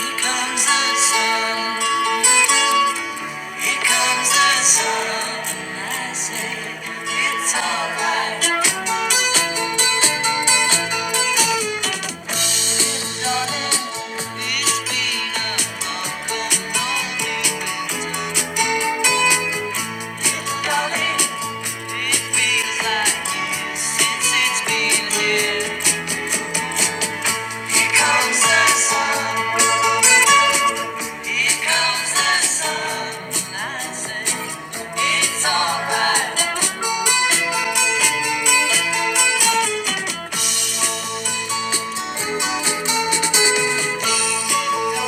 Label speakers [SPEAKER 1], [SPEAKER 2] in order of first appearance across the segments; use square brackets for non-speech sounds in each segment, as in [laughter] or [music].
[SPEAKER 1] Here comes the sun. Here comes the sun. I say, it's alright, darling. It's been a long, long winter, darling. It feels like years since it's been here. Here comes the sun. Here comes the sun. I say, it's alright. Thank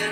[SPEAKER 1] you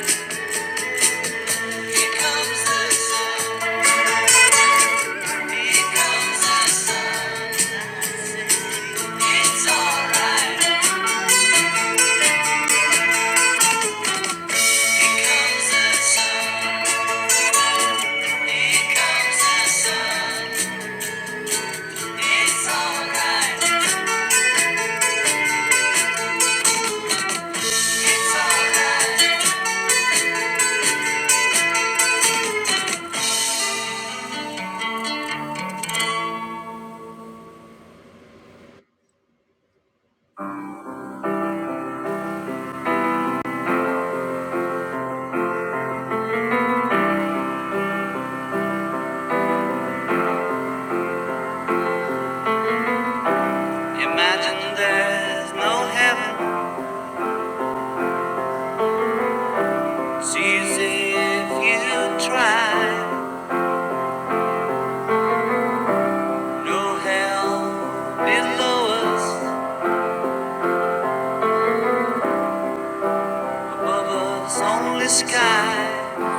[SPEAKER 1] Imagine there's no heaven. It's easy if you try. No hell below us, above us, only sky.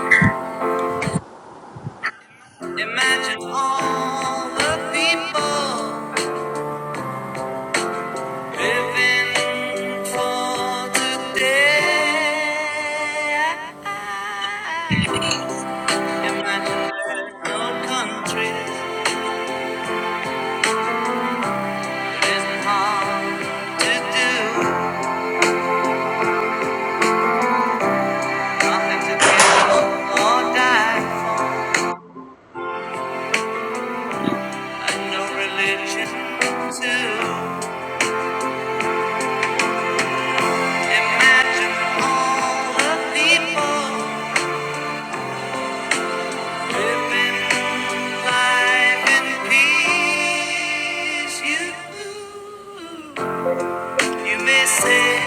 [SPEAKER 1] Imagine all the people. Living for the day. Imaginary no countries. There's harm to do, nothing to kill or die for, and no religion too. Imagine all the people living life in peace. You. You may say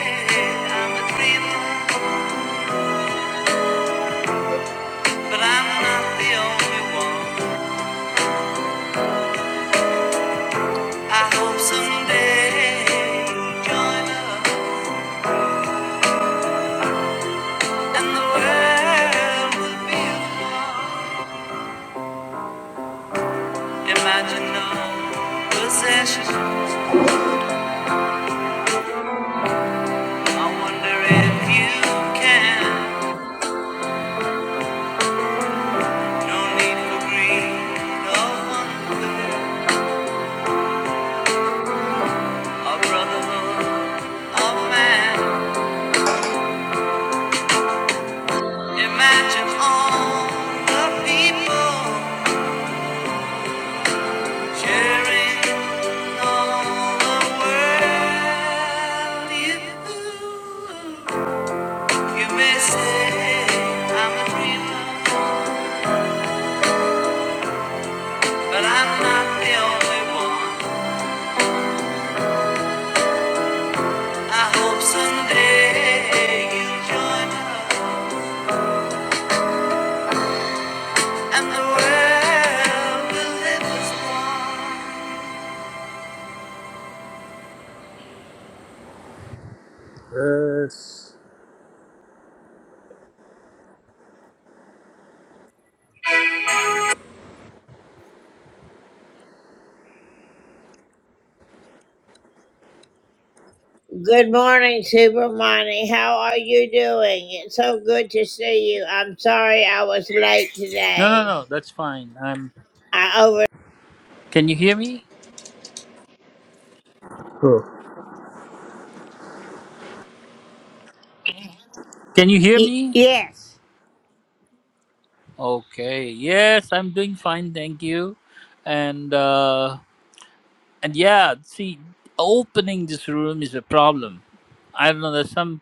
[SPEAKER 1] I'm a dreamer, but I'm not the only one. I hope someday you'll join us, and the world will be one. Imagine no possession. I wonder if you can. No need for greed or hunger or brotherhood of man. Imagine all the people sharing.
[SPEAKER 2] Yes.
[SPEAKER 1] Good morning, Supermani. How are you doing? It's so good to see you. I'm sorry I was late
[SPEAKER 2] No, no,
[SPEAKER 1] today.
[SPEAKER 2] no. That's fine. I'm.
[SPEAKER 1] I over.
[SPEAKER 2] Can you hear me? Oh. Can you hear
[SPEAKER 1] Y-
[SPEAKER 2] me?
[SPEAKER 1] yes,
[SPEAKER 2] Okay. Yes, I'm doing fine. Thank you. And uh, and yeah, see, opening this room is a problem. I don't know. There's some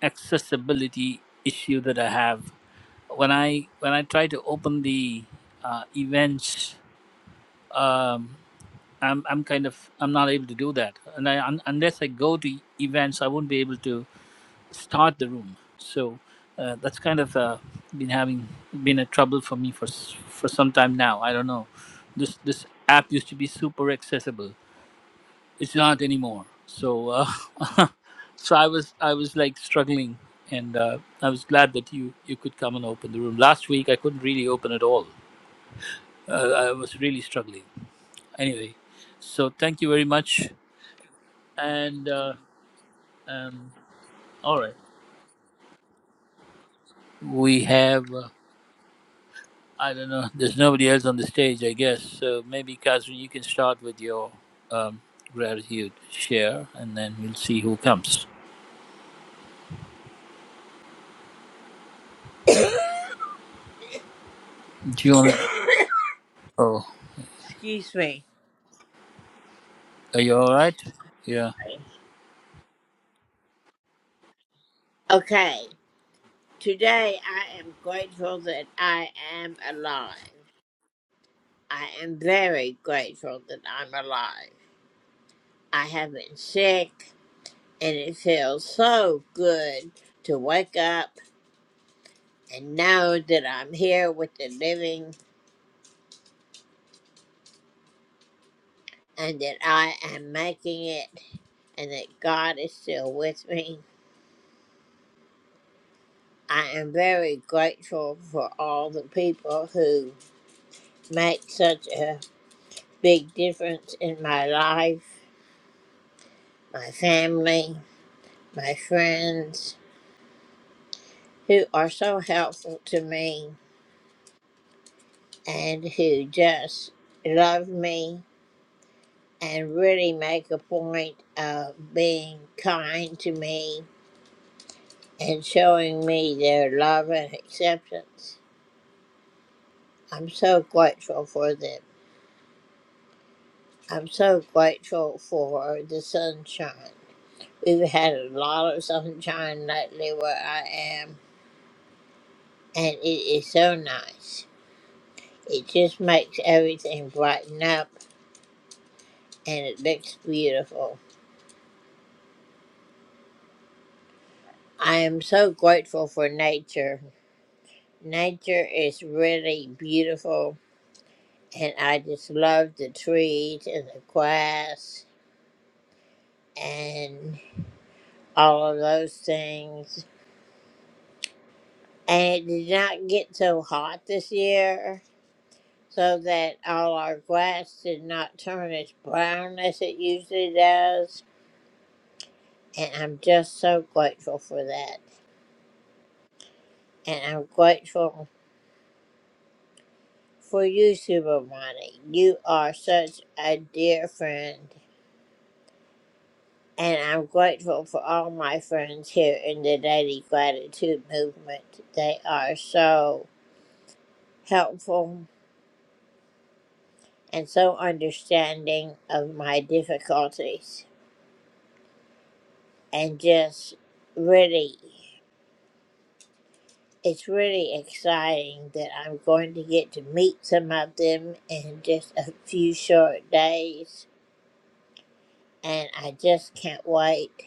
[SPEAKER 2] accessibility issue that I have when I when I try to open the uh, events. Um, I'm I'm kind of I'm not able to do that, and I un, unless I go to events, I won't be able to. start the room. So uh, that's kind of uh, been having been a trouble for me for s- for some time now. I don't know. This this app used to be super accessible. It's not anymore. So uh, [laughs] so I was I was like struggling, and uh, I was glad that you you could come and open the room. Last week I couldn't really open at all. Uh, I was really struggling. Anyway, so thank you very much. And uh, um, all right, we have. uh, I don't know. There's nobody else on the stage, I guess. So maybe, Catherine, you can start with your um, gratitude share, and then we'll see who comes. Do you want? To... Oh,
[SPEAKER 1] excuse me.
[SPEAKER 2] are you all right? Yeah.
[SPEAKER 1] Okay, today I am grateful that I am alive. I am very grateful that I'm alive. I have been sick, and it feels so good to wake up and know that I'm here with the living and that I am making it and that God is still with me. I am very grateful for all the people who make such a big difference in my life. my family, my friends who are so helpful to me and who just love me and really make a point of being kind to me and showing me their love and acceptance. I'm so grateful for them. I'm so grateful for the sunshine. We've had a lot of sunshine lately where I am, and it is so nice. It just makes everything brighten up and it looks beautiful. I am so grateful for nature. Nature is really beautiful and I just love the trees and the grass and all of those things. And it did not get so hot this year so that all our grass did not turn as brown as it usually does. And I'm just so grateful for that. And I'm grateful for you, Supermani. You are such a dear friend, and I'm grateful for all my friends here in the Daily Gratitude Movement. They are so helpful and so understanding of my difficulties, and just really. It's really exciting that I'm going to get to meet some of them in just a few short days, and I just can't wait.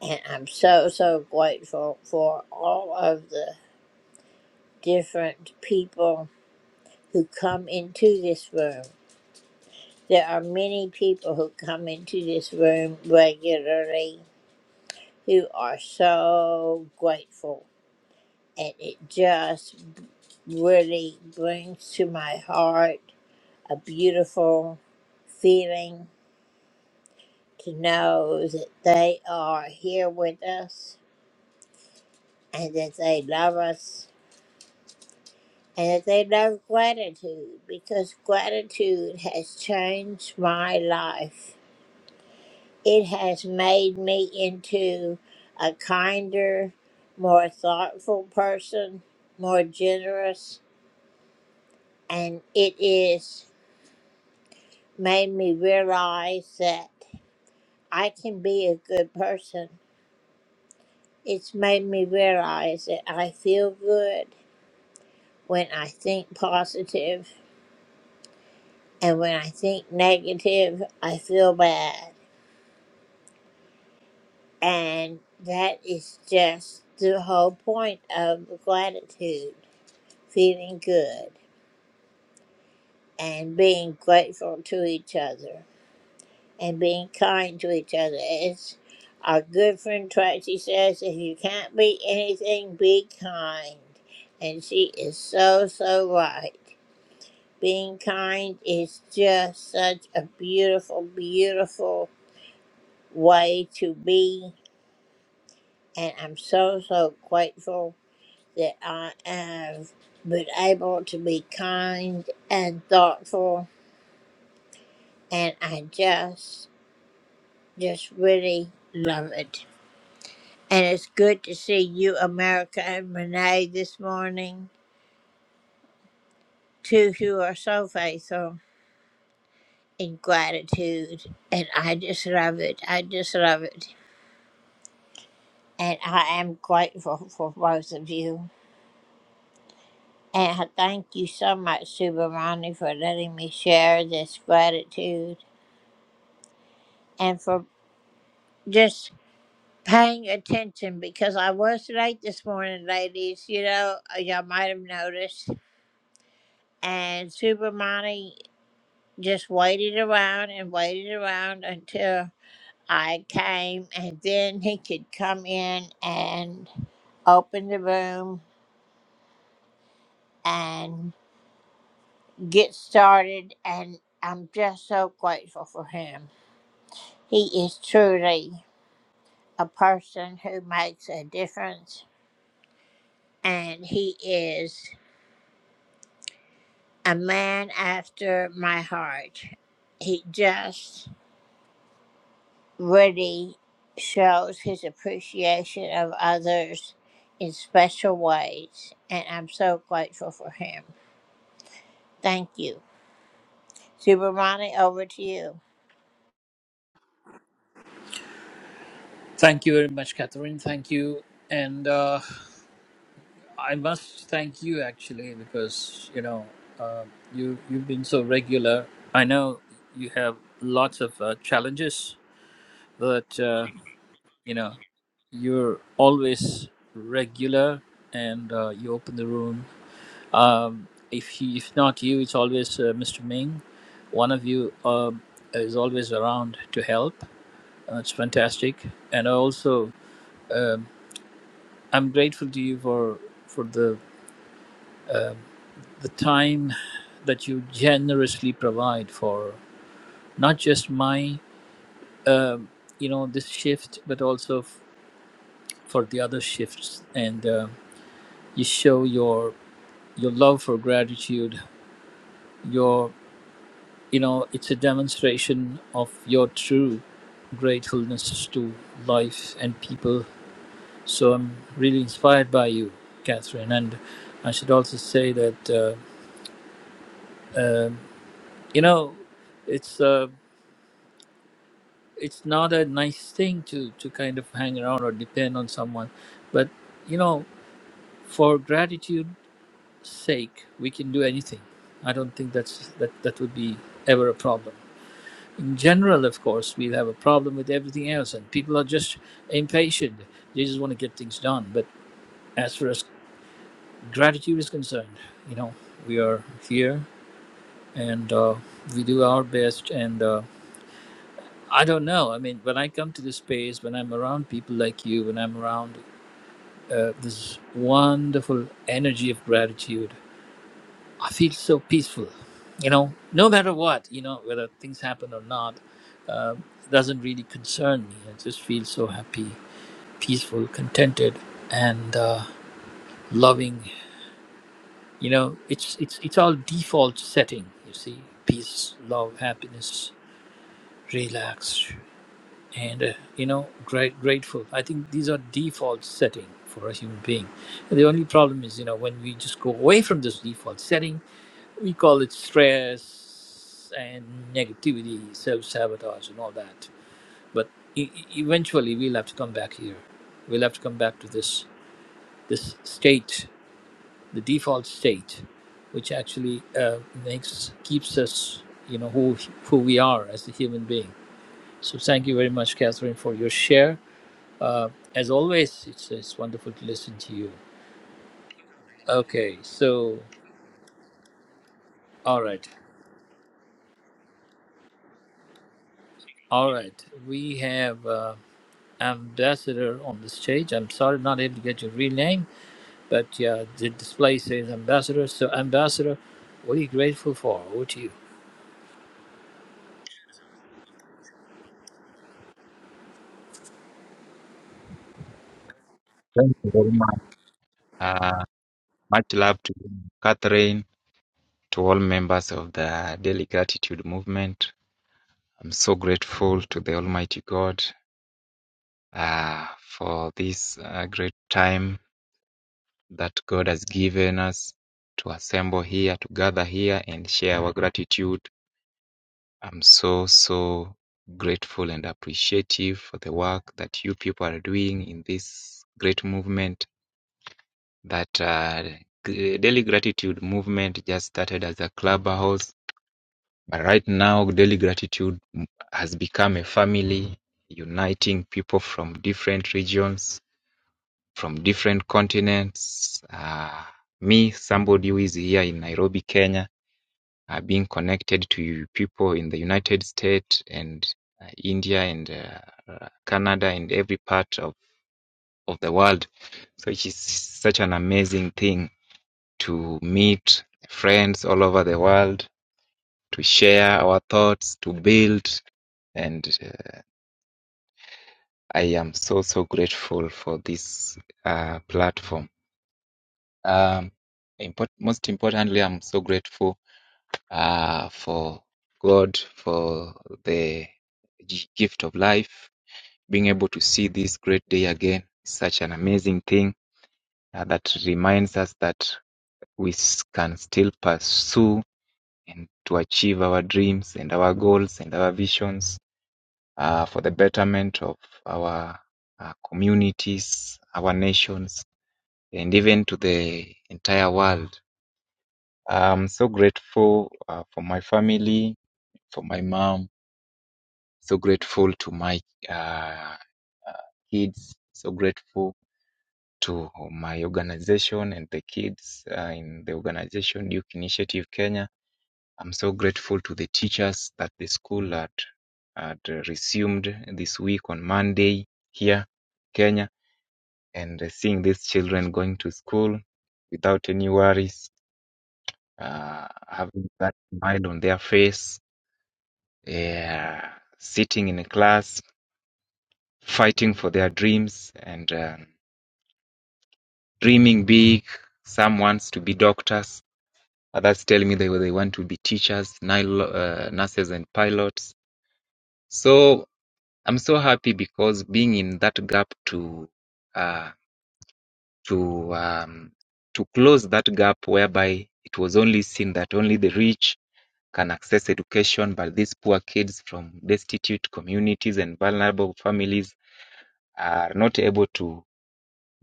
[SPEAKER 1] And I'm so, so grateful for all of the different people who come into this room. There are many people who come into this room regularly who are so grateful. And it just really brings to my heart a beautiful feeling to know that they are here with us and that they love us and that they love gratitude because gratitude has changed my life. It has made me into a kinder, more thoughtful person, more generous, and it is made me realize that I can be a good person. It's made me realize that I feel good when I think positive, and when I think negative, I feel bad. And that is just the whole point of gratitude feeling good and being grateful to each other and being kind to each other. As our good friend Tracy says, if you can't be anything, be kind. And she is so, so right. Being kind is just such a beautiful, beautiful way to be. And I'm so, so grateful that I have been able to be kind and thoughtful, and I just, just really love it. And it's good to see you, America, and Renee this morning, two who are so faithful in gratitude. And I just love it. I just love it. And I am grateful for both of you. And I thank you so much, Subramani, for letting me share this gratitude and for just paying attention because I was late this morning, ladies. You know, uh, y'all might have noticed. And Super Monty just waited around and waited around until I came, and then he could come in and open the room and get started. And I'm just so grateful for him. He is truly a person who makes a difference, and he is. a man after my heart. He just really shows his appreciation of others in special ways, and I'm so grateful for him. Thank you. Supermani, over to you.
[SPEAKER 2] Thank you very much, Catherine. Thank you, and uh, I must thank you actually because you know uh, you you've been so regular. I know you have lots of uh, challenges, but. Uh, you know you're always regular and uh, you open the room um, if he, if not you it's always uh, mr ming one of you um, is always around to help uh, it's fantastic and I also um, i'm grateful to you for for the um the time that you generously provide for not just my um, you know this shift but also f- for the other shifts and um you show your your love for gratitude, your, you know, it's a demonstration of your true gratefulness to life and people. So I'm really inspired by you, Catherine. And I should also say that, uh, um you know, it's, uh, it's not a nice thing to, to kind of hang around or depend on someone. But, you know, for gratitude's sake, we can do anything. I don't think that's that, that would be ever a problem. in general, of course, we have a problem with everything else, and people are just impatient. They just want to get things done. But as far as gratitude is concerned, you know, we are here and uh, we do our best. And uh, I don't know. I mean, when I come to this space, when I'm around people like you, when I'm around uh, this wonderful energy of gratitude, I feel so peaceful, you know, no matter what, you know, whether things happen or not, uh, doesn't really concern me. I just feel so happy, peaceful, contented, and uh, loving. You know, it's it's it's all default setting. You see, peace, love, happiness, relaxed, and uh, you know, great grateful. I think these are default setting for a human being. And the only problem is, you know, when we just go away from this default setting we call it stress and negativity, self sabotage, and all that. But e- e- eventually, we'll have to come back here. We'll have to come back to this this state, the default state, which actually uh, makes keeps us, you know, who who we are as a human being. So thank you very much, Catherine, for your share. Uh, as always, it's it's wonderful to listen to you. Okay, so all right, all right, we have. Uh, ambassador on the stage. I'm sorry, not able to get your real name, but yeah, the display says ambassador. So, ambassador, what are you grateful for? Over to you.
[SPEAKER 3] Thank you very much. Uh, much love to you, Catherine, to all members of the Daily Gratitude Movement. I'm so grateful to the Almighty God uh, for this uh, great time that God has given us to assemble here, to gather here, and share our gratitude. I'm so, so grateful and appreciative for the work that you people are doing in this great movement That uh, g- Daily Gratitude movement just started as a clubhouse, but right now Daily Gratitude m- has become a family, uniting people from different regions, from different continents. Uh, me, somebody who is here in Nairobi, Kenya, uh, being connected to people in the United States and uh, India and uh, uh, Canada and every part of, of the world. So it is such an amazing thing to meet friends all over the world, to share our thoughts, to build. And uh, I am so, so grateful for this uh, platform. Um, import- most importantly, I'm so grateful uh, for God, for the g- gift of life, being able to see this great day again. is Such an amazing thing uh, that reminds us that we s- can still pursue and to achieve our dreams and our goals and our visions uh, for the betterment of our uh, communities, our nations, and even to the entire world. I'm so grateful uh, for my family, for my mom, so grateful to my uh, kids, so grateful to my organization and the kids uh, in the organization Duke Initiative Kenya I'm so grateful to the teachers that the school had, had uh, resumed this week on Monday here, Kenya, and uh, seeing these children going to school without any worries, uh, having that smile on their face, yeah, sitting in a class, fighting for their dreams, and um dreaming big. Some wants to be doctors. Others tell me they, they want to be teachers, nil- uh, nurses, and pilots. So I'm so happy because being in that gap to uh, to um, to close that gap whereby it was only seen that only the rich can access education, but these poor kids from destitute communities and vulnerable families are not able to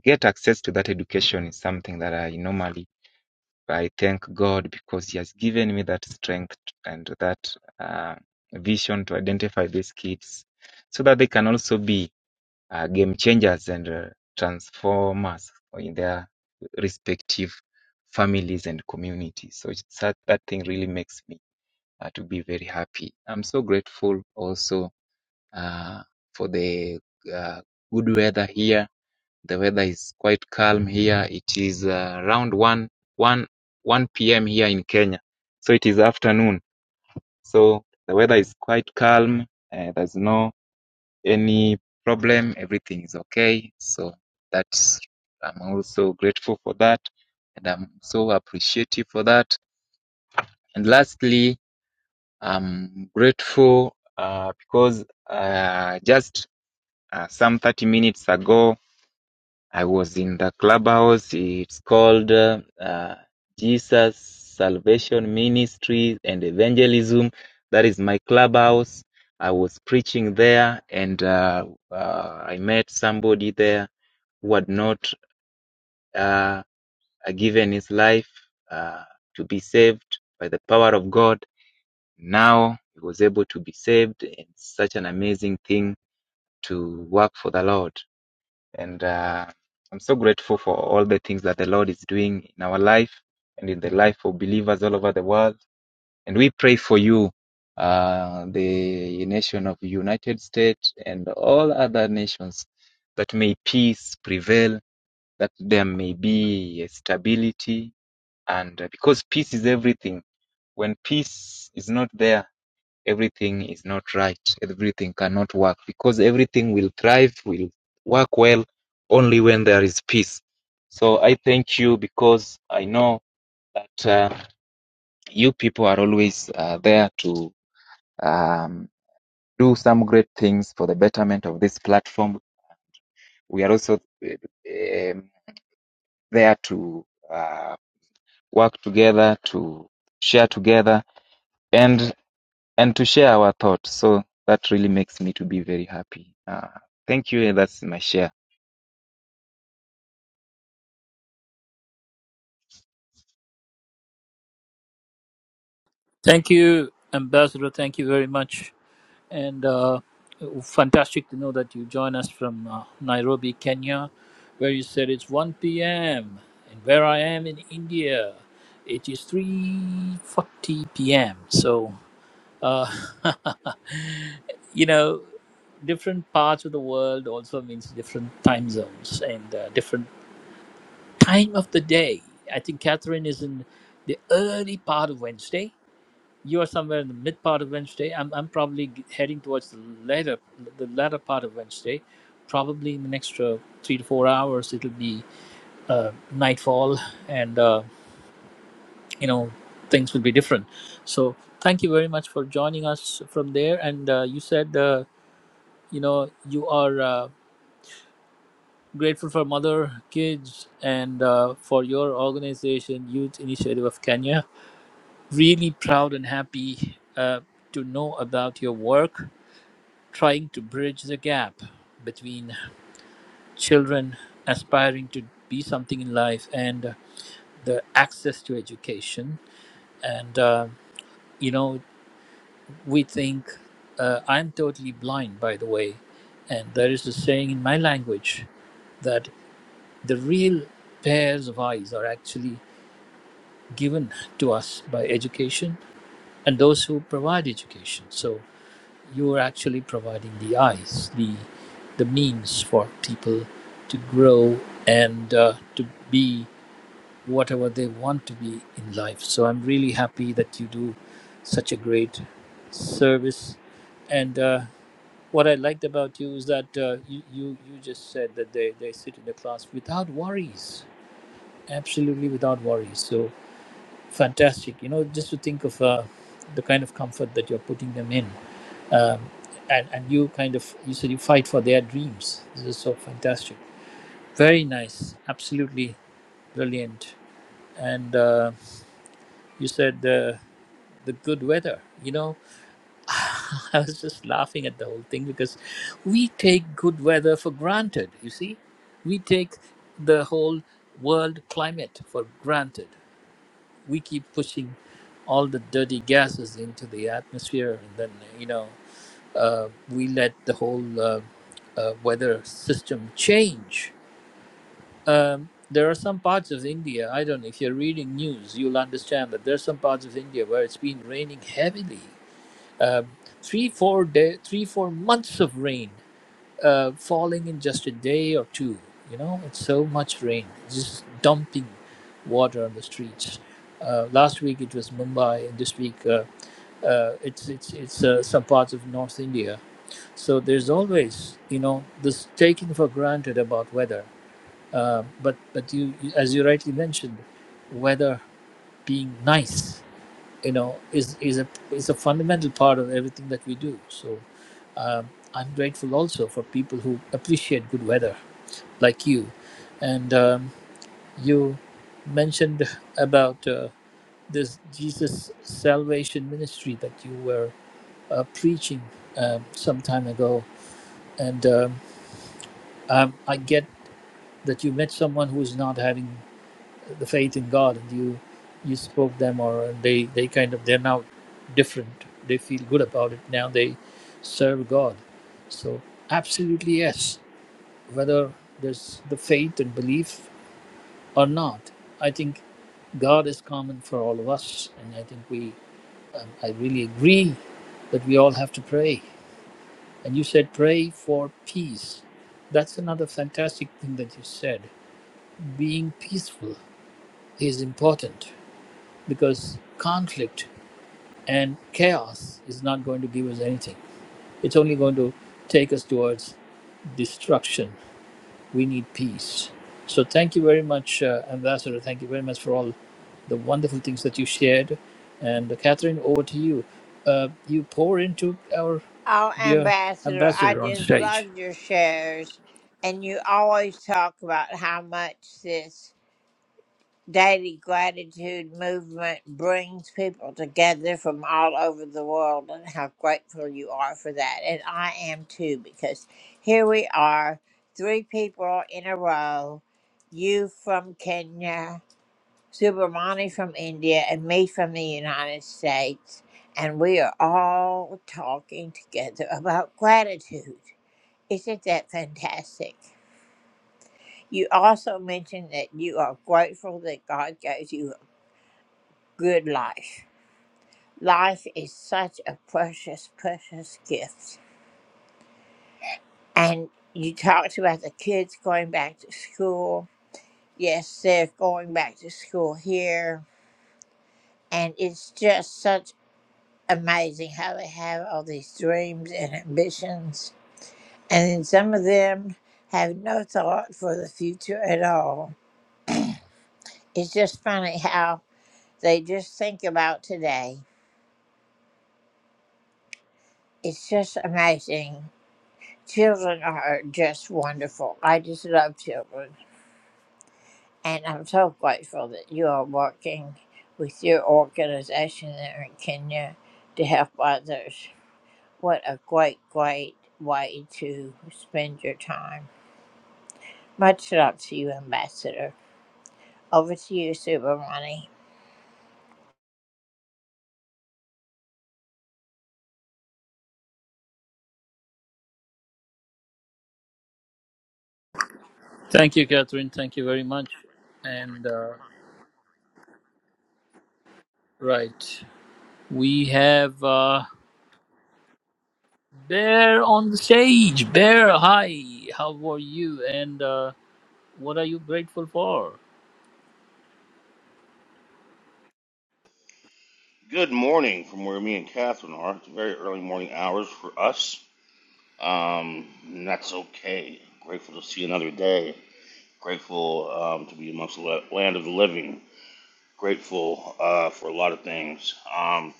[SPEAKER 3] get access to that education is something that I normally I thank God because He has given me that strength and that uh, vision to identify these kids so that they can also be uh, game changers and uh, transformers in their respective families and communities. So it's that, that thing really makes me uh, to be very happy. I'm so grateful also uh, for the uh, good weather here. The weather is quite calm here. It is uh, around one one one p.m. here in Kenya. So it is afternoon. So the weather is quite calm. Uh, there's no any problem, everything is okay. So that's I'm also grateful for that, and I'm so appreciative for that. And lastly, I'm grateful uh, because uh, just uh, some 30 minutes ago I was in the clubhouse. It's called uh, uh, Jesus Salvation Ministry and Evangelism. That is my clubhouse. I was preaching there, and uh, uh, I met somebody there who had not uh, given his life uh, to be saved by the power of God. Now he was able to be saved. It's such an amazing thing to work for the Lord. And uh, I'm so grateful for all the things that the Lord is doing in our life and in the life of believers all over the world. And we pray for you, uh, the nation of United States and all other nations, that may peace prevail, that there may be stability. And uh, because peace is everything, when peace is not there, everything is not right, everything cannot work because everything will thrive, will work well only when there is peace. So I thank you because I know that uh, you people are always uh, there to um, do some great things for the betterment of this platform. We are also uh, um, there to uh, work together, to share together. and. and to share our thoughts. So that really makes me to be very happy. Uh, thank you. and That's my share.
[SPEAKER 2] Thank you, ambassador. Thank you very much, and uh, fantastic to know that you join us from uh, Nairobi, Kenya, where you said it's 1 p.m. and where I am in India, it is 3:40 p.m. So. Uh, [laughs] you know, different parts of the world also means different time zones and uh, different time of the day. I think Catherine is in the early part of Wednesday. You are somewhere in the mid part of Wednesday. I'm, I'm probably g- heading towards the later the latter part of Wednesday. Probably in the next uh, three to four hours, it'll be uh, nightfall, and uh, you know things will be different. So thank you very much for joining us from there. And uh, you said. Uh, you know you are uh, grateful for mother kids and uh, for your organization youth initiative of kenya really proud and happy uh, to know about your work trying to bridge the gap between children aspiring to be something in life and the access to education and uh, you know we think uh, i'm totally blind by the way and there is a saying in my language that. The real pairs of eyes are actually given to us by education and those who provide education. So you are actually providing the eyes, the the means for people to grow and uh, to be whatever they want to be in life. So I'm really happy that you do such a great service. And uh, what I liked about you is that uh, you, you you just said that they, they sit in the class without worries absolutely without worries. So fantastic. You know, just to think of uh, the kind of comfort that you're putting them in. Um, and, and you kind of, you said you fight for their dreams. This is so fantastic. Very nice. Absolutely brilliant. And uh, you said the the good weather. You know, [laughs] I was just laughing at the whole thing because we take good weather for granted, you see. We take the whole world climate for granted we keep pushing all the dirty gases into the atmosphere, and then you know uh, we let the whole uh, uh, weather system change. Um, there are some parts of India. I don't know if you're reading news, you'll understand that there are some parts of India where it's been raining heavily, Um three, four day, three, four months of rain uh, falling in just a day or two. You know, it's so much rain, just dumping water on the streets. Uh, last week it was Mumbai, and this week uh, uh, it's it's it's uh, some parts of North India. So there's always you know this taking for granted about weather. Uh, but but you, as you rightly mentioned, weather being nice you know is is a is a fundamental part of everything that we do so um, i'm grateful also for people who appreciate good weather like you and um, you mentioned about uh, this jesus salvation ministry that you were uh, preaching um, some time ago and um, um, i get that you met someone who's not having the faith in God, and you you spoke them, or and they they kind of they're now different. They feel good about it now. They serve God. So absolutely yes, whether there's the faith and belief or not, I think God is common for all of us, and I think we um, I really agree that we all have to pray. And you said pray for peace. That's another fantastic thing that you said. Being peaceful is important because conflict and chaos is not going to give us anything. It's only going to take us towards destruction. We need peace. So, thank you very much, uh, Ambassador. Thank you very much for all the wonderful things that you shared. And, uh, Catherine, over to you. Uh, you pour into our
[SPEAKER 1] Oh,
[SPEAKER 2] dear
[SPEAKER 1] Ambassador, I
[SPEAKER 2] Ambassador on
[SPEAKER 1] just love
[SPEAKER 2] stage.
[SPEAKER 1] your shares, and you always talk about how much this daily gratitude movement brings people together from all over the world and how grateful you are for that and i am too because here we are three people in a row you from kenya subramani from india and me from the united states and we are all talking together [laughs] about gratitude isn't that fantastic you also mentioned that you are grateful that God gave you good life. Life is such a precious, precious gift. And you talked about the kids going back to school. Yes, they're going back to school here. And it's just such amazing how they have all these dreams and ambitions. And then some of them have no thought for the future at all. It's just funny how they just think about today. It's just amazing Children are just wonderful. I just love children. And I'm so grateful that you are working with your organization there in Kenya to help others. What a great, great way to spend your time. Much love to you, Ambassador. Over to you, Super Money.
[SPEAKER 2] Thank you, Catherine. Thank you very much. And, uh, right, we have. Uh, Bear on the stage. Bear, hi. How are you? And uh, what are you grateful for?
[SPEAKER 4] Good morning from where me and Catherine are. It's very early morning hours for us. Um, and that's okay. Grateful to see another day. Grateful um, to be amongst the land of the living. Grateful uh, for a lot of things. Um,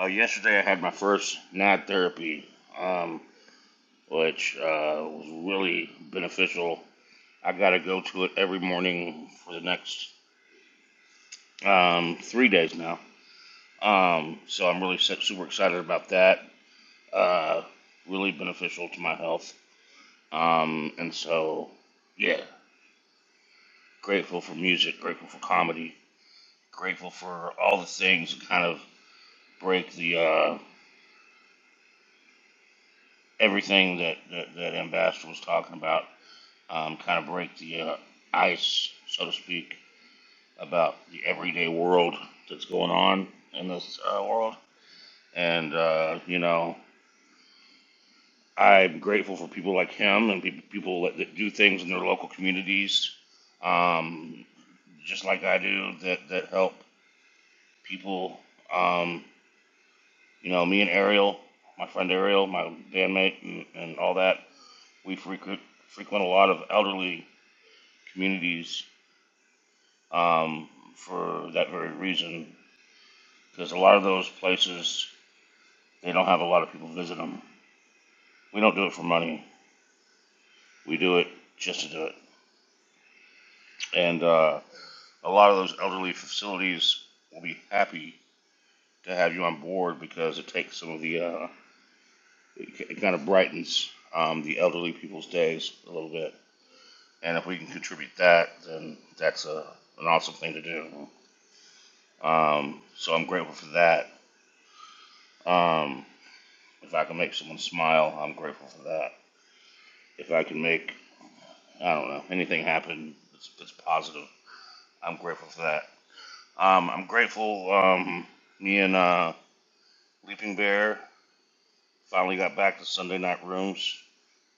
[SPEAKER 4] uh, yesterday I had my first NAD therapy, um, which uh, was really beneficial. I got to go to it every morning for the next um, three days now. Um, so I'm really super excited about that. uh, really beneficial to my health. Um, and so, yeah, grateful for music, grateful for comedy, grateful for all the things that kind of break the uh, everything that, that, that Ambassador was talking about, um, kind of break the uh, ice, so to speak, about the everyday world that's going on in this uh, world. And, uh, you know, I'm grateful for people like him and people, people that, that do things in their local communities um, just like I do that that help people. Um, you know, me and Ariel, my friend Ariel, my bandmate, and, and all that. We frequent frequent a lot of elderly communities um, for that very reason, because a lot of those places they don't have a lot of people visit them. We don't do it for money. We do it just to do it. And uh, a lot of those elderly facilities will be happy to have you on board because it takes some of the uh, it it kind of brightens um, the elderly people's days a little bit. And if we can contribute that, then that's a, an awesome thing to do. Um, so I'm grateful for that. Um, if I can make someone smile, I'm grateful for that. If I can make, I don't know, anything happen that's, that's positive, I'm grateful for that. Um, I'm grateful um, me and uh, Leaping Bear finally got back to Sunday night rooms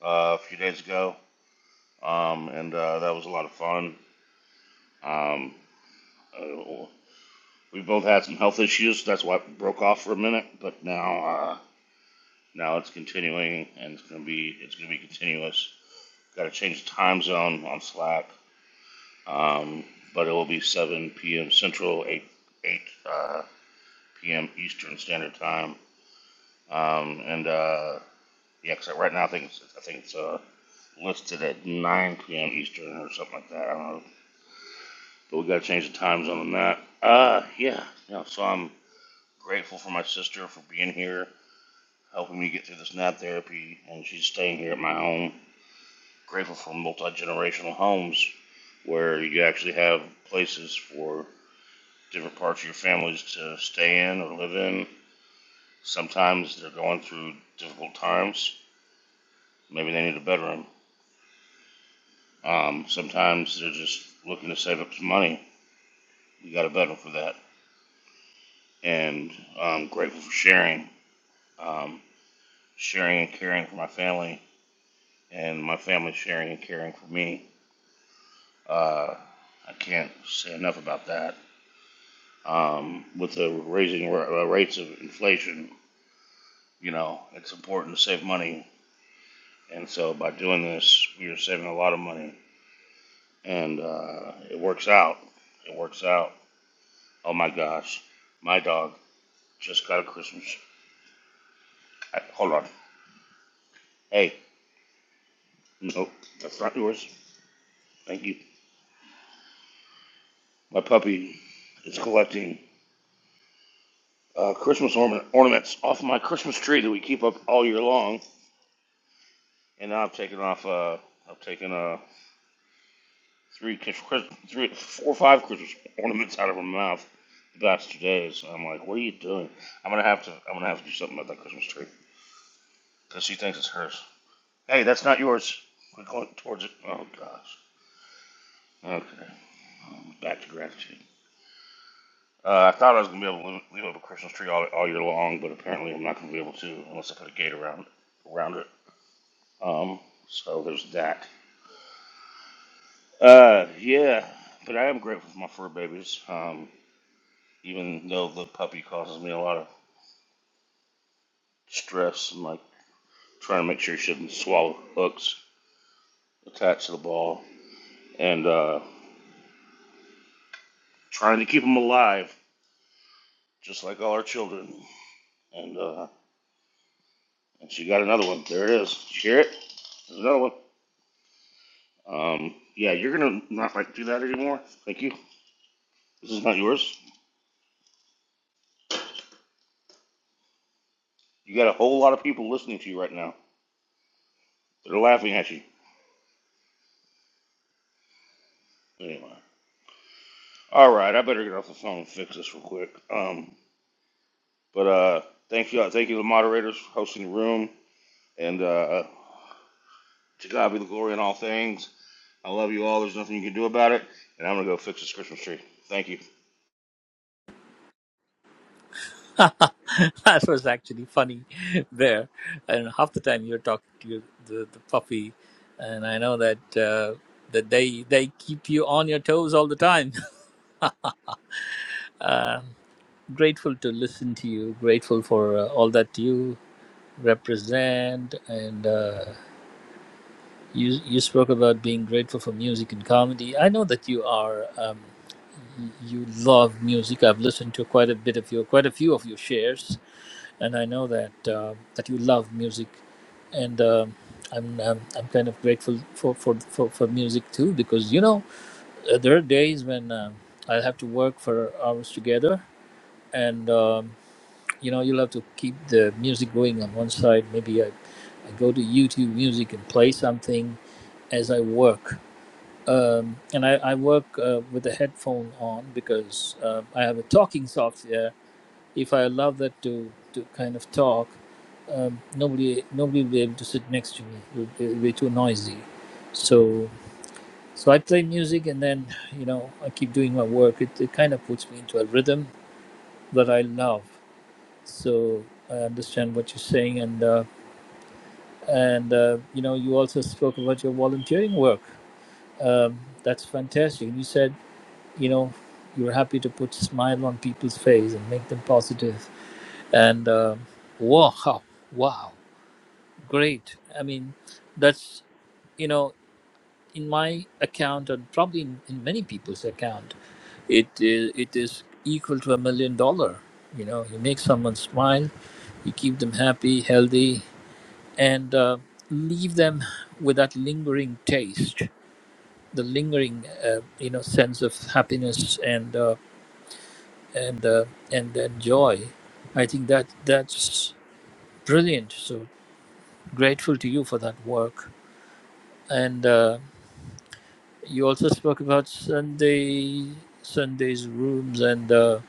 [SPEAKER 4] uh, a few days ago. Um, and uh, that was a lot of fun. Um, Uh, we both had some health issues. That's why it broke off for a minute. But now, uh, now it's continuing, and it's gonna be it's gonna be continuous. Got to change the time zone on Slack, um, but it will be 7 p.m. Central, 8 8 uh, p.m. Eastern Standard Time. Um, and uh, yeah, 'cause right now I think it's, I think it's uh, listed at 9 p.m. Eastern or something like that. I don't know, but we got to change the time zone on that. Uh, yeah, yeah. So I'm grateful for my sister for being here helping me get through this night therapy, and she's staying here at my home. Grateful for multi generational homes where you actually have places for different parts of your families to stay in or live in. Sometimes they're going through difficult times. Maybe they need a bedroom. Um, sometimes they're just looking to save up some money. You got a bedroom for that. And I'm grateful for sharing, um, sharing and caring for my family, and my family sharing and caring for me. Uh, I can't say enough about that. Um, with the raising ra- uh, rates of inflation, you know, it's important to save money. And so by doing this, we are saving a lot of money. And uh, it works out. It works out. Oh my gosh. My dog just got a Christmas. I, hold on. Hey, nope, that's not yours. Thank you. My puppy is collecting uh, Christmas orna- ornaments off my Christmas tree that we keep up all year long And now I've taken off. Uh, I've taken uh, three, three, four or five Christmas ornaments out of her mouth the past two days. I'm like, what are you doing? I'm gonna have to. I'm gonna have to do something about that Christmas tree because she thinks it's hers. Hey, that's not yours. We're going towards it. Oh gosh. Okay. Um, Back to gratitude. Uh, I thought I was gonna be able to leave leave up a Christmas tree all, all year long, but apparently I'm not gonna be able to unless I put a gate around around it. Um. So there's that. Uh. Yeah. But I am grateful for my fur babies. Um. even though the puppy causes me a lot of stress and like trying to make sure she doesn't swallow hooks attached to the ball and uh, trying to keep them alive, just like all our children. And uh, and she got another one. There it is. you hear it? There's another one. Um, yeah, you're gonna not like do that anymore. Thank you. This is not yours. You got a whole lot of people listening to you right now. They're laughing at you. Anyway. All right, I better get off the phone and fix this real quick. Um, but uh, thank you, uh, thank you to the moderators for hosting the room. And uh, to God be the glory in all things. I love you all. There's nothing you can do about it. And I'm gonna go fix this Christmas tree. Thank you.
[SPEAKER 2] [laughs] that was actually funny. Bear, and half the time you're talking to your, the, the puppy, and I know that uh, that they they keep you on your toes all the time. [laughs] Uh, grateful to listen to you. Grateful for uh, all that you represent and. Uh, You you spoke about being grateful for music and comedy. I know that you are um, y- you love music. I've listened to quite a bit of your quite a few of your shares, and I know that uh, that you love music, and um, I'm, I'm I'm kind of grateful for for, for, for music too because you know uh, there are days when um I have to work for hours together, and um, you know you'll have to keep the music going on one side. Maybe I, I go to YouTube Music and play something as I work um, and I, I work uh, with the headphone on because uh, I have a talking software. If I allow that to, to kind of talk, um, nobody nobody will be able to sit next to me. It would be, it would be too noisy. So so I play music and then you know I keep doing my work. It, it kind of puts me into a rhythm that I love. So I understand what you're saying and uh, and uh, you know you also spoke about your volunteering work. Um, that's fantastic. You said you know you're happy to put smile on people's face and make them positive positive. and um wow wow great i mean that's you know in my account and probably in, in many people's account it is it is equal to a million dollar you know you make someone smile you keep them happy healthy and uh, leave them with that lingering taste the lingering uh, you know sense of happiness and uh, and uh, and and joy. I think that that's brilliant. So grateful to you for that work. And uh, you also spoke about Sunday Sunday's rooms, and uh,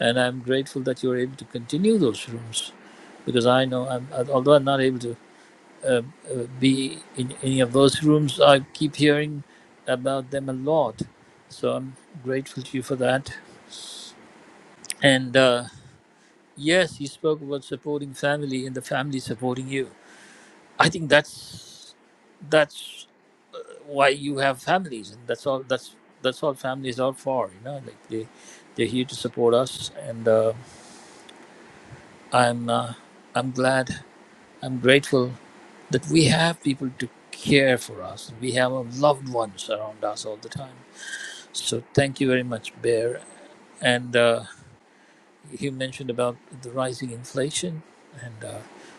[SPEAKER 2] and I'm grateful that you're able to continue those rooms, because I know I'm although I'm not able to um, uh, be in any of those rooms, I keep hearing about them a lot. So I'm grateful to you for that. And uh, Yes, you spoke about supporting family and the family supporting you. I think that's that's uh, why you have families, and that's all. That's that's all families are for. You know, like they they're here to support us, and uh, I'm uh, I'm glad, I'm grateful that we have people to care for us. We have our loved ones around us all the time. So thank you very much, Bear. And uh, you mentioned about the rising inflation and uh,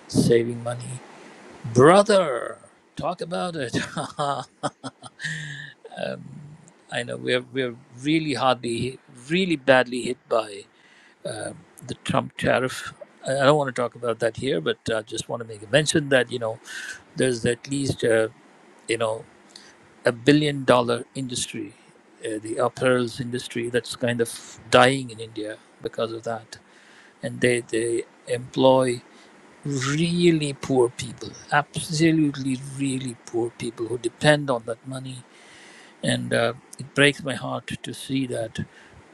[SPEAKER 2] saving money. Brother, talk about it. [laughs] um, I know we're we're really hardly, really badly hit by um the Trump tariff. I I don't want to talk about that here, but I just want to make a mention that you know there's at least uh, you know a billion dollar industry, uh, the apparels industry, that's kind of dying in India because of that, and they they employ really poor people, absolutely really poor people who depend on that money. And uh, it breaks my heart to see that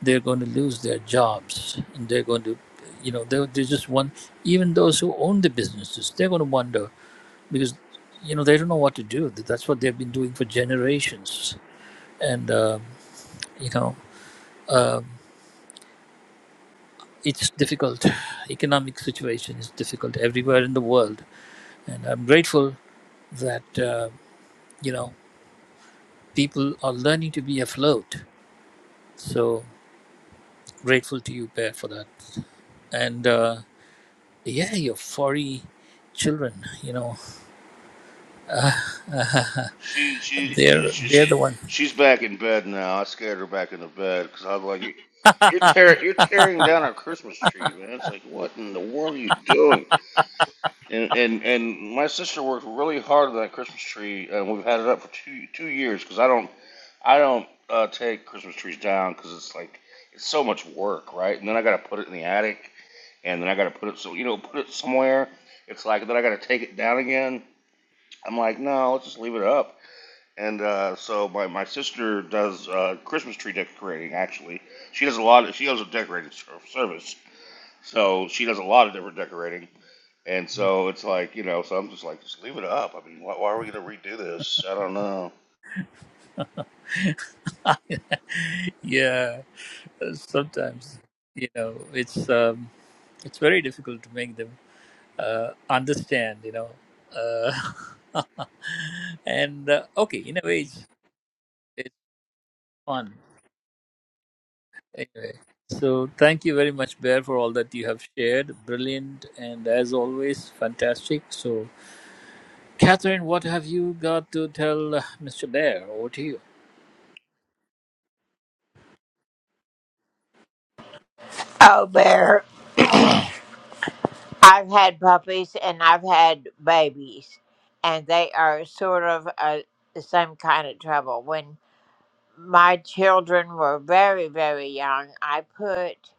[SPEAKER 2] they're going to lose their jobs and they're going to, you know, they're, they're just one, even those who own the businesses, they're going to wonder because, you know, they don't know what to do. That's what they've been doing for generations. And, um you know, um it's difficult. Economic situation is difficult everywhere in the world. And I'm grateful that. Uh, you know people are learning to be afloat. So grateful to you, Bear, for that. And uh, yeah, your furry children, you know,
[SPEAKER 4] She she she,
[SPEAKER 2] they're
[SPEAKER 4] she,
[SPEAKER 2] they're the
[SPEAKER 4] she
[SPEAKER 2] one.
[SPEAKER 4] she's back in bed now. I scared her back into bed because I was like, "You're tearing you're tearing down our Christmas tree, man." It's like, what in the world are you doing? And and and my sister worked really hard on that Christmas tree, and we've had it up for two two years because I don't I don't uh, take Christmas trees down because it's like it's so much work, right? And then I got to put it in the attic and then I got to put it so you know put it somewhere. It's like then I got to take it down again. I'm like, no, let's just leave it up. And uh, so my, my sister does uh, Christmas tree decorating. Actually, she does a lot. Of, she does a decorating service, so she does a lot of different decorating. And so it's like you know, so I'm just like, just leave it up. I mean, why, why are we gonna redo this? I don't know.
[SPEAKER 2] [laughs] yeah, sometimes you know it's um, it's very difficult to make them uh, understand, you know. Uh, [laughs] and uh, okay, in a way, it's, it's fun Anyway, so thank you very much, Bear, for all that you have shared. Brilliant and as always, fantastic. So, Catherine, what have you got to tell uh, Mr. Bear? Over to you.
[SPEAKER 1] Oh, Bear, I've had puppies and I've had babies, and they are sort of uh the same kind of trouble. when. my children were very, very young, I put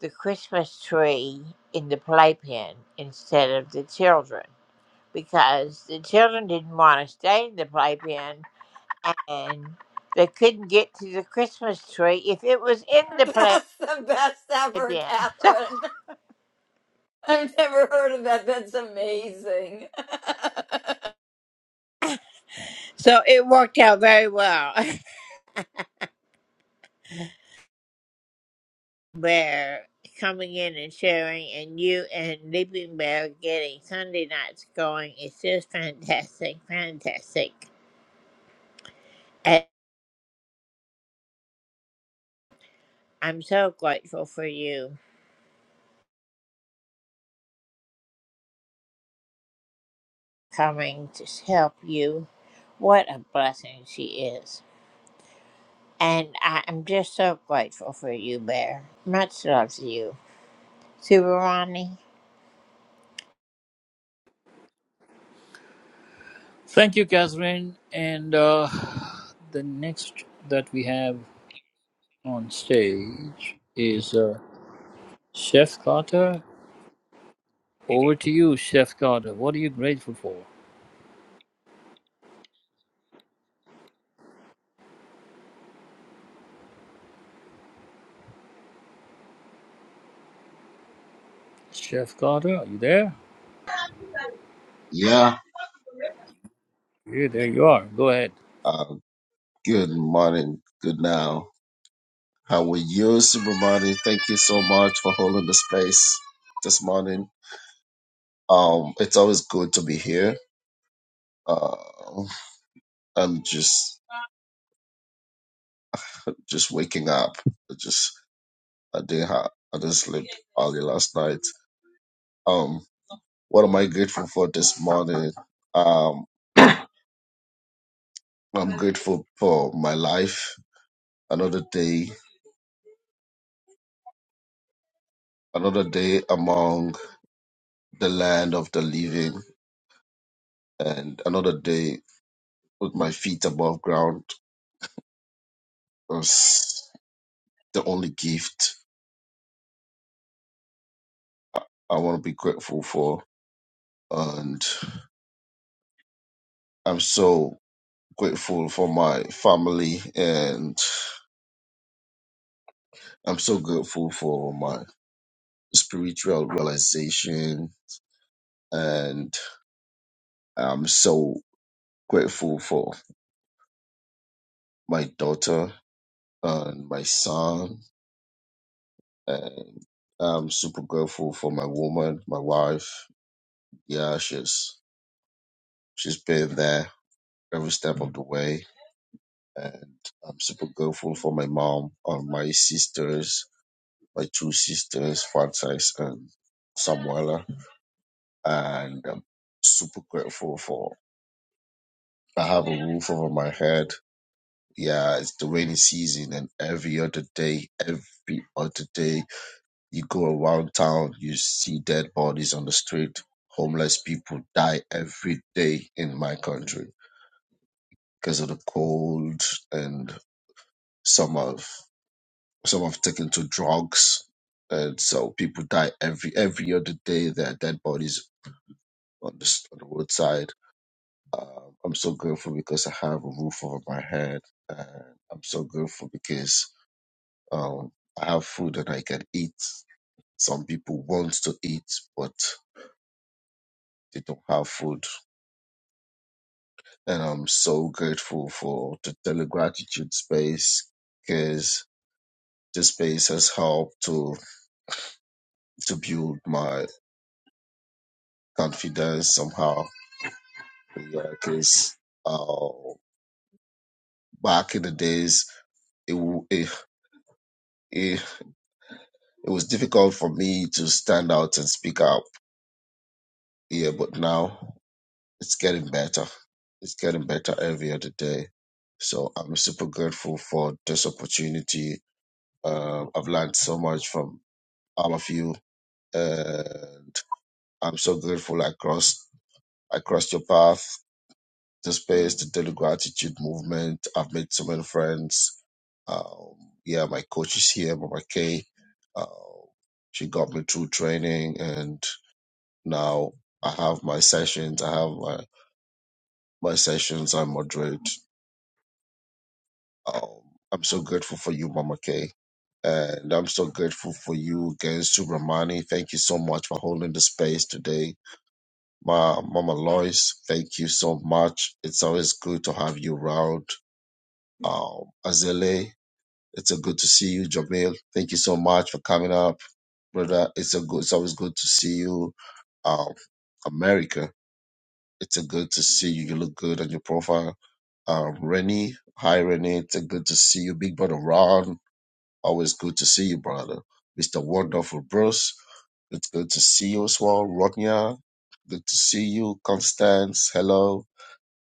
[SPEAKER 1] the Christmas tree in the playpen instead of the children because the children didn't want to stay in the playpen and they couldn't get to the Christmas tree if it was in the playpen.
[SPEAKER 5] That's the best ever,
[SPEAKER 1] [laughs]
[SPEAKER 5] Catherine. I've never heard of that. That's amazing. [laughs]
[SPEAKER 1] so it worked out very well. [laughs] Bear coming in and sharing, and you and Leaping Bear getting Sunday nights going. It's just fantastic, fantastic. I'm so grateful for you coming to s- help you. What a blessing she is. And I am just so grateful for you, Bear. Much love to you. Subarani?
[SPEAKER 2] Thank you, Catherine. And uh, the next that we have on stage is uh, Chef Carter. Over to you, Chef Carter. What are you grateful for? Chef Carter, are you there?
[SPEAKER 6] Yeah.
[SPEAKER 2] Yeah, there you are. Go ahead.
[SPEAKER 6] Uh, good morning. Good now. How are you, Supermodel? Thank you so much for holding the space this morning. Um, it's always good to be here. Uh, I'm just just waking up. I just I didn't have I didn't sleep early last night. Um, what am I grateful for this morning? Um, I'm grateful for my life. Another day, another day among the land of the living, and another day with my feet above ground is the only gift I want to be grateful for. And I'm so grateful for my family and I'm so grateful for my spiritual realization. And I'm so grateful for my daughter and my son. And I'm super grateful for my woman, my wife. Yeah, she's she's been there every step of the way and I'm super grateful for my mom and my sisters, my two sisters, Frances and Samuela, and I'm super grateful for I have a roof over my head. Yeah, it's the rainy season, and every other day, every other day, you go around town, you see dead bodies on the street. Homeless people die every day in my country because of the cold and summer. Some have taken to drugs, and so people die every every other day. There are dead bodies on the, s- on the roadside. Um, I'm so grateful because I have a roof over my head, and I'm so grateful because um, I have food that I can eat. Some people want to eat, but they don't have food, and I'm so grateful for the Daily Gratitude space because this space has helped to to build my confidence somehow Yeah, because uh, back in the days, it, w- it it it was difficult for me to stand out and speak up. Yeah, but now it's getting better. It's getting better every other day. So I'm super grateful for this opportunity. Um, I've learned so much from all of you. Uh, I'm so grateful I crossed I crossed your path the space, the daily gratitude movement. I've made so many friends. Um, yeah, my coach is here, Mama K. Uh, she got me through training, and now I have my sessions. I have my, my sessions. I moderate. Um, I'm so grateful for you, Mama K. And I'm so grateful for you again, Subramani. Thank you so much for holding the space today. Ma, Mama Lois, thank you so much. It's always good to have you around Um, Azele, it's a good to see you. Jamil, thank you so much for coming up, brother. It's a good. It's always good to see you. Um, America, it's a good to see you. You look good on your profile. Um, Rennie, hi Rennie, it's a good to see you. Big brother Ron, always good to see you, brother. Mister Wonderful Bruce, it's good to see you as well. Rodnia, good to see you. Constance, hello.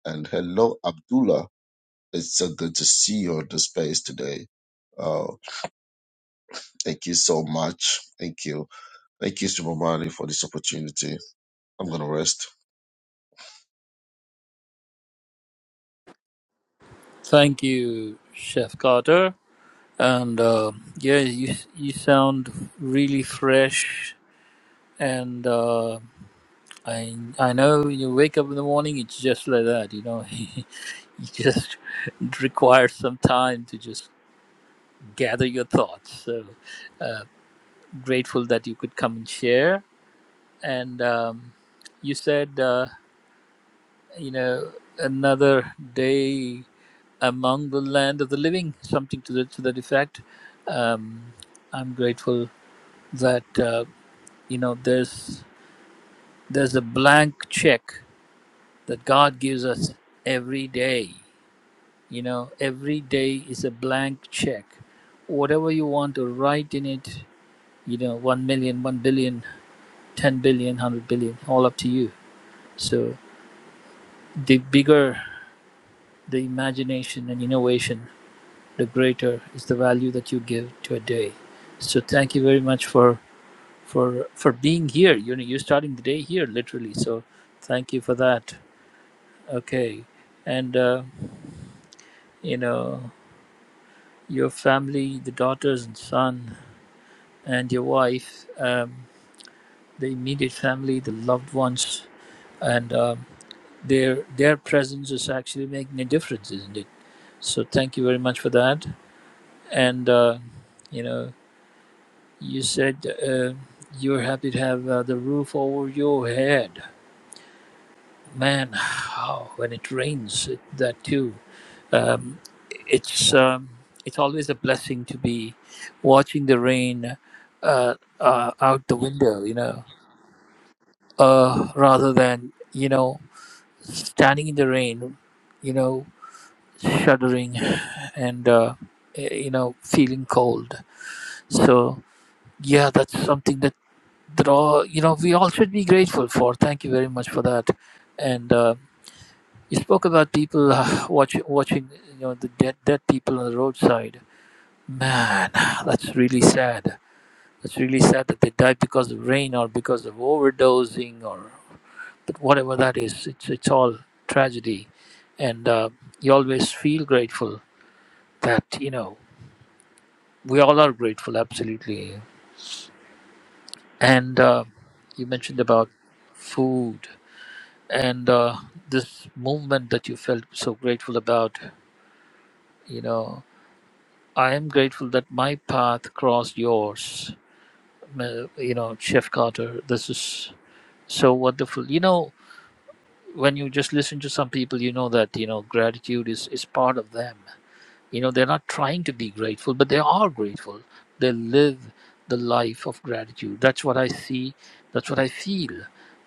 [SPEAKER 6] And hello, Abdullah. It's so good to see you on the space today. Uh, Thank you so much. Thank you. Thank you, Super Mario, for this opportunity. I'm going to rest.
[SPEAKER 2] Thank you, Chef Carter. and uh, yeah, you you sound really fresh, and uh, I I know you wake up in the morning, it's just like that, you know. [laughs] you just it requires some time to just gather your thoughts. So uh, grateful that you could come and share. And um, you said, uh, you know, another day among the land of the living, something to the to that effect. Um, I'm grateful that. Uh, you know there's there's a blank check that god gives us every day you know every day is a blank check whatever you want to write in it you know one million, one billion, ten billion, hundred billion, all up to you so the bigger the imagination and innovation the greater is the value that you give to a day so thank you very much for for for being here you know you're starting the day here literally so thank you for that Okay, and uh, you know your family, the daughters and son, and your wife, um, the immediate family, the loved ones, and um their their presence is actually making a difference, isn't it? So thank you very much for that. And uh, you know, you said uh, you're happy to have uh, the roof over your head. Man, [sighs] how when it rains, it, that too. Um, it's um, it's always a blessing to be watching the rain uh, uh, out the window, you know, uh, rather than you know standing in the rain, you know, shuddering and uh, eh, you know feeling cold. So yeah, that's something that that all you know we all should be grateful for. Thank you very much for that. And uh, you spoke about people uh, watch, watching you know the dead dead people on the roadside Man, [sighs] that's really sad. That's really sad that they died because of rain or because of overdosing or but whatever that is. It's it's all tragedy, and uh, you always feel grateful that you know we all are grateful, absolutely. And uh, you mentioned about food and uh, this movement that you felt so grateful about. You know, I am grateful that my path crossed yours. Ma- You know, Chef Carter. This is so wonderful you know when you just listen to some people you know that you know gratitude is is part of them you know they're not trying to be grateful but they are grateful they live the life of gratitude that's what i see that's what i feel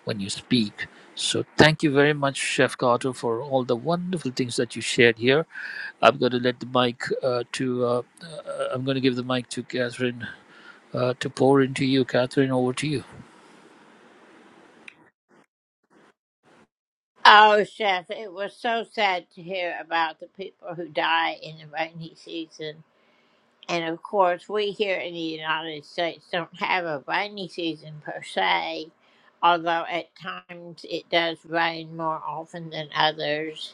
[SPEAKER 2] when you speak so thank you very much chef carter for all the wonderful things that you shared here i'm going to let the mic uh, to uh, uh, i'm going to give the mic to catherine uh, to pour into you catherine over to you
[SPEAKER 1] Oh, Chef, it was so sad to hear about the people who die in the rainy season. And of course, we here in the United States don't have a rainy season per se, although at times it does rain more often than others.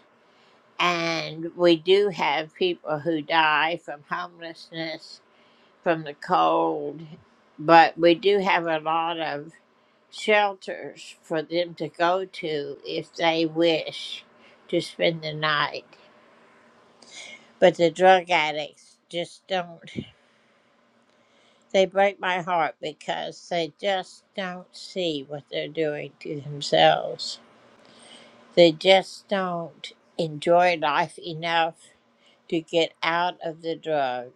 [SPEAKER 1] And we do have people who die from homelessness, from the cold, but we do have a lot of shelters for them to go to if they wish to spend the night. But the drug addicts just don't. They break my heart because they just don't see what they're doing to themselves. They just don't enjoy life enough to get out of the drug.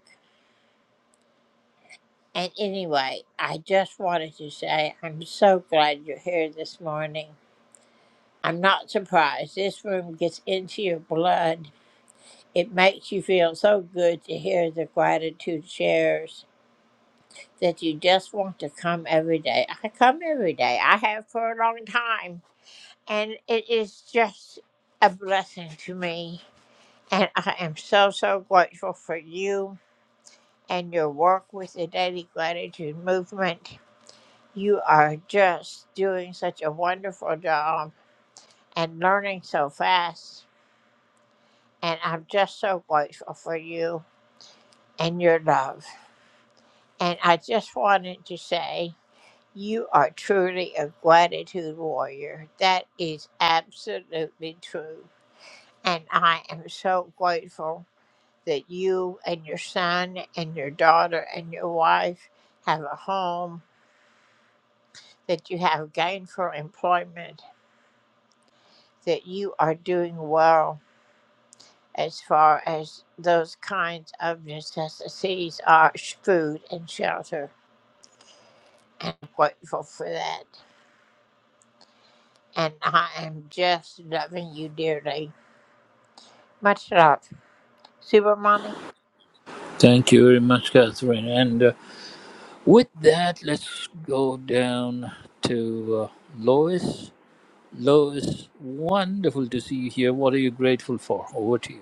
[SPEAKER 1] And anyway, I just wanted to say I'm so glad you're here this morning. I'm not surprised. This room gets into your blood. It makes you feel so good to hear the gratitude shares that you just want to come every day. I come every day. I have for a long time. And it is just a blessing to me. And I am so, so grateful for you and your work with the Daily Gratitude Movement. You are just doing such a wonderful job and learning so fast. And I'm just so grateful for you and your love. And I just wanted to say, you are truly a gratitude warrior. That is absolutely true. And I am so grateful that you and your son and your daughter and your wife have a home, that you have gainful employment, that you are doing well as far as those kinds of necessities are sh- food and shelter. And I'm grateful for that. And I am just loving you dearly. Much love. Super Money.
[SPEAKER 2] thank you very much catherine and uh, With that, let's go down to uh, Lois. Lois, wonderful to see you here. What are you grateful for? Over to you.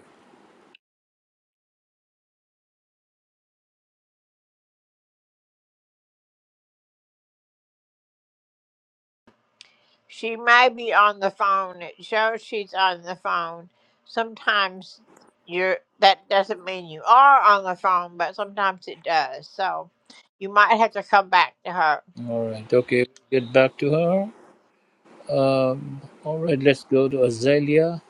[SPEAKER 1] She may be on the phone. It shows she's on the phone. Sometimes you're that doesn't mean you are on the phone, but sometimes it does. So you might have to come back to her
[SPEAKER 2] All right, okay, get back to her. Um, all right, let's go to Azalea.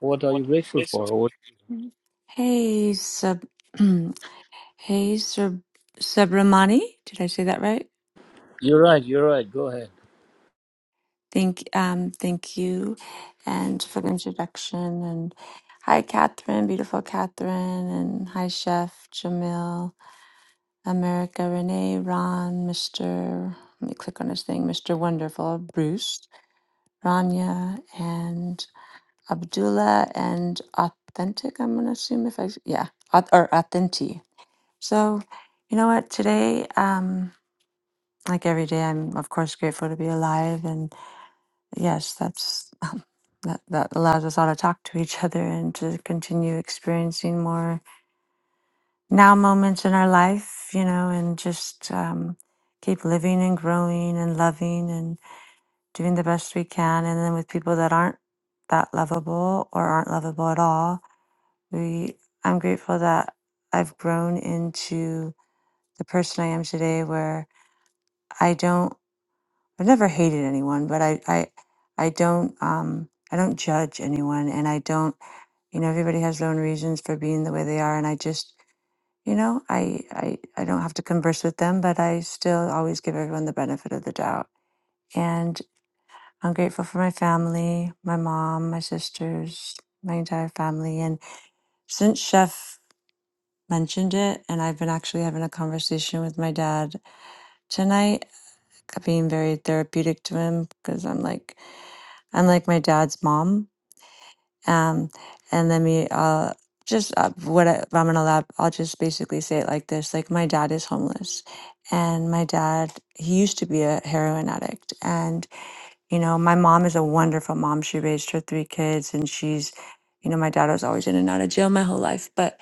[SPEAKER 2] What are you grateful for? What,
[SPEAKER 7] Hey, Sub. [clears throat] hey, Sub Subramani. Did I say that right?
[SPEAKER 2] you're right, you're right. Go ahead.
[SPEAKER 7] Thank, um, thank you, and for the introduction. And hi, Catherine, beautiful Catherine, and hi, Chef Jamil, America, Renee, Ron, Mister. Let me click on his thing, Mister Wonderful, Bruce, Rania, and Abdullah, and Authentic. I'm gonna assume if I yeah, Auth- or Authentic. So, you know what? Today, um, like every day, I'm of course grateful to be alive, and yes, that's [laughs] um, that that allows us all to talk to each other and to continue experiencing more now moments in our life, you know, and just um, keep living and growing and loving and doing the best we can, and then with people that aren't that lovable or aren't lovable at all, we I'm grateful that I've grown into the person I am today, where I don't I've never hated anyone, but I I I don't um I don't judge anyone and I don't you know everybody has their own reasons for being the way they are and I just you know I I I don't have to converse with them, but I still always give everyone the benefit of the doubt. And I'm grateful for my family, my mom, my sisters, my entire family and since chef mentioned it and I've been actually having a conversation with my dad tonight being very therapeutic to him because I'm like I'm like my dad's mom. Um, and let me uh, just uh, what I, if I'm gonna I'll just basically say it like this: like my dad is homeless, and my dad he used to be a heroin addict, and you know my mom is a wonderful mom. She raised her three kids, and she's, you know, my dad was always in and out of jail my whole life, but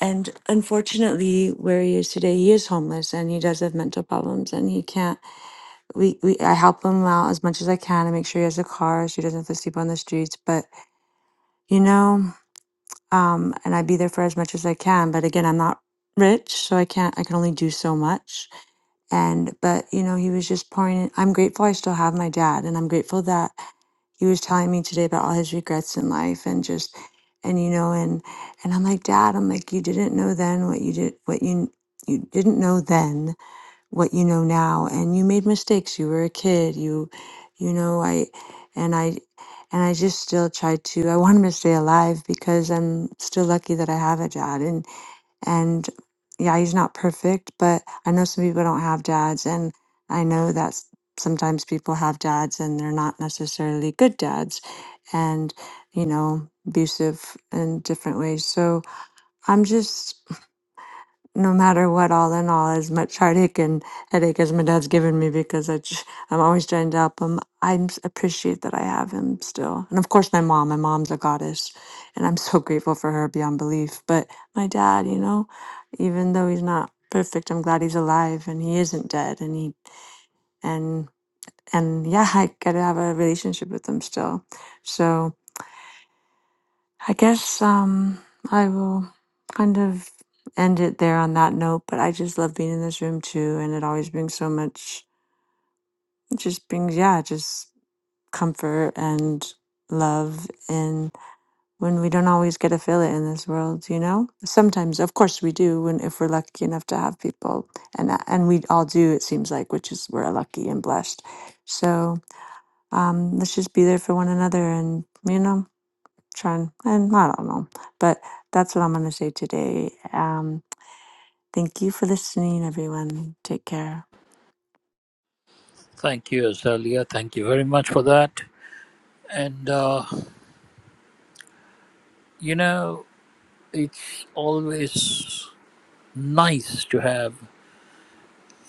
[SPEAKER 7] and unfortunately, where he is today, he is homeless, and he does have mental problems, and he can't we, we I help him out as much as I can and make sure he has a car so he doesn't have to sleep on the streets. But you know, um, and I be there for as much as I can. But again, I'm not rich, so I can't. I can only do so much. And but you know, he was just pouring. In. I'm grateful I still have my dad, and I'm grateful that he was telling me today about all his regrets in life and just and you know and and I'm like, Dad, I'm like, you didn't know then what you did, what you you didn't know then what you know now and you made mistakes you were a kid you you know i and i and i just still try to i wanted to stay alive because i'm still lucky that i have a dad and and yeah he's not perfect but i know some people don't have dads and i know that s- sometimes people have dads and they're not necessarily good dads and you know abusive in different ways so i'm just no matter what, all in all, as much heartache and headache as my dad's given me because I j- I'm always trying to help him, I am appreciate that I have him still. And of course, my mom. My mom's a goddess, and I'm [laughs] so grateful for her beyond belief. But my dad, you know, even though he's not perfect, I'm glad he's alive and he isn't dead. And he and and yeah, I gotta have a relationship with him still. So. I guess um, I will kind of end it there on that note, but I just love being in this room too. And it always brings so much, it just brings, yeah, just comfort and love. And when we don't always get to feel it in this world, you know, sometimes, of course, we do when if we're lucky enough to have people and, uh, and we all do, it seems like, which is we're lucky and blessed. So um, let's just be there for one another and, you know, trying, and I don't know, but that's what I'm going to say today. Um, thank you for listening, everyone. Take care.
[SPEAKER 2] Thank you, Azalea. Thank you very much for that. And, uh, you know, it's always nice to have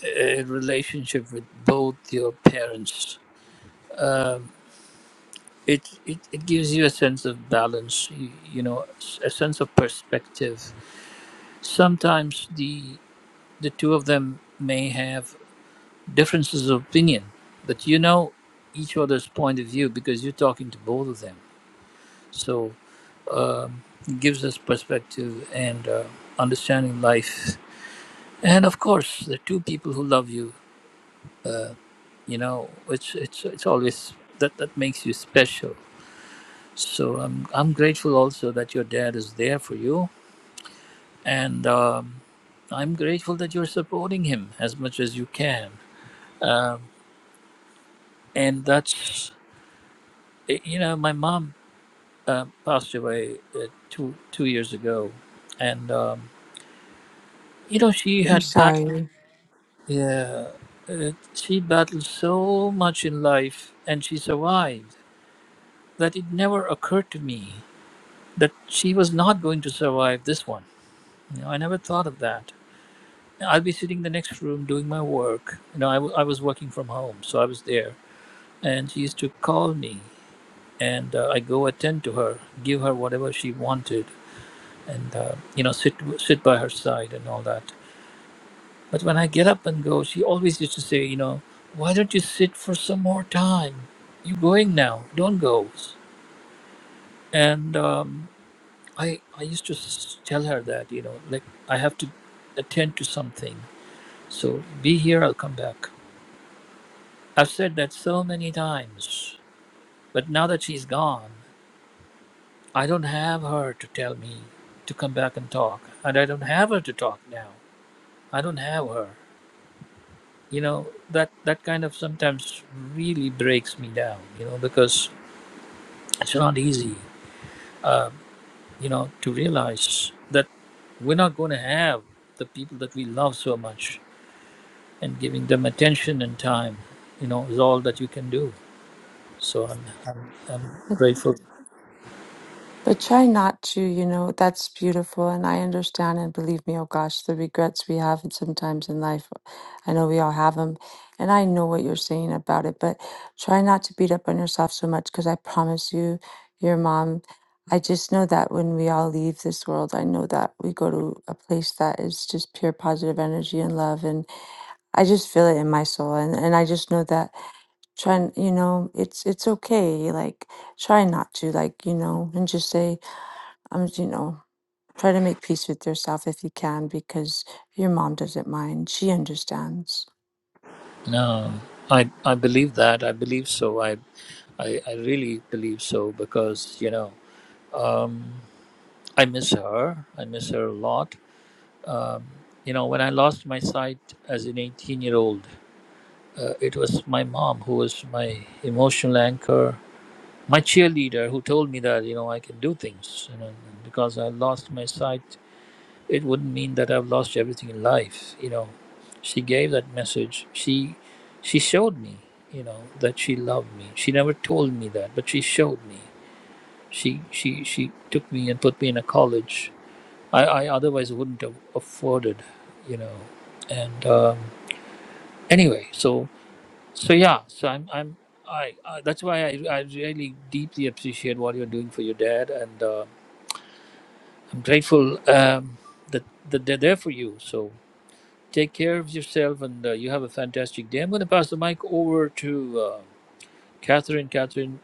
[SPEAKER 2] a relationship with both your parents. Um, it, it it gives you a sense of balance you, you know s- a sense of perspective sometimes the the two of them may have differences of opinion but you know each other's point of view because you're talking to both of them so um, it gives us perspective and uh, understanding life and of course the two people who love you uh, you know it's it's it's always that that makes you special so I'm I'm grateful also that your dad is there for you and um, I'm grateful that you're supporting him as much as you can. Um, and that's, eh, you know, my mom uh, passed away uh, two two years ago, and um, you know she
[SPEAKER 7] I'm
[SPEAKER 2] had battled,
[SPEAKER 7] sorry.
[SPEAKER 2] yeah, uh, she battled so much in life, and she survived. That it never occurred to me that she was not going to survive this one. You know, I never thought of that. I'll be sitting in the next room doing my work. You know, I, w- I was working from home, so I was there and she used to call me and uh, i go attend to her give her whatever she wanted and uh, you know sit sit by her side and all that but when i get up and go she always used to say you know why don't you sit for some more time you're going now don't go and um, i i used to s- tell her that you know like i have to attend to something so be here i'll come back i've said that so many times but now that she's gone I don't have her to tell me to come back and talk, and I don't have her to talk now. I don't have her. You know that that kind of sometimes really breaks me down. You know because it's not easy. You know to realize that we're not going to have the people that we love so much, and giving them attention and time, you know, is all that you can do. So I'm I'm, I'm grateful
[SPEAKER 7] But try not to, you know, that's beautiful. And I understand. And believe me, oh gosh, the regrets we have sometimes in life, I know we all have them. And I know what you're saying about it, but try not to beat up on yourself so much because I promise you, your mom, I just know that when we all leave this world, I know that we go to a place that is just pure positive energy and love. And I just feel it in my soul. And, and I just know that trying, you know, it's, it's okay. Like, try not to, like, you know, and just say, um, you know, try to make peace with yourself if you can, because your mom doesn't mind. She understands.
[SPEAKER 2] Um, I I believe that. I believe so. I I, I really believe so because you know um, I miss her. I miss her a lot. Um, you know, when I lost my sight as an 18 year old, uh, it was my mom who was my emotional anchor, my cheerleader, who told me that you know I can do things. You know, because I lost my sight. it wouldn't mean that I've lost everything in life. You know, she gave that message. She she showed me, you know, that she loved me. She never told me that, but she showed me. She she she took me and put me in a college I, I otherwise wouldn't have afforded, you know. And um, anyway, so so yeah, so I'm I'm I, I that's why I I really deeply appreciate what you're doing for your dad, and uh, I'm grateful um, that that they're there for you. So Take care of yourself and uh, you have a fantastic day. I'm going to pass the mic over to uh, Catherine. Catherine,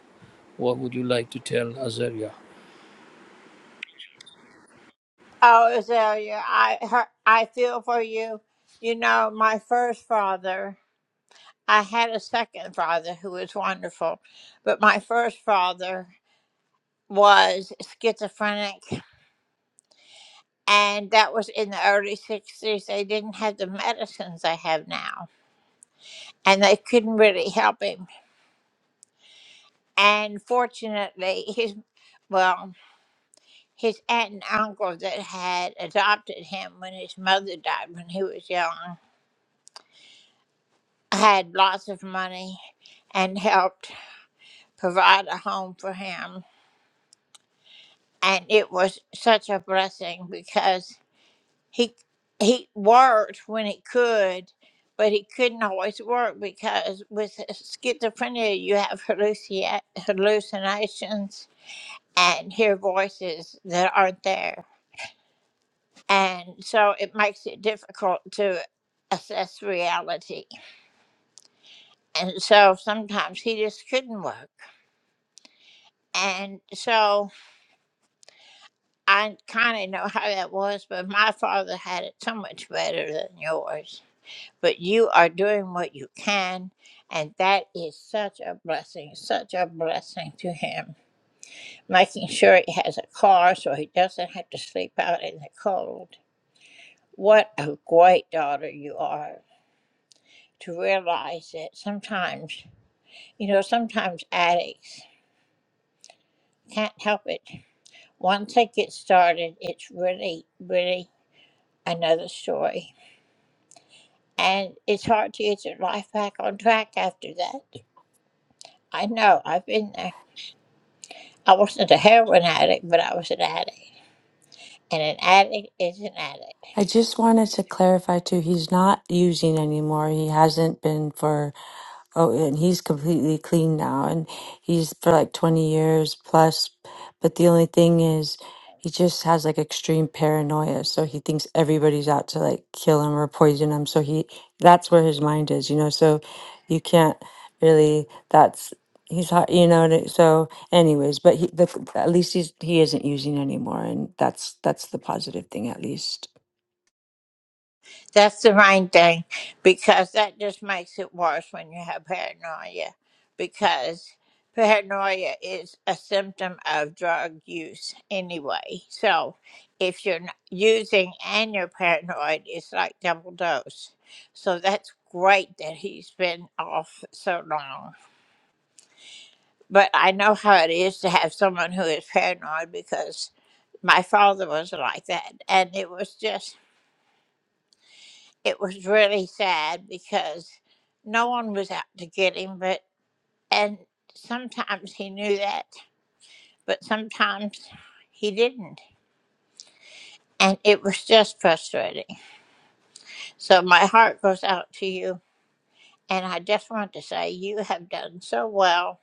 [SPEAKER 2] what would you like to tell Azaria?
[SPEAKER 1] Oh, Azalea, I her, I feel for you. You know, my first father, I had a second father who was wonderful, but my first father was schizophrenic, and that was in the early 60s. They didn't have the medicines they have now, and they couldn't really help him. And fortunately, his, well, his aunt and uncle that had adopted him when his mother died when he was young had lots of money and helped provide a home for him and it was such a blessing because he he worked when he could but he couldn't always work because with schizophrenia you have halluci- hallucinations and hear voices that aren't there and so it makes it difficult to assess reality and so sometimes he just couldn't work and so I kind of know how that was, but my father had it so much better than yours. But you are doing what you can, and that is such a blessing, such a blessing to him. Making sure he has a car so he doesn't have to sleep out in the cold. What a great daughter you are to realize that sometimes, you know, sometimes addicts can't help it. Once they get started, it's really, really another story And it's hard to get your life back on track after that. I know, I've been there. I wasn't a heroin addict, but I was an addict. And an addict is an addict.
[SPEAKER 7] I just wanted to clarify too, he's not using anymore. He hasn't been for Oh, and he's completely clean now, and he's for like 20 years plus. But the only thing is, he just has like extreme paranoia, so he thinks everybody's out to like kill him or poison him. So he that's where his mind is, you know. So you can't really. That's he's hot, you know. and it- So, anyways, but he the, at least he's he isn't using anymore, and that's that's the positive thing at least.
[SPEAKER 1] That's the main thing because that just makes it worse when you have paranoia because paranoia is a symptom of drug use anyway. So if you're n- using and you're paranoid, it's like double dose. So that's great that he's been off so long. But I know how it is to have someone who is paranoid because my father was like that. And it was just, it was really sad because no one was out to get him. But, and sometimes he knew that, but sometimes he didn't. And it was just frustrating. So my heart goes out to you. And I just want to say you have done so well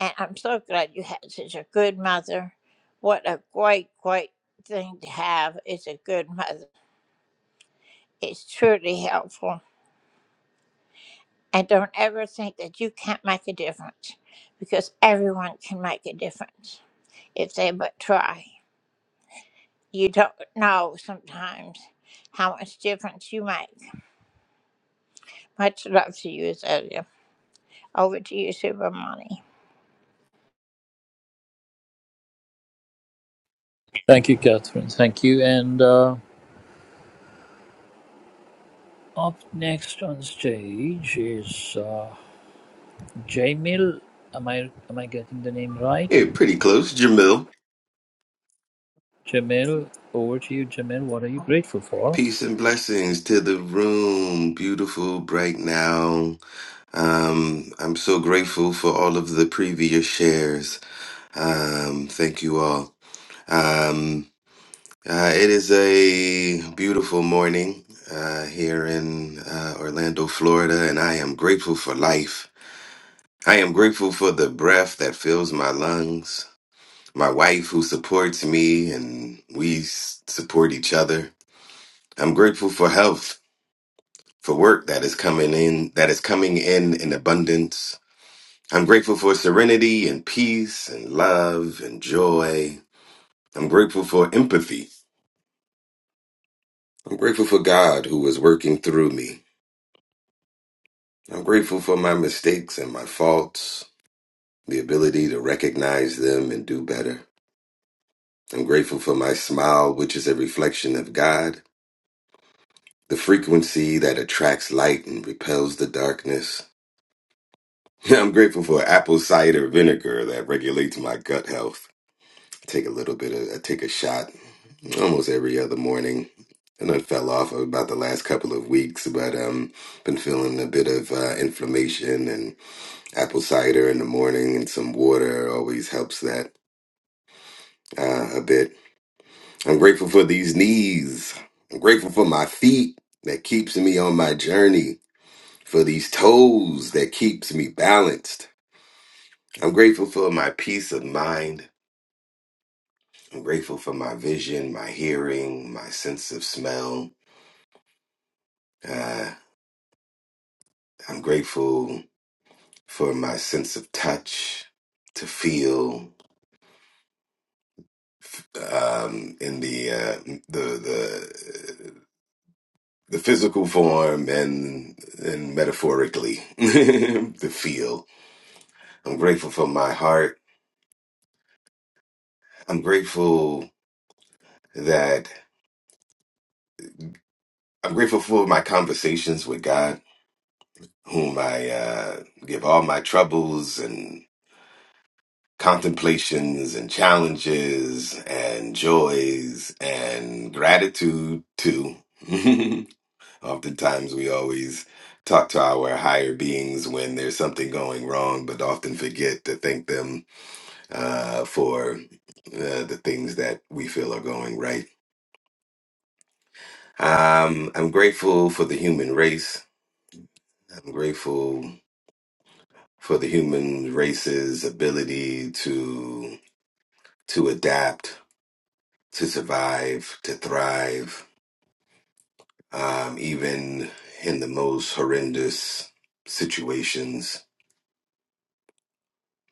[SPEAKER 1] And I'm so glad you had such a good mother. What a great, great thing to have is a good mother. It's truly helpful. And don't ever think that you can't make a difference because everyone can make a difference if they but try. You don't know sometimes how much difference you make. Much love to you, Azalea. Over to you, Super Money.
[SPEAKER 2] Thank you, Catherine. Thank you. And uh, up next on stage is uh, Jamil. Am I, am I getting the name right?
[SPEAKER 8] Hey, pretty close, Jamil.
[SPEAKER 2] Jamil, over to you, Jamil. What are you grateful for?
[SPEAKER 8] Peace and blessings to the room. Beautiful, bright now. Um, I'm so grateful for all of the previous shares. Um, thank you all. Um, uh, it is a beautiful morning uh, here in uh, Orlando, Florida, and I am grateful for life. I am grateful for the breath that fills my lungs, my wife who supports me, and we s- support each other. I'm grateful for health. for work that is coming in that is coming in in abundance. I'm grateful for serenity and peace and love and joy. I'm grateful for empathy. I'm grateful for God who is working through me. I'm grateful for my mistakes and my faults, the ability to recognize them and do better. I'm grateful for my smile, which is a reflection of God, the frequency that attracts light and repels the darkness. [laughs] I'm grateful for apple cider vinegar that regulates my gut health. I take a little bit of, I take a shot almost every other morning. And I fell off about the last couple of weeks, but um, been feeling a bit of uh, inflammation and apple cider in the morning and some water always helps that uh, a bit. I'm grateful for these knees. I'm grateful for my feet that keeps me on my journey. For these toes that keeps me balanced. I'm grateful for my peace of mind. I'm grateful for my vision, my hearing, my sense of smell. Uh, I'm grateful for my sense of touch to feel um, in the, uh, the the the physical form and and metaphorically [laughs] the feel. I'm grateful for my heart. I'm grateful that I'm grateful for my conversations with God, whom I uh, give all my troubles contemplations and challenges and joys and gratitude too. [laughs] Oftentimes we always talk to our higher beings when there's something going wrong, but often forget to thank them uh, for uh, the things that we feel are going right. Um, I'm grateful for the human race. I'm grateful for the human race's ability to to adapt to survive, to thrive, um, even in the most horrendous situations.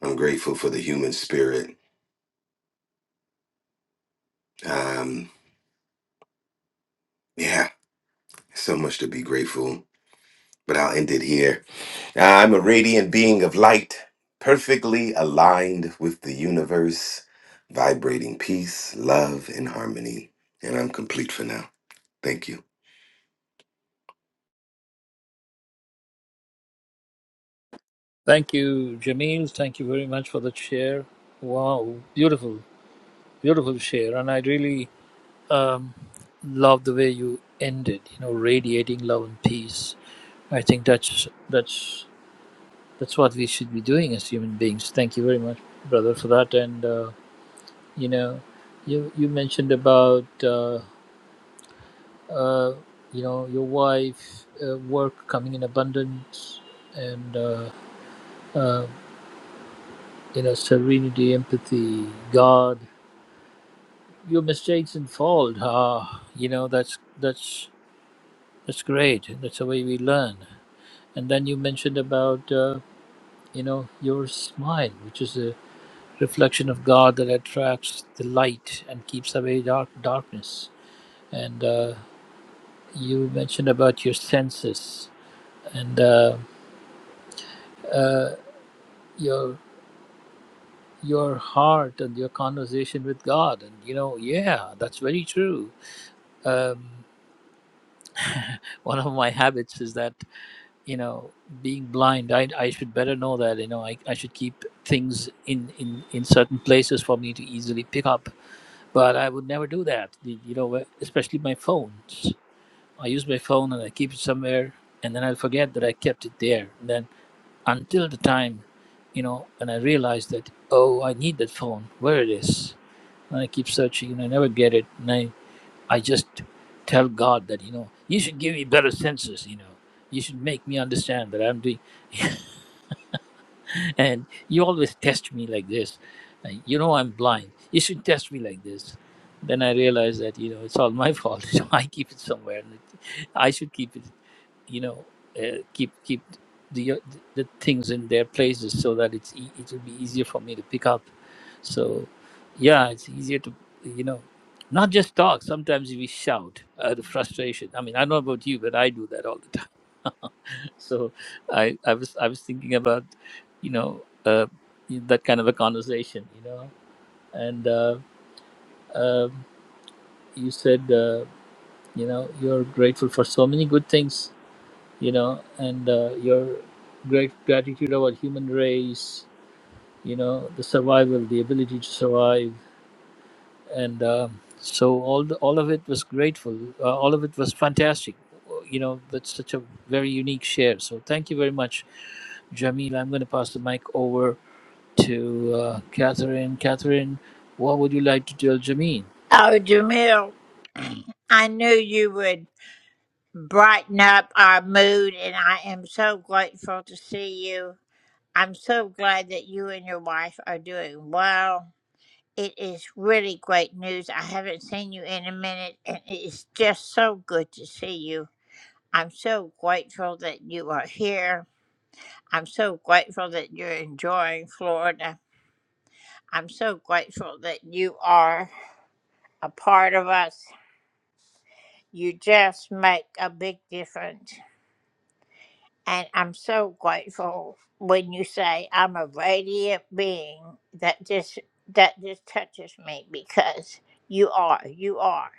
[SPEAKER 8] I'm grateful for the human spirit. Um, yeah, so much to be grateful. But I'll end it here. I'm a radiant being of light, perfectly aligned with the universe, vibrating peace, love, and harmony. And I'm complete for now. Thank you.
[SPEAKER 2] Thank you, Jamil. Thank you very much for the share. Wow, beautiful, beautiful share. And I really um, love the way you ended. You know, radiating love and peace. I think that's that's that's what we should be doing as human beings. Thank you very much, brother, for that. And uh, you know, you you mentioned about uh, uh, you know your wife, uh, work coming in abundance, and uh, uh, you know serenity, empathy, God. Your mistakes and fault. Ah, you know that's that's that's great. That's the way we learn. And then you mentioned about uh, you know your smile, which is a reflection of God that attracts the light and keeps away dark darkness. And uh, you mentioned about your senses and uh, uh, your your heart and your conversation with God. And you know, yeah, that's very true. Um, one of my habits is that you know being blind i, I should better know that you know I, I should keep things in, in in certain places for me to easily pick up but I would never do that. You know, especially my phones. I use my phone and I keep it somewhere, and then I forget that I kept it there. And then until the time, you know, and I realize that oh, I need that phone. Where it is, and I keep searching and I never get it. And I, I just tell God that you know, you should give me better senses. You know, you should make me understand that I'm doing. And you always [laughs] test me like this. Like, you know I'm blind. You should test me like this. Then I realized that you know it's all my [laughs] fault. So I keep it somewhere. And it- I should keep it. You know, uh, keep keep the uh, the things in their places so that it's e- it will be easier for me to pick up. So yeah, it's easier to you know not just talk. Sometimes we shout out of frustration. I mean, I don't know about you, but I do that all the [laughs] time [laughs] so i i was i was thinking about you know uh, that kind of a conversation you know and uh, um you said uh, you know you're grateful for so many good things you know and uh, your great gratitude about human race you know the survival the ability to survive and um, so all the, all of it was grateful uh, all of it was fantastic you know that's such a very unique share so thank you very much Jamil, I'm going to pass the mic over to uh, Catherine. Catherine, what would you like to tell Jameen?
[SPEAKER 1] Oh, Jamil, I knew you would. brighten up our mood, and I am so grateful to see you. I'm so glad that you and your wife are doing well. It is really great news. I haven't seen you in a minute, and it is just so good to see you. I'm so grateful that you are here. I'm so grateful that you're enjoying Florida. I'm so grateful that you are a part of us. You just make a big difference. And I'm so grateful when you say I'm a radiant being that just that just touches me because you are, you are.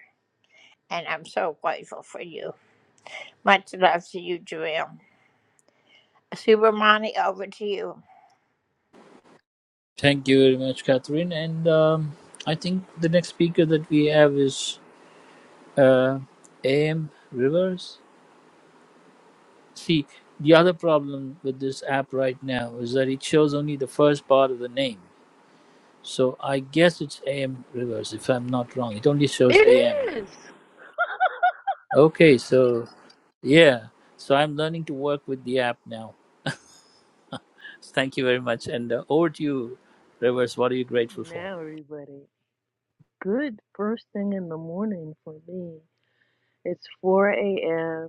[SPEAKER 1] And I'm so grateful for you. Much love to you, Jerem. Supermani, over to you.
[SPEAKER 2] Thank you very much, Catherine. And um, I think the next speaker that we have is uh, AM Rivers. See, the other problem with this app right now is that it shows only the first part of the name. So I guess it's AM Rivers, if I'm not wrong. It only shows AM.
[SPEAKER 9] It is.
[SPEAKER 2] Okay, so yeah. So I'm learning to work with the app now. Thank you very much. And uh, over to you,
[SPEAKER 9] Good.
[SPEAKER 2] Rivers. What are you
[SPEAKER 9] Good
[SPEAKER 2] grateful for?
[SPEAKER 9] now, everybody. Good first thing in the morning for me. It's 4 a.m.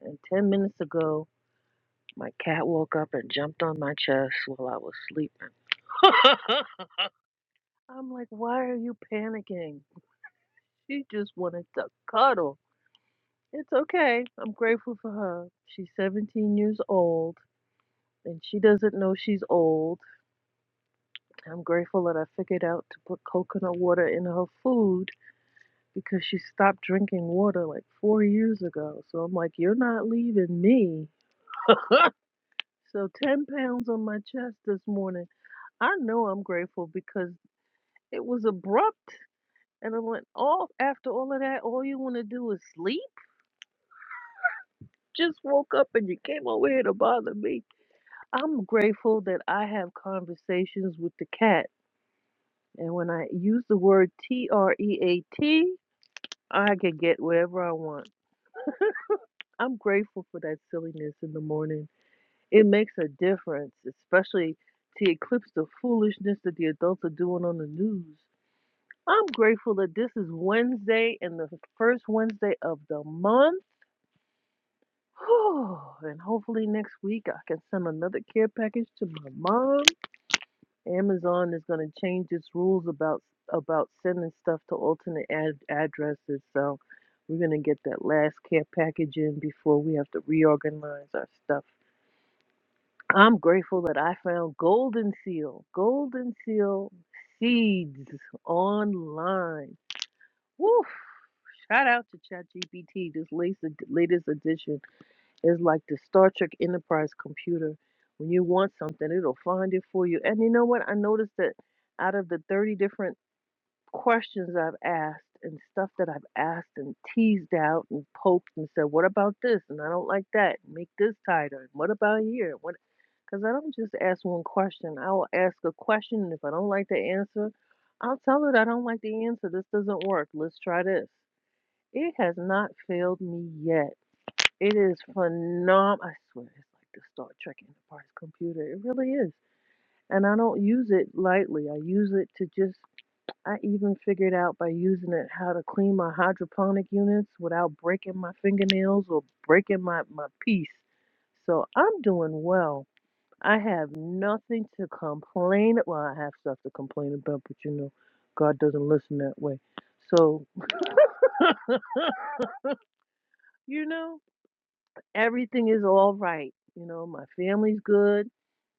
[SPEAKER 9] and 10 minutes ago, my cat woke up and jumped on my chest while I was sleeping. [laughs] I'm like, why are you panicking? She just wanted to cuddle. It's okay. I'm grateful for her. She's 17 years old and she doesn't know she's old. I'm grateful that I figured out to put coconut water in her food because she stopped drinking water like four years ago. So I'm like, you're not leaving me. [laughs] so 10 pounds on my chest this morning. I know I'm grateful because it was abrupt. And I went, oh, after all of that, all you want to do is sleep? Just woke up and you came over here to bother me. I'm grateful that I have conversations with the cat. And when I use the word T R E A T, I can get wherever I want. I'm grateful for that silliness in the morning. It makes a difference, especially to eclipse the foolishness that the adults are doing on the news. I'm grateful that this is Wednesday and the first Wednesday of the month. [sighs] and hopefully next week I can send another care package to my mom. Amazon is going to change its rules about about sending stuff to alternate ad- addresses, so we're going to get that last care package in before we have to reorganize our stuff. I'm grateful that I found Golden Seal, Golden Seal seeds online. Woof! Shout out to ChatGPT. This latest latest edition is like the Star Trek Enterprise computer. When you want something, it'll find it for you. And you know what? I noticed that out of the 30 different questions I've asked and stuff that I've asked and teased out and poked and said, "What about this?" and "I don't like that." Make this tighter. And what about here? What? Because I don't just ask one question. I will ask a question, and if I don't like the answer, I'll tell it I don't like the answer. This doesn't work. Let's try this. It has not failed me yet. It is phenomenal. I swear, it's like the Star Trek Enterprise computer. It really is. And I don't use it lightly. I use it to just I even figured out by using it how to clean my hydroponic units without breaking my fingernails or breaking my, my piece. So I'm doing well. I have nothing to complain. Well, I have stuff to complain about, but you know, God doesn't listen that way. So, you know, everything is all right. You know, my family's good.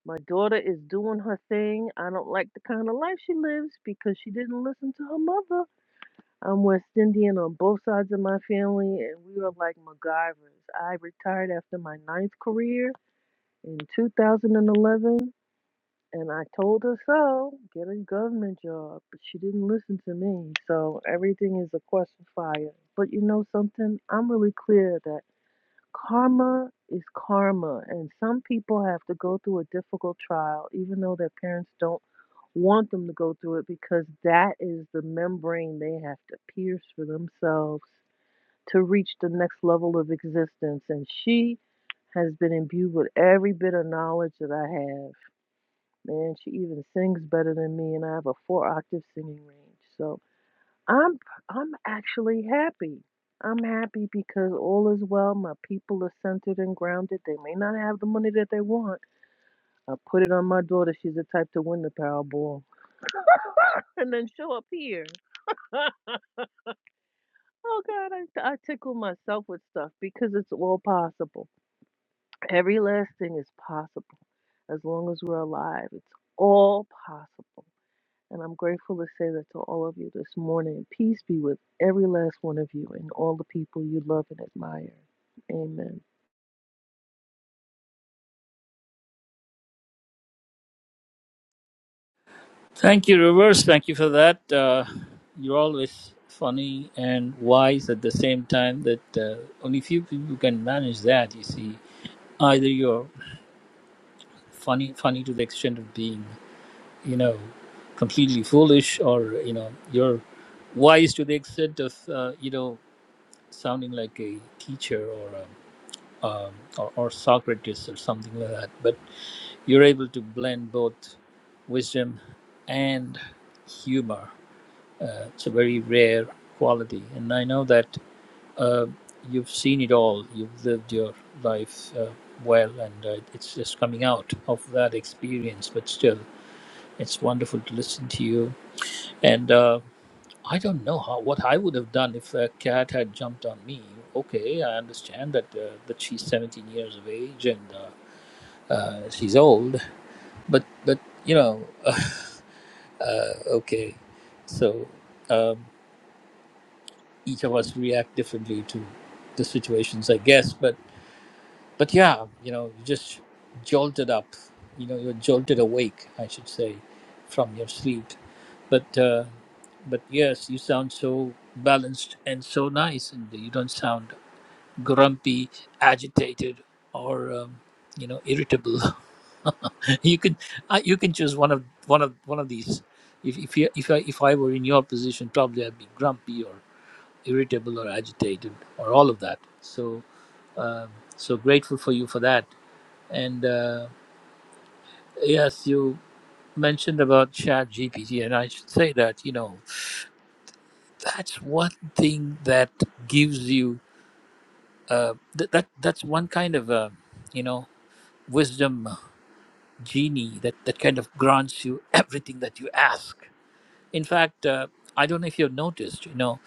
[SPEAKER 9] My daughter is doing her thing. I don't like the kind of life she lives because she didn't listen to her mother I'm West Indian on both sides of my family, and we are like MacGyvers. I retired after my ninth career in 2011, and I told her so, get a government job, but she didn't listen to me. So everything is a question fire. But you know something? I'm really clear that karma is karma and some people have to go through a difficult trial even though their parents don't want them to go through it because that is the membrane they have to pierce for themselves to reach the next level of existence and she has been imbued with every bit of knowledge that I have man she even sings better than me and I have a four octave singing range so I'm I'm actually happy. I'm happy because all is well. My people are centered and grounded. They may not have the money that they want. I put it on my daughter. She's the type to win the Powerball [laughs] and then show up here. [laughs] oh God, I, I tickle myself with stuff because it's all possible. Every last thing is possible as long as we're alive. It's all possible. And I'm grateful to say that to all of you this morning. Peace be with every last one of you and all the people you love and admire. Amen.
[SPEAKER 2] Thank you, Rivers. Thank you for that. Uh, you're always funny and wise at the same time. That uh, only few people can manage that. You see, either you're funny, funny to the extent of being, you know, completely foolish, or you know, you're wise to the extent of, uh, you know, sounding like a teacher or a um, or, or Socrates or something like that. But you're able to blend both wisdom and humor Uh, it's a very rare quality, and I know that uh, you've seen it all. You've lived your life uh, well, and uh, it's just coming out of that experience. But still, it's wonderful to listen to you. And uh, I don't know how what I would have done if a cat had jumped on me. Okay, I understand that uh, that she's 17 years of age and uh, uh, she's old, but but you know, [laughs] uh, okay, so. Um, each of us react differently to the situations, I guess. But but yeah, you know, you just jolted up, you know, you're jolted awake, I should say, from your sleep. But uh, but yes, you sound so balanced and so nice, and you don't sound grumpy, agitated, or um, you know, irritable. [laughs] you can I you can choose one of one of one of these. If if you, if I if I were in your position, probably I'd be grumpy or. irritable or agitated or all of that. So um so grateful for you for that. And uh, yes, you mentioned about Chat GPT, and I should say that you know that's one thing that gives you uh, th- that that's one kind of uh, you know wisdom uh, genie that that kind of grants you everything that you ask. In fact, uh, I don't know if you've noticed, you know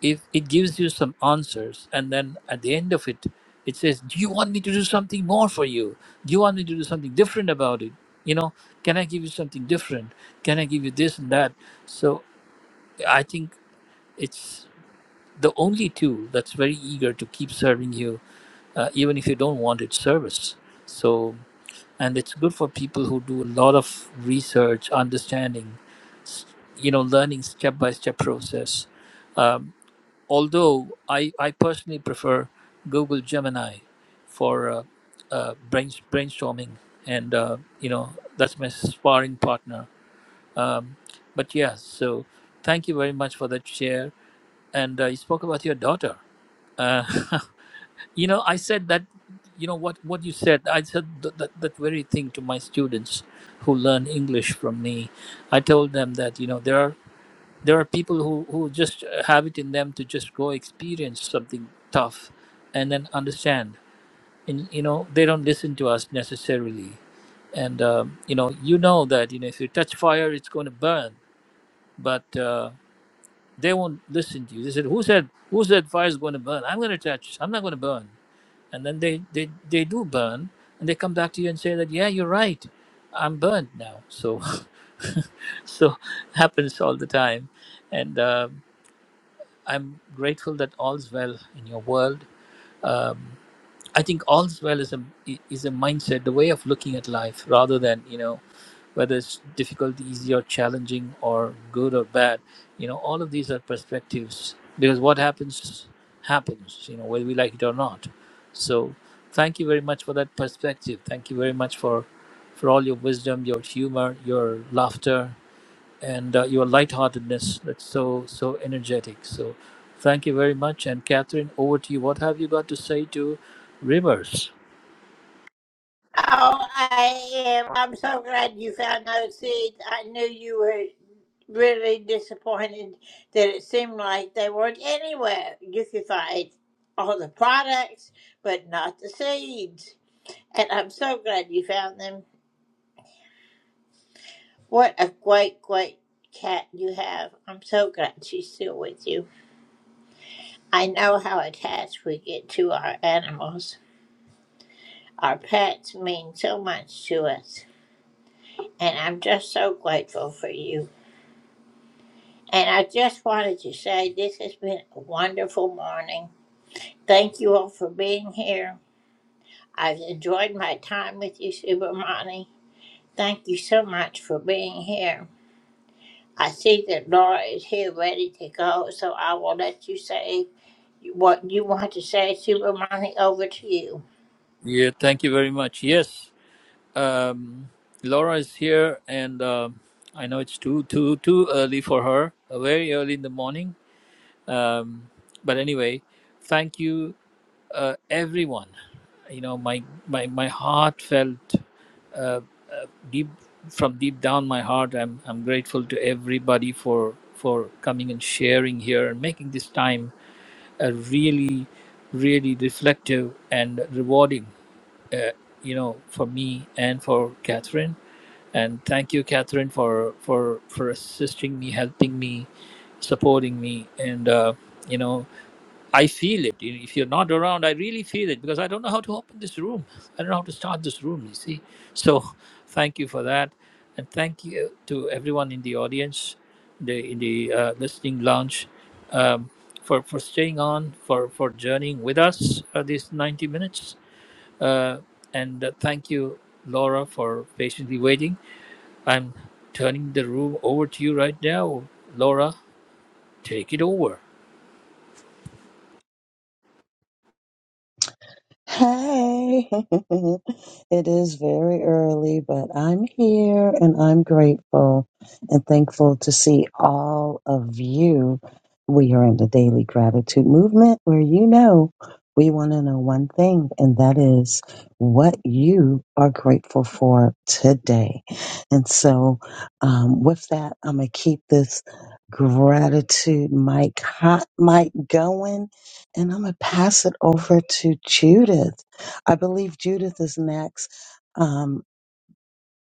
[SPEAKER 2] If it gives you some answers and then at the end of it it says do you want me to do something more for you do you want me to do something different about it you know can i give you something different can i give you this and that so i think it's the only tool that's very eager to keep serving you uh, even if you don't want its service so and it's good for people who do a lot of research understanding s- you know learning step by step process Um, although I, I personally prefer Google Gemini for uh, uh, brain, brainstorming, and uh, you know that's my sparring partner. Um, but yeah, so thank you very much for that share. And uh, you spoke about your daughter. Uh, [laughs] you know, I said that. You know what? What you said, I said th- that that very thing to my students who learn English from me. I told them that you know there are there are people who, who just have it in them to just go experience something tough and then understand and you know they don't listen to us necessarily and um, you know you know that you know if you touch fire it's going to burn but uh, they won't listen to you they said who said who said fire is going to burn i'm going to touch i'm not going to burn and then they, they they do burn and they come back to you and say that yeah you're right i'm burnt now so [laughs] so happens all the time and uh, I'm grateful that all's well in your world. Um, I think all's well is a is a mindset, the way of looking at life, rather than you know whether it's difficult, easy, or challenging, or good or bad. You know, all of these are perspectives because what happens happens. You know, whether we like it or not. So, thank you very much for that perspective. Thank you very much for for all your wisdom, your humor, your laughter, and uh, your lightheartedness that's so so energetic so thank you very much and catherine over to you what have you got to say to rivers
[SPEAKER 1] Oh, I am. I'm so glad you found those seeds. I knew you were really disappointed that it seemed like they weren't anywhere. You could find all the products, but not the seeds. And I'm so glad you found them. What a great, great cat you have. I'm so glad she's still with you. I know how attached we get to our animals. Our pets mean so much to us. And I'm just so grateful for you. And I just wanted to say this has been a wonderful morning. Thank you all for being here. I've enjoyed my time with you, Subramani. Thank you so much for being here. I see that Laura is here ready to go, so I will let you say what you want to say, Super Money. Over to you.
[SPEAKER 2] yeah thank you very much yes um, laura is here and um i know it's too too too early for her uh, very early in the morning um, but anyway thank you uh, everyone you know my my my heartfelt uh, deep from deep down my heart i'm i'm grateful to everybody for for coming and sharing here and making this time a really really reflective and rewarding uh, you know for me and for catherine and thank you catherine for for for assisting me helping me supporting me and uh, you know I feel it. If you're not around, I really feel it because I don't know how to open this room. I don't know how to start this room, you see. So thank you for that. And thank you to everyone in the audience, the, in the uh, listening lounge, um, for, for staying on, for, for journeying with us uh, these 90 minutes. Uh, and uh, thank you, Laura, for patiently waiting. I'm turning the room over to you right now. Laura, take it over.
[SPEAKER 10] Hey, [laughs] it is very early, but I'm here and I'm grateful and thankful to see all of you. We are in the daily gratitude movement where you know we want to know one thing, and that is what you are grateful for today. And so, um, with that, I'm going to keep this gratitude mic, hot mic going and I'm going to pass it over to Judith. I believe Judith is next. Um,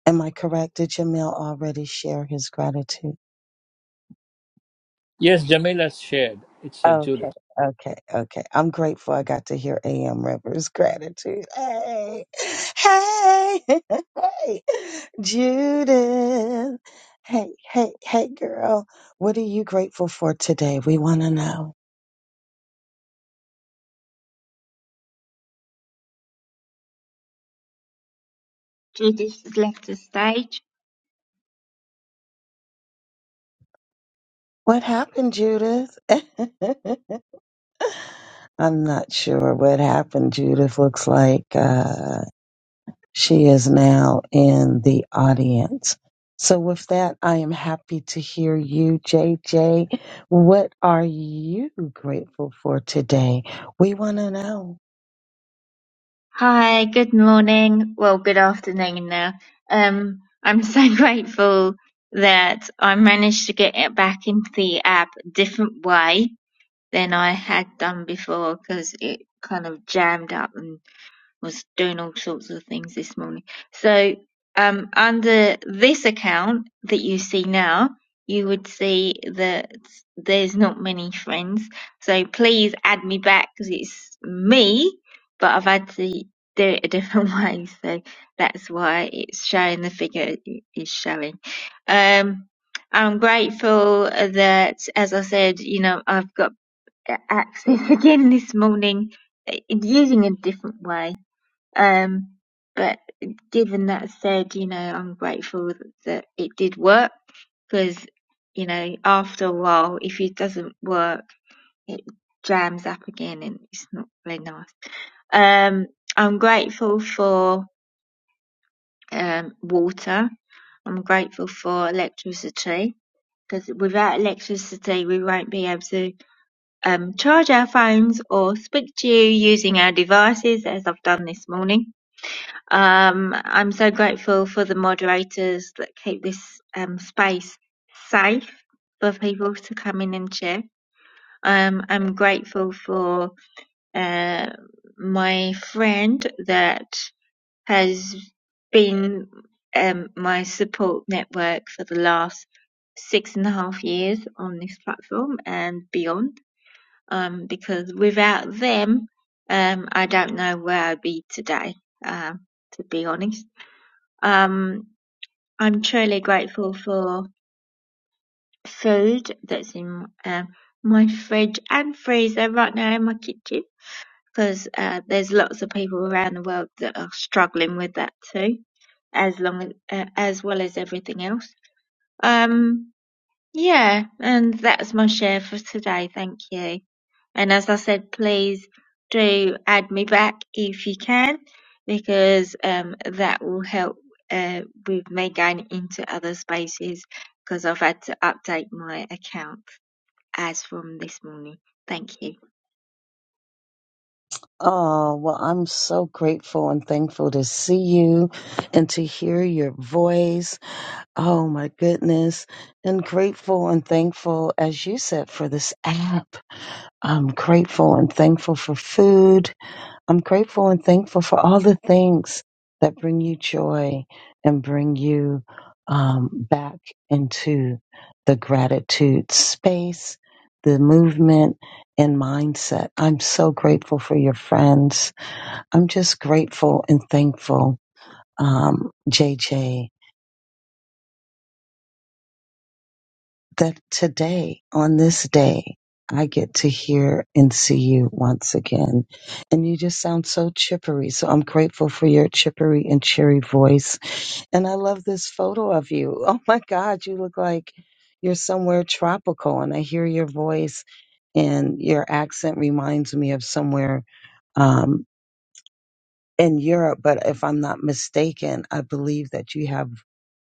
[SPEAKER 10] am I correct? Did Jamil already share his gratitude?
[SPEAKER 2] Yes, Jamila shared. It's uh, Judith.
[SPEAKER 10] Okay, okay, okay. I'm grateful I got to hear AM Rivers' [laughs] gratitude. Hey, hey, [laughs] hey, Judith. Hey, hey, hey, girl. What are you grateful for today? We want to know.
[SPEAKER 11] Judith has left the stage.
[SPEAKER 10] What happened, Judith? [laughs] I'm not sure what happened. Judith looks like uh, she is now in the audience. So, with that, I am happy to hear you, JJ. What are you grateful for today? We want to know.
[SPEAKER 11] Hi, good morning. Well, good afternoon now. Um, I'm [laughs] so grateful that I managed to get it back into the app a different way than I had done before because it kind of jammed up and was doing all sorts of things this morning. So, um, under this account that you see now, you would see that there's not many friends. So please add me back because it's me, but I've had to do it a different [laughs] way. So that's why it's showing the figure it is showing. Um, I'm grateful that, as I said, you know, I've got access [laughs] again this morning uh, using a different way um, but given that said, you know, I'm grateful that it did work because, you know, after a while, if it doesn't work, it jams up again and it's not very nice. Um, I'm grateful for um, water. I'm grateful for electricity because without electricity, we won't be able to um, charge our phones or speak to you using our devices as I've done this morning Um, I'm so grateful for the moderators that keep this um, space safe for people to come in and share. Um, I'm grateful for uh, my friend that has been um, my support network for the last six and a half years on this platform and beyond. Um, because without them, um, I don't know where I'd be today. Um, to be honest. Um, I'm truly grateful for food that's in uh, my fridge and freezer right now in my kitchen because uh, there's lots of people around the world that are struggling with that too, as long as, uh, as well as everything else. Um, yeah, and that's my share for today. Thank you. And as I said, please do add me back if you can, because um, that will help uh, with me going into other spaces because I've had to update my account as from this morning. Thank you.
[SPEAKER 10] Oh, well, I'm so grateful and thankful to see you and to hear your voice. Oh, my goodness. And grateful and thankful, as you said, for this app I'm grateful and thankful for food. I'm grateful and thankful for all the things that bring you joy and bring you um, back into the gratitude space, the movement, and mindset. I'm so grateful for your friends. I'm just grateful and thankful, um, JJ. that today, on this day, I get to hear and see you once again. And you just sound so chippery. So I'm grateful for your chippery and cheery voice. And I love this photo of you. [laughs] Oh my God, you look like you're somewhere tropical. And I hear your voice, and your accent reminds me of somewhere um, in Europe. But if I'm not mistaken, I believe that you have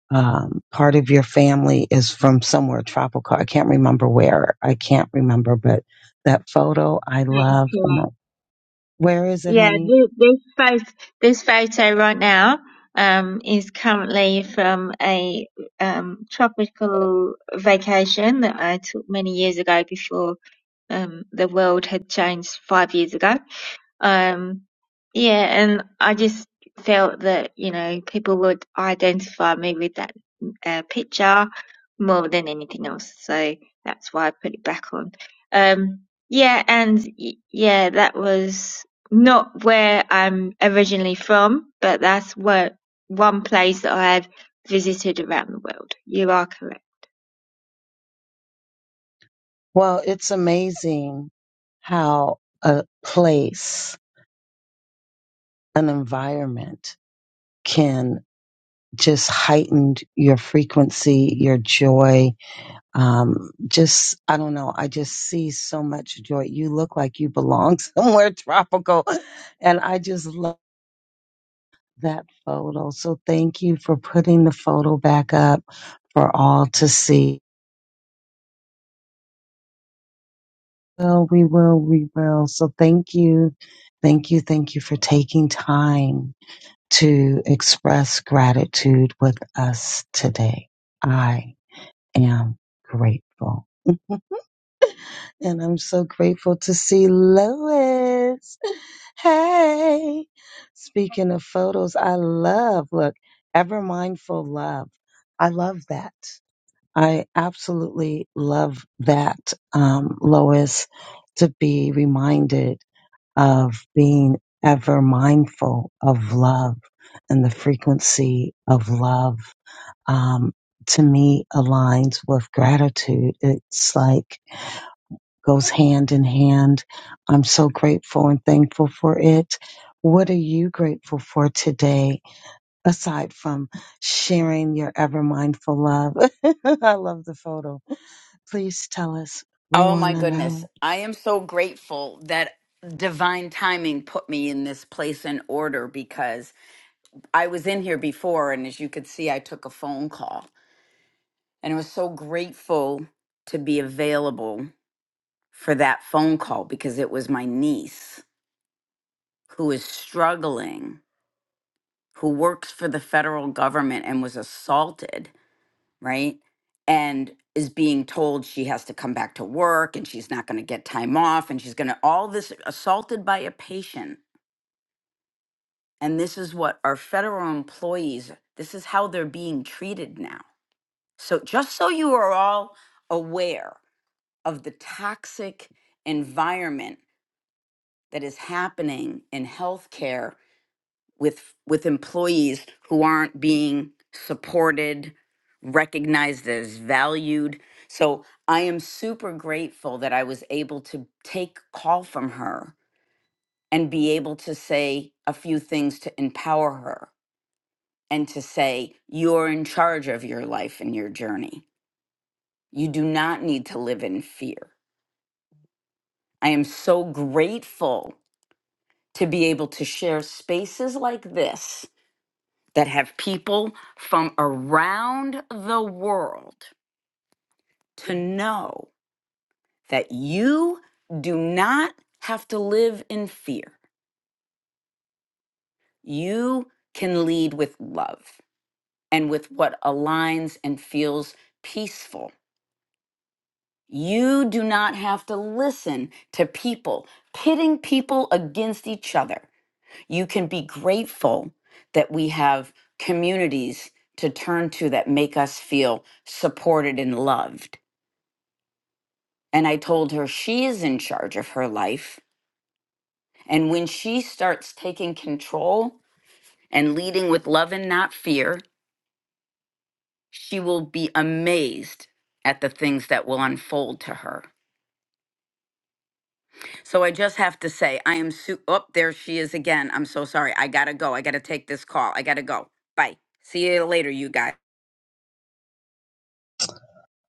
[SPEAKER 10] um, part of your family is from somewhere tropical. I can't remember where. I can't remember, but that photo I
[SPEAKER 11] Thank
[SPEAKER 10] love.
[SPEAKER 11] you.
[SPEAKER 10] And I- Where is it,
[SPEAKER 11] Yeah,
[SPEAKER 10] honey?
[SPEAKER 11] th- this fight, this photo right now, um, is currently from a um, tropical vacation that I took many years ago before um, the world had changed five years ago. Um, yeah, and I just felt that, you know, people would identify me with that uh, picture more than anything else. So that's why I put it back on. Um, yeah, and y- yeah, that was not where I'm originally from, but that's where one place that I've visited around the world. You are correct.
[SPEAKER 10] Well, it's amazing how a place, an environment can just heighten your frequency, your joy. Um, just, I don't know. I just see so much joy. You look like you belong [laughs] somewhere tropical. And I just love. that photo. So thank you for putting the photo back up for all to see. Well, we will, we will. So thank you. Thank you. Thank you for taking time to express gratitude with us today. I am grateful. And I'm so grateful to see Lois. Hey, speaking of photos, I love, look, ever mindful love. I love that. I absolutely love that, um, Lois, to be reminded of being ever mindful of love and the frequency of love. Um, to me, aligns with gratitude. It's like goes hand in hand. I'm so grateful and thankful for it. What are you grateful for today, aside from sharing your ever mindful love? [laughs] I love the photo Please tell us. We
[SPEAKER 5] Oh
[SPEAKER 10] want
[SPEAKER 5] my
[SPEAKER 10] to
[SPEAKER 5] goodness.
[SPEAKER 10] know.
[SPEAKER 5] I am so grateful that divine timing put me in this place in order because I was in here before and as you could see I took a phone call and I was so grateful to be available for that phone call because it was my niece who is struggling who works for the federal government and was assaulted right? And is being told she has to come back to work and she's not going to get time off and she's going to all this assaulted by a patient. And this is what our federal employees, this is how they're being treated now. So just so you are all aware of the toxic environment that is happening in healthcare with with employees who aren't being supported recognized as valued so i am super grateful that i was able to take call from her and be able to say a few things to empower her and to say you're in charge of your life and your journey you do not need to live in fear i am so grateful to be able to share spaces like this that have people from around the world to know that you do not have to live in fear. You can lead with love and with what aligns and feels peaceful. You do not have to listen to people, pitting people against each other. You can be grateful that we have communities to turn to that make us feel supported and loved And I told her she is in charge of her life. And when she starts taking control and leading with love and not fear, she will be amazed at the things that will unfold to her. So I just have to say, I am su- oh, there she is again. I'm so sorry. I got to go. I got to take this call. I got to go. Bye. See you later, you guys.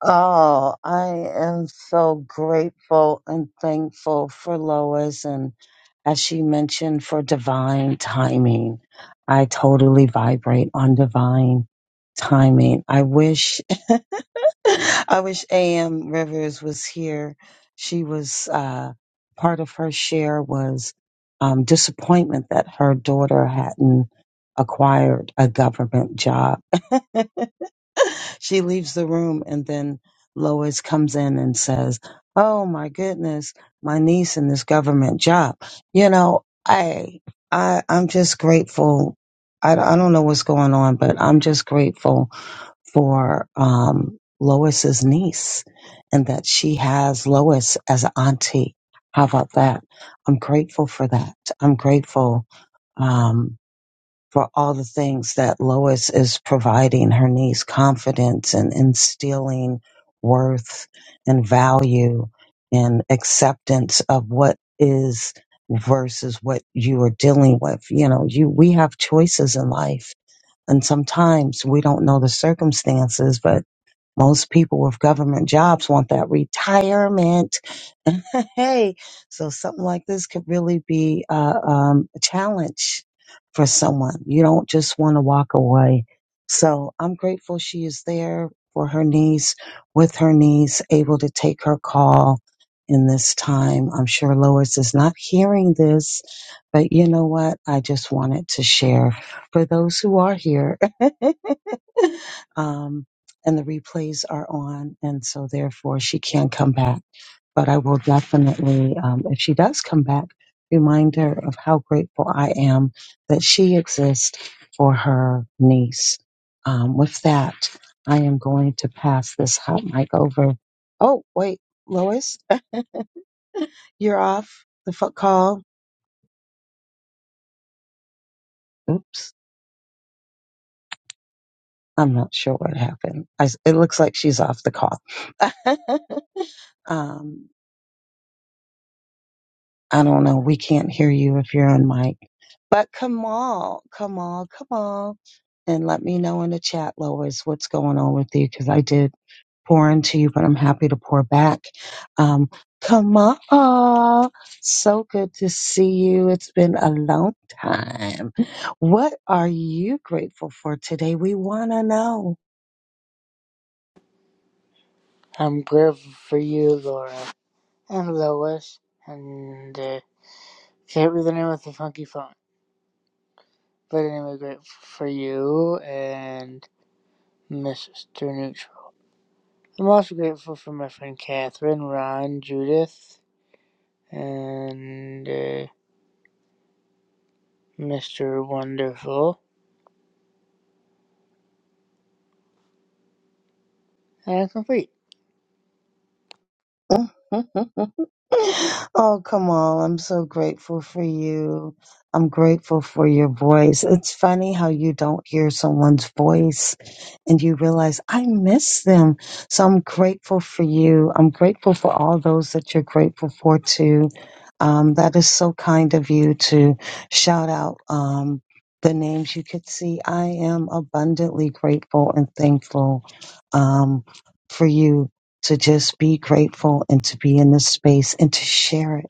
[SPEAKER 10] Oh, I am so grateful and thankful for Lois and as she mentioned for divine timing. I totally vibrate on divine timing. I wish [laughs] I wish AM Rivers was here. She was uh part of her share was um disappointment that her daughter hadn't acquired a government job. [laughs] [laughs] she leaves the room and then Lois comes in and says, Oh my goodness, my niece in this government job. You know, I, I, I'm just grateful. I, I don't know what's going on, but I'm just grateful for, um, Lois's niece and that she has Lois as an auntie. How about that? I'm grateful for that. I'm grateful. Um, for all the things that Lois is providing her niece confidence and instilling worth and value and acceptance of what is versus what you are dealing with. You know, you we have choices in life and sometimes we don't know the circumstances, but most people with government jobs want that retirement [laughs] hey, so something like this could really be uh, um, a challenge for someone. You don't just want to walk away. So I'm grateful she is there for her niece, with her niece, able to take her call in this time. I'm sure Lois is not hearing this, but you know what? I just wanted to share for those who are here. [laughs] Um, and the replays are on, and so therefore she can come back but I will definitely, um, if she does come back, remind her of how grateful I am that she exists for her niece. Um, with that, I am going to pass this hot mic over. Oh, wait, Lois, you're off the fo- call. Oops, I'm not sure what happened. I s it looks like she's off the call. [laughs] um, I don't know. We can't hear you if you're on mic. But Kamal, Kamal, Kamal, and let me know in the chat, Lois, what's going on with you because I did pour into you, but I'm happy to pour back. Um, Kamal, so good to see you. It's been a long time. What are you grateful for today? We want to know.
[SPEAKER 12] I'm grateful for you, Laura, and Lois, and uh, can't read the name of the funky phone. But anyway, grateful for you and Mr. Neutral. I'm also grateful for my friend Catherine, Ron, Judith, and uh, Mr. Wonderful. And I'm complete.
[SPEAKER 10] Oh, come on. I'm so grateful for you. I'm grateful for your voice. It's funny how you don't hear someone's voice and you realize, I miss them. So I'm grateful for you. I'm grateful for all those that you're grateful for, too. Um, that is so kind of you to shout out um, the names you could see. I am abundantly grateful and thankful um, for you to just be grateful and to be in this space and to share it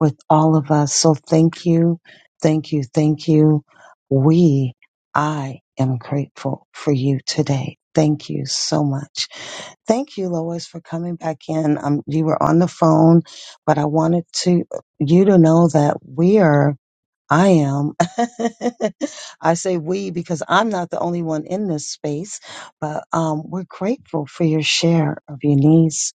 [SPEAKER 10] with all of us. So thank you, thank you, thank you. We, I am grateful for you today. Thank you so much. Thank you, Lois, for coming back in. Um, you were on the phone, but I wanted to you to know that we are. I am. [laughs] I say we because I'm not the only one in this space, but um, we're grateful for your share of your needs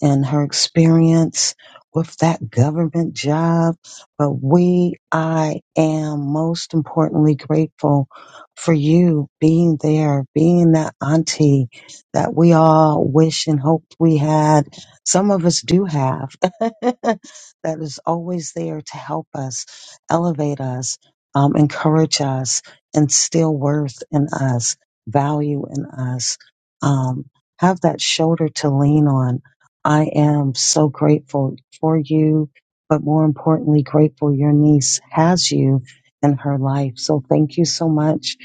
[SPEAKER 10] and her experience with that government job. But we, I am most importantly grateful for you being there, being that auntie that we all wish and hoped we had. Some of us do have, [laughs] that is always there to help us, elevate us, um, encourage us, instill worth in us, value in us. Um, have that shoulder to lean on I am so grateful for you, but more importantly, grateful your niece has you in her life. So thank you so much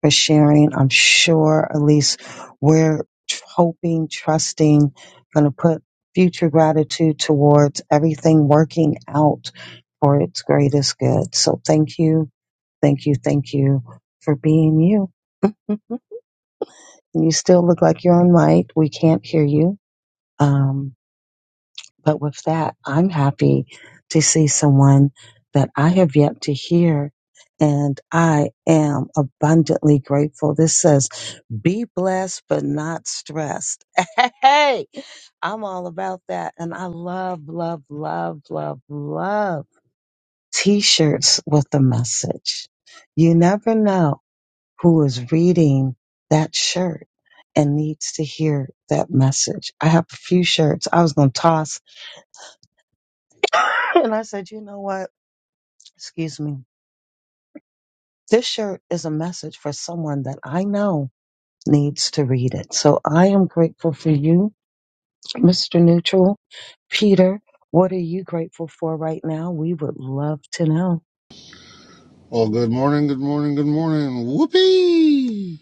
[SPEAKER 10] for sharing. I'm sure, Elise, we're tr- hoping, trusting, going to put future gratitude towards everything working out for its greatest good. So thank you, thank you, thank you for being you. [laughs] You still look like you're on mic. We can't hear you. Um, but with that, I'm happy to see someone that I have yet to hear. And I am abundantly grateful. This says, be blessed, but not stressed. [laughs] Hey, I'm all about that. And I love, love, love, love, love t shirts with the message. You never know who is reading that shirt and needs to hear that message. I have a few shirts I was going to toss [laughs] and I said, you know what? Excuse me. This shirt is a message for someone that I know needs to read it. So I am grateful for you, Mr. Neutral. Peter, what are you grateful for right now? We would love to know.
[SPEAKER 13] Well, good morning, good morning, good morning. Whoopee!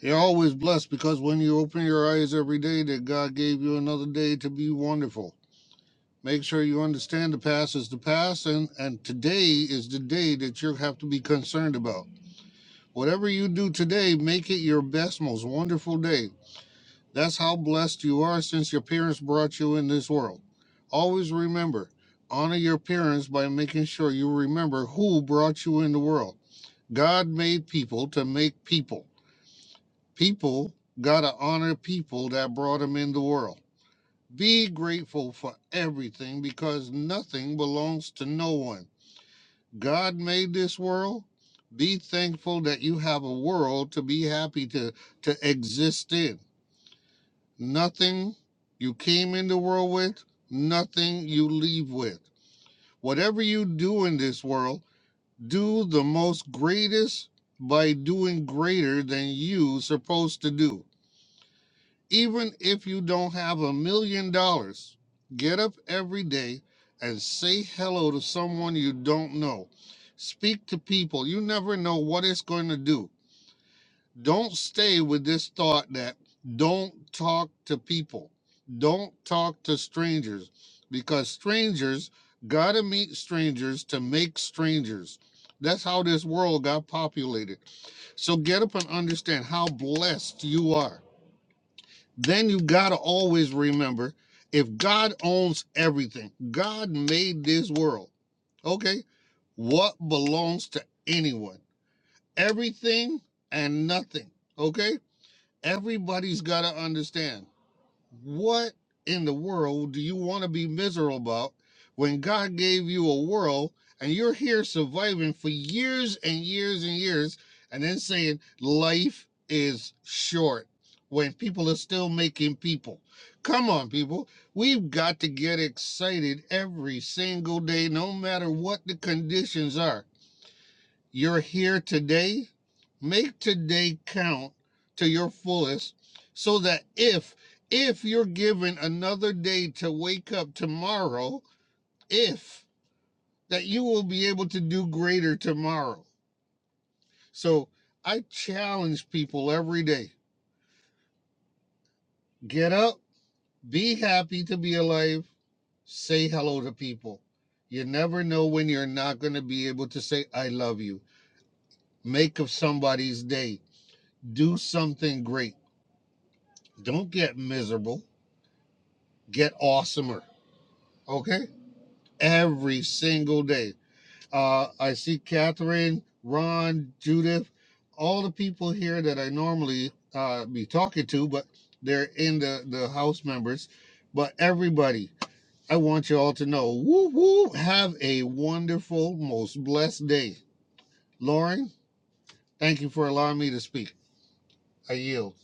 [SPEAKER 13] You're always blessed because when you open your eyes every day, that God gave you another day to be wonderful. Make sure you understand the past is the past, and, and today is the day that you have to be concerned about. Whatever you do today, make it your best, most wonderful day. That's how blessed you are since your parents brought you in this world. Always remember, honor your parents by making sure you remember who brought you in the world. God made people to make people. People got to honor people that brought them in the world. Be grateful for everything because nothing belongs to no one. God made this world. Be thankful that you have a world to be happy to, to exist in. Nothing you came in the world with, nothing you leave with. Whatever you do in this world, do the most greatest by doing greater than you supposed to do even if you don't have a million dollars get up every day and say hello to someone you don't know speak to people you never know what it's going to do don't stay with this thought that don't talk to people, don't talk to strangers, because strangers gotta meet strangers to make strangers. That's how this world got populated. So get up and understand how blessed you are. Then you gotta always remember if God owns everything, God made this world. Okay? What belongs to anyone? Everything and nothing. Okay? everybody's got to understand what in the world do you want to be miserable about when God gave you a world and you're here surviving for years and years and years and then saying life is short when people are still making people. Come on, people. We've got to get excited every single day, no matter what the conditions are. You're here today. Make today count to your fullest so that if if you're given another day to wake up tomorrow, if that you will be able to do greater tomorrow. So I challenge people every day. Get up, be happy to be alive, say hello to people. You never know when you're not going to be able to say, I love you. Make of somebody's day. Do something great. Don't get miserable. Get awesomer. Okay? Every single day. Uh, I see Catherine, Ron, Judith, all the people here that I normally uh, be talking to, but they're in the, the house members. But everybody, I want you all to know woo woo, have a wonderful, most blessed day. Lauren, thank you for allowing me to speak. I yield.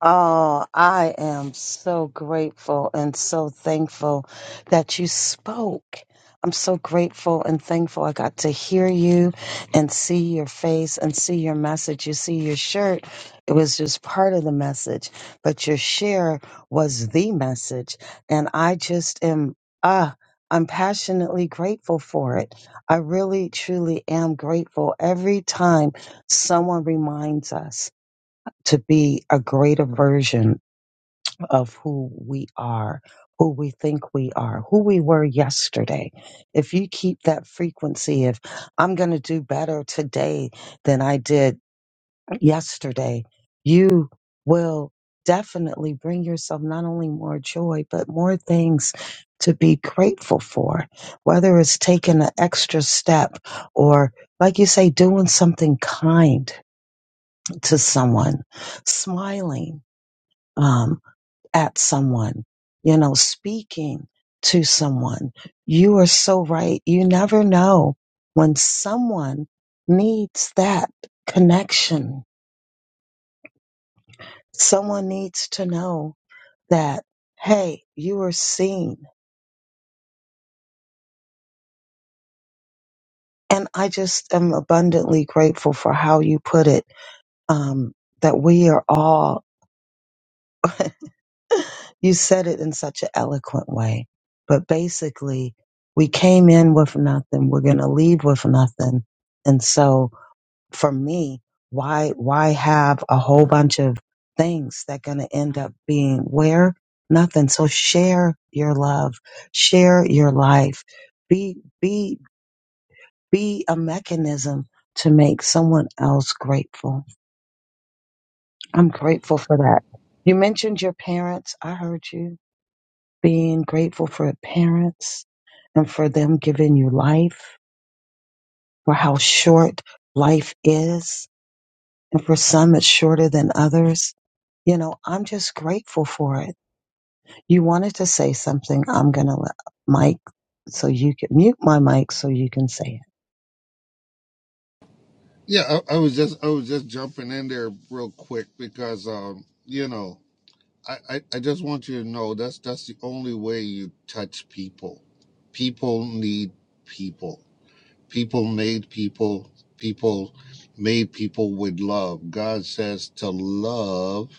[SPEAKER 10] Oh, I am so grateful and so thankful that you spoke. I'm so grateful and thankful I got to hear you and see your face and see your message. You see your shirt. It was just part of the message, but your share was the message. And I just am, ah, I'm passionately grateful for it. I really, truly am grateful every time someone reminds us to be a greater version of who we are, who we think we are, who we were yesterday. If you keep that frequency of, I'm going to do better today than I did yesterday, you will definitely bring yourself not only more joy, but more things to be grateful for, whether it's taking an extra step or, like you say, doing something kind to someone, smiling um, at someone, you know, speaking to someone. You are so right. You never know when someone needs that connection. Someone needs to know that, hey, you are seen. And I just am abundantly grateful for how you put it um, that we are all. [laughs] you said it in such an eloquent way. But basically, we came in with nothing. We're going to leave with nothing. And so for me, why, why have a whole bunch of things that going to end up being where nothing? So share your love, share your life, be, be, be a mechanism to make someone else grateful. I'm grateful for that. You mentioned your parents. I heard you. being grateful for parents and for them giving you life, for how short life is. And for some, it's shorter than others. You know, I'm just grateful for it. You wanted to say something. I'm going to let Mike so you can mute my mic so you can say it.
[SPEAKER 13] Yeah, I, I was just I was just jumping in there real quick because um, you know I, I, I just want you to know that's that's the only way you touch people. People need people. People made people. People made people with love. God says to love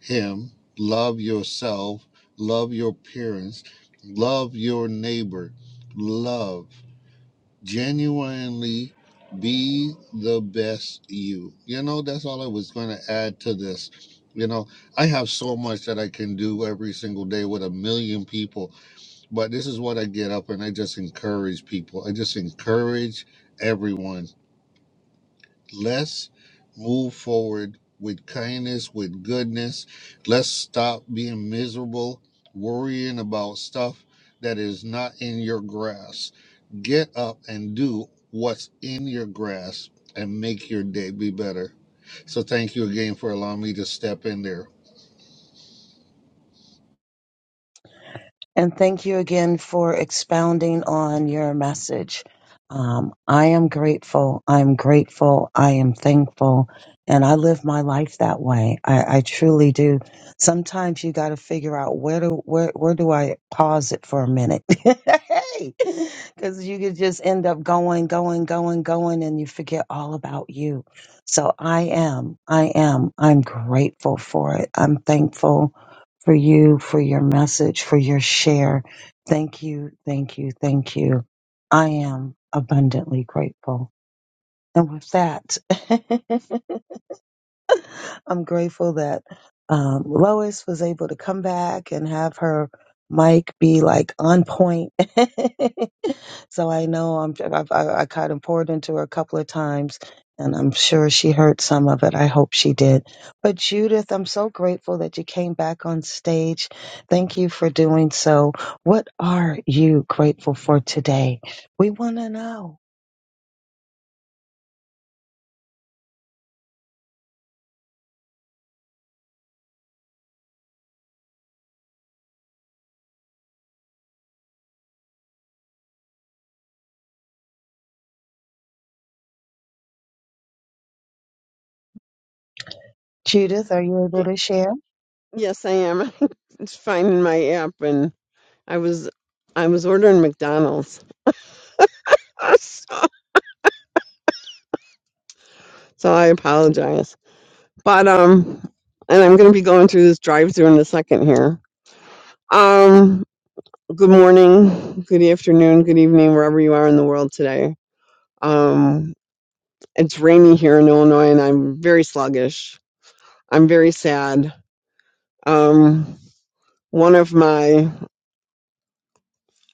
[SPEAKER 13] Him, love yourself, love your parents, love your neighbor, love genuinely be the best you. You know, that's all I was going to add to this. You know, I have so much that I can do every single day with a million people, but this is what I get up and I just encourage people. I just encourage everyone. Let's move forward with kindness, with goodness. Let's stop being miserable, worrying about stuff that is not in your grasp. Get up and do what's in your grasp and make your day be better. So, thank you again for allowing me to step in there.
[SPEAKER 10] And thank you again for expounding on your message. Um, I am grateful. I'm grateful. I am thankful. And I live my life that way. I, I truly do. Sometimes you got to figure out where do where where do I pause it for a minute, [laughs] because you could just end up going, going, going, going, and you forget all about you. So I am, I am, I'm grateful for it. I'm thankful for you, for your message, for your share. Thank you, thank you, thank you. I am abundantly grateful. And with that, [laughs] I'm grateful that um, Lois was able to come back and have her mic be like on point. [laughs] So I know I'm, I've, I, I kind of poured into her a couple of times, and I'm sure she heard some of it. I hope she did. But Judith, I'm so grateful that you came back on stage. Thank you for doing so. What are you grateful for today? We want to know. Judith, are you able
[SPEAKER 14] Y-
[SPEAKER 10] to share?
[SPEAKER 14] Yes, I am. [laughs] It's finding my app, and I was I was ordering McDonald's, [laughs] so I apologize. But um, and I'm gonna be going through this drive-through in a second here. Um, good morning, good afternoon, good evening, wherever you are in the world today. Um, it's rainy here in Illinois, and I'm very sluggish. I'm very sad. Um, one of my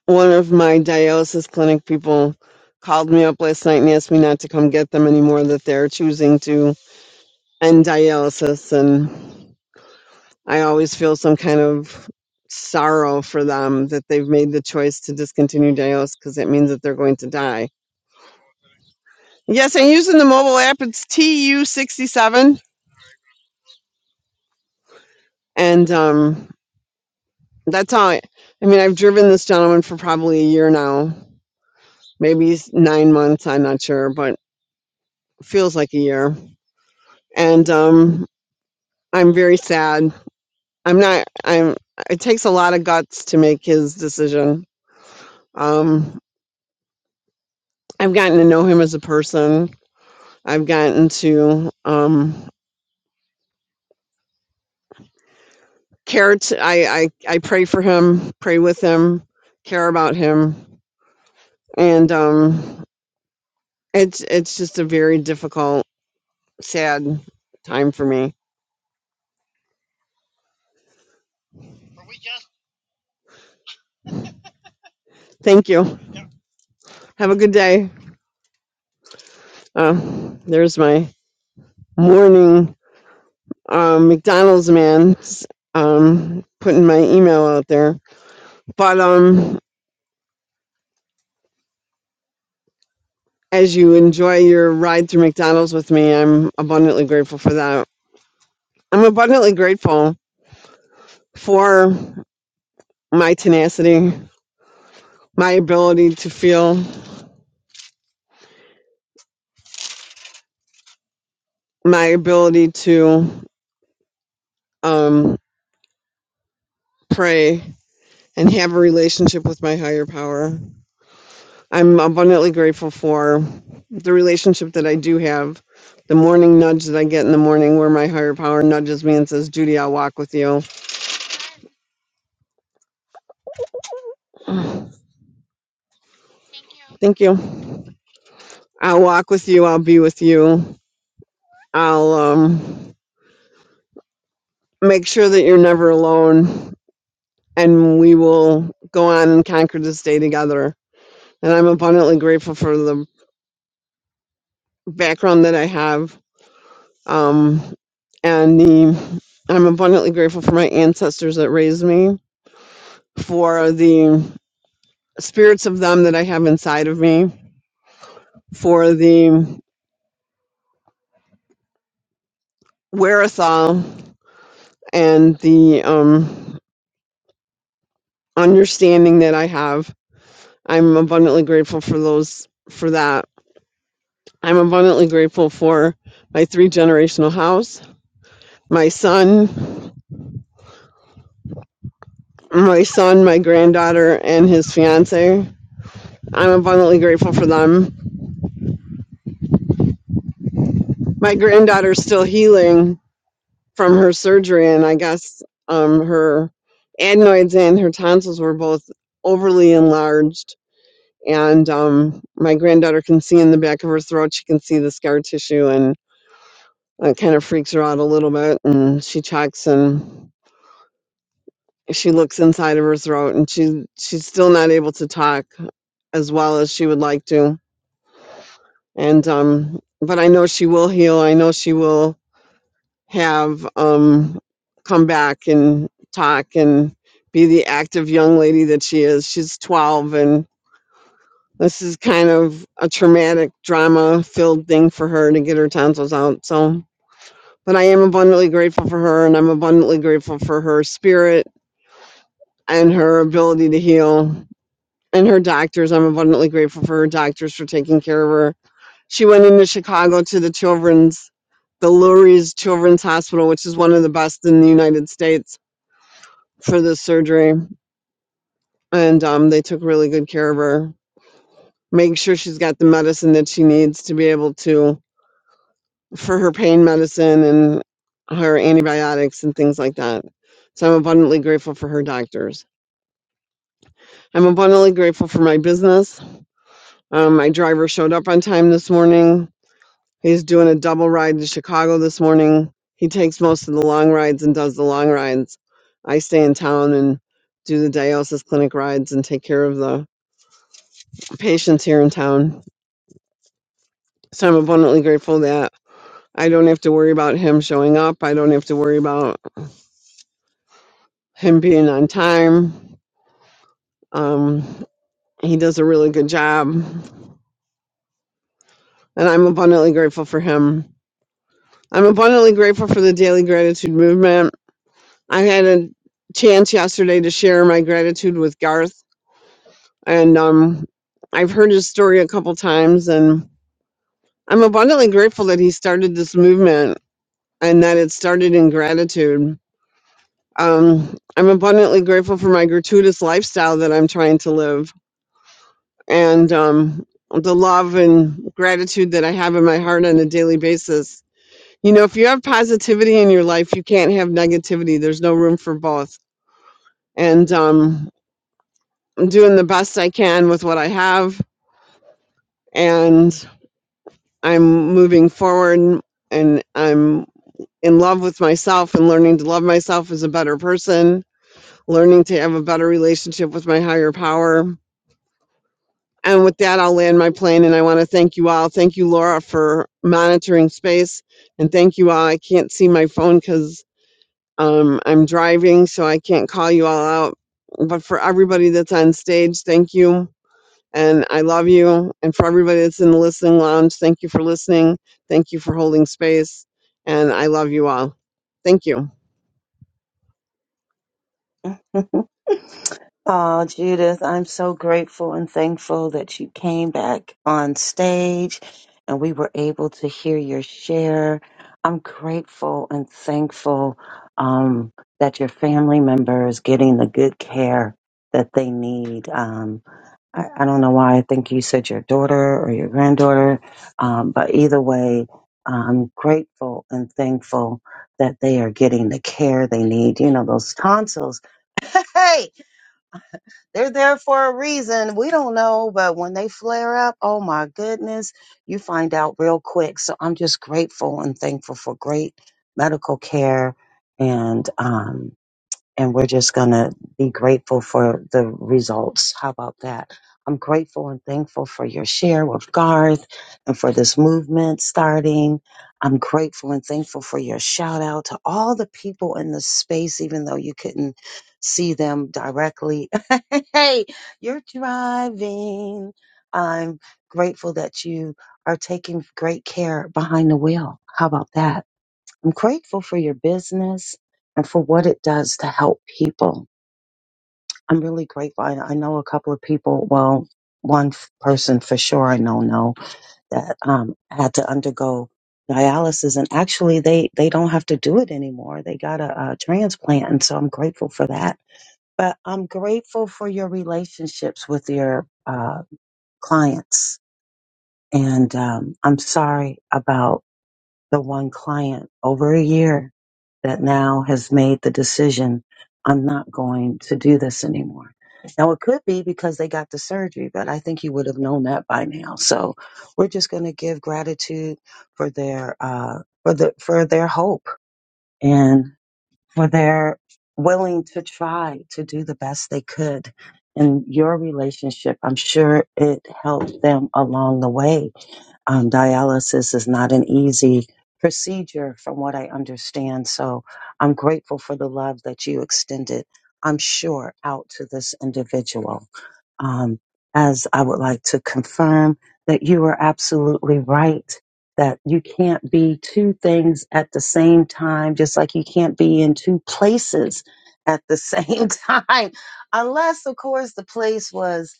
[SPEAKER 14] one of my dialysis clinic people called me up last night and asked me not to come get them anymore that they're choosing to end dialysis and i always feel some kind of sorrow for them that they've made the choice to discontinue dialysis because it means that they're going to die yes i'm using the mobile app it's tu67 and um, that's all I, I mean i've driven this gentleman for probably a year now maybe s- nine months i'm not sure but feels like a year and um, I'm very sad. I'm not. I'm. It takes a lot of guts to make his decision. Um, I've gotten to know him as a person. I've gotten to um, care. To, I, I I pray for him. Pray with him. Care about him. And um, it's it's just a very difficult, sad time for me. Thank you. Have a good day. Uh, there's my morning um, McDonald's man um, putting my email out there. But um, as you enjoy your ride through McDonald's with me, I'm abundantly grateful for that. I'm abundantly grateful for my tenacity, my ability to feel, my ability to um, pray and have a relationship with my higher power. I'm abundantly grateful for the relationship that I do have. The morning nudge that I get in the morning, where my higher power nudges me and says, Judy, I'll walk with you. [sighs] Thank you. I'll walk with you. I'll be with you. I'll um, make sure that you're never alone, and we will go on and conquer this day together. And I'm abundantly grateful for the background that I have, um, and the I'm abundantly grateful for my ancestors that raised me, for the spirits of them that I have inside of me, for the wherewithal and the um, understanding that I have I'm abundantly grateful for those for that. I'm abundantly grateful for my three generational house, my son, my son, my granddaughter, and his fiance. I'm abundantly grateful for them. My granddaughter's still healing from her surgery, and I guess um, her adenoids and her tonsils were both overly enlarged. And um, my granddaughter can see in the back of her throat; she can see the scar tissue, and. It kind of freaks her out a little bit, and she checks and she looks inside of her throat, and she she's still not able to talk as well as she would like to. And um, but I know she will heal. I know she will have um, come back and talk and be the active young lady that she is. She's 12, and this is kind of a traumatic, drama-filled thing for her to get her tonsils out. So. But I am abundantly grateful for her, and I'm abundantly grateful for her spirit and her ability to heal and her doctors. I'm abundantly grateful for her doctors for taking care of her. She went into Chicago to the children's, the Lurie's Children's Hospital, which is one of the best in the United States for this surgery. And um, they took really good care of her, making sure she's got the medicine that she needs to be able to for her pain medicine and her antibiotics and things like that. So I'm abundantly grateful for her doctors. I'm abundantly grateful for my business. Um, my driver showed up on time this morning. He's doing a double ride to Chicago this morning. He takes most of the long rides and does the long rides. I stay in town and do the dialysis clinic rides and take care of the patients here in town. So I'm abundantly grateful that I don't have to worry about him showing up. I don't have to worry about him being on time. Um, he does a really good job, and I'm abundantly grateful for him. I'm abundantly grateful for the daily gratitude movement. I had a chance yesterday to share my gratitude with Garth, and um, I've heard his story a couple times, and I'm abundantly grateful that he started this movement and that it started in gratitude. Um, I'm abundantly grateful for my gratuitous lifestyle that I'm trying to live. and um, the love and gratitude that I have in my heart on a daily basis. You know, if you have positivity in your life, you can't have negativity. There's no room for both. And um, I'm doing the best I can with what I have, and I'm moving forward, and I'm in love with myself and learning to love myself as a better person, learning to have a better relationship with my higher power And with that, I'll land my plane and I want to thank you all. Thank you, Laura, for monitoring space. And thank you all. I can't see my phone because um, I'm driving, so I can't call you all out. But for everybody that's on stage, thank you. And I love you. And for everybody that's in the listening lounge, thank you for listening. Thank you for holding space. And I love you all. Thank you.
[SPEAKER 10] [laughs] Oh, Judith, I'm so grateful and thankful that you came back on stage and we were able to hear your share. I'm grateful and thankful um, that your family member is getting the good care that they need. Um, I, I don't know why I think you said your daughter or your granddaughter, um, but either way, I'm grateful and thankful that they are getting the care they need. You know, those tonsils, [laughs] hey, they're there for a reason. We don't know, but when they flare up, oh my goodness, you find out real quick. So I'm just grateful and thankful for great medical care and, um, and we're just going to be grateful for the results. How about that? I'm grateful and thankful for your share with Garth and for this movement starting. I'm grateful and thankful for your shout out to all the people in the space, even though you couldn't see them directly. [laughs] hey, you're driving. I'm grateful that you are taking great care behind the wheel. How about that? I'm grateful for your business and for what it does to help people. I'm really grateful. I, I know a couple of people, well, one f- person for sure I know know that um, had to undergo dialysis and actually they, they don't have to do it anymore. They got a, a transplant. And so I'm grateful for that. But I'm grateful for your relationships with your uh, clients. And um, I'm sorry about. the one client over a year that now has made the decision, I'm not going to do this anymore. Now it could be because they got the surgery, but I think he would have known that by now. So we're just going to give gratitude for their, uh, for the, for their hope. And for their willing to try to do the best they could in your relationship. I'm sure it helped them along the way. Um, dialysis is not an easy procedure, from what I understand. So I'm grateful for the love that you extended, I'm sure, out to this individual. Um, as I would like to confirm that you were absolutely right that you can't be two things at the same time, just like you can't be in two places at the [laughs] same time, unless, of course, the place was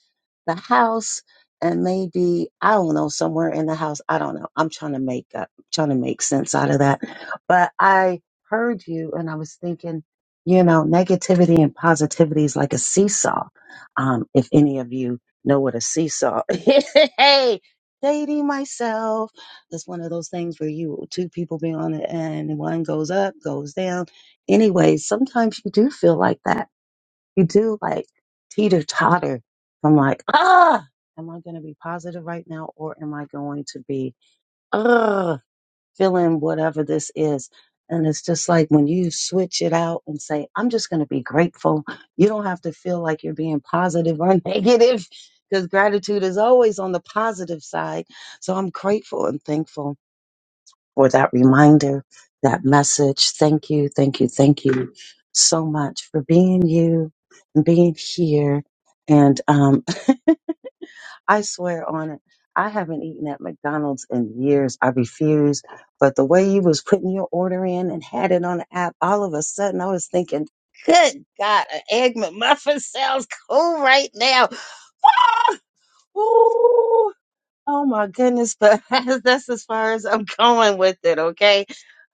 [SPEAKER 10] the house and maybe I don't know somewhere in the house. I don't know. I'm trying to make up, trying to make sense out of that. But I heard you, and I was thinking, you know, negativity and positivity is like a seesaw. Um, if any of you know what a seesaw, [laughs] is, hey, dating myself. It's one of those things where you two people be on it and one goes up, goes down. Anyway, sometimes you do feel like that. You do like teeter totter. I'm like, ah, am I going to be positive right now or am I going to be, ah, feeling whatever this is? And it's just like when you switch it out and say, I'm just going to be grateful. You don't have to feel like you're being positive or [laughs] negative because gratitude is always on the positive side. So I'm grateful and thankful for that reminder, that message. Thank you, thank you, thank you so much for being you and being here. And um, [laughs] I swear on it, I haven't eaten at McDonald's in years. I refuse. But the way you was putting your order in and had it on the app, all of a sudden I was thinking, good God, an egg McMuffin sounds cool right now. [laughs] Ah! Ooh. Oh my goodness, but [laughs] that's as far as I'm going with it, okay?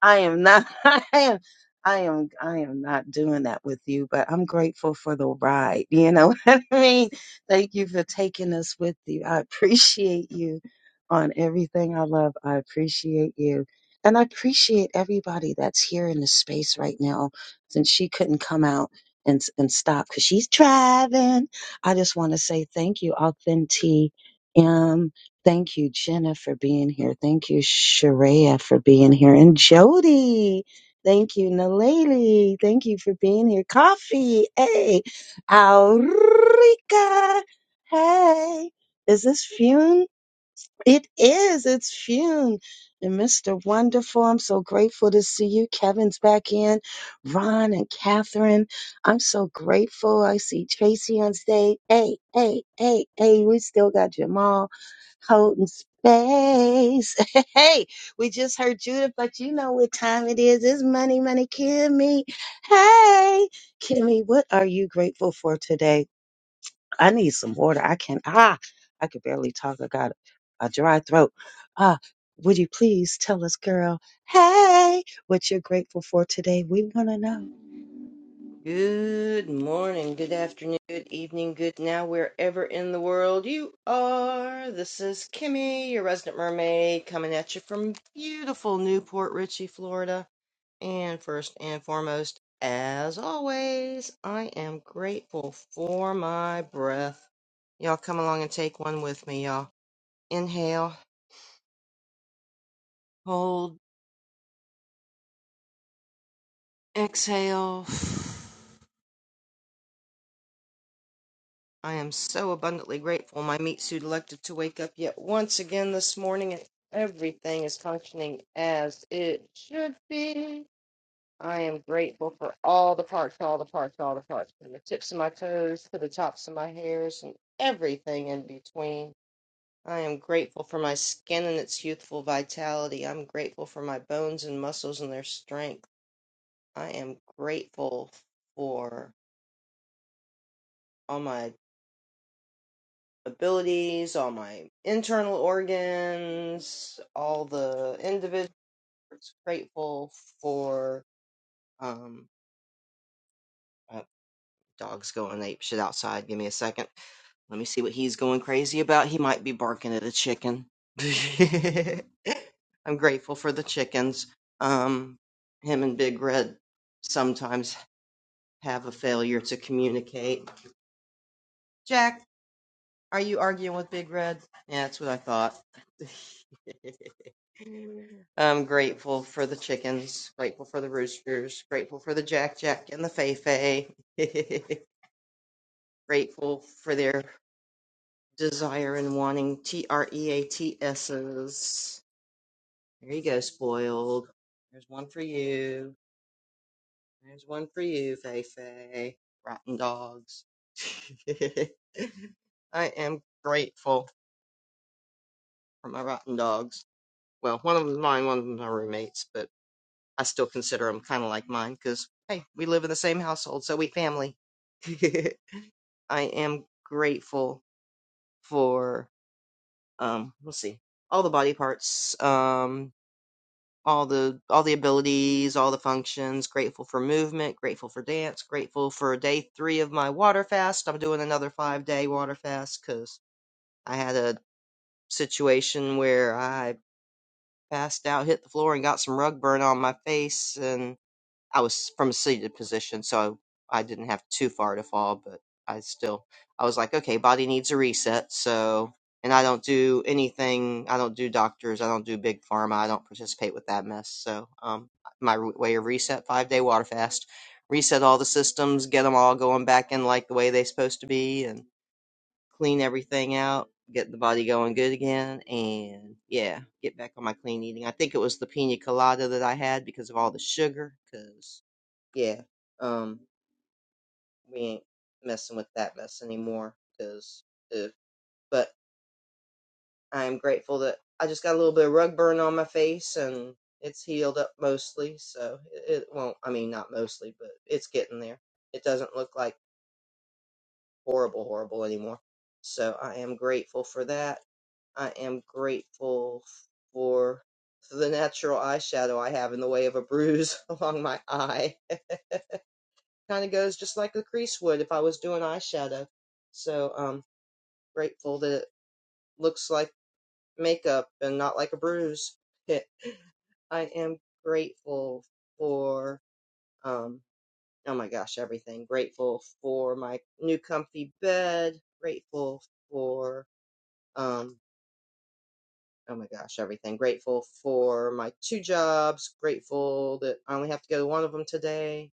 [SPEAKER 10] I am not [laughs] I am I am I am not doing that with you, but I'm grateful for the ride. You know [laughs] what I mean? Thank you for taking us with you. I appreciate you on everything I love. I appreciate you. And I appreciate everybody that's here in the space right now since she couldn't come out and and stop cuz she's driving. I just want to say thank you, Authentic Thank you, Jenna, for being here. Thank you, Sharia, for being here. And Jody. Thank you, Naleli. Thank you for being here. Coffee. Hey. Aurica. Hey. Is this Fune? It is. It's Fune and Mr. Wonderful. I'm so grateful to see you. Kevin's back in. Ron and Catherine. I'm so grateful. I see Tracy on stage. Hey, hey, hey, hey. We still got Jamal holding space. [laughs] Hey, we just heard Judith, but you know what time it is. It's money, money, Kimmy. Hey, Kimmy, what are you grateful for today? I need some water. I can not ah, I could barely talk. I got a dry throat. Ah, would you please tell us, girl, hey, what you're grateful for today? We want to know.
[SPEAKER 15] Good morning, good afternoon, good evening, good now, wherever in the world you are. This is Kimmy, your resident mermaid, coming at you from beautiful Newport Richey, Florida. And first and foremost, as always, I am grateful for my breath. Y'all come along and take one with me, y'all. Inhale, hold, exhale. [sighs] I am so abundantly grateful my meat suit elected to wake up yet once again this morning and everything is functioning as it should be. I am grateful for all the parts, all the parts, all the parts, from the tips of my toes to the tops of my hairs and everything in between. I am grateful for my skin and its youthful vitality. I'm grateful for my bones and muscles and their strength. I am grateful for all my abilities, all my internal organs, all the individuals. Grateful for um uh, dog's going ape shit outside. Give me a second. Let me see what he's going crazy about. He might be barking at a chicken. [laughs] I'm grateful for the chickens. Um him and Big Red sometimes have a failure to communicate. Jack. Are you arguing with Big Red? Yeah, that's what I thought. [laughs] I'm grateful for the chickens, grateful for the roosters, grateful for the Jack Jack and the Fei Fei, [laughs] grateful for their desire and wanting T R E A T S's. There you go, spoiled. There's one for you. There's one for you, Fei Fei. Rotten dogs. [laughs] I am grateful for my rotten dogs. Well, one of them's mine, one of them's my roommates, but I still consider them kind of like mine because, hey, we live in the same household, so we family. [laughs] I am grateful for, um, let's see, all the body parts, um, all the all the abilities, all the functions. Grateful for movement. Grateful for dance. Grateful for day three of my water fast. I'm doing another five day water fast because I had a situation where I passed out, hit the floor, and got some rug burn on my face, and. I was from a seated position, so I didn't have too far to fall, but I still I was like, okay, body needs a reset, so and I don't do anything. I don't do doctors. I don't do big pharma. I don't participate with that mess. So, um, my re- way of reset five day water fast, reset all the systems, get them all going back in like the way they're supposed to be, and clean everything out, get the body going good again, and yeah, get back on my clean eating. I think it was the pina colada that I had because of all the sugar. Cause yeah, um, we ain't messing with that mess anymore. Cause, but I am grateful that I just got a little bit of rug burn on my face and it's healed up mostly. So it, it won't. I mean, not mostly, but it's getting there. It doesn't look like horrible, horrible anymore. So I am grateful for that. I am grateful for the natural eyeshadow I have in the way of a bruise [laughs] along my eye. [laughs] kind of goes just like the crease would if I was doing eyeshadow. So I'm um grateful that it looks like makeup and not like a bruise. [laughs] I am grateful for um oh my gosh, everything. Grateful for my new comfy bed. Grateful for, um, oh my gosh, everything. Grateful for my two jobs. Grateful that I only have to go to one of them today.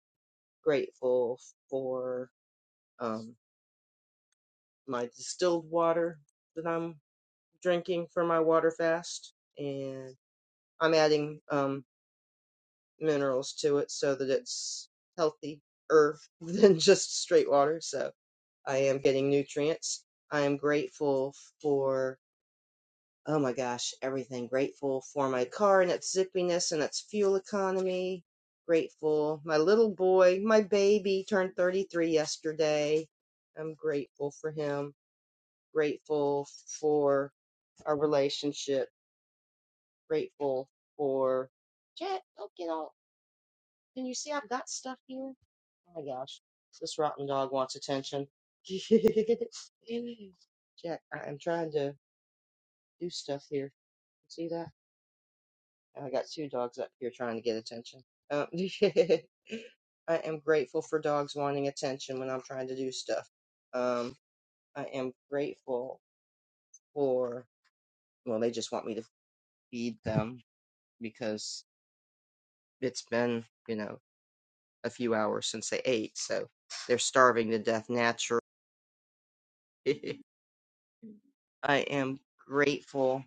[SPEAKER 15] Grateful for, um, my distilled water that I'm drinking for my water fast. And I'm adding, um. minerals to it so that it's healthy earth [laughs] than just straight water. So I am getting nutrients. I am grateful for, oh my gosh, everything. Grateful for my car and its zippiness and its fuel economy. Grateful. My little boy, my baby turned 33 yesterday. I'm grateful for him. Grateful for our relationship. Grateful for Jet. Don't get all Can you see I've got stuff here? Oh my gosh. This rotten dog wants attention. [laughs] Jack, I am trying to do stuff here. See that? I got two dogs up here trying to get attention. Um, [laughs] I am grateful for dogs wanting attention when I'm trying to do stuff. Um, I am grateful for, well, they just want me to feed them because it's been, you know, a few hours since they ate. So they're starving to death naturally. [laughs] I am grateful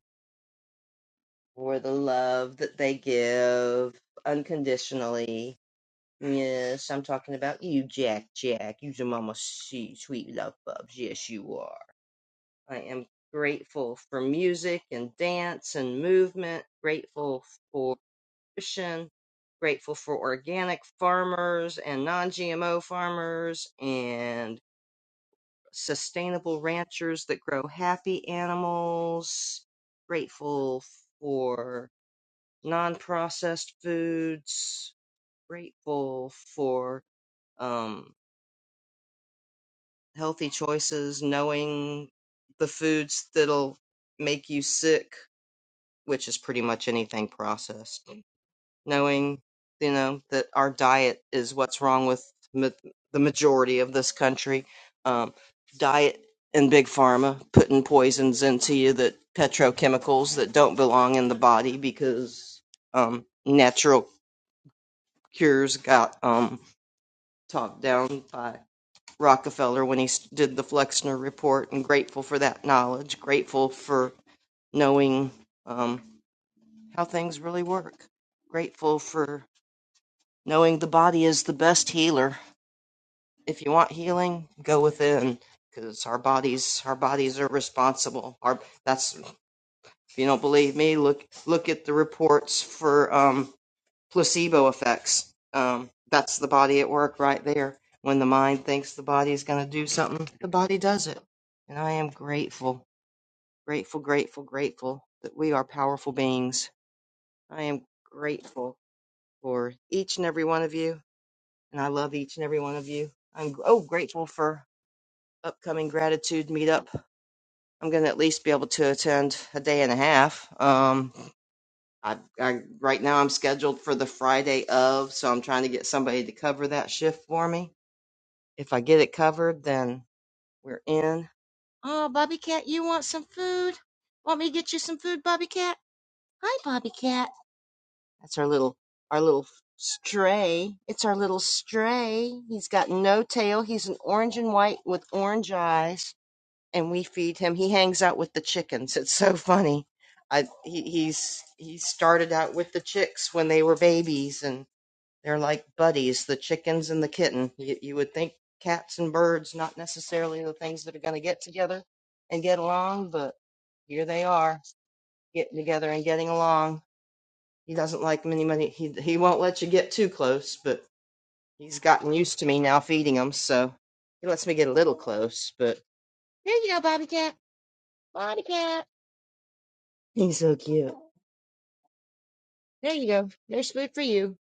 [SPEAKER 15] for the love that they give unconditionally. Yes, I'm talking about you, Jack. Jack, you's a mama sweet, sweet love bubs. Yes, you are. I am grateful for music and dance and movement. Grateful for nutrition. Grateful for organic farmers and non-GMO farmers, and. sustainable ranchers that grow happy animals, grateful for non processed foods, grateful for um, healthy choices, knowing the foods that'll make you sick, which is pretty much anything processed. knowing you know that our diet is what's wrong with ma- the majority of this country um, diet and big pharma putting poisons into you that petrochemicals that don't belong in the body because um, natural cures got um, talked down by rockefeller when he s- did the flexner report and grateful for that knowledge grateful for knowing um, how things really work grateful for knowing the body is the best healer. If you want healing, go within, because our bodies, our bodies are responsible. Our that's if you don't believe me, look look at the reports for um, placebo effects. Um, that's the body at work right there. When the mind thinks the body is going to do something, the body does it. And I am grateful, grateful, grateful, grateful that we are powerful beings. I am grateful for each and every one of you and I love each and every one of you. I'm oh grateful for upcoming gratitude meetup. I'm going to at least be able to attend a day and a half. Um, I, I right now I'm scheduled for the Friday of, so I'm trying to get somebody to cover that shift for me. If I get it covered, then we're in. Oh, Bobby Cat, you want some food? Want me to get you some food, Bobby Cat? Hi, Bobby Cat. That's our little our little stray. It's our little stray. He's got no tail. He's an orange and white with orange eyes, and we feed him. He hangs out with the chickens. It's so funny. I he, he's he started out with the chicks when they were babies, and they're like buddies, the chickens and the kitten. You, you would think cats and birds not necessarily the things that are going to get together and get along, but here they are getting together and getting along he doesn't like many money. He he won't let you get too close, but he's gotten used to me now feeding him, so he lets me get a little close. But here you go, Bobby Cat. Bobby Cat. He's so cute. There you go. There's food for you.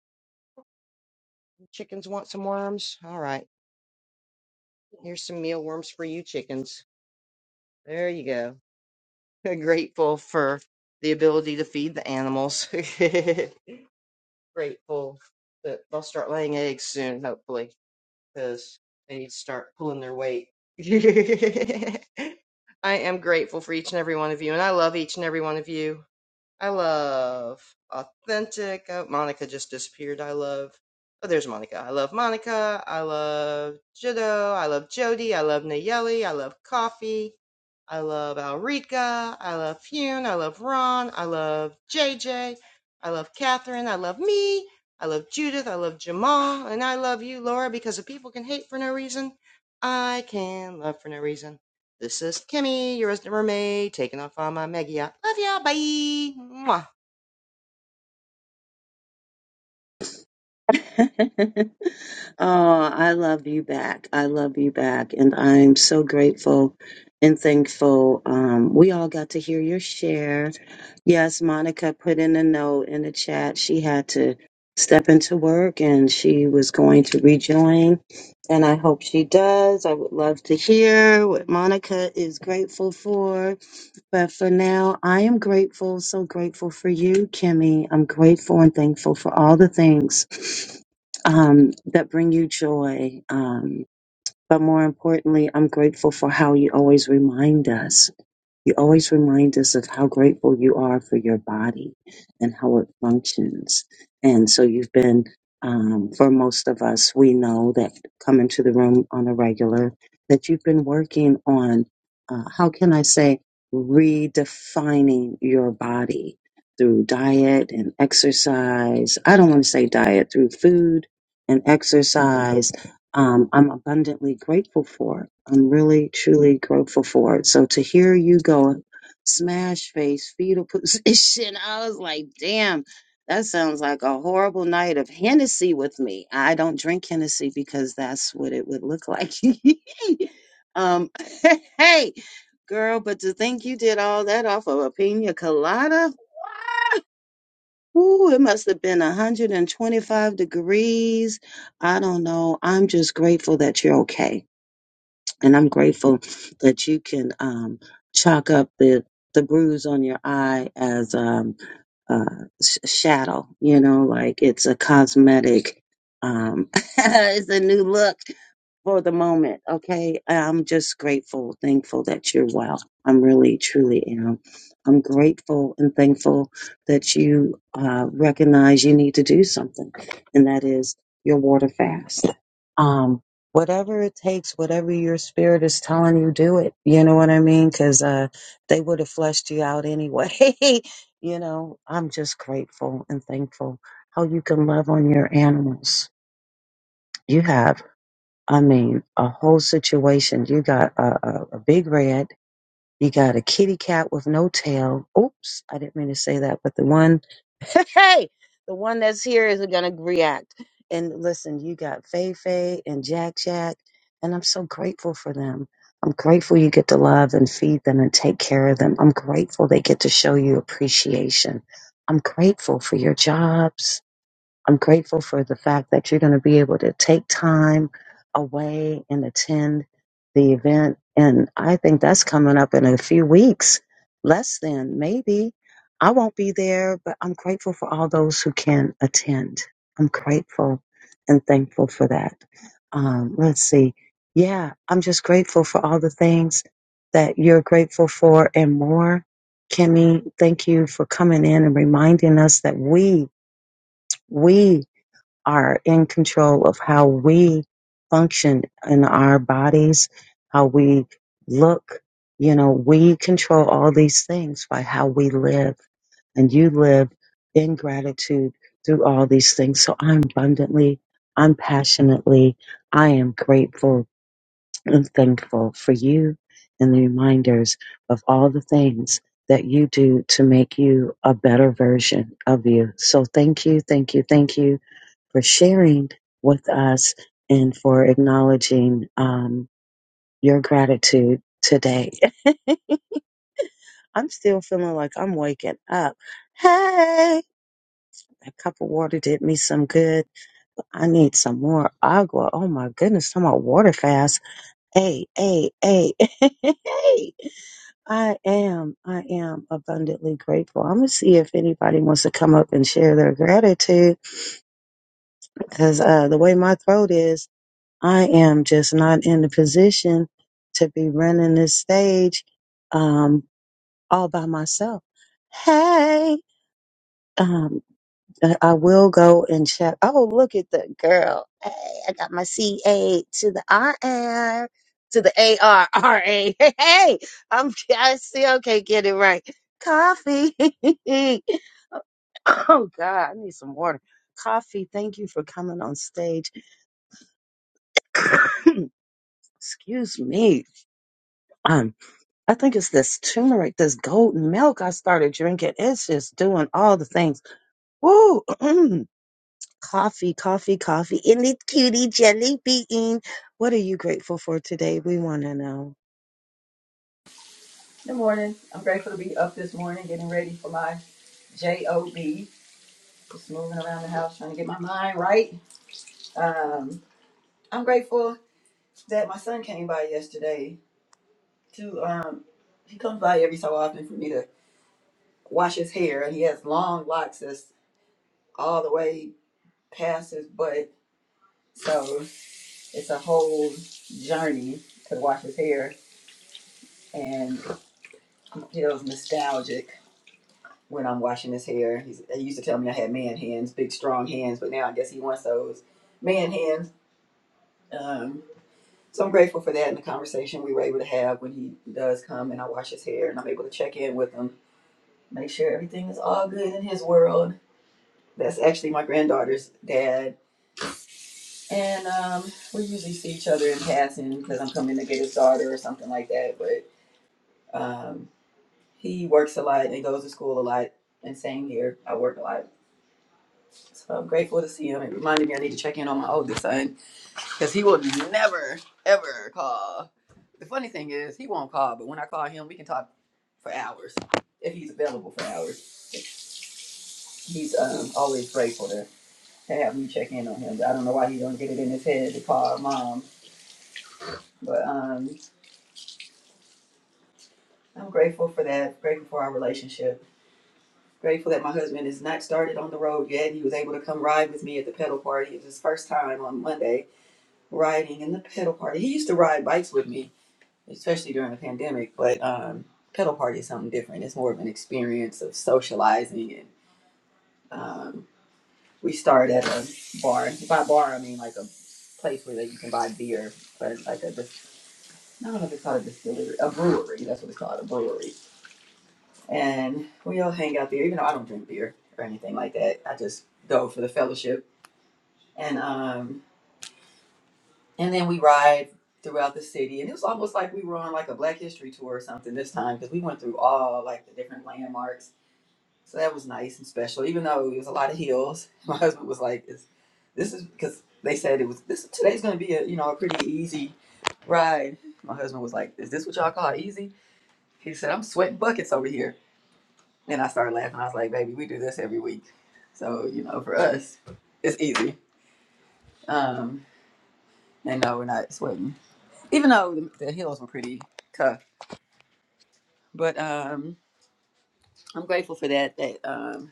[SPEAKER 15] Chickens want some worms. All right. Here's some mealworms for you chickens. There you go. [laughs] Grateful for the ability to feed the animals. [laughs] Grateful that they'll start laying eggs soon, hopefully. because they need to start pulling their weight. [laughs] I am grateful for each and every one of you, and I love each and every one of you. I love authentic. Oh, Monica just disappeared. I love. Oh, there's Monica. I love Monica. I love Jiddo. I love Jody. I love Nayeli. I love coffee. I love Alrika. I love Hune. I love Ron. I love JJ. I love Catherine. I love me. I love Judith. I love Jamal. And I love you, Laura, because if people can hate for no reason, I can love for no reason. This is Kimmy, your resident mermaid, taking off on my Maggie. I love ya. Bye. Mwah.
[SPEAKER 10] [laughs] oh, I love you back. I love you back. And I'm so grateful and thankful. Um, we all got to hear your share. Yes, Monica put in a note in the chat. She had to step into work and she was going to rejoin. And I hope she does. I would love to hear what Monica is grateful for. But for now, I am grateful, so grateful for you, Kimmy. I'm grateful and thankful for all the things um, that bring you joy. Um, but more importantly, I'm grateful for how you always remind us you always remind us of how grateful you are for your body and how it functions. And so you've been, um, for most of us, we know that come into the room on a regular, that you've been working on, uh, how can I say, redefining your body through diet and exercise. I don't want to say diet, through food and exercise um, I'm abundantly grateful for. I'm really, truly grateful for it. So to hear you go smash face, fetal position, [laughs] I was like, damn, that sounds like a horrible night of Hennessy with me. I don't drink Hennessy because that's what it would look like. [laughs] um, [laughs] hey, girl, but to think you did all that off of a pina colada, Ooh, it must have been 125 degrees. I don't know. I'm just grateful that you're okay. And I'm grateful that you can um, chalk up the, the bruise on your eye as um, uh, sh- shadow, you know, like it's a cosmetic, um, [laughs] it's a new look for the moment. Okay. I'm just grateful, thankful that you're well. I'm really, truly am. I'm grateful and thankful that you uh, recognize you need to do something, and that is your water fast. Um, whatever it takes, whatever your spirit is telling you, do it. You know what I mean? Because uh, they would have fleshed you out anyway. [laughs] you know, I'm just grateful and thankful how you can love on your animals. You have. I mean, a whole situation. You got a, a, a big red. You got a kitty cat with no tail. Oops, I didn't mean to say that, but the one, [laughs] hey, the one that's here is gonna react. And listen, you got Fei Fei and Jack Jack, and I'm so grateful for them. I'm grateful you get to love and feed them and take care of them. I'm grateful they get to show you appreciation. I'm grateful for your jobs. I'm grateful for the fact that you're going to be able to take time away and attend the event. And I think that's coming up in a few weeks, less than maybe. I won't be there, but I'm grateful for all those who can attend. I'm grateful and thankful for that. Um, let's see. Yeah, I'm just grateful for all the things that you're grateful for and more. Kimmy, thank you for coming in and reminding us that we, we are in control of how we function in our bodies, how we look. You know, we control all these things by how we live, and you live in gratitude through all these things. So I'm abundantly, I'm passionately, I am grateful and thankful for you and the reminders of all the things that you do to make you a better version of you. So thank you, thank you, thank you for sharing with us and for acknowledging um, your gratitude today. [laughs] I'm still feeling like I'm waking up. Hey, a cup of water did me some good. I need some more agua. Oh my goodness, I'm on water fast. Hey, hey, hey, [laughs] hey. I am, I am abundantly grateful. I'm gonna see if anybody wants to come up and share their gratitude because uh, the way my throat is. I am just not in the position to be running this stage um, all by myself. Hey, um, I I will go and check. Oh, look at the girl. Hey, I got my CA to the R R to the ARRA. [laughs] Hey, I'm I still can't get it right. Coffee. [laughs] oh God, I need some water. Coffee, thank you for coming on stage. [coughs] Excuse me. [clears throat] I think it's this turmeric, this golden milk I started drinking. It's just doing all the things. Woo! [clears throat] coffee, coffee, coffee. In it's cutie jelly bean. What are you grateful for today? We want to know.
[SPEAKER 16] Good morning. I'm grateful to be up this morning, getting ready for my job. Just moving around the house, trying to get my mind right. Um, I'm grateful that my son came by yesterday. To um, he comes by every so often for me to wash his hair, and he has long locks that's all the way past his butt. So it's a whole journey to wash his hair, and he feels nostalgic when I'm washing his hair. He's, he used to tell me I had man hands, big strong hands, but now I guess he wants those man hands. Um, so I'm grateful for that and the conversation we were able to have when he does come and I wash his hair and I'm able to check in with him, make sure everything is all good in his world. That's actually my granddaughter's dad, and um, we usually see each other in passing because I'm coming to get his daughter or something like that. But um, he works a lot and goes to school a lot, and same here. I work a lot So I'm grateful to see him. It reminded me I need to check in on my oldest son because he will never, ever call. The funny thing is, he won't call, but when I call him, we can talk for hours if he's available for hours. He's um, always grateful to, have me check in on him. I don't know why he don't get it in his head to call our mom, but um, I'm grateful for that. Grateful for our relationship. Grateful that my husband is not started on the road yet. He was able to come ride with me at the pedal party. It was his first time on Monday riding and the pedal party. He used to ride bikes with me, especially during the pandemic, but um, pedal party is something different. It's more of an experience of socializing. And um, we started at a bar. By bar, I mean like a place where that you can buy beer, but like a, dis- I don't know if it's called a distillery, a brewery. That's what it's called, a brewery. And we all hang out there, even though I don't drink beer or anything like that. I just go for the fellowship. And um, and then we ride throughout the city and it was almost like we were on like a black history tour or something this time because we went through all like the different landmarks so that was nice and special even though it was a lot of hills [laughs] my husband was like this, this is because they said it was this today's going to be a you know a pretty easy ride my husband was like is this what y'all call easy he said i'm sweating buckets over here and i started laughing i was like baby we do this every week so you know for us it's easy um and no we're not sweating even though the, the hills were pretty tough. But um, I'm grateful for that. That um,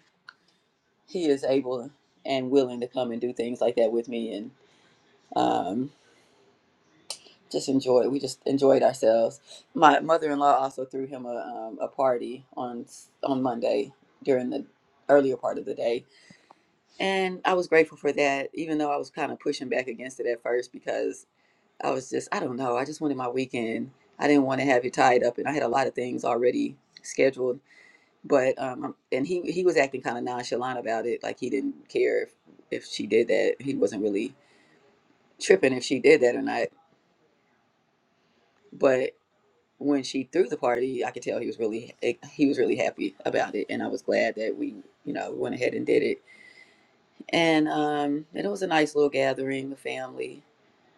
[SPEAKER 16] he is able and willing to come and do things like that with me, and um, just enjoy. We just enjoyed ourselves. My mother-in-law also threw him a, um, a party on on Monday during the earlier part of the day, and I was grateful for that. Even though I was kind of pushing back against it at first because I was just I don't know. I just wanted my weekend. I didn't want to have it tied up, and I had a lot of things already scheduled but um and he he was acting kind of nonchalant about it like he didn't care if, if she did that he wasn't really tripping if she did that or not but when she threw the party i could tell he was really eh, he was really happy about it and i was glad that we you know went ahead and did it and um and it was a nice little gathering the family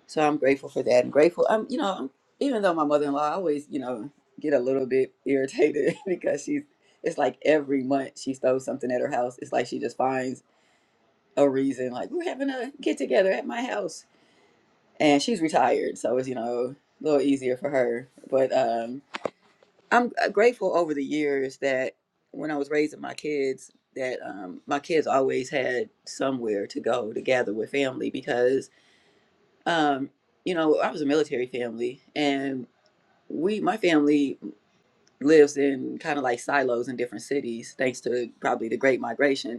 [SPEAKER 16] so i'm grateful for that i'm grateful i'm you know I'm- even though my mother-in-law I always you know get a little bit irritated [laughs] because she's it's like every month she throws something at her house it's like she just finds a reason like we're having a get together at my house and she's retired so it's you know a little easier for her but um i'm uh, grateful over the years that when i was raising my kids that um my kids always had somewhere to go to gather with family because um you know i was a military family and we my family lives in kind of like silos in different cities thanks to probably the great migration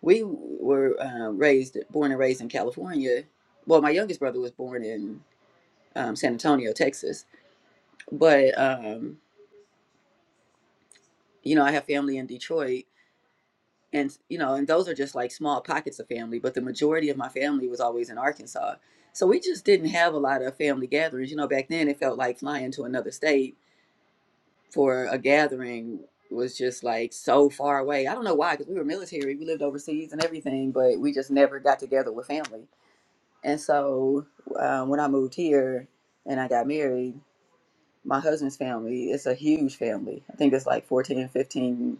[SPEAKER 16] We were uh, raised, born and raised in California. Well, my youngest brother was born in um, San Antonio, Texas. But, um, you know, I have family in Detroit. And, you know, and those are just like small pockets of family. But the majority of my family was always in Arkansas. So we just didn't have a lot of family gatherings. You know, back then it felt like flying to another state for a gathering was just like so far away. I don't know why, because we were military, we lived overseas and everything, but we just never got together with family And so uh, when I moved here and I got married, my husband's family, it's a huge family. I think it's like 14, 15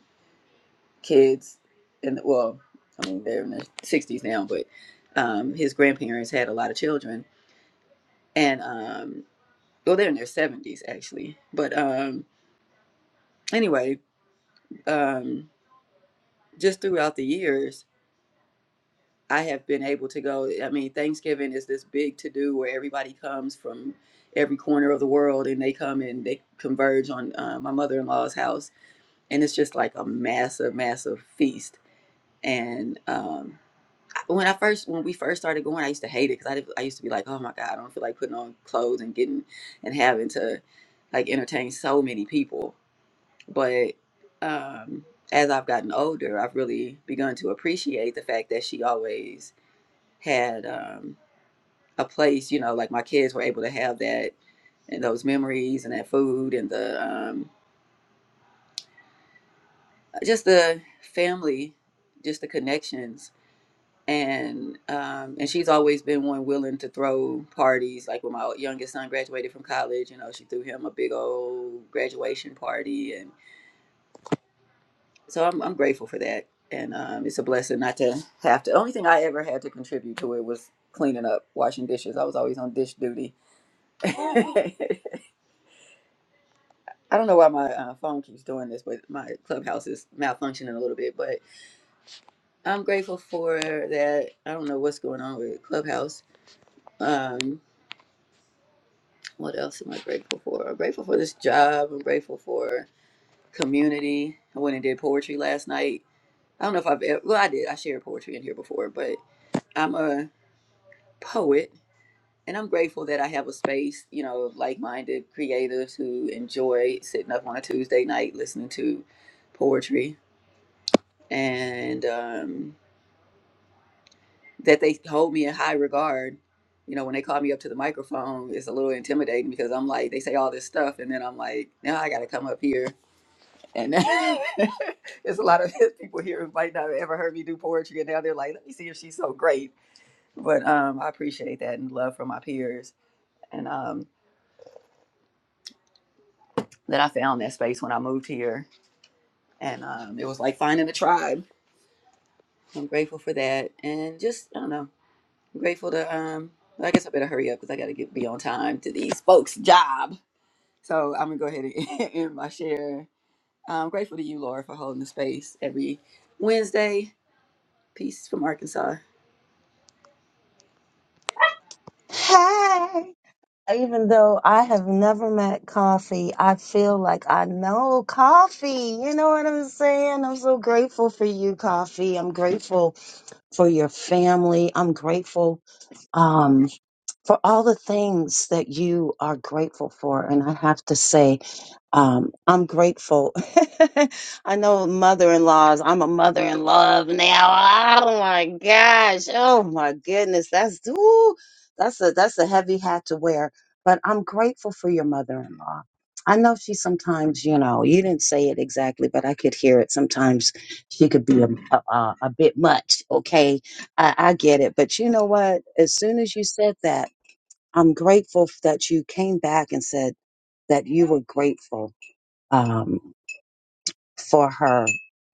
[SPEAKER 16] kids. And well, I mean, they're in their 60s now, but um, his grandparents had a lot of children. And um, well, they're in their 70s actually. But um, anyway, um, just throughout the years, I have been able to go. I mean, Thanksgiving is this big to do where everybody comes from every corner of the world and they come and they converge on uh, my mother in law's house. And it's just like a massive, massive feast. And um, I- when I first, when we first started going, I used to hate it because I, did- I used to be like, oh my God, I don't feel like putting on clothes and getting and having to like entertain so many people. But um, as I've gotten older, I've really begun to appreciate the fact that she always had um, a place, you know, like my kids were able to have that and those memories and that food and the um, just the family, just the connections. And um, and she's always been one willing to throw parties. Like when my youngest son graduated from college, you know, she threw him a big old graduation party, and so I'm I'm grateful for that. And um, it's a blessing not to have to. The only thing I ever had to contribute to it was cleaning up, washing dishes. I was always on dish duty. [laughs] I don't know why my uh, phone keeps doing this, but my clubhouse is malfunctioning a little bit. But I'm grateful for that. I don't know what's going on with clubhouse. Um, what else am I grateful for? I'm grateful for this job. I'm grateful for community. I went and did poetry last night. I don't know if I've ever, well, I did. I shared poetry in here before, but I'm a poet and I'm grateful that I have a space, you know, of like minded creatives who enjoy sitting up on a Tuesday night listening to poetry and um, that they hold me in high regard. You know, when they call me up to the microphone, it's a little intimidating because I'm like, they say all this stuff, and then I'm like, now I got to come up here, and [laughs] there's a lot of [laughs] people here who might not have ever heard me do poetry, and now they're like, let me see if she's so great. But um, I appreciate that and love from my peers, and um, that I found that space when I moved here, and um, it was like finding a tribe. I'm grateful for that, and just I don't know. I'm grateful to um well, I guess I better hurry up because I gotta get be on time to these folks' job. So I'm gonna go ahead and [laughs] end my share. I'm grateful to you, Laura, for holding the space every Wednesday. Peace from Arkansas.
[SPEAKER 10] Hey! Even though I have never met coffee, I feel like I know coffee. You know what I'm saying? I'm so grateful for you, coffee. I'm grateful for your family. I'm grateful. Um. for all the things that you are grateful for. And I have to say, um, I'm grateful. [laughs] I know mother in laws, I'm a mother in love now. Oh my gosh. Oh my goodness. That's ooh, that's a that's a heavy hat to wear. But I'm grateful for your mother in law. I know she sometimes, you know, you didn't say it exactly, but I could hear it. Sometimes she could be a, a, a bit much. Okay. I, I get it. But you know what? As soon as you said that, I'm grateful f- that you came back and said that you were grateful um, for her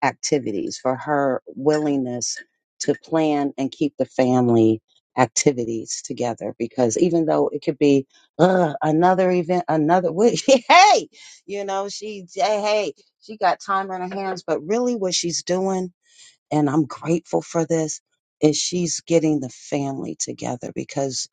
[SPEAKER 10] activities, for her willingness to plan and keep the family activities together. Because even though it could be "Ugh, another event, another week, [laughs] hey, you know, she, hey, hey, she got time on her hands, but really what she's doing and I'm grateful for this is she's getting the family together because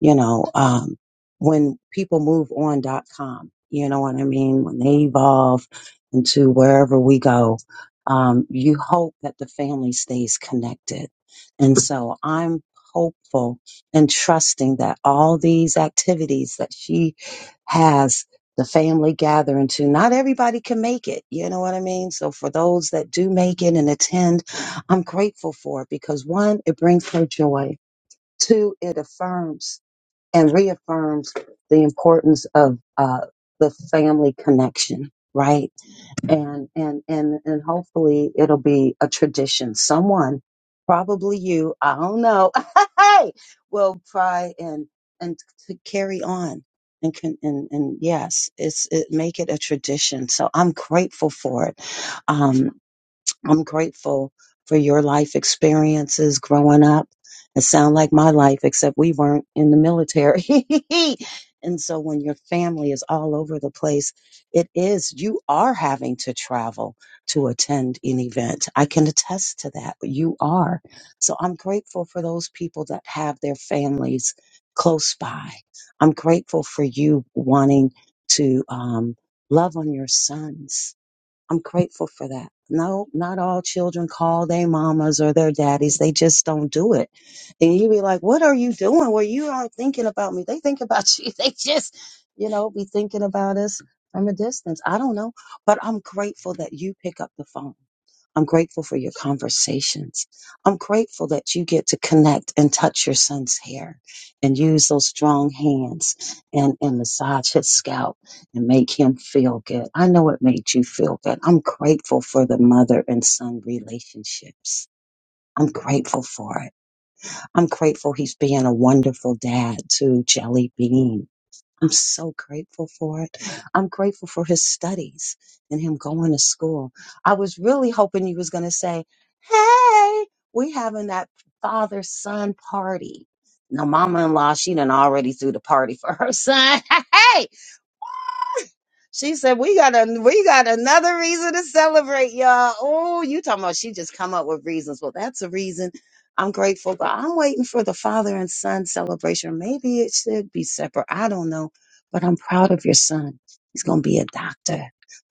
[SPEAKER 10] you know um when people move on dot com you know what I mean when they evolve into wherever we go um you hope that the family stays connected and so I'm hopeful and trusting that all these activities that she has the family gathering to not everybody can make it you know what i mean so for those that do make it and attend I'm grateful for it because one, it brings her joy. Two, it affirms and reaffirms the importance of uh, the family connection, right? And and and and hopefully it'll be a tradition. Someone, probably you, I don't know, [laughs] hey, will try and and to carry on. And, can, and and yes, it's it make it a tradition. So I'm grateful for it. Um, I'm grateful for your life experiences growing up. It sound like my life, except we weren't in the military. [laughs] and so when your family is all over the place, it is, you are having to travel to attend an event. I can attest to that. You are. So I'm grateful for those people that have their families close by. I'm grateful for you wanting to um, love on your sons I'm grateful for that. No, not all children call their mamas or their daddies. They just don't do it. And you be like, what are you doing? Well, you aren't thinking about me. They think about [laughs] you. They just, you know, be thinking about us from a distance. I don't know. But I'm grateful that you pick up the phone. I'm grateful for your conversations. I'm grateful that you get to connect and touch your son's hair and use those strong hands and, and massage his scalp and make him feel good. I know it made you feel good. I'm grateful for the mother and son relationships. I'm grateful for it. I'm grateful he's being a wonderful dad to Jelly Bean. I'm so grateful for it. I'm grateful for his studies and him going to school. I was really hoping he was going to say, Hey, we having that father son party. Now, mama in law, she done already threw the party for her son. [laughs] Hey, she said, "We got a we got another reason to celebrate, y'all." Oh, you talking about she just come up with reasons? Well, that's a reason. I'm grateful, but I'm waiting for the father and son celebration. Maybe it should be separate. I don't know, but I'm proud of your son. He's gonna be a doctor.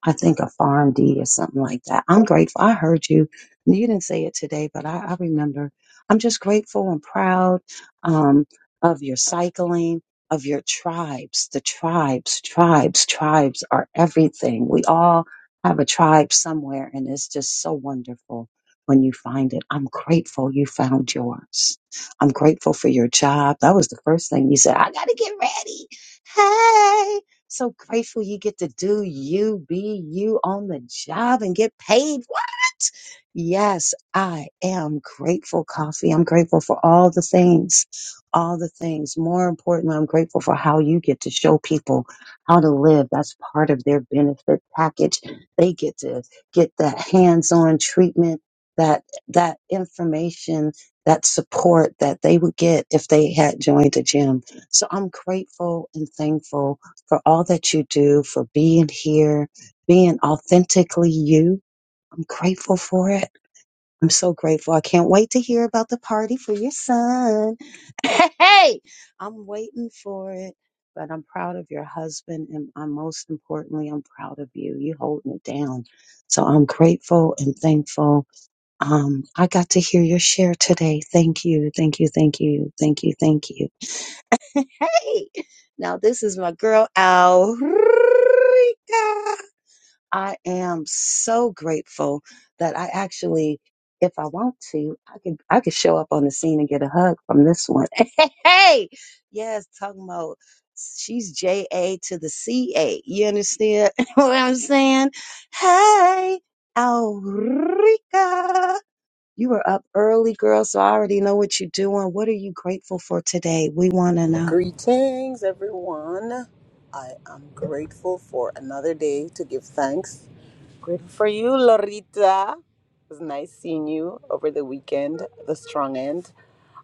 [SPEAKER 10] I think a PharmD or something like that. I'm grateful. I heard you. You didn't say it today, but I, I remember. I'm just grateful and proud um, of your cycling of your tribes. The tribes, tribes, tribes are everything. We all have a tribe somewhere, and it's just so wonderful when you find it. I'm grateful you found yours. I'm grateful for your job. That was the first thing you said. I got to get ready. Hey. So grateful you get to do you, be you on the job and get paid. What? Yes, I am grateful, Coffee. I'm grateful for all the things all the things. More importantly, I'm grateful for how you get to show people how to live. That's part of their benefit package. They get to get that hands-on treatment, that that information, that support that they would get if they had joined a gym. So I'm grateful and thankful for all that you do, for being here, being authentically you. I'm grateful for it. I'm so grateful. I can't wait to hear about the party for your son. [laughs] Hey, I'm waiting for it. But I'm proud of your husband, and I'm, most importantly, I'm proud of you. You holding it down. So I'm grateful and thankful. Um, I got to hear your share today. Thank you, thank you, thank you, thank you, thank you. Hey, now this is my girl Alrika. I am so grateful that I actually, if I want to, I can I could show up on the scene and get a hug from this one. [laughs] Hey, yes, Tugmo. She's J A to the C A. You understand [laughs] what I'm saying? Hey, Alrika. You were up early, girl, so I already know what you're doing. What are you grateful for today? We want to know.
[SPEAKER 17] Greetings, everyone. I am grateful for another day to give thanks. Grateful for you, Lorita. It was nice seeing you over the weekend, the strong end.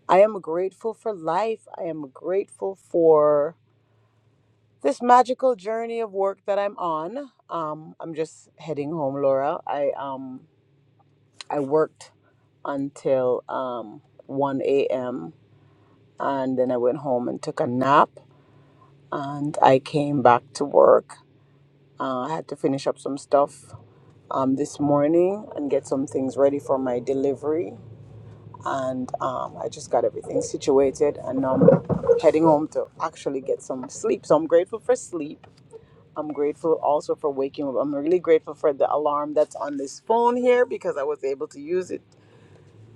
[SPEAKER 17] I am grateful for life. I am grateful for this magical journey of work that I'm on. Um, I'm just heading home, Laura. I um I worked until um 1 a.m. and then I went home and took a nap and I came back to work Uh, I had to finish up some stuff um, this morning and get some things ready for my delivery. And um, I just got everything situated and now I'm heading home to actually get some sleep. So I'm grateful for sleep. I'm grateful also for waking up. I'm really grateful for the alarm that's on this phone here because I was able to use it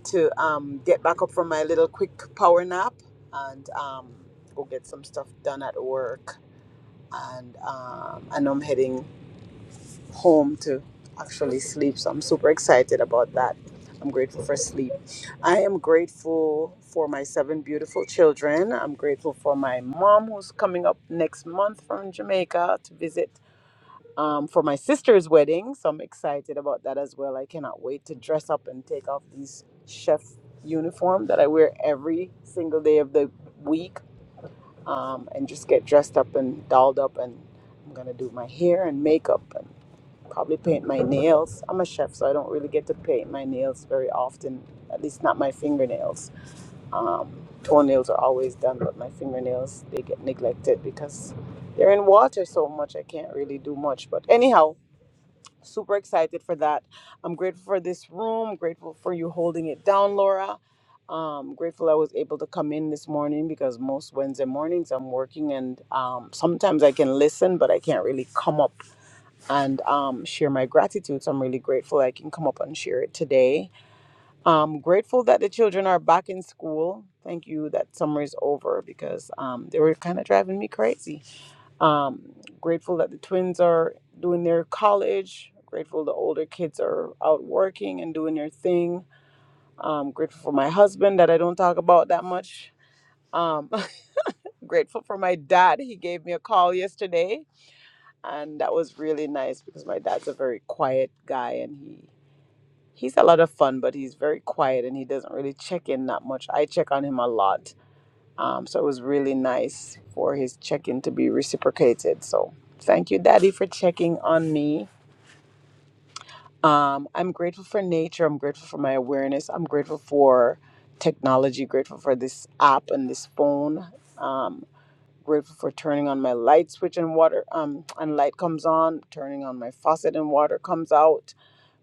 [SPEAKER 17] to um, get back up from my little quick power nap and um, go get some stuff done at work. And um, and I'm heading home to actually sleep. So I'm super excited about that. I'm grateful for sleep. I am grateful for my seven beautiful children. I'm grateful for my mom who's coming up next month from Jamaica to visit um, for my sister's wedding. So I'm excited about that as well. I cannot wait to dress up and take off these chef uniform that I wear every single day of the week um, and just get dressed up and dolled up and I'm gonna do my hair and makeup probably paint my nails. I'm a chef, so I don't really get to paint my nails very often, at least not my fingernails. Um, toenails are always done, but my fingernails, they get neglected because they're in water so much. I can't really do much. But anyhow, super excited for that. I'm grateful for this room, grateful for you holding it down, Laura. Um, grateful I was able to come in this morning because most Wednesday mornings I'm working and um, sometimes I can listen, but I can't really come up and um, share my gratitude. So I'm really grateful I can come up and share it today. I'm grateful that the children are back in school. Thank you that summer is over because um, they were kind of driving me crazy. Um, grateful that the twins are doing their college. Grateful the older kids are out working and doing their thing. Um, grateful for my husband that I don't talk about that much. Um, [laughs] grateful for my dad. He gave me a call yesterday and that was really nice because my dad's a very quiet guy and he he's a lot of fun but he's very quiet and he doesn't really check in that much i check on him a lot um, so it was really nice for his check-in to be reciprocated so thank you daddy for checking on me um, i'm grateful for nature i'm grateful for my awareness i'm grateful for technology grateful for this app and this phone um, grateful for turning on my light switch and water um and light comes on turning on my faucet and water comes out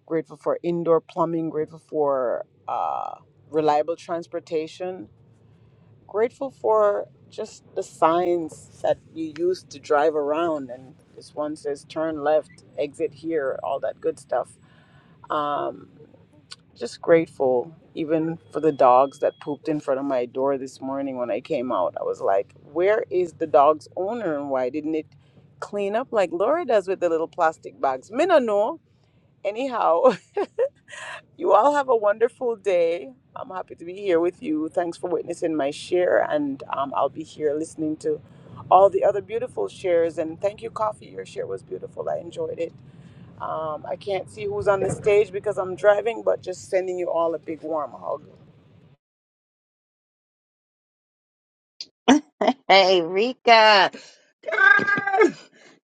[SPEAKER 17] grateful for indoor plumbing grateful for uh, reliable transportation grateful for just the signs that you use to drive around and this one says turn left exit here all that good stuff um, just grateful, even for the dogs that pooped in front of my door this morning when I came out. I was like, where is the dog's owner and why didn't it clean up like Laura does with the little plastic bags? Me no know. Anyhow, [laughs] you all have a wonderful day. I'm happy to be here with you. Thanks for witnessing my share, and um, I'll be here listening to all the other beautiful shares. And thank you, Coffee. Your share was beautiful. I enjoyed it. Um, I can't see who's on the stage because I'm driving, but just sending you all a big warm hug.
[SPEAKER 10] [laughs] Hey, Rika. Girl,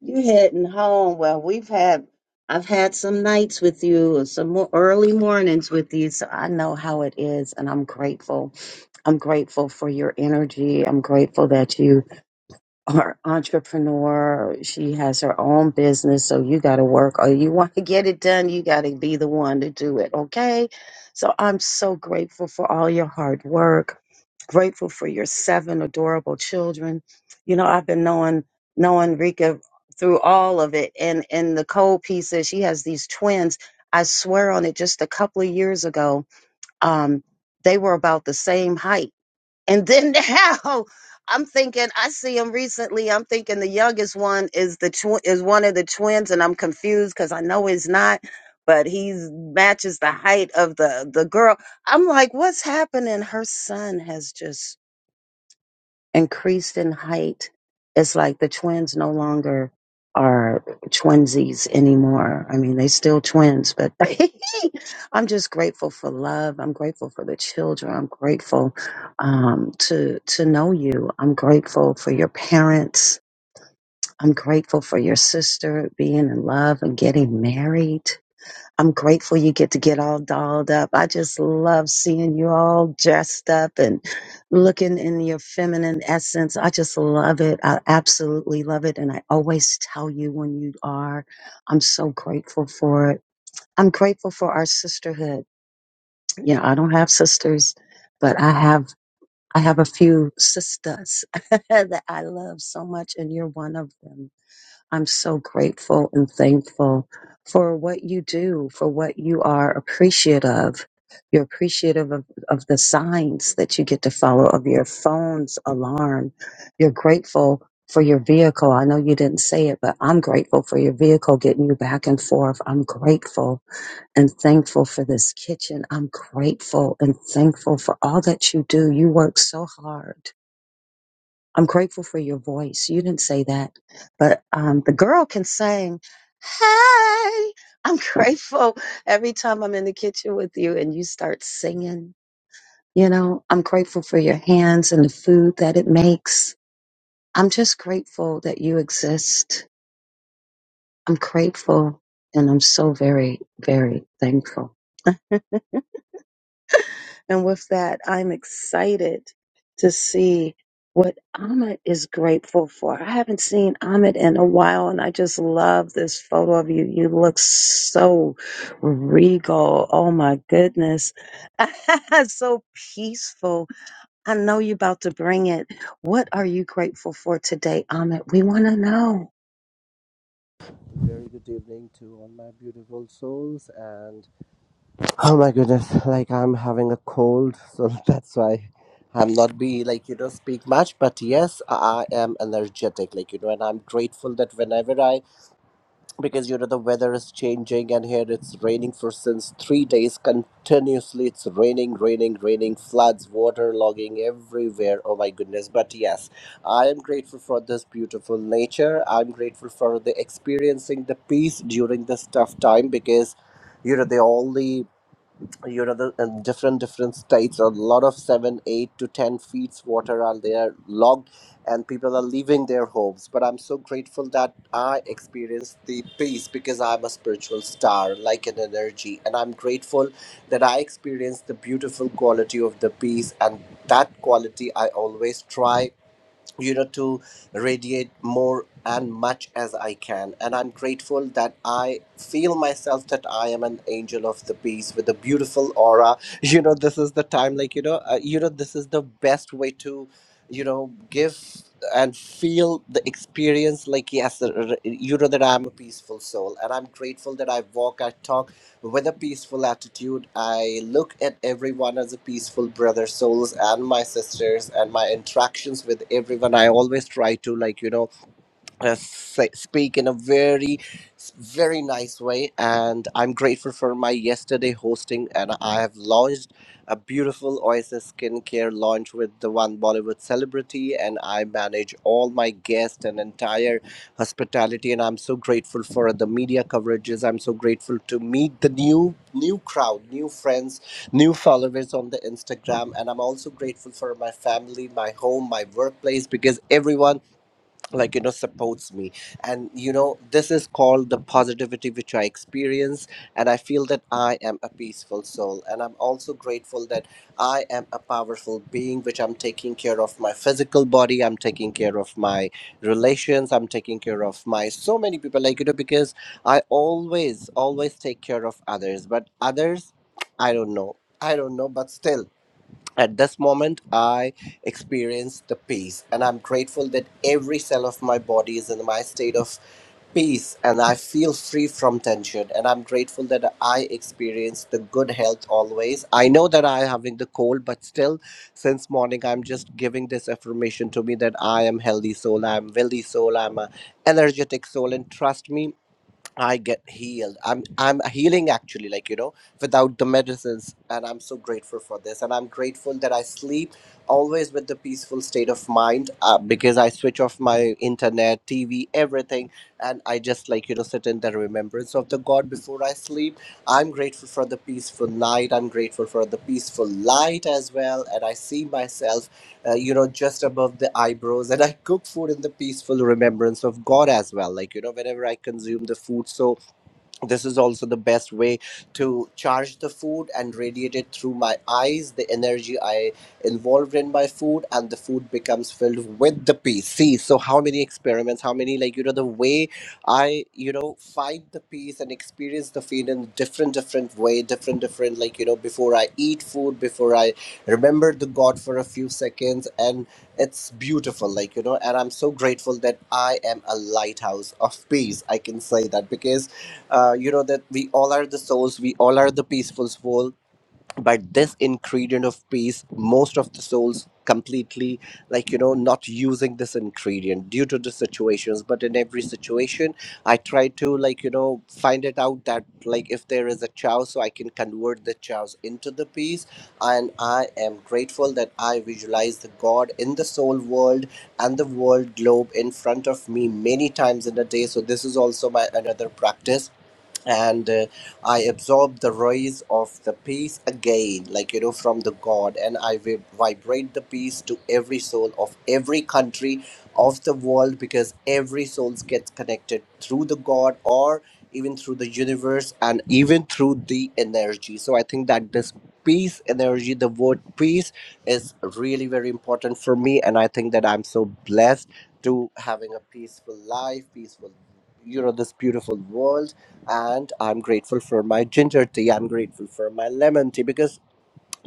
[SPEAKER 10] you heading home. Well, we've had, I've had some nights with you, some mo- early mornings with you, so I know how it is, and I'm grateful. I'm grateful for your energy. I'm grateful that you are entrepreneur. She has her own business, so you got to work. Or you want to get it done, you got to be the one to do it, okay? So I'm so grateful for all your hard work grateful for your seven adorable children. You know, I've been knowing knowing Rika through all of it, and and the cold piece is she has these twins. I swear on it, just a couple of years ago, um, they were about the same height, and then [laughs] now. I'm thinking I see them recently. I'm thinking the youngest one is the tw- is one of the twins, and I'm confused because I know he's not, but he matches the height of the the girl. I'm like, what's happening? Her son has just increased in height. It's like the twins no longer are twinsies anymore. I mean, they still twins, but [laughs] I'm just grateful for love. I'm grateful for the children. I'm grateful um, to to know you. I'm grateful for your parents. I'm grateful for your sister being in love and getting married. I'm grateful you get to get all dolled up. I just love seeing you all dressed up and looking in your feminine essence. I just love it. I absolutely love it. And I always tell you when you are. I'm so grateful for it. I'm grateful for our sisterhood. Yeah, I don't have sisters, but I have I have a few sisters [laughs] that I love so much and you're one of them. I'm so grateful and thankful for what you do, for what you are appreciative You're appreciative of, of the signs that you get to follow, of your phone's alarm. You're grateful for your vehicle. I know you didn't say it, but I'm grateful for your vehicle getting you back and forth. I'm grateful and thankful for this kitchen. I'm grateful and thankful for all that you do. You work so hard I'm grateful for your voice. You didn't say that, but um, the girl can sing. Hey, I'm [laughs] grateful every time I'm in the kitchen with you and you start singing. You know, I'm grateful for your hands and the food that it makes. I'm just grateful that you exist. I'm grateful and I'm so very, very thankful. And with that, I'm excited to see what Ahmed is grateful for. I haven't seen Ahmed in a while, and I just love this photo of you. You look so regal. Oh my goodness. [laughs] so peaceful. I know you're about to bring it. What are you grateful for today, Ahmed? We want to know.
[SPEAKER 18] Very good evening to all my beautiful souls, and oh my goodness, like I'm having a cold, so [laughs] that's why I'm not be like you know speak much. But yes, I am energetic, like you know, and I'm grateful that whenever I because you know the weather is changing and here it's raining for since three days continuously it's raining raining raining floods water logging everywhere oh my goodness but yes i am grateful for this beautiful nature i'm grateful for the experiencing the peace during this tough time because you know the only you know the and different different states a lot of seven eight to ten feet water are there logged and people are leaving their homes but i'm so grateful that i experienced the peace because i'm a spiritual star like an energy and i'm grateful that i experienced the beautiful quality of the peace and that quality i always try you know to radiate more and much as i can and i'm grateful that i feel myself that i am an angel of the peace with a beautiful aura [laughs] you know this is the time like you know uh, you know this is the best way to you know give and feel the experience like yes uh, uh, you know that i'm a peaceful soul and i'm grateful that i walk i talk with a peaceful attitude. I look at everyone as a peaceful brother, souls, and my sisters, and my interactions with everyone. I always try to, like, you know, uh, say, speak in a very very nice way and i'm grateful for my yesterday hosting and i have launched a beautiful oasis skincare launch with the one bollywood celebrity and i manage all my guests and entire hospitality and i'm so grateful for the media coverages i'm so grateful to meet the new new crowd new friends new followers on the instagram and i'm also grateful for my family my home my workplace because everyone like you know supports me and you know this is called the positivity which i experience and i feel that i am a peaceful soul and i'm also grateful that i am a powerful being which i'm taking care of my physical body i'm taking care of my relations i'm taking care of my so many people like you know because i always always take care of others but others i don't know i don't know but still at this moment i experience the peace and i'm grateful that every cell of my body is in my state of peace and i feel free from tension and i'm grateful that i experience the good health always i know that i am having the cold but still since morning i'm just giving this affirmation to me that i am healthy soul i'm wealthy soul i'm a energetic soul and trust me I get healed. I'm I'm healing actually, like you know, without the medicines, and I'm so grateful for this. And I'm grateful that I sleep always with the peaceful state of mind uh, because I switch off my internet, TV, everything, and I just like you know sit in the remembrance of the God before I sleep. I'm grateful for the peaceful night. I'm grateful for the peaceful light as well, and I see myself uh, you know, just above the eyebrows. And I cook food in the peaceful remembrance of God as well. Like, you know, whenever I consume the food. So, this is also the best way to charge the food and radiate it through my eyes the energy i involved in my food and the food becomes filled with the peace see so how many experiments how many like you know the way i you know find the peace and experience the feed in different different way different different like you know before i eat food before i remember the god for a few seconds and it's beautiful like you know and i'm so grateful that i am a lighthouse of peace i can say that because uh, you know that we all are the souls we all are the peaceful soul but this ingredient of peace most of the souls completely like you know not using this ingredient due to the situations but in every situation i try to like you know find it out that like if there is a chow so i can convert the chows into the peace and i am grateful that i visualize the god in the soul world and the world globe in front of me many times in a day so this is also my another practice and uh, I absorb the rays of the peace again, like you know, from the God, and I vi- vibrate the peace to every soul of every country of the world because every soul gets connected through the God or even through the universe and even through the energy. So I think that this peace energy, the word peace, is really very important for me, and I think that I'm so blessed to having a peaceful life, peaceful, you know, this beautiful world and I'm grateful for my ginger tea. I'm grateful for my lemon tea because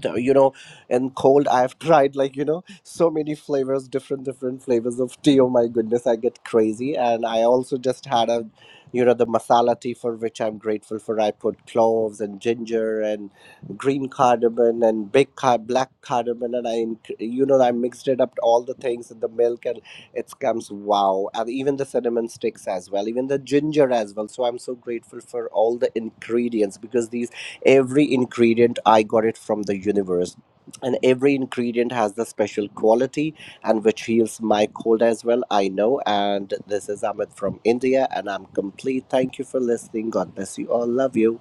[SPEAKER 18] uh, you know and cold i've tried like you know so many flavors different different flavors of tea oh my goodness i get crazy and i also just had a you know the masala tea for which i'm grateful for i put cloves and ginger and green cardamom and big car- black cardamom and i inc- you know i mixed it up all the things in the milk and it comes wow and even the cinnamon sticks as well even the ginger as well so i'm so grateful for all the ingredients because these every ingredient i got it from the universe and every ingredient has the special quality and which heals my cold as well i know and this is amit from india and i'm complete thank you for listening god bless you all love you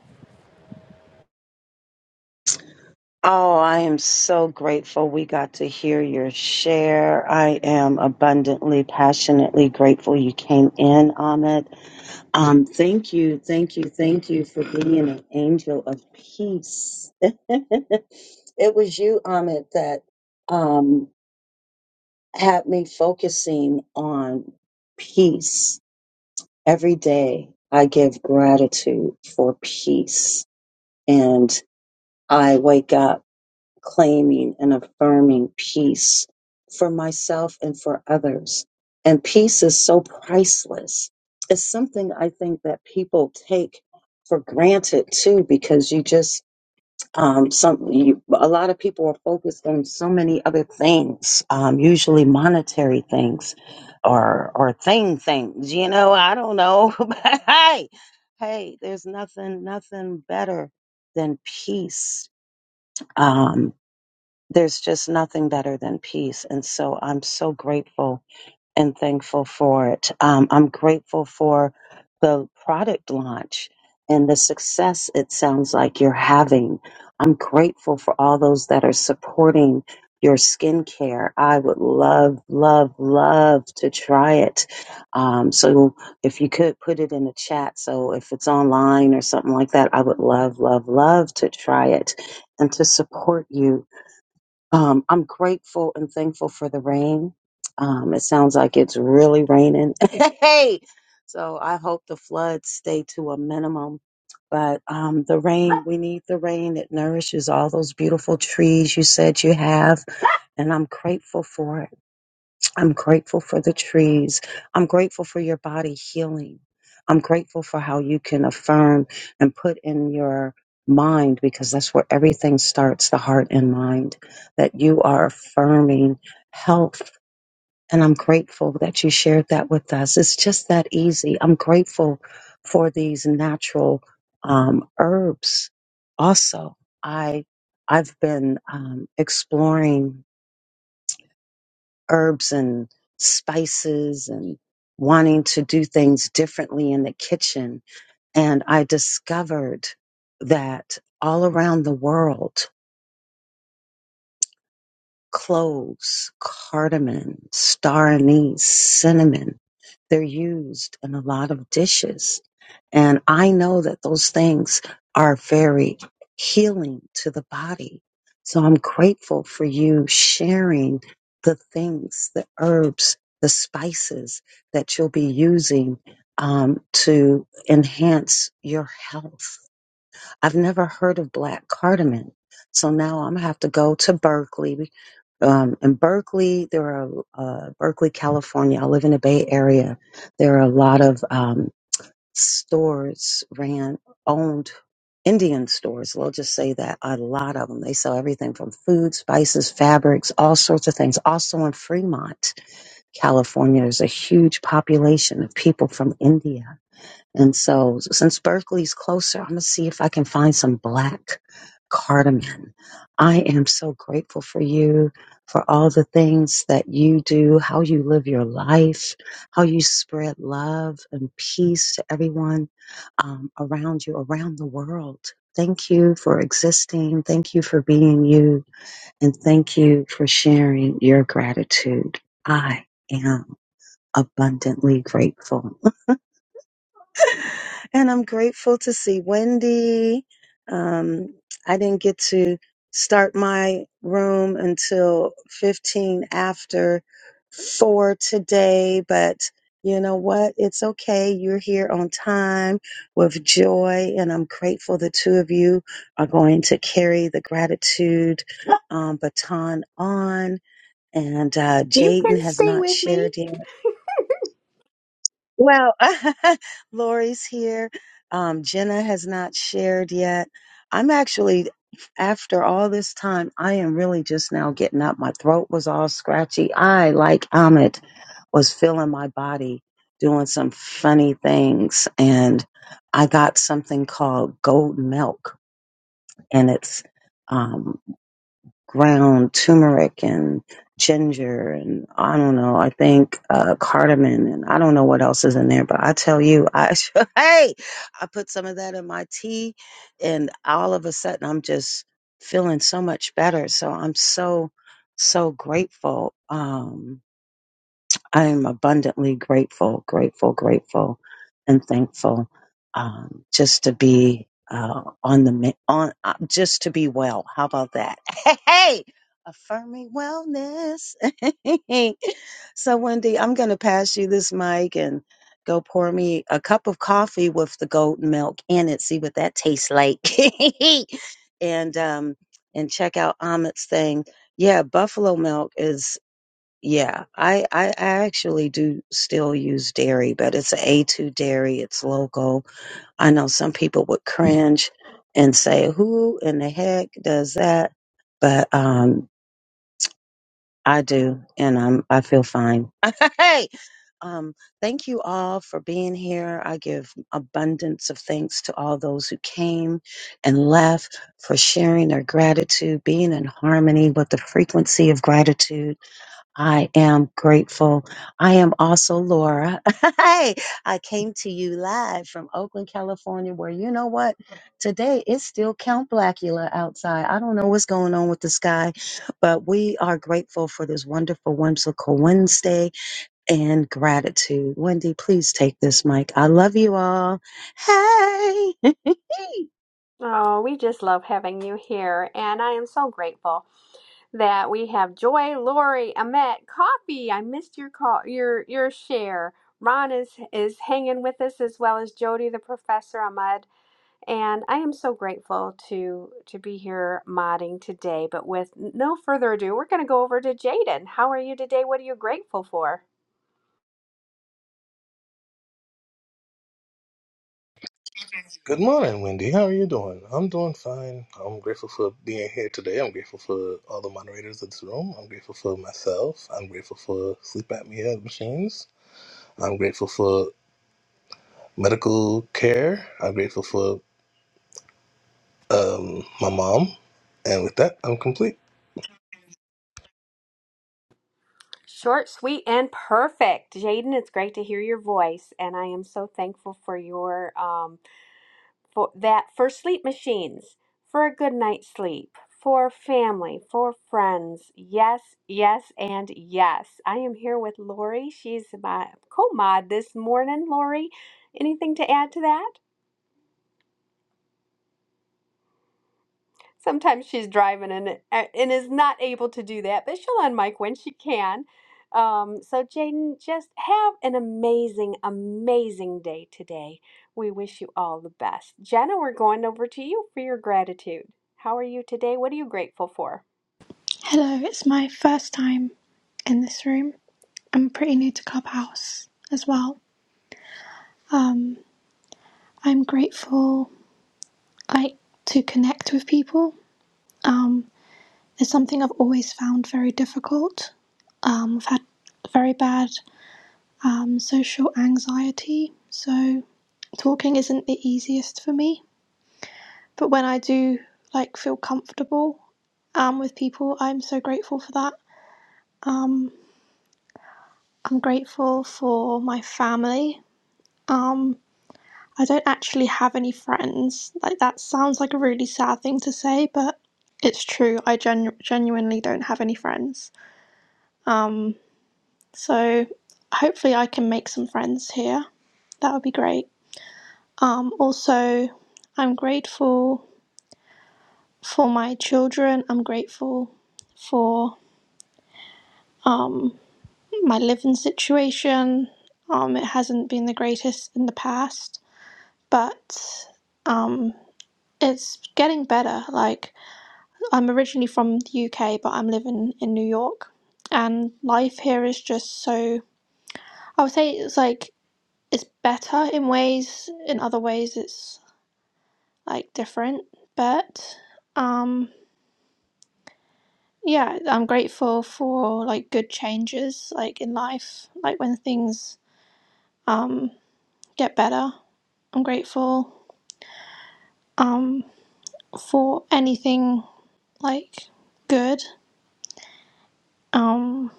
[SPEAKER 10] Oh, I am so grateful we got to hear your share. I am abundantly, passionately grateful you came in on Um, thank you, thank you, thank you for being an angel of peace. [laughs] it was you, Amit, that um, had me focusing on peace every day. I give gratitude for peace, and I wake up claiming and affirming peace for myself and for others. And peace is so priceless. It's something I think that people take for granted too, because you just um, some you, a lot of people are focused on so many other things, um, usually monetary things or or thing things. You know, I don't know, [laughs] but hey, hey, there's nothing nothing better than peace Um, there's just nothing better than peace. And so I'm so grateful and thankful for it. Um, I'm grateful for the product launch and the success it sounds like you're having. I'm grateful for all those that are supporting your skincare. I would love, love, love to try it. Um, so if you could put it in the chat, so if it's online or something like that, I would love, love, love to try it and to support you um, I'm grateful and thankful for the rain. Um, it sounds like it's really raining. [laughs] hey, so I hope the floods stay to a minimum. But um, the rain, we need the rain. It nourishes all those beautiful trees you said you have, and I'm grateful for it. I'm grateful for the trees. I'm grateful for your body healing. I'm grateful for how you can affirm and put in your mind, because that's where everything starts the heart and mind, that you are affirming health. And I'm grateful that you shared that with us. It's just that easy. I'm grateful for these natural um, herbs. Also, I I've been um, exploring herbs and spices and wanting to do things differently in the kitchen. And I discovered that all around the world, cloves, cardamom, star anise, cinnamon. They're used in a lot of dishes. And I know that those things are very healing to the body. So I'm grateful for you sharing the things, the herbs, the spices that you'll be using um, to enhance your health I've never heard of black cardamom. So now I'm gonna have to go to Berkeley. Um, in Berkeley, there are uh, Berkeley, California. I live in the Bay Area. There are a lot of um, stores ran owned Indian stores. We'll just say that a lot of them. They sell everything from food, spices, fabrics, all sorts of things. Also in Fremont, California, there's a huge population of people from India and so since Berkeley's closer, I'm going to see if I can find some black cardamom. I am so grateful for you, for all the things that you do, how you live your life, how you spread love and peace to everyone um, around you, around the world. Thank you for existing. Thank you for being you. And thank you for sharing your gratitude. I am abundantly grateful and I'm grateful to see Wendy. Um, I didn't get to start my room until 15 after four today, but you know what? It's okay. You're here on time with joy, and I'm grateful the two of you are going to carry the gratitude um, baton on. And uh,
[SPEAKER 19] You
[SPEAKER 10] Jaden
[SPEAKER 19] can
[SPEAKER 10] has
[SPEAKER 19] stay
[SPEAKER 10] not
[SPEAKER 19] with me.
[SPEAKER 10] shared yet. Well, [laughs] Lori's here. Um, Jenna has not shared yet. I'm actually, after all this time, I am really just now getting up. My throat was all scratchy. I, like Amit, was feeling my body doing some funny things. And I got something called gold milk. And it's um, ground turmeric and ginger and I don't know. I think uh, cardamom and I don't know what else is in there. But I tell you, I [laughs] hey, I put some of that in my tea, and all of a sudden I'm just feeling so much better. So I'm so so grateful. Um, I am abundantly grateful, grateful, grateful, and thankful um, just to be uh, on the mi- on uh, just to be well. How about that? [laughs] Hey, hey! affirming wellness. [laughs] so, Wendy, I'm going to pass you this mic and go pour me a cup of coffee with the golden milk in it. See what that tastes like, [laughs] and um, and check out Ahmed's thing. Yeah, buffalo milk is. Yeah, I, I I actually do still use dairy, but it's an A2 dairy. It's local. I know some people would cringe and say, "Who in the heck does that?" But um, I do, and I'm I feel fine. [laughs] hey, um, thank you all for being here. I give abundance of thanks to all those who came and left for sharing their gratitude, being in harmony with the frequency of gratitude I am grateful. I am also Laura. [laughs] hey, I came to you live from Oakland, California, where you know what? Today it's still Count Blackula outside. I don't know what's going on with the sky, but we are grateful for this wonderful, whimsical Wednesday and gratitude. Wendy, please take this mic. I love you all. Hey, [laughs] hey,
[SPEAKER 19] Oh, we just love having you here, and I am so grateful that we have Joy, Lori, Amet, Coffee. I missed your call, your your share. Ron is is hanging with us as well as Jody, the professor, Ahmed, and I am so grateful to to be here modding today. But with no further ado, we're going to go over to Jaden. How are you today? What are you grateful for?
[SPEAKER 20] Good morning, Wendy. How are you doing? I'm doing fine. I'm grateful for being here today. I'm grateful for all the moderators in this room. I'm grateful for myself. I'm grateful for sleep apnea machines. I'm grateful for medical care. I'm grateful for um, my mom. And with that, I'm complete.
[SPEAKER 19] Short, sweet, and perfect. Jaden, it's great to hear your voice, and I am so thankful for your um for that for sleep machines, for a good night's sleep, for family, for friends. Yes, yes, and yes. I am here with Lori. She's my co-mod this morning. Lori, anything to add to that? Sometimes she's driving and uh, and is not able to do that, but she'll unmic when she can. Um, so Jaden, just have an amazing, amazing day today. We wish you all the best. Jenna, we're going over to you for your gratitude. How are you today? What are you grateful for?
[SPEAKER 21] Hello, it's my first time in this room. I'm pretty new to Clubhouse as well. Um, I'm grateful, like, to connect with people. Um, it's something I've always found very difficult. Um, I've had very bad um, social anxiety, so talking isn't the easiest for me. But when I do, like, feel comfortable um, with people, I'm so grateful for that. Um, I'm grateful for my family. Um, I don't actually have any friends. Like, that sounds like a really sad thing to say, but it's true. I genu- genuinely don't have any friends. Um, so hopefully I can make some friends here. That would be great. Um, also, I'm grateful for my children. I'm grateful for um, my living situation. Um, it hasn't been the greatest in the past, but um, it's getting better. Like, I'm originally from the UK, but I'm living in New York, and life here is just so. I would say it's like it's better in ways, in other ways it's like different, but um yeah, I'm grateful for like good changes like in life, like when things um get better. I'm grateful um for anything like good. Um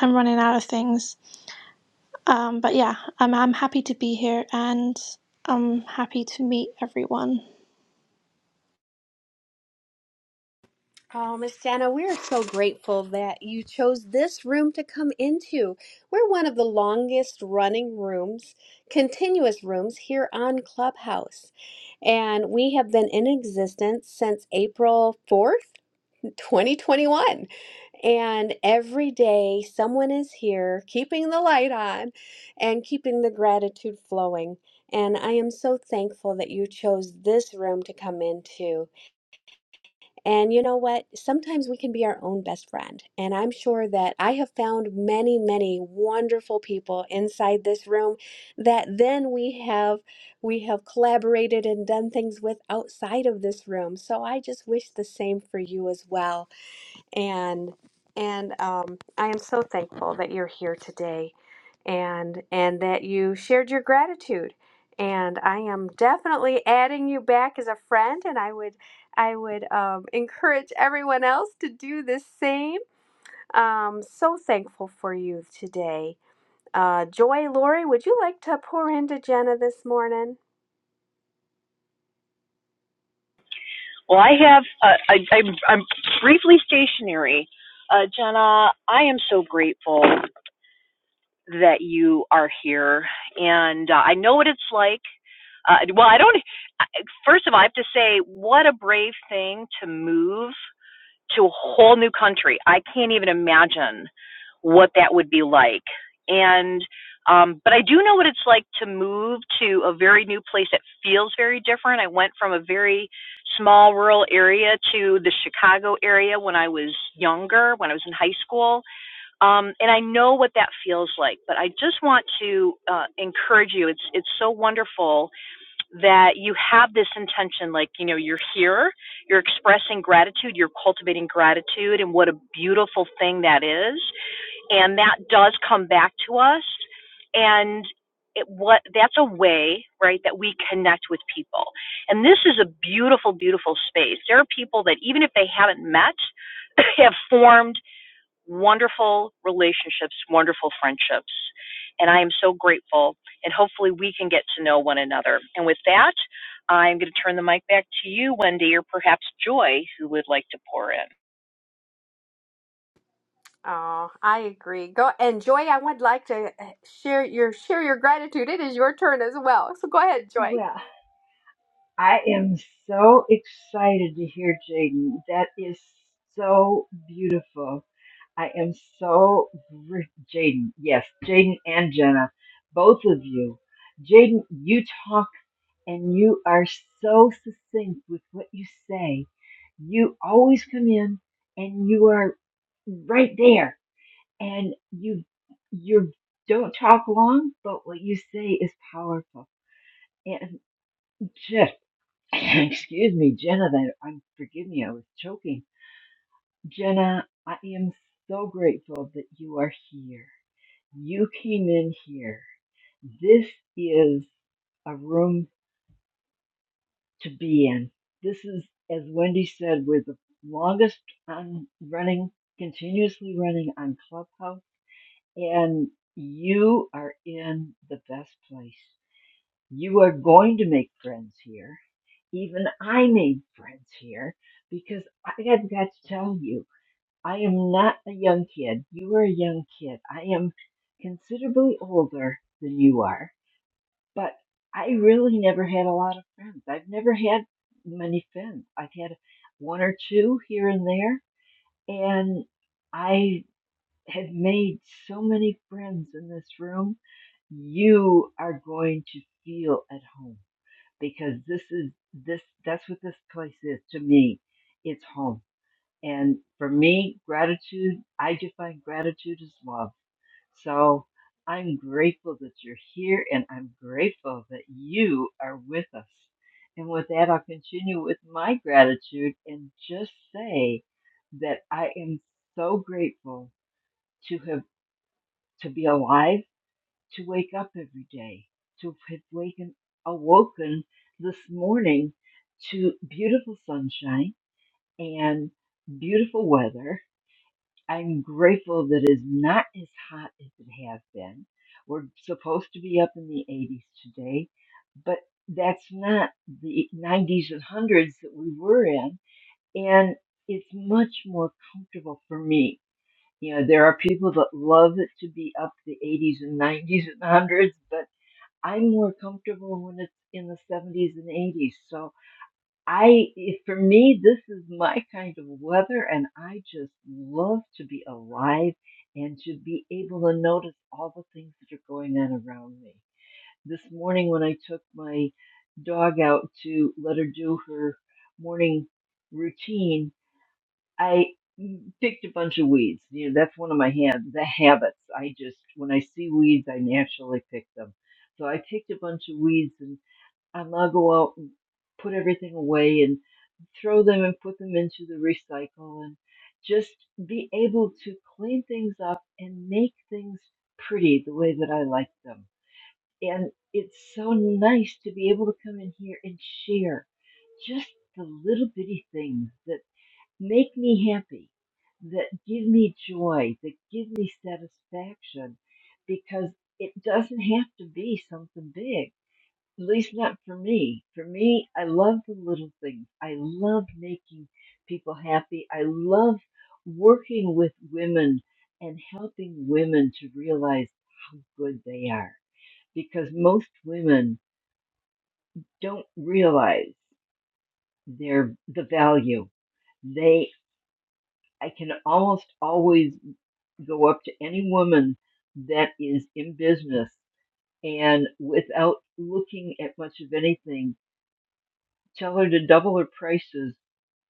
[SPEAKER 21] I'm running out of things Um, but yeah, I'm I'm happy to be here and I'm happy to meet everyone.
[SPEAKER 19] Oh, Miss Dana, we're so grateful that you chose this room to come into. We're one of the longest running rooms, continuous rooms here on Clubhouse. And we have been in existence since April 4th, 2021. And every day, someone is here keeping the light on and keeping the gratitude flowing. And I am so thankful that you chose this room to come into. And you know what? Sometimes we can be our own best friend. And I'm sure that I have found many, many wonderful people inside this room that then we have we have collaborated and done things with outside of this room. So I just wish the same for you as well. And and um, I am so thankful that you're here today and and that you shared your gratitude and i am definitely adding you back as a friend and i would i would um, encourage everyone else to do the same um, so thankful for you today uh, joy lori would you like to pour into jenna this morning
[SPEAKER 22] Well, I have. Uh, I, I'm, I'm briefly stationary. Uh, Jenna, I am so grateful that you are here, and uh, I know what it's like. Uh, well, I don't. First of all, I have to say, what a brave thing to move to a whole new country. I can't even imagine what that would be like. And um, but I do know what it's like to move to a very new place that feels very different. I went from a very small rural area to the Chicago area when I was younger, when I was in high school. Um, and I know what that feels like. But I just want to uh, encourage you. It's it's so wonderful that you have this intention like you know you're here you're expressing gratitude you're cultivating gratitude and what a beautiful thing that is and that does come back to us and it, what that's a way right that we connect with people and this is a beautiful beautiful space there are people that even if they haven't met [laughs] have formed wonderful relationships, wonderful friendships. And I am so grateful. And hopefully, we can get to know one another. And with that, I'm going to turn the mic back to you, Wendy, or perhaps Joy, who would like to pour in.
[SPEAKER 19] Oh, I agree. Go and Joy. I would like to uh, share your share your gratitude. It is your turn as well. So go ahead,
[SPEAKER 23] Well,
[SPEAKER 19] Joy.
[SPEAKER 23] I am so excited to hear Jaden. That is so beautiful. I am so gr- Jaden. Yes, Jaden and Jenna, both of you. Jaden, you talk and you are so succinct with what you say. You always come in and you are right there and you you don't talk long, but what you say is powerful. And [laughs] [laughs] Excuse me, Jenna, that I'm forgive me, I was choking. Jenna, I am so grateful that you are here. You came in here. This is a room to be in. This is, as Wendy said, we're the longest on running, continuously running on Clubhouse, and you are in the best place. You are going to make friends here Even I made friends here because I have got to tell you, I am not a young kid. You are a young kid. I am considerably older than you are, but I really never had a lot of friends. I've never had many friends. I've had one or two here and there, and I have made so many friends in this room. You are going to feel at home because this is this that's what this place is to me it's home and for me gratitude i define gratitude as love so i'm grateful that you're here and i'm grateful that you are with us and with that i'll continue with my gratitude and just say that i am so grateful to have to be alive to wake up every day, to have waken, awoken this morning to beautiful sunshine and beautiful weather. I'm grateful that it's not as hot as it has been. We're supposed to be up in the 80s today, but that's not the 90s and 100s that we were in. And it's much more comfortable for me you know, there are people that love it to be up the 80s and 90s and 100s, but I'm more comfortable when it's in the 70s and 80s. So I, if- for me, this is my kind of weather, and I just love to be alive and to be able to notice all the things that are going on around me. This morning, when I took my dog out to let her do her morning routine, I picked a bunch of weeds. You know, that's one of my hand the habits. I just when I see weeds, I naturally pick them. So I picked a bunch of weeds, and I now go out and put everything away and throw them and put them into the recycle and just be able to clean things up and make things pretty the way that I like them. And it's so nice to be able to come in here and share just the little bitty things that make me happy, that give me joy, that give me satisfaction, because it doesn't have to be something big. At least not for me. For me, I love the little things. I love making people happy. I love working with women and helping women to realize how good they are because most women don't realize their the value. they. I can almost always go up to any woman that is in business and without looking at much of anything, tell her to double her prices,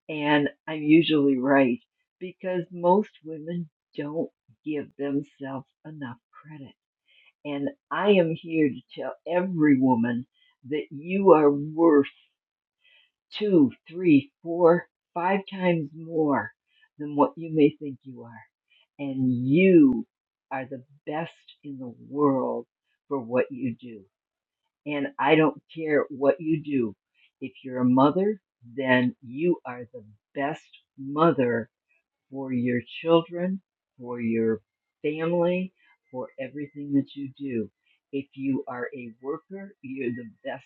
[SPEAKER 23] and I'm usually right because most women don't give themselves enough credit. And I am here to tell every woman that you are worth. two, three, four, five times more than what you may think you are. And you are the best in the world for what you do. And I don't care what you do. If you're a mother, then you are the best mother for your children, for your family, for everything that you do. If you are a worker, you're the best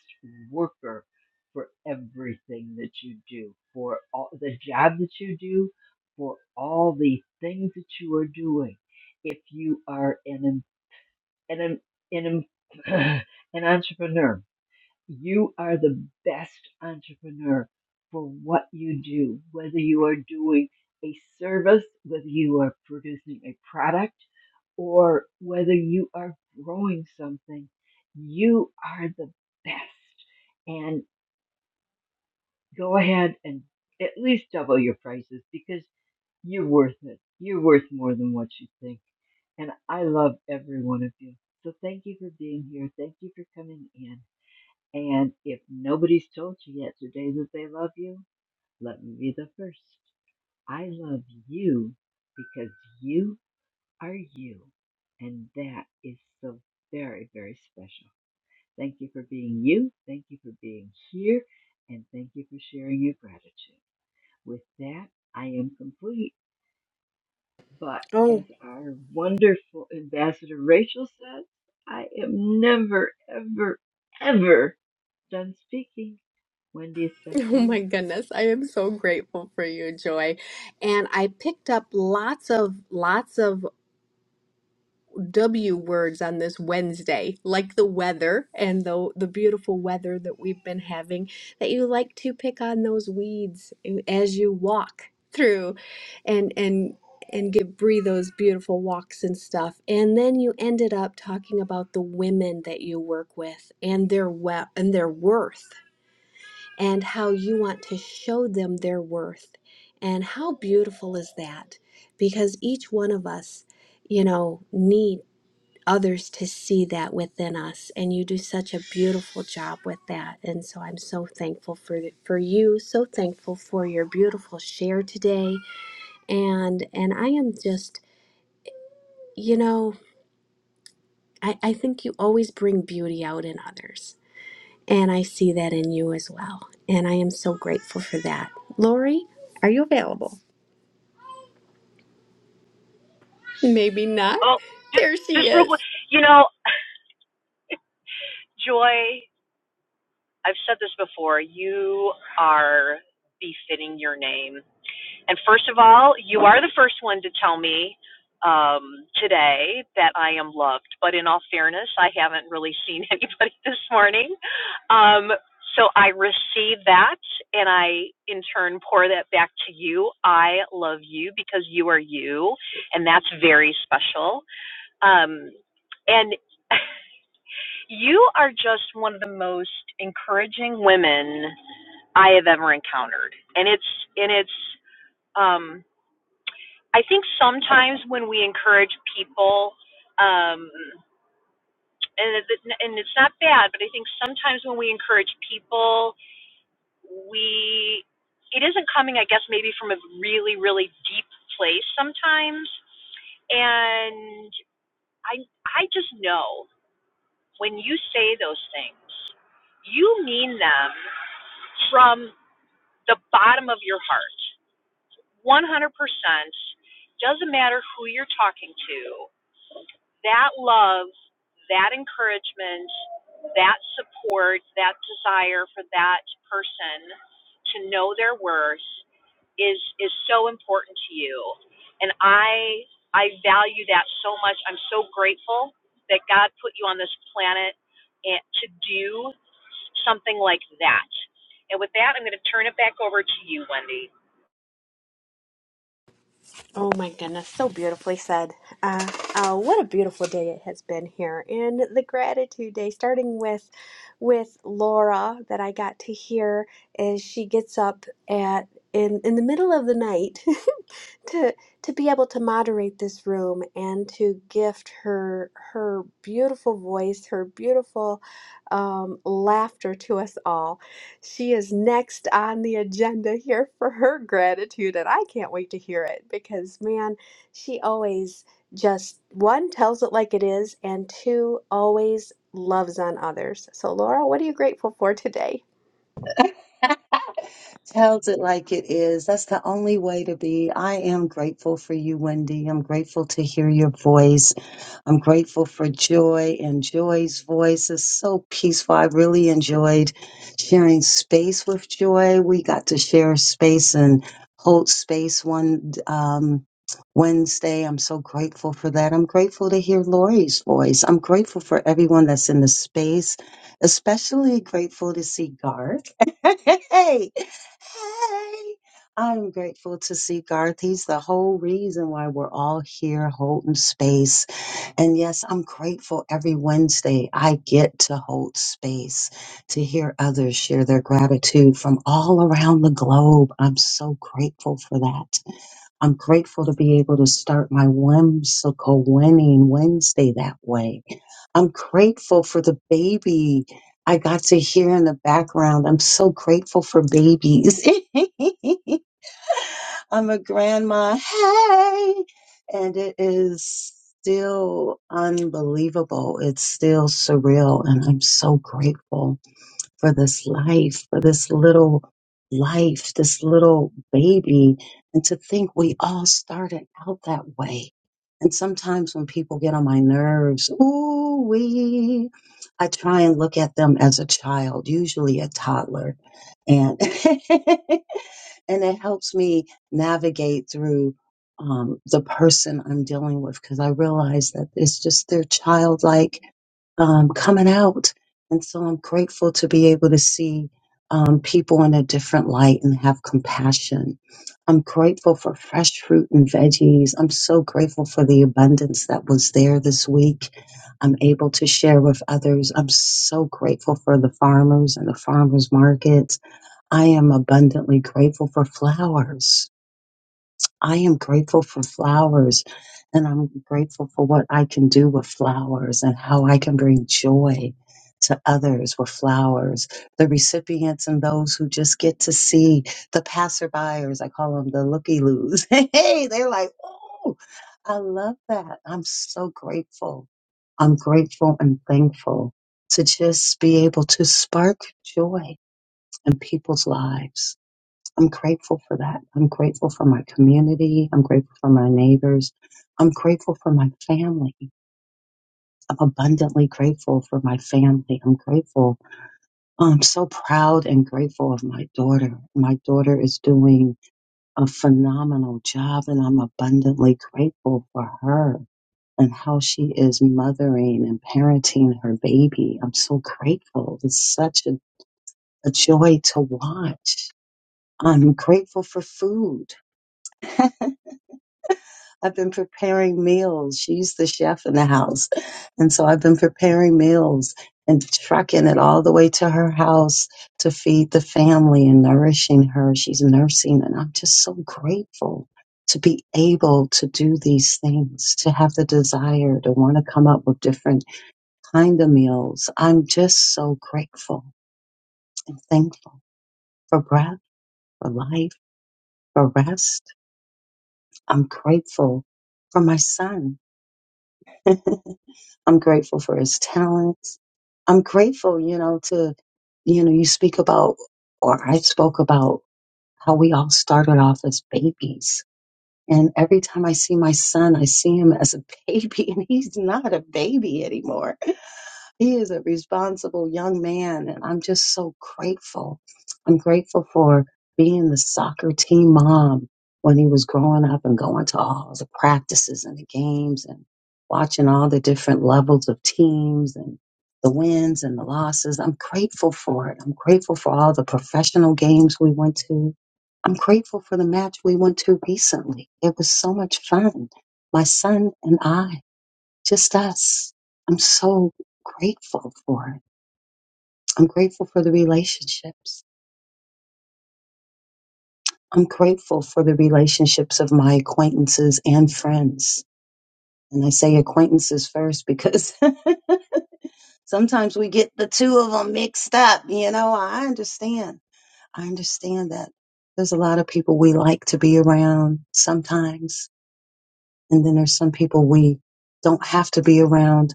[SPEAKER 23] worker for everything that you do, for all the job that you do, for all the things that you are doing. If you are an em- an em- an, [laughs] em- [clears throat] an entrepreneur, you are the best entrepreneur for what you do, whether you are doing a service, whether you are producing a product, or whether you are growing something. You are the best. And go ahead and at least double your prices because you're worth it. You're worth more than what you think. And I love every one of you. So thank you for being here. Thank you for coming in. And if nobody's told you yet today that they love you, let me be the first. I love you because you are you. And that is so very, very special. Thank you for being you. Thank you for being here. And thank you for sharing your gratitude. With that, I am complete. But as our wonderful ambassador Rachel says, I am never, ever, ever done speaking. Wendy, it's
[SPEAKER 19] [laughs]
[SPEAKER 23] back to
[SPEAKER 19] Oh
[SPEAKER 23] you.
[SPEAKER 19] my goodness. I am so grateful for you, Joy. And I picked up lots of lots of W words on this Wednesday, like the weather and the the beautiful weather that we've been having, that you like to pick on those weeds as you walk through and and and give Bree those beautiful walks and stuff. And then you ended up talking about the women that you work with and their we- and their worth and how you want to show them their worth. And how beautiful is that? Because each one of us, you know, need others to see that within us and you do such a beautiful job with that and so I'm so thankful for for you so thankful for your beautiful share today and and I am just you know I I think you always bring beauty out in others And I see that in you as well. And I am so grateful for that. Lori, are you available? Maybe not.
[SPEAKER 22] Oh, just,
[SPEAKER 19] There
[SPEAKER 22] just
[SPEAKER 19] she
[SPEAKER 22] real quick.
[SPEAKER 19] is.
[SPEAKER 22] You know, Joy, I've said this before, you are befitting your name. And first of all, you are the first one to tell me um, today that I am loved. But in all fairness, I haven't really [laughs] seen anybody this morning. Um, so I receive that and I, in turn, pour that back to you. I love you because you are you, and that's very special. Um, and [laughs] you are just one of the most encouraging women I have ever encountered. And it's, and it's, um, I think sometimes when we encourage people, um, and and it's not bad, but I think sometimes when we encourage people, we it isn't coming, I guess, maybe from a really really deep place sometimes, and I I just know when you say those things, you mean them from the bottom of your heart, one hundred percent. Doesn't matter who you're talking to that love, that encouragement, that support, that desire for that person to know their worth is is so important to you. And I I value that so much. I'm so grateful that God put you on this planet and- to do something like that. And with that, I'm going to turn it back over to you, Wendy. [laughs]
[SPEAKER 19] Oh my goodness, so beautifully said. Uh, uh, what a beautiful day it has been here. And the gratitude day, starting with with Laura that I got to hear as she gets up at in in the middle of the night [laughs] to to be able to moderate this room and to gift her her beautiful voice, her beautiful um, laughter to us all. She is next on the agenda here for her gratitude, and I can't wait to hear it because man, she always just one tells it like it is, and two always loves on others. So Laura, what are you grateful for today?
[SPEAKER 10] tells it like it is. That's the only way to be. I am grateful for you, Wendy. I'm grateful to hear your voice. I'm grateful for Joy, and Joy's voice is so peaceful. I really enjoyed sharing space with Joy. We got to share space and hold space one um, Wednesday. I'm so grateful for that. I'm grateful to hear Lori's voice. I'm grateful for everyone that's in the space, especially grateful to see Garth. [laughs] hey, hey. I'm grateful to see Garth. He's the whole reason why we're all here holding space and yes, I'm grateful every Wednesday I get to hold space to hear others share their gratitude from all around the globe. I'm so grateful for that. I'm grateful to be able to start my whimsical winning Wednesday that way. I'm grateful for the baby I got to hear in the background. I'm so grateful for babies. [laughs] I'm a grandma. Hey! And it is still unbelievable. It's still surreal. And I'm so grateful for this life, for this little life, this little baby. And to think we all started out that way. And sometimes when people get on my nerves, ooh wee, I try and look at them as a child, usually a toddler. And [laughs] and it helps me navigate through um, the person I'm dealing with because I realize that it's just their childlike um, coming out, and so I'm grateful to be able to see um, people in a different light and have compassion. I'm grateful for fresh fruit and veggies. I'm so grateful for the abundance that was there this week. I'm able to share with others. I'm so grateful for the farmers and the farmers markets. I am abundantly grateful for flowers. I am grateful for flowers and I'm grateful for what I can do with flowers and how I can bring joy to others with flowers, the recipients and those who just get to see the passerbyers. I call them the looky loos. [laughs] Hey, they're like, oh, I love that. I'm so grateful. I'm grateful and thankful to just be able to spark joy in people's lives. I'm grateful for that. I'm grateful for my community. I'm grateful for my neighbors. I'm grateful for my family. I'm abundantly grateful for my family. I'm grateful. I'm so proud and grateful of my daughter. My daughter is doing a phenomenal job, and I'm abundantly grateful for her and how she is mothering and parenting her baby. I'm so grateful. It's such a, a joy to watch. I'm grateful for food. [laughs] I've been preparing meals. She's the chef in the house. And so I've been preparing meals and trucking it all the way to her house to feed the family and nourishing her. She's nursing. And I'm just so grateful to be able to do these things, to have the desire to want to come up with different kind of meals. I'm just so grateful and thankful for breath, for life, for rest. I'm grateful for my son [laughs] I'm grateful for his talents. I'm grateful, you know, to, you know, you speak about, or I spoke about how we all started off as babies. And every time I see my son, I see him as a [laughs] baby, and he's not a baby anymore he is a responsible young man, and I'm just so grateful. I'm grateful for being the soccer team mom when he was growing up and going to all the practices and the games and watching all the different levels of teams and the wins and the losses. I'm grateful for it. I'm grateful for all the professional games we went to. I'm grateful for the match we went to recently. It was so much fun. My son and I just us. I'm so grateful for it. I'm grateful for the relationships. I'm grateful for the relationships of my acquaintances and friends. And I say acquaintances first because [laughs] sometimes we get the two of them mixed up. You know, I understand. I understand that there's a lot of people we like to be around sometimes. And then there's some people we don't have to be around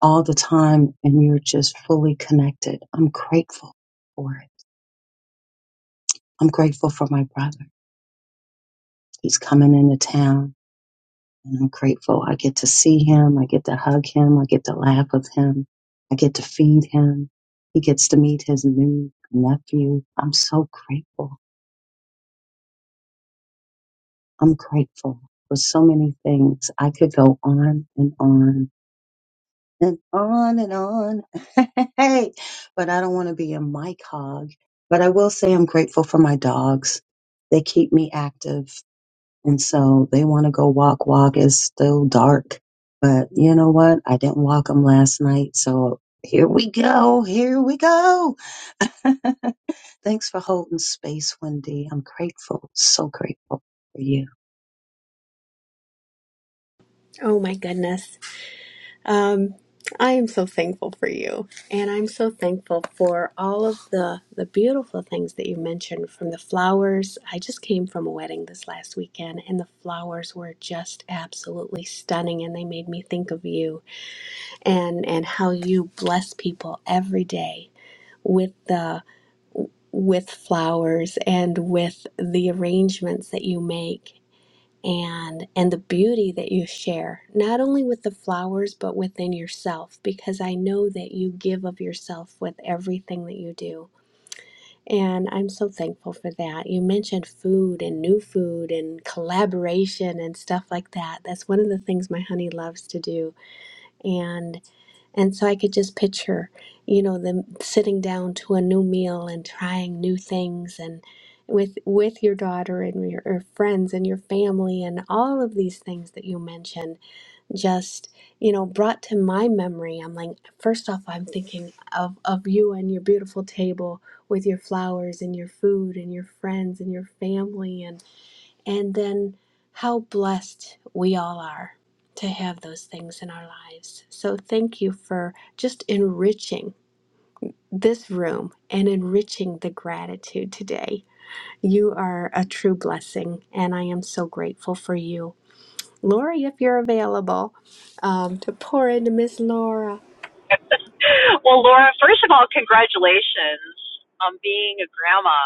[SPEAKER 10] all the time. And you're just fully connected. I'm grateful for it. I'm grateful for my brother. He's coming into town and I'm grateful. I get to see him. I get to hug him. I get to laugh with him. I get to feed him. He gets to meet his new nephew. I'm so grateful. I'm grateful for so many things. I could go on and on and on and on. [laughs] Hey, but I don't want to be a mic hog. But I will say I'm grateful for my dogs. They keep me active. And so they want to go walk, walk. It's still dark. But you know what? I didn't walk them last night. So here we go. Here we go. [laughs] Thanks for holding space, Wendy. I'm grateful. So grateful for you.
[SPEAKER 19] Oh my goodness. Um, I am so thankful for you, and I'm so thankful for all of the the beautiful things that you mentioned. From the flowers, I just came from a wedding this last weekend, and the flowers were just absolutely stunning, and they made me think of you and and how you bless people every day with the with flowers and with the arrangements that you make and and the beauty that you share not only with the flowers but within yourself because i know that you give of yourself with everything that you do and i'm so thankful for that you mentioned food and new food and collaboration and stuff like that that's one of the things my honey loves to do and. And so I could just picture, you know, them sitting down to a new meal and trying new things and with with your daughter and your, your friends and your family and all of these things that you mentioned just you know brought to my memory i'm like first off i'm thinking of of you and your beautiful table with your flowers and your food and your friends and your family and. And then how blessed we all are to have those things in our lives. So thank you for just enriching this room and enriching the gratitude today. You are a true blessing, and I am so grateful for you. Lori, if you're available, um, to pour into Miss Laura.
[SPEAKER 22] Well, Laura, first of all, congratulations on being a grandma.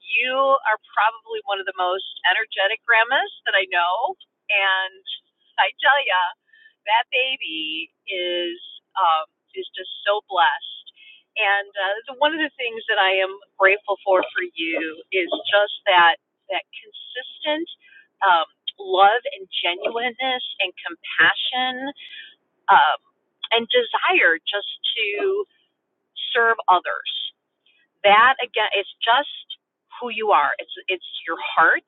[SPEAKER 22] You are probably one of the most energetic grandmas that I know. And I tell ya, that baby is um, is just so blessed. And uh, one of the things that I am grateful for for you is just that that consistent um, love and genuineness and compassion um, and desire just to serve others that again it's just who you are it's it's your heart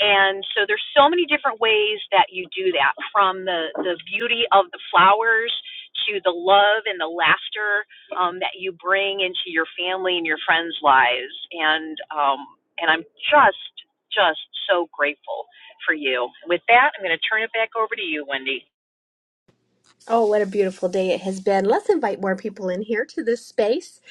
[SPEAKER 22] and so there's so many different ways that you do that from the the beauty of the flowers to the love and the laughter um, that you bring into your family and your friends lives and um, and i'm just just so grateful for you with that i'm going to turn it back over to you wendy
[SPEAKER 19] Oh, what a beautiful day it has been. Let's invite more people in here to this space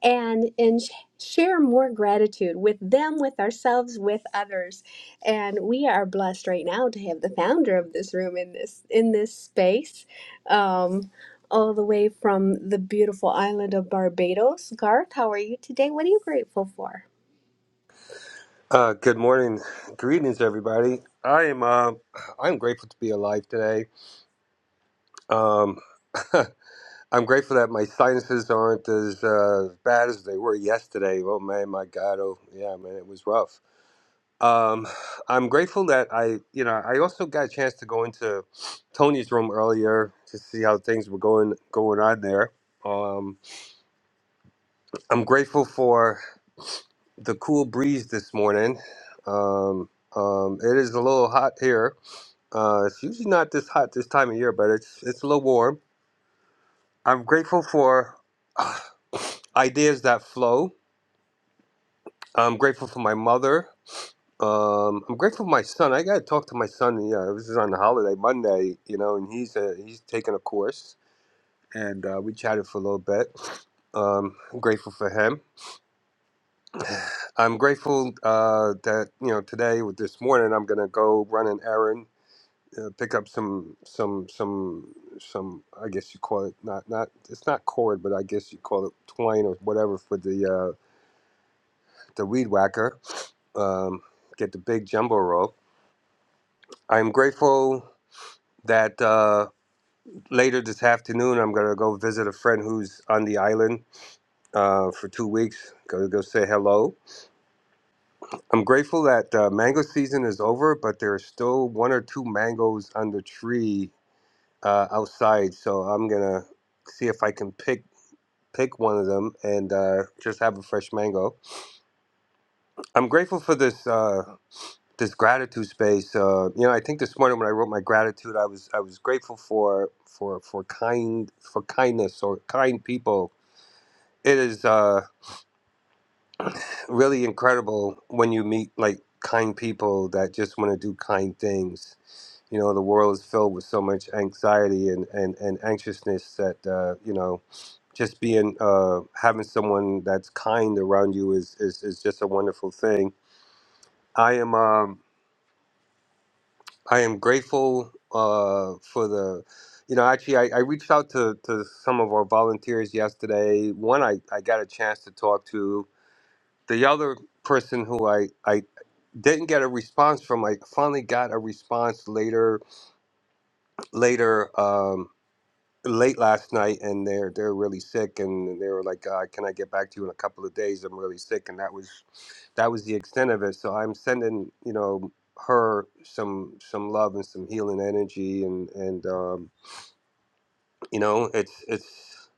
[SPEAKER 19] and and sh- share more gratitude with them, with ourselves, with others. And we are blessed right now to have the founder of this room in this in this space. Um all the way from the beautiful island of Barbados. Garth, how are you today? What are you grateful for?
[SPEAKER 24] Uh, good morning, greetings, everybody. I am uh, I'm grateful to be alive today. Um, [laughs] I'm grateful that my sinuses aren't as uh, bad as they were yesterday. Oh man, my God! Oh yeah, man, it was rough. Um, I'm grateful that I, you know, I also got a chance to go into Tony's room earlier to see how things were going going on there. Um, I'm grateful for the cool breeze this morning. Um, um, it is a little hot here Uh, it's usually not this hot this time of year, but it's it's a little warm. I'm grateful for [sighs] ideas that flow. I'm grateful for my mother. Um, I'm grateful for my son. I gotta talk to my son. Yeah, this is on the holiday Monday, you know, and he's uh he's taking a course, and uh, we chatted for a little bit. Um, I'm grateful for him. [sighs] I'm grateful uh, that you know today with this morning I'm gonna go run an errand uh, pick up some some some some I guess you call it not not it's not cord but I guess you call it twine or whatever for the uh, the weed whacker. Um, get the big jumbo rope. I'm grateful that uh, later this afternoon I'm gonna go visit a friend who's on the island uh, for two weeks. Go go say hello. I'm grateful that uh, mango season is over, but there's still one or two mangoes on the tree uh, outside, so I'm gonna see if I can pick pick one of them and uh, just have a fresh mango. I'm grateful for this uh, this gratitude space. Uh, you know, I think this morning when I wrote my gratitude, I was I was grateful for for for kind for kindness or kind people. It is uh, really incredible when you meet like kind people that just want to do kind things. You know, the world is filled with so much anxiety and and, and anxiousness that uh, you know just being uh, having someone that's kind around you is, is is just a wonderful thing. I am um, I am grateful uh, for the you know actually I, I reached out to, to some of our volunteers yesterday. One I, I got a chance to talk to. The other person who I, I didn't get a response from I finally got a response later later um, late last night and they're they're really sick and they were like uh, can I get back to you in a couple of days I'm really sick and that was that was the extent of it. So I'm sending, you know, her some some love and some healing energy, and and um, you know, it's it's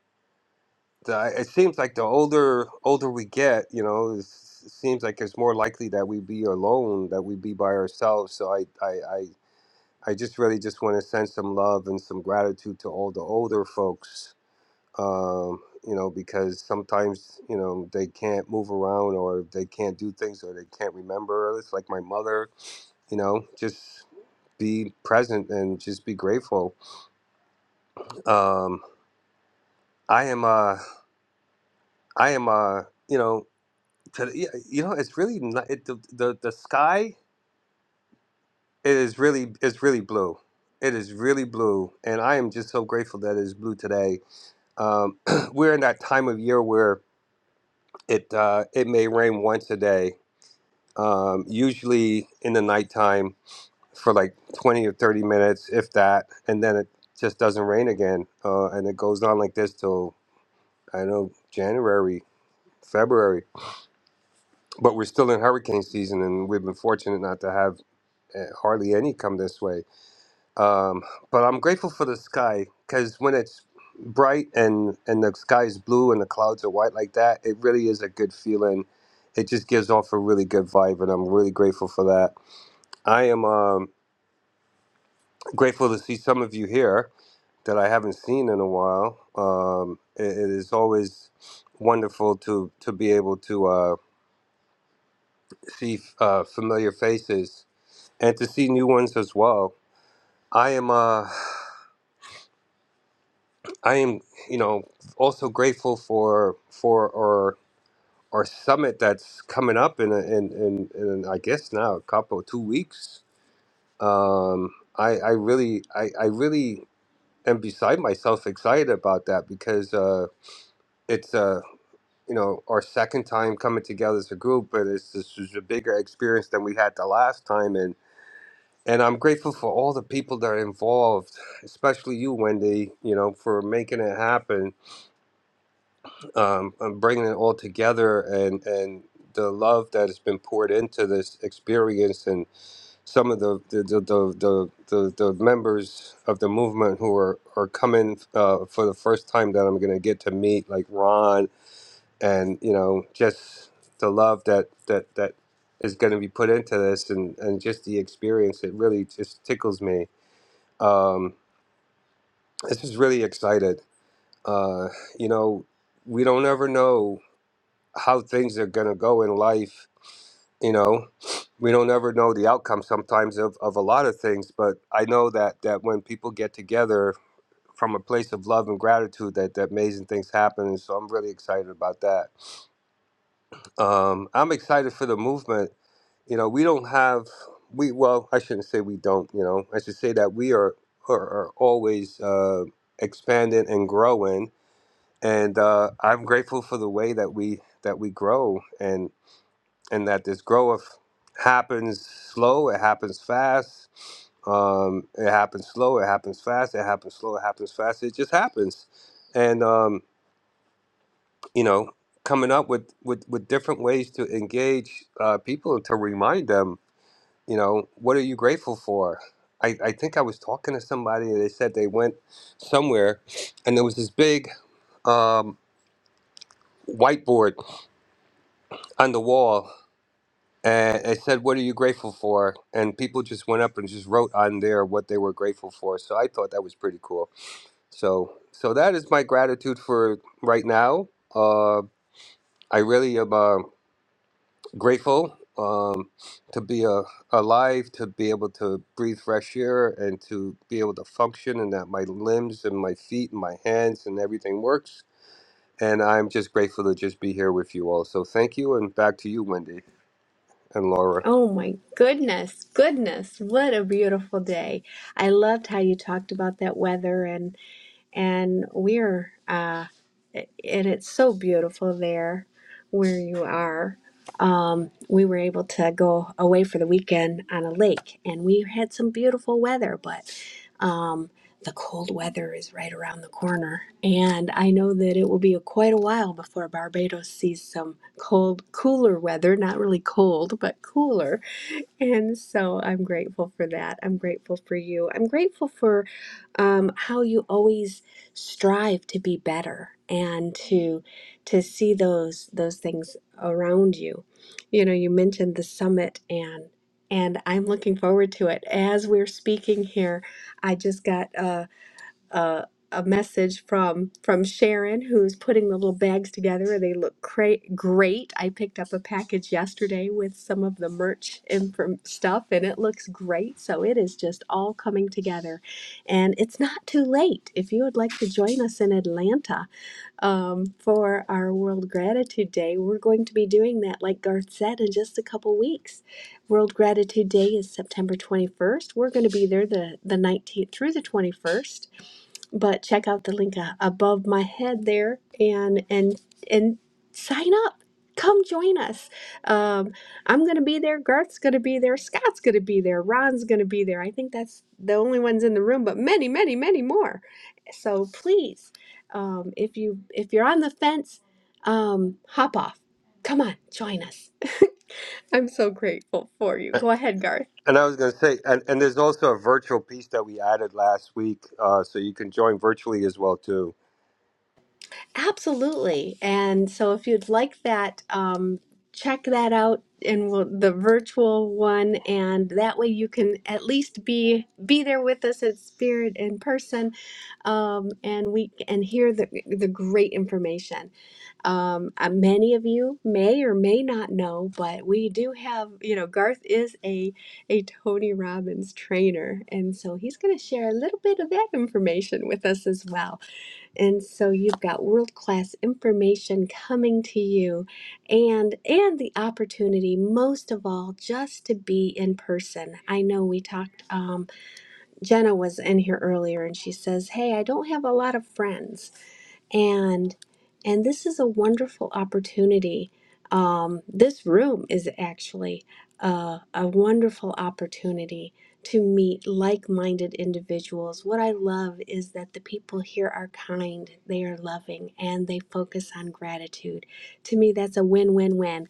[SPEAKER 24] the, it seems like the older older we get, you know, it's, it seems like it's more likely that we be alone, that we be by ourselves. So I I I, I just really just want to send some love and some gratitude to all the older folks. Um, you know, because sometimes you know they can't move around, or they can't do things, or they can't remember. It's like my mother you know just be present and just be grateful um i am uh i am uh you know to, yeah, you know it's really not, it, the, the the sky is really is really blue it is really blue and i am just so grateful that it is blue today um [clears throat] we're in that time of year where it uh it may rain once a day um usually in the nighttime for like 20 or 30 minutes, if that, and then it just doesn't rain again. Uh, and it goes on like this till, I don't know, January, February. But we're still in hurricane season, and we've been fortunate not to have eh, hardly any come this way. Um, but I'm grateful for the sky because when it's bright and, and the sky is blue and the clouds are white like that, it really is a good feeling. It just gives off a really good vibe, and I'm really grateful for that. I am. Um, grateful to see some of you here that I haven't seen in a while. Um, it, it is always wonderful to to be able to uh, see uh, familiar faces and to see new ones as well. I am uh, I am you know also grateful for for our our summit that's coming up in a, in, in in I guess now a couple two weeks. Um, I I really I, I really am beside myself excited about that because. Uh, it's uh you know our second time coming together as a group but it's this is a bigger experience than we had the last time and and i'm grateful for all the people that are involved especially you wendy you know for making it happen um and bringing it all together and and the love that has been poured into this experience and some of the the the the, the, the, the members of the movement who are are coming uh, for the first time that i'm going to get to meet like ron and you know just the love that that that is going to be put into this and and just the experience it really just tickles me um this is really excited uh you know we don't ever know how things are going to go in life you know we don't ever know the outcome sometimes of, of a lot of things but i know that that when people get together from a place of love and gratitude that, that amazing things happen and so i'm really excited about that Um, I'm excited for the movement. You know, we don't have we well, I shouldn't say we don't. You know, I should say that we are are, are always uh, expanding and growing. And uh, I'm grateful for the way that we that we grow and and that this growth happens slow. It happens fast. Um, it happens slow. It happens fast. It happens slow. It happens fast. It just happens. And um, you know coming up with with with different ways to engage uh, people to remind them you know what are you grateful for I, I think I was talking to somebody and they said they went somewhere and there was this big um, whiteboard on the wall and it said what are you grateful for and people just went up and just wrote on there what they were grateful for so I thought that was pretty cool so so that is my gratitude for right now uh, I really am uh, grateful um, to be uh, alive, to be able to breathe fresh air, and to be able to function, and that my limbs and my feet and my hands and everything works. And I'm just grateful to just be here with you all. So thank you, and back to you, Wendy and Laura.
[SPEAKER 19] Oh my goodness, goodness, what a beautiful day. I loved how you talked about that weather and and we're uh and it's so beautiful there where you are um we were able to go away for the weekend on a lake and we had some beautiful weather but um the cold weather is right around the corner and i know that it will be quite a while before barbados sees some cold cooler weather not really cold but cooler [laughs] And so I'm grateful for that. I'm grateful for you. I'm grateful for um, how you always strive to be better and to to see those those things around you. You know, you mentioned the summit and and I'm looking forward to it. As we're speaking here, I just got uh, uh, a message from from Sharon, who's putting the little bags together, and they look cra- great. I picked up a package yesterday with some of the merch and from stuff, and it looks great. So it is just all coming together, and it's not too late if you would like to join us in Atlanta um, for our World Gratitude Day. We're going to be doing that, like Garth said, in just a couple weeks. World Gratitude Day is September 21st. We're going to be there the, the 19th through the 21st but check out the link uh, above my head there and and and sign up come join us um, i'm gonna be there garth's gonna be there scott's gonna be there ron's gonna be there i think that's the only ones in the room but many many many more so please um, if you if you're on the fence um, hop off come on join us [laughs] i'm so grateful for you go ahead garth
[SPEAKER 24] And I was going to say, and, and there's also a virtual piece that we added last week, uh, so you can join virtually as well too.
[SPEAKER 19] Absolutely. And so if you'd like that, um, check that out in we the virtual one and that way you can at least be be there with us at spirit in person um, and we and hear the the great information um, uh, many of you may or may not know, but we do have, you know, Garth is a a Tony Robbins trainer, and so he's going to share a little bit of that information with us as well and so you've got world class information coming to you and and the opportunity most of all just to be in person i know we talked um, jenna was in here earlier and she says hey i don't have a lot of friends and and this is a wonderful opportunity um, this room is actually uh, a wonderful opportunity to meet like-minded individuals what i love is that the people here are kind they are loving and they focus on gratitude to me that's a win-win-win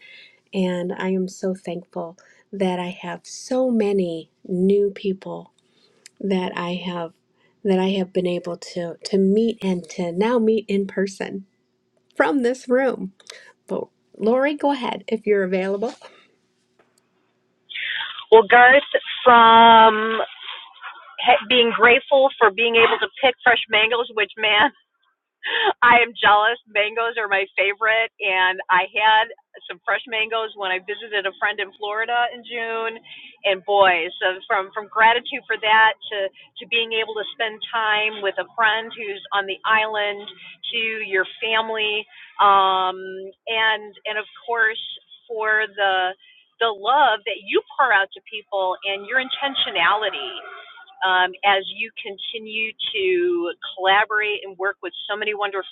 [SPEAKER 19] and i am so thankful that i have so many new people that I have that I have been able to to meet and to now meet in person from this room. But Lori, go ahead if you're available.
[SPEAKER 22] Well, Garth, from being grateful for being able to pick fresh mangoes, which man, [laughs] I am jealous. Mangoes are my favorite, and I had some fresh mangoes when I visited a friend in Florida in June. And boy, so from from gratitude for that to to being able to spend time with a friend who's on the island, to your family, um, and and of course for the the love that you pour out to people and your intentionality um, as you continue to collaborate and work with so many wonderful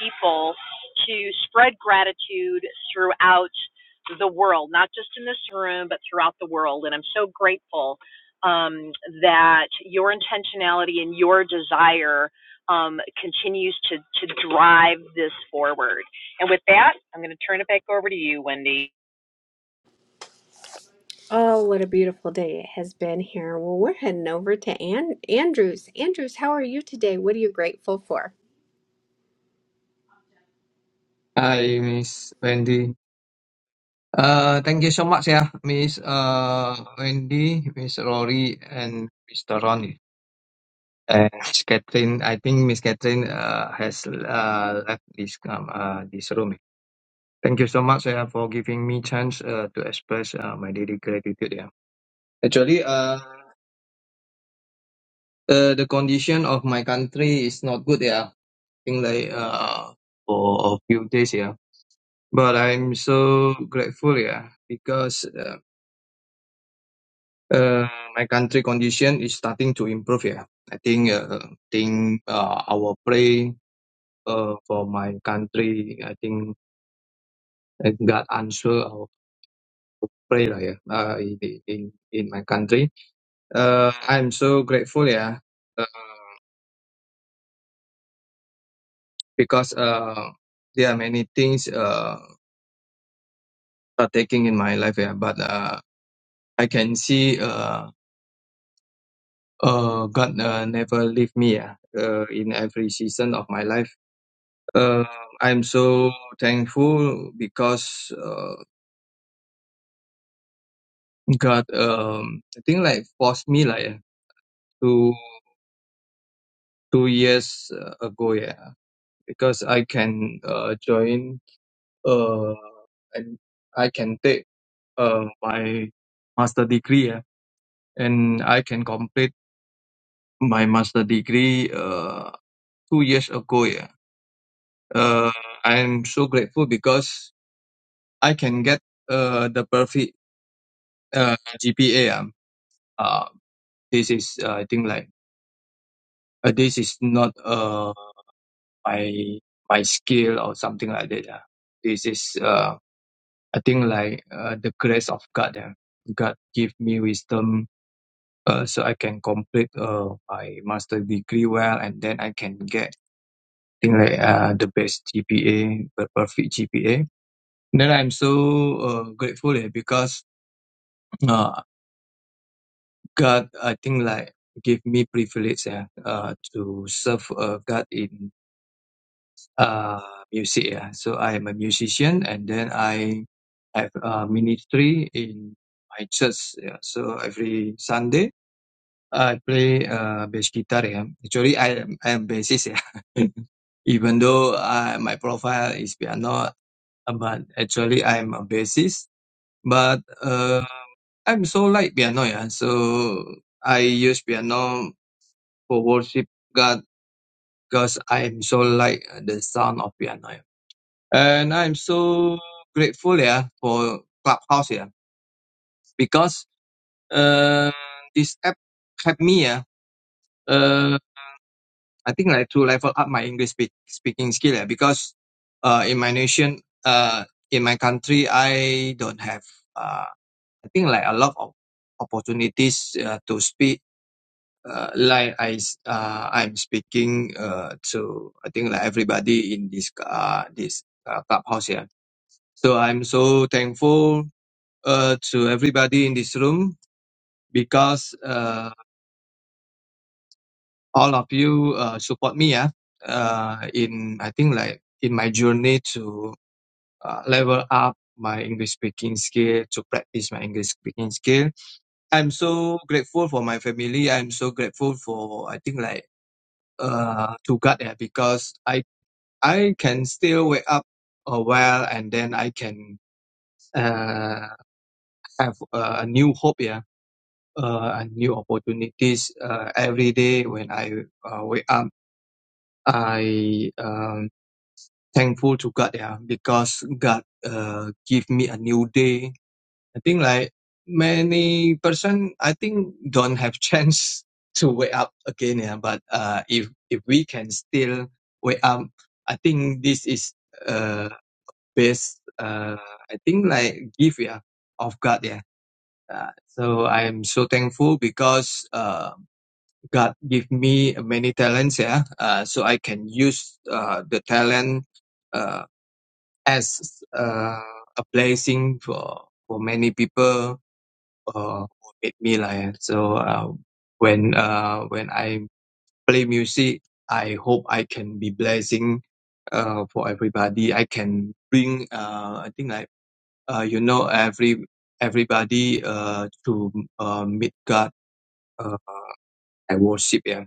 [SPEAKER 22] people to spread gratitude throughout the world, not just in this room, but throughout the world. And I'm so grateful um, that your intentionality and your desire um, continues to, to drive this forward. And with that, I'm going to turn it back over to you, Wendy.
[SPEAKER 19] Oh, what a beautiful day it has been here. Well, we're heading over to An- Andrews. Andrews, how are you today? What are you grateful for?
[SPEAKER 25] Hi, Miss Wendy. Uh, thank you so much, yeah, Miss uh, Wendy, Miss Rory, and Mr. Ronnie. And Miss Catherine, I think Miss Catherine uh, has uh, left this um, uh, this room. Thank you so much yeah, for giving me chance uh, to express uh, my daily gratitude. Yeah, actually, uh, uh, the condition of my country is not good. Yeah, I think like uh, for a few days. Yeah, but I'm so grateful. Yeah, because uh, Uh, my country condition is starting to improve here. I think uh, think uh, our pray uh, for my country. I think uh, God answer our prayer yeah, uh, in, in in my country. Uh, I'm so grateful yeah uh, because uh, there are many things uh, are taking in my life yeah, but uh, I can see uh, uh, God uh, never leave me yeah, uh, in every season of my life Uh, I'm so thankful because uh, God, um, I think like forced me like uh, two two years uh, ago, yeah, because I can uh, join uh, and I can take uh, my master degree, yeah, and I can complete my master degree uh, two years ago, yeah. Uh, I'm so grateful because I can get uh, the perfect uh, GPA. Yeah Uh, this is uh, I think like uh, this is not uh my my skill or something like that. Yeah. This is uh I think like uh, the grace of God. Yeah. God give me wisdom uh, so I can complete uh my master degree well and then I can get thing like uh the best GPA, the perfect GPA. Then I'm so uh, grateful yeah, because uh, God I think like give me privilege yeah, uh, to serve uh, God in uh, music. Yeah. So I am a musician, and then I have a ministry in my church. Yeah. So every Sunday I play uh, bass guitar. Yeah. Actually, I am I am bassist. Yeah. [laughs] Even though uh, my profile is piano, but actually I'm a bassist. But uh, I'm so like piano. Yeah. So I use piano for worship God because I'm so like the sound of piano. And I'm so grateful, yeah, for Clubhouse, yeah, because uh, this app helped me, yeah, uh, I think like to level up my English speak, speaking skill, yeah, because uh, in my nation, uh, in my country, I don't have, uh, I think like a lot of opportunities uh, to speak. Uh, like I, s- uh, I'm speaking uh, to, I think like everybody in this, uh, this uh, clubhouse yeah. So I'm so thankful uh, to everybody in this room because uh, all of you uh, support me yeah uh, in I think like in my journey to uh, level up my English speaking skill to practice my English speaking skill. I'm so grateful for my family. I'm so grateful for I think like uh, to God yeah because I I can still wake up a while and then I can uh, have a new hope yeah uh, and new opportunities uh, every day when I uh, wake up. I um, thankful to God yeah, because God uh, give me a new day. I think like many person, I think don't have [laughs] chance to wake up again. Yeah, but uh, if if we can still wake up, I think this is uh best. Uh, I think like gift yeah of God yeah. Uh, so I am so thankful because uh. God give me many talents, yeah, uh, so I can use uh, the talent uh, as uh, a blessing for for many people uh, who meet me like so. Uh, when uh, when I play music, I hope I can be blessing uh, for everybody. I can bring uh, I think like uh, you know every everybody uh, to uh, meet God. Uh, I worship, yeah.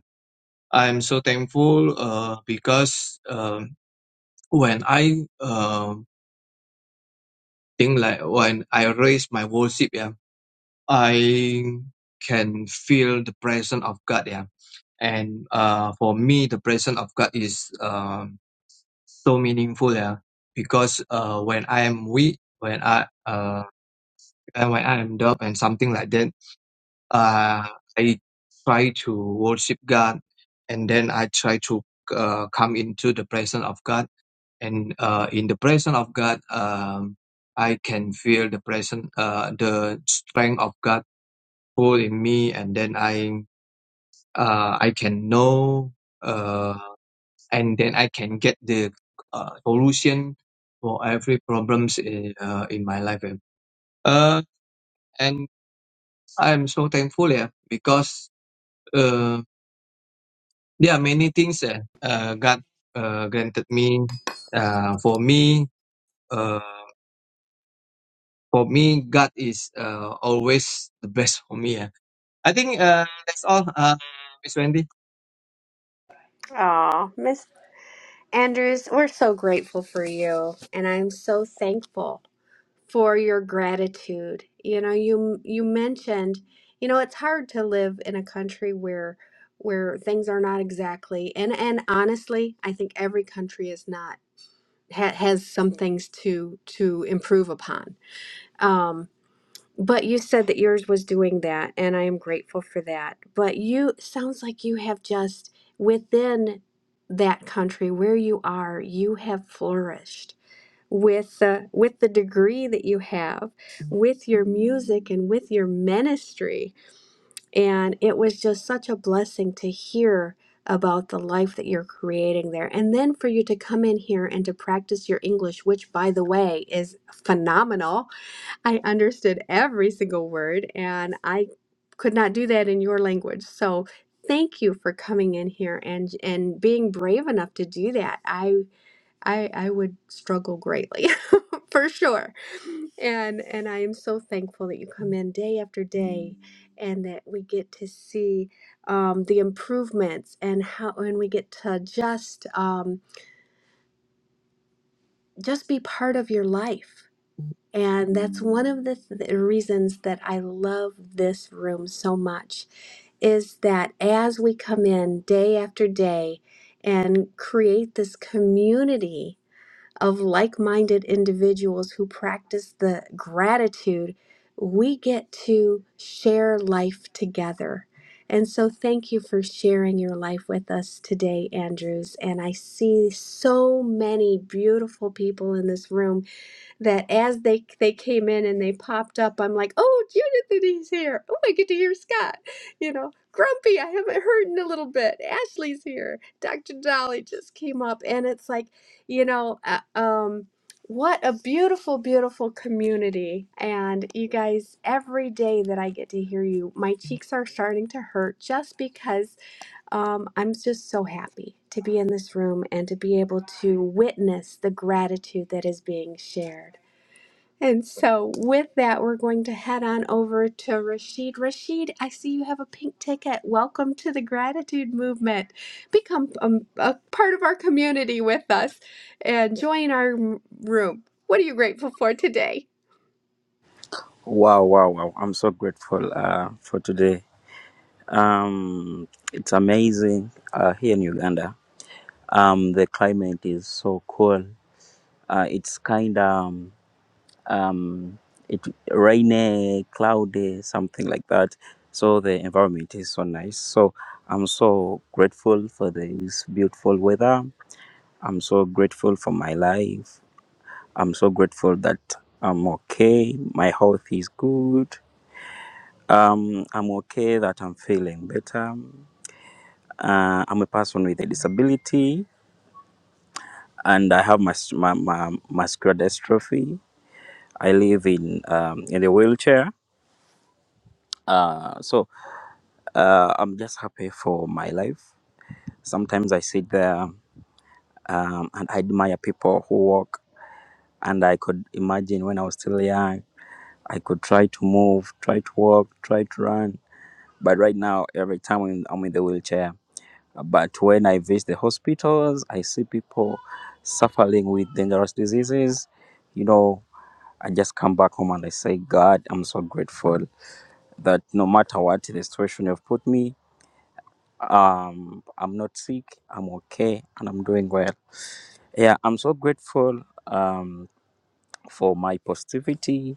[SPEAKER 25] I'm so thankful uh, because um, when I uh think like when I raise my worship, yeah, I can feel the presence of God, yeah. And uh, for me, the presence of God is um so meaningful, yeah, because uh, when I am weak, when I uh, and when I am dumb and something like that, uh, I try to worship God, and then I try to uh, come into the presence of God and uh, in the presence of God, um, I can feel the presence, uh, the strength of God pull in me, and then I uh, I can know, uh, and then I can get the uh, solution for every problems in, uh, in my life. Uh, and I'm so thankful, yeah, because uh, there are many things that uh, God uh, granted me uh, for me. uh, for me, God is uh, always the best for me. Yeah. I think uh, that's all, uh, Miss Wendy.
[SPEAKER 19] Oh, Miss Andrews, we're so grateful for you, and I'm so thankful for your gratitude. You know, you you mentioned, you know, it's hard to live in a country where where things are not exactly and and honestly, I think every country is not ha, has some things to to improve upon. Um, but you said that yours was doing that, and I am grateful for that. But you sounds like you have just within that country where you are, you have flourished with uh, with the degree that you have with your music and with your ministry and it was just such a blessing to hear about the life that you're creating there and then for you to come in here and to practice your english which by the way is phenomenal i understood every single word and i could not do that in your language so thank you for coming in here and and being brave enough to do that i I I would struggle greatly [laughs] for sure. And and I am so thankful that you come in day after day and that we get to see um, the improvements and how and we get to just um, just be part of your life. And that's one of the, th- the reasons that I love this room so much is that as we come in day after day and create this community of like minded individuals who practice the gratitude, we get to share life together. And so, thank you for sharing your life with us today, Andrews. And I see so many beautiful people in this room that as they they came in and they popped up, I'm like, oh, Judith is here. Oh, I get to hear Scott. You know, Grumpy, I haven't heard in a little bit. Ashley's here. Dr. Dolly just came up, and it's like, you know, uh, um, what a beautiful, beautiful community. And you guys, every day that I get to hear you, my cheeks are starting to hurt just because um, I'm just so happy to be in this room and to be able to witness the gratitude that is being shared. And so, with that, we're going to head on over to Rashid. Rashid, I see you have a pink ticket. Welcome to the gratitude movement. Become um, a part of our community with us and join our m- room. What are you grateful for today?
[SPEAKER 26] Wow, wow, wow. I'm so grateful uh, for today. Um, it's amazing uh, here in Uganda. Um, the climate is so cool. Uh, it's kind of um, um, it rainy, cloudy, something like that. So the environment is so nice. So I'm so grateful for this beautiful weather. I'm so grateful for my life. I'm so grateful that I'm okay. My health is good Um, I'm okay that I'm feeling better. Uh, I'm a person with a disability and I have mus- my, my muscular dystrophy. I live in um, in a wheelchair. Uh, So uh, I'm just happy for my life. Sometimes I sit there um, and I admire people who walk. And I could imagine when I was still young, I could try to move, try to walk, try to run. But right now, every time I'm I'm in the wheelchair, But when I visit the hospitals, I see people suffering with dangerous diseases. You know, I just come back home and I say, God, I'm so grateful that no matter what the situation you've put me, um, I'm not sick, I'm okay, and I'm doing well. Yeah, I'm so grateful um, for my positivity.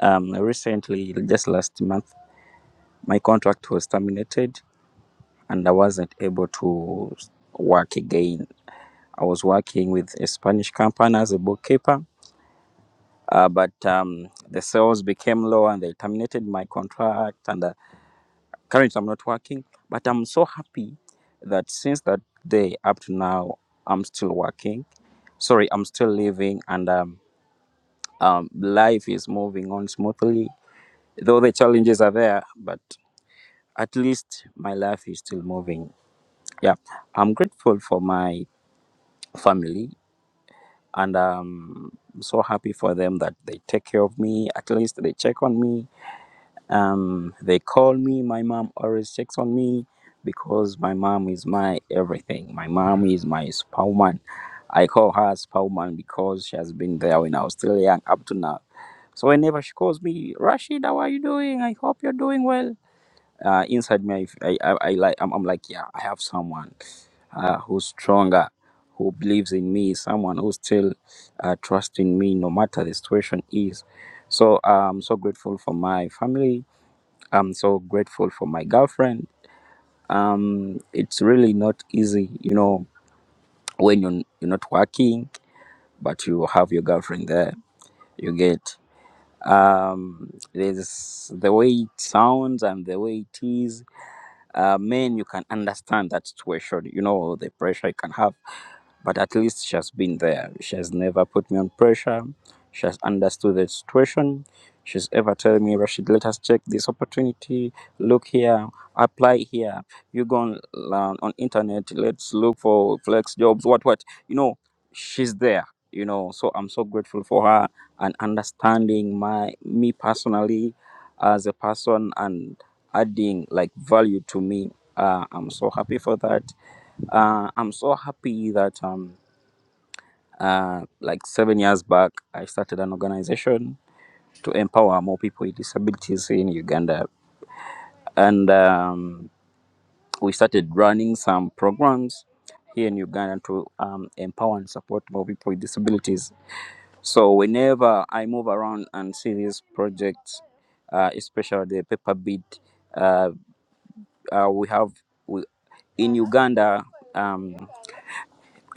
[SPEAKER 26] Um, recently, just last month, my contract was terminated and I wasn't able to work again I was working with a Spanish company as a bookkeeper, uh, but um, the sales became low and they terminated my contract. And uh, currently, I'm not working, but I'm so happy that since that day up to now, I'm still working. Sorry, I'm still living, and um, um, life is moving on smoothly. Though the challenges are there, but at least my life is still moving. Yeah, I'm grateful for my family and um, I'm so happy for them that they take care of me. At least they check on me. Um, they call me. My mom always checks on me because my mom is my everything. My mom is my spowman. I call her spowman because she has been there when I was still young up to now. So whenever she calls me, Rashid, how are you doing? I hope you're doing well uh, inside me, I, I, I like, I'm, I'm like, yeah, I have someone uh, who's stronger, who believes in me, someone who's still uh, trusting me, no matter the situation is. So I'm so grateful for my family. I'm so grateful for my girlfriend. Um, it's really not easy, you know, when you're, you're not working, but you have your girlfriend there. You get um, there's the way it sounds and the way it is uh, men you can understand that situation you know the pressure you can have but at least she has been there she has never put me on pressure she has understood the situation. She's ever telling me, Rashid, let us check this opportunity. Look here, apply here. You go on, uh, on internet, let's look for flex jobs, what, what. You know, she's there, you know. So I'm so grateful for her and understanding my me personally as a person and adding like value to me. Uh, I'm so happy for that uh, I'm so happy that um, uh, like seven years back, I started an organization to empower more people with disabilities in Uganda. And um, we started running some programs here in Uganda to um, empower and support more people with disabilities. So whenever I move around and see these projects, uh, especially the paper bead, uh, uh, we have we, in Uganda, um,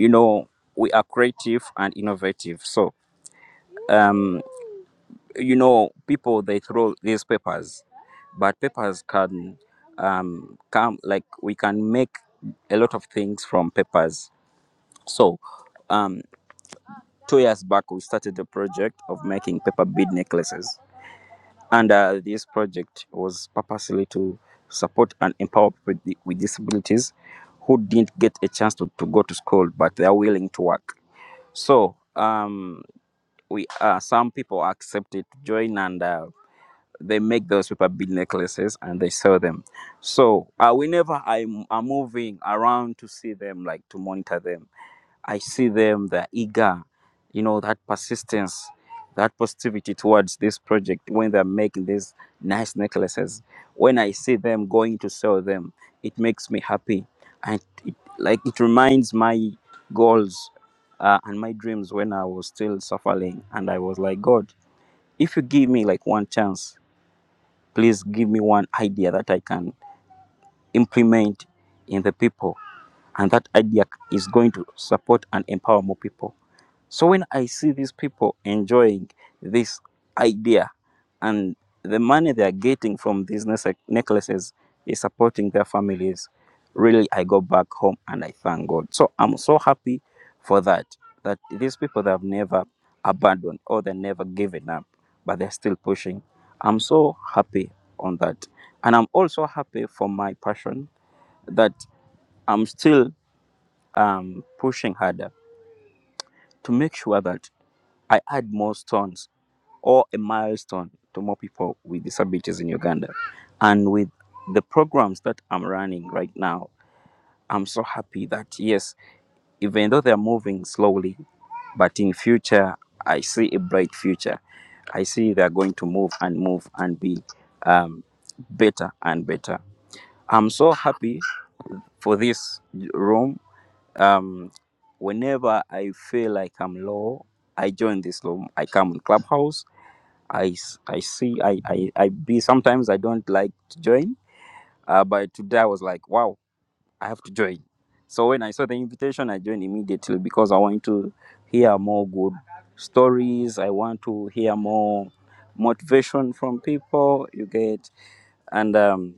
[SPEAKER 26] you know, we are creative and innovative. So. Um, you know people they throw these papers but papers can um, come like we can make a lot of things from papers so um, two years back we started a project of making paper bead necklaces and uh, this project was purposely to support and empower people with, di- with disabilities who didn't get a chance to, to go to school but they are willing to work so um, we uh, some people accepted to join and uh, they make those paper bead necklaces and they sell them. So uh, whenever I'm, I'm moving around to see them, like to monitor them, I see them, they're eager, you know, that persistence, that positivity towards this project when they're making these nice necklaces. When I see them going to sell them, it makes me happy. And it, like it reminds my goals uh, and my dreams when I was still suffering and I was like, God, if you give me like one chance, Please give me one idea that I can implement in the people, and that idea is going to support and empower more people. So when I see these people enjoying this idea and the money they are getting from these nece- necklaces is supporting their families, really I go back home and I thank God. So I'm so happy for that, that these people that have never abandoned or they never given up, but they're still pushing. I'm so happy on that. And I'm also happy for my passion that I'm still um, pushing harder to make sure that I add more stones or a milestone to more people with disabilities in Uganda. And with the programs that I'm running right now, I'm so happy that yes, even though they're moving slowly, but in future I see a bright future. I see they're going to move and move and be um, better and better. I'm so happy for this room. Um, whenever I feel like I'm low, I join this room. I come on Clubhouse I, s- I see I, I I be sometimes I don't like to join, uh, but today I was like, wow, I have to join. So when I saw the invitation, I joined immediately because I want to hear more good stories. I want to hear more motivation from people. You get and um,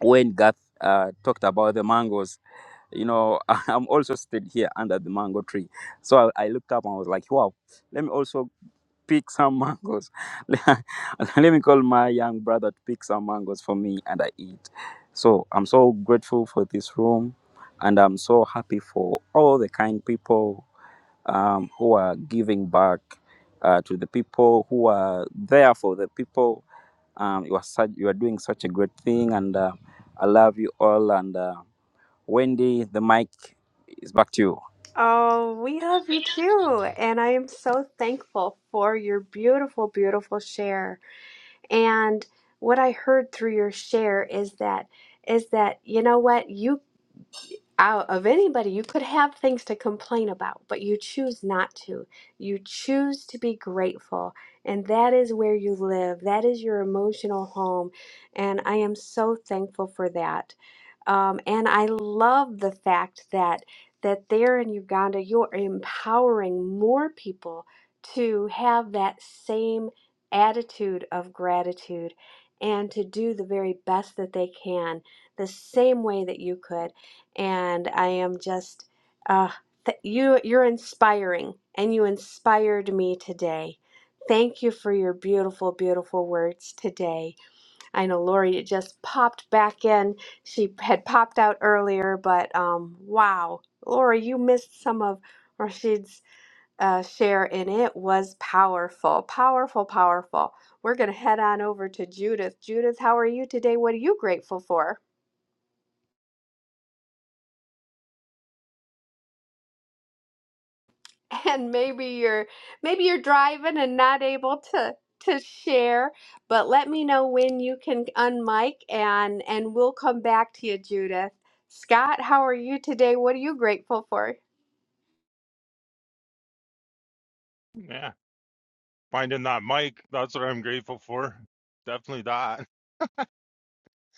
[SPEAKER 26] when Gath uh, talked about the mangoes, you know, [laughs] I'm also stood here under the mango tree. So I, I looked up and I was like, wow, let me also pick some mangoes. [laughs] Let me call my young brother to pick some mangoes for me and I eat. So I'm so grateful for this room and I'm so happy for all the kind people um, who are giving back uh, to the people who are there for the people. Um, you are such, you are doing such a great thing and uh, I love you all and uh, Wendy, the mic is back to you.
[SPEAKER 19] Oh, we love you too. And I am so thankful for your beautiful, beautiful share. And what I heard through your share is that is that you know what? You uh, of anybody, you could have things to complain about, but you choose not to. You choose to be grateful, and that is where you live. That is your emotional home, and I am so thankful for that. Um, and I love the fact that that there in Uganda, you're empowering more people to have that same attitude of gratitude and to do the very best that they can, the same way that you could and I am just uh, th- you. You're inspiring, and you inspired me today. Thank you for your beautiful, beautiful words today. I know Lori just popped back in. She had popped out earlier, but um, wow, Lori, you missed some of Rashid's uh, share, and it was powerful, powerful, powerful. We're gonna head on over to Judith. Judith, how are you today? What are you grateful for? and maybe you're maybe you're driving and not able to to share but let me know when you can unmic and and we'll come back to you judith scott how are you today what are you grateful for
[SPEAKER 27] Yeah, finding that mic, that's what I'm grateful for. Definitely that.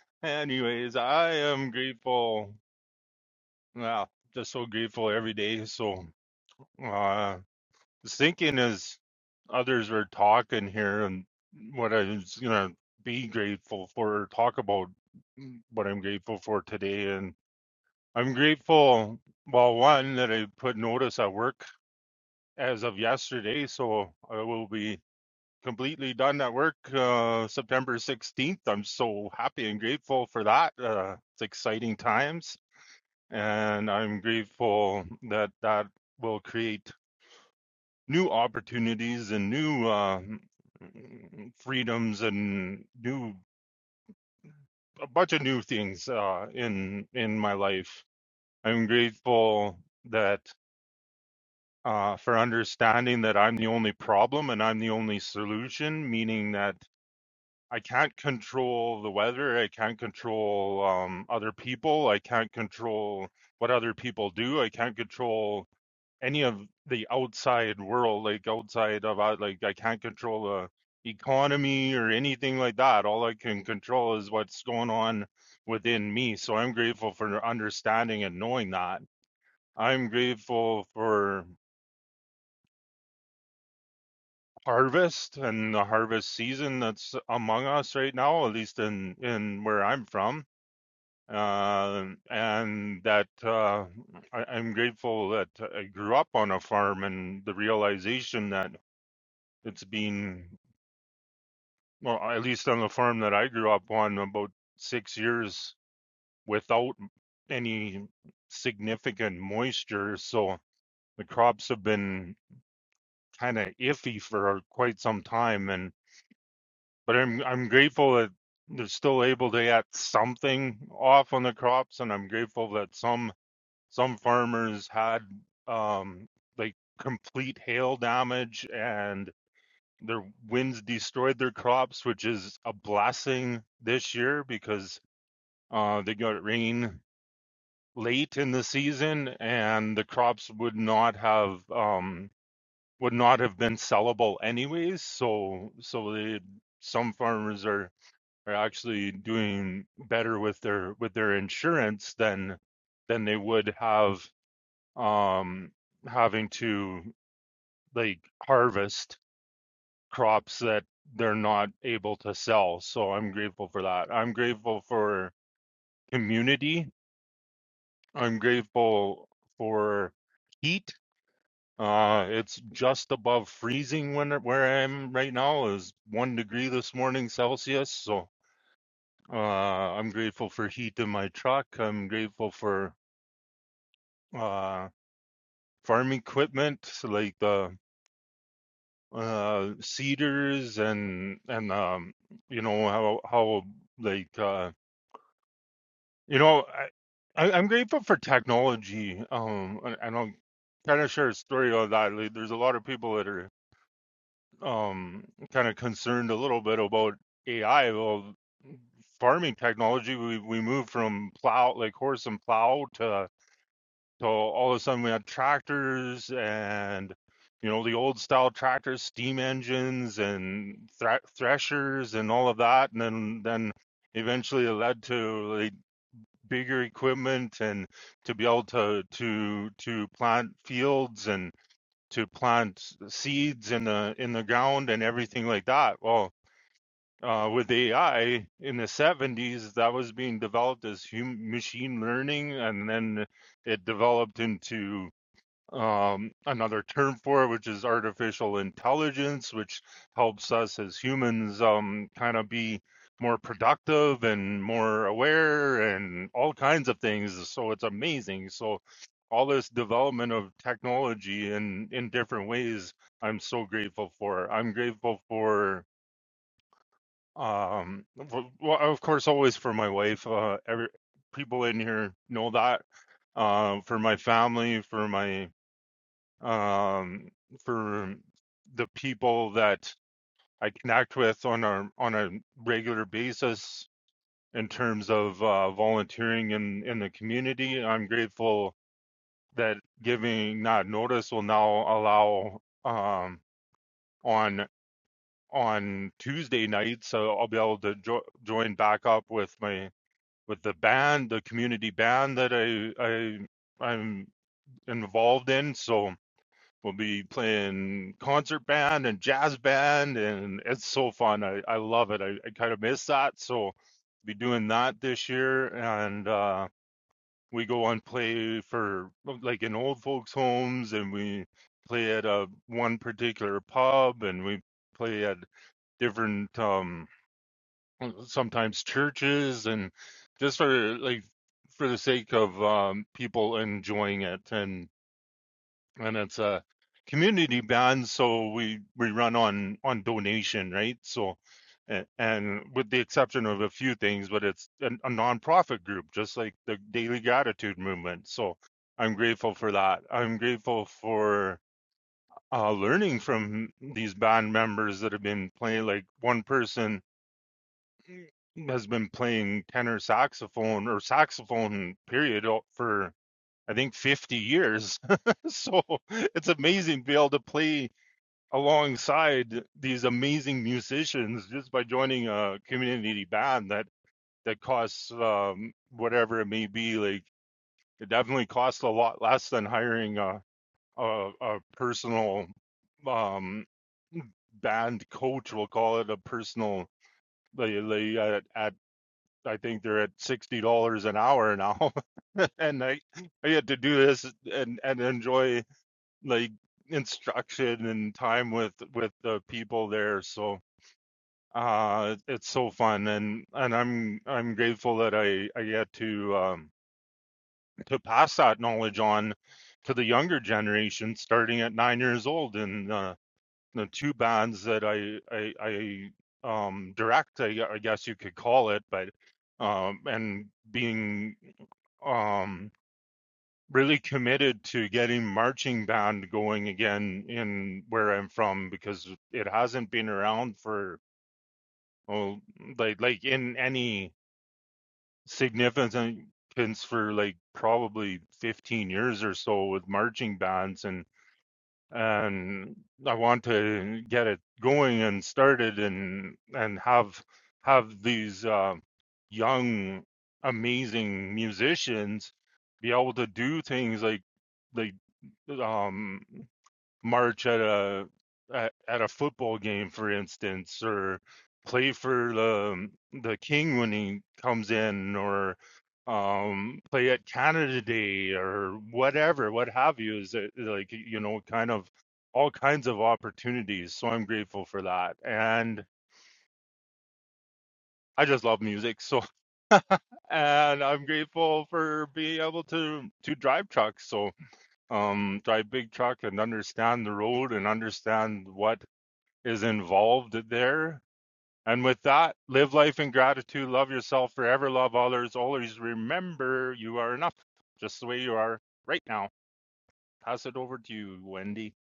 [SPEAKER 27] [laughs] Anyways, I am grateful. Yeah, just so grateful every day. So, uh, just thinking as others were talking here and what I was gonna be grateful for, or talk about mm, what I'm grateful for today. And I'm grateful, well, one, that I put notice at work as of yesterday. So I will be. completely done that work uh, September 16th. I'm so happy and grateful for that. Uh, it's exciting times, and I'm grateful that that will create new opportunities and new uh, freedoms and new a bunch of new things uh, in in my life. I'm grateful that uh, for understanding that I'm the only problem and I'm the only solution, meaning that I can't control the weather. I can't control um, other people. I can't control what other people do. I can't control any of the outside world, like outside of uh, like I can't control the economy or anything like that. All I can control is what's going on within me. So I'm grateful for understanding and knowing that. I'm grateful for harvest and the harvest season that's among us right now, at least in in where I'm from. Um and that uh, I, I'm grateful that I grew up on a farm and the realization that it's been, well, at least on the farm that I grew up on, about six years without any significant moisture. So the crops have been kind of iffy for quite some time. And but I'm I'm grateful that they're still able to get something off on the crops, and I'm grateful that some Some farmers had um, like complete hail damage and their winds destroyed their crops, which is a blessing this year because uh, they got rain late in the season and the crops would not have um, would not have been sellable anyways. So so they some farmers are are actually doing better with their with their insurance than than they would have um, having to like harvest crops that they're not able to sell. So I'm grateful for that. I'm grateful for community. I'm grateful for heat. Uh, it's just above freezing when where I am right now is one degree this morning Celsius. So uh, I'm grateful for heat in my truck. I'm grateful for uh, farm equipment so like the uh cedars and and um you know how how like uh you know I, I I'm grateful for technology um and, and I'll kind of share a story on that like, there's a lot of people that are um kind of concerned a little bit about AI well farming technology we we moved from plow like horse and plow to So all of a sudden we had tractors and you know the old style tractors, steam engines and thre- threshers and all of that, and then then eventually it led to like bigger equipment and to be able to to to plant fields and to plant seeds in the in the ground and everything like that. Well, uh, with AI in the 70s, that was being developed as hum- machine learning, and then it developed into um, another term for it, which is artificial intelligence, which helps us as humans um, kind of be more productive and more aware and all kinds of things. So it's amazing. So all this development of technology in in different ways, I'm so grateful for. I'm grateful for um for, well, of course always for my wife uh every people in here know that uh for my family for my um, for the people that I connect with on a on a regular basis in terms of uh, volunteering in in the community. I'm grateful that giving not notice will now allow um, on on Tuesday nights, so I'll be able to jo- join back up with my with the band, the community band that I I I'm involved in. So We'll be playing concert band and jazz band, and it's so fun. I, I love it. I, I kind of miss that, so be doing that this year. And uh, we go and play for like in old folks' homes, and we play at a one particular pub, and we play at different um, sometimes churches, and just for like for the sake of um, people enjoying it and and it's a community band so we we run on on donation right so a- and with the exception of a few things but it's a, a nonprofit group just like the daily gratitude movement so i'm grateful for that i'm grateful for uh, learning from these band members that have been playing like one person has been playing tenor saxophone or saxophone period o- for I think 50 years. [laughs] so it's amazing to be able to play alongside these amazing musicians just by joining a community band that that costs um, whatever it may be. Like it definitely costs a lot less than hiring a a, a personal um, band coach. We'll call it a personal. They, they at, at I think they're at sixty dollars an hour now, [laughs] and I I get to do this and and enjoy like instruction and time with with the people there so uh it's so fun and and i'm i'm grateful that i i get to um to pass that knowledge on to the younger generation starting at nine years old and uh the two bands that i i i um direct i, I guess you could call it but um and being um really committed to getting marching band going again in where I'm from because it hasn't been around for well, like like in any significance for like probably 15 years or so with marching bands and and I want to get it going and started and and have have these uh, young amazing musicians be able to do things like like um march at a at, at a football game for instance or play for the the king when he comes in or um play at Canada Day or whatever what have you is it like you know kind of all kinds of opportunities so I'm grateful for that and I just love music so [laughs] and I'm grateful for being able to to drive trucks so um, drive big truck and understand the road and understand what is involved there. And with that, live life in gratitude, love yourself forever, love others, always remember you are enough, just the way you are right now. Pass it over to you, Wendy.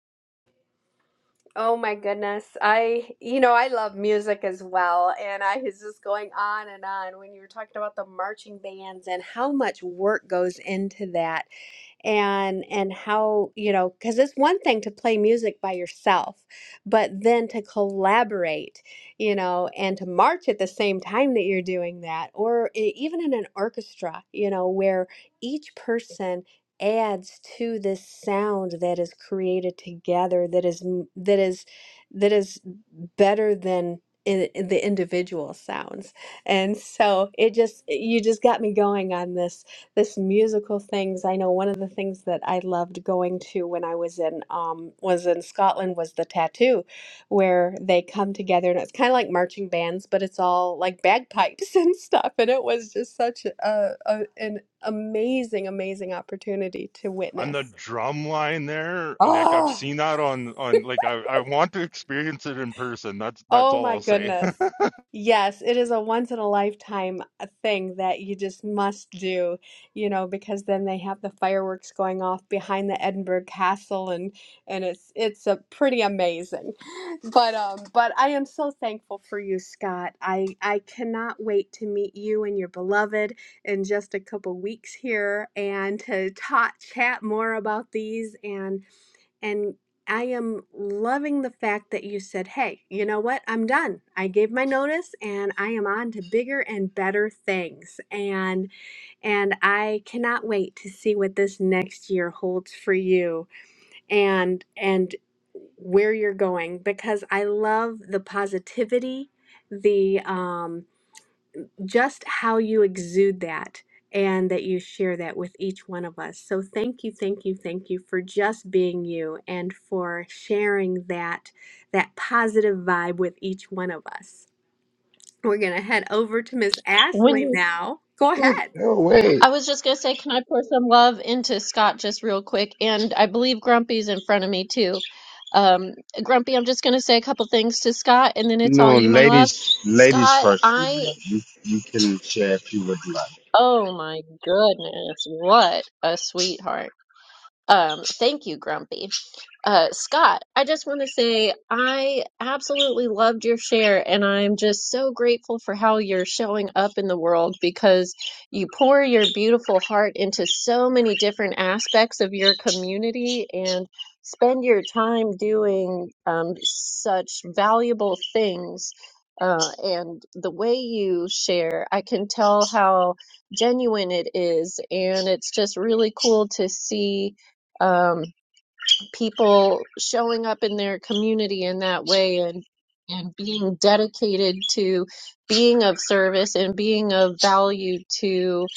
[SPEAKER 19] oh my goodness i you know i love music as well and i was just going on and on when you were talking about the marching bands and how much work goes into that and and how you know because it's one thing to play music by yourself but then to collaborate you know and to march at the same time that you're doing that or e- even in an orchestra you know where each person adds to this sound that is created together that is m- that is that is better than in, in the individual sounds and so it just you just got me going on this this musical things. I know one of the things that I loved going to when I was in um, was in Scotland was the tattoo, where they come together and it's kind of like marching bands, but it's all like bagpipes [laughs] and stuff. And it was just such a, a an amazing, amazing opportunity to
[SPEAKER 27] On the
[SPEAKER 19] witness.
[SPEAKER 27] drum line there, uh, like I've
[SPEAKER 19] Oh.
[SPEAKER 27] seen that on on like I, I want to experience it in person. That's that's
[SPEAKER 19] Oh
[SPEAKER 27] all
[SPEAKER 19] my
[SPEAKER 27] I'll say.
[SPEAKER 19] goodness. Yes, it is a once in a lifetime uh, thing that you just must do, you know, because then they have the fireworks going off behind the Edinburgh Castle and and it's it's a pretty amazing. But um but I am so thankful for you, Scott. I I cannot wait to meet you and your beloved in just a couple weeks here and to ta chat more about these and and I am loving the fact that you said, hey, you know what? I'm done. I gave my notice and I am on to bigger and better things. And and I cannot wait to see what this next year holds for you and and where you're going because I love the positivity, the um just how you exude that and that you share that with each one of us. So thank you, thank you, thank you for just being you and for sharing that that positive vibe with each one of us. We're going to head over to Miss
[SPEAKER 28] When
[SPEAKER 19] Ashley
[SPEAKER 28] you,
[SPEAKER 19] now. Go ahead.
[SPEAKER 29] No, way!
[SPEAKER 28] I was just gonna say, can I pour some love into Scott just real quick? And I believe Grumpy's in front of me too. Um, Grumpy, I'm just gonna say a couple things to Scott, and then it's all
[SPEAKER 29] No,
[SPEAKER 28] you, my love.
[SPEAKER 29] ladies, ladies
[SPEAKER 28] Scott,
[SPEAKER 29] first, my
[SPEAKER 28] I,
[SPEAKER 29] love. You, you can share if you would like.
[SPEAKER 28] oh my goodness, what a sweetheart. Um, thank you, Grumpy. Uh, Scott, I just want to say I absolutely loved your share, and I'm just so grateful for how you're showing up in the world because you pour your beautiful heart into so many different aspects of your community and spend your time doing um, such valuable things. Uh, and the way you share, I can tell how genuine it is, and it's just really cool to see. Um, people showing up in their community in that way and and being dedicated to being of service and being of value to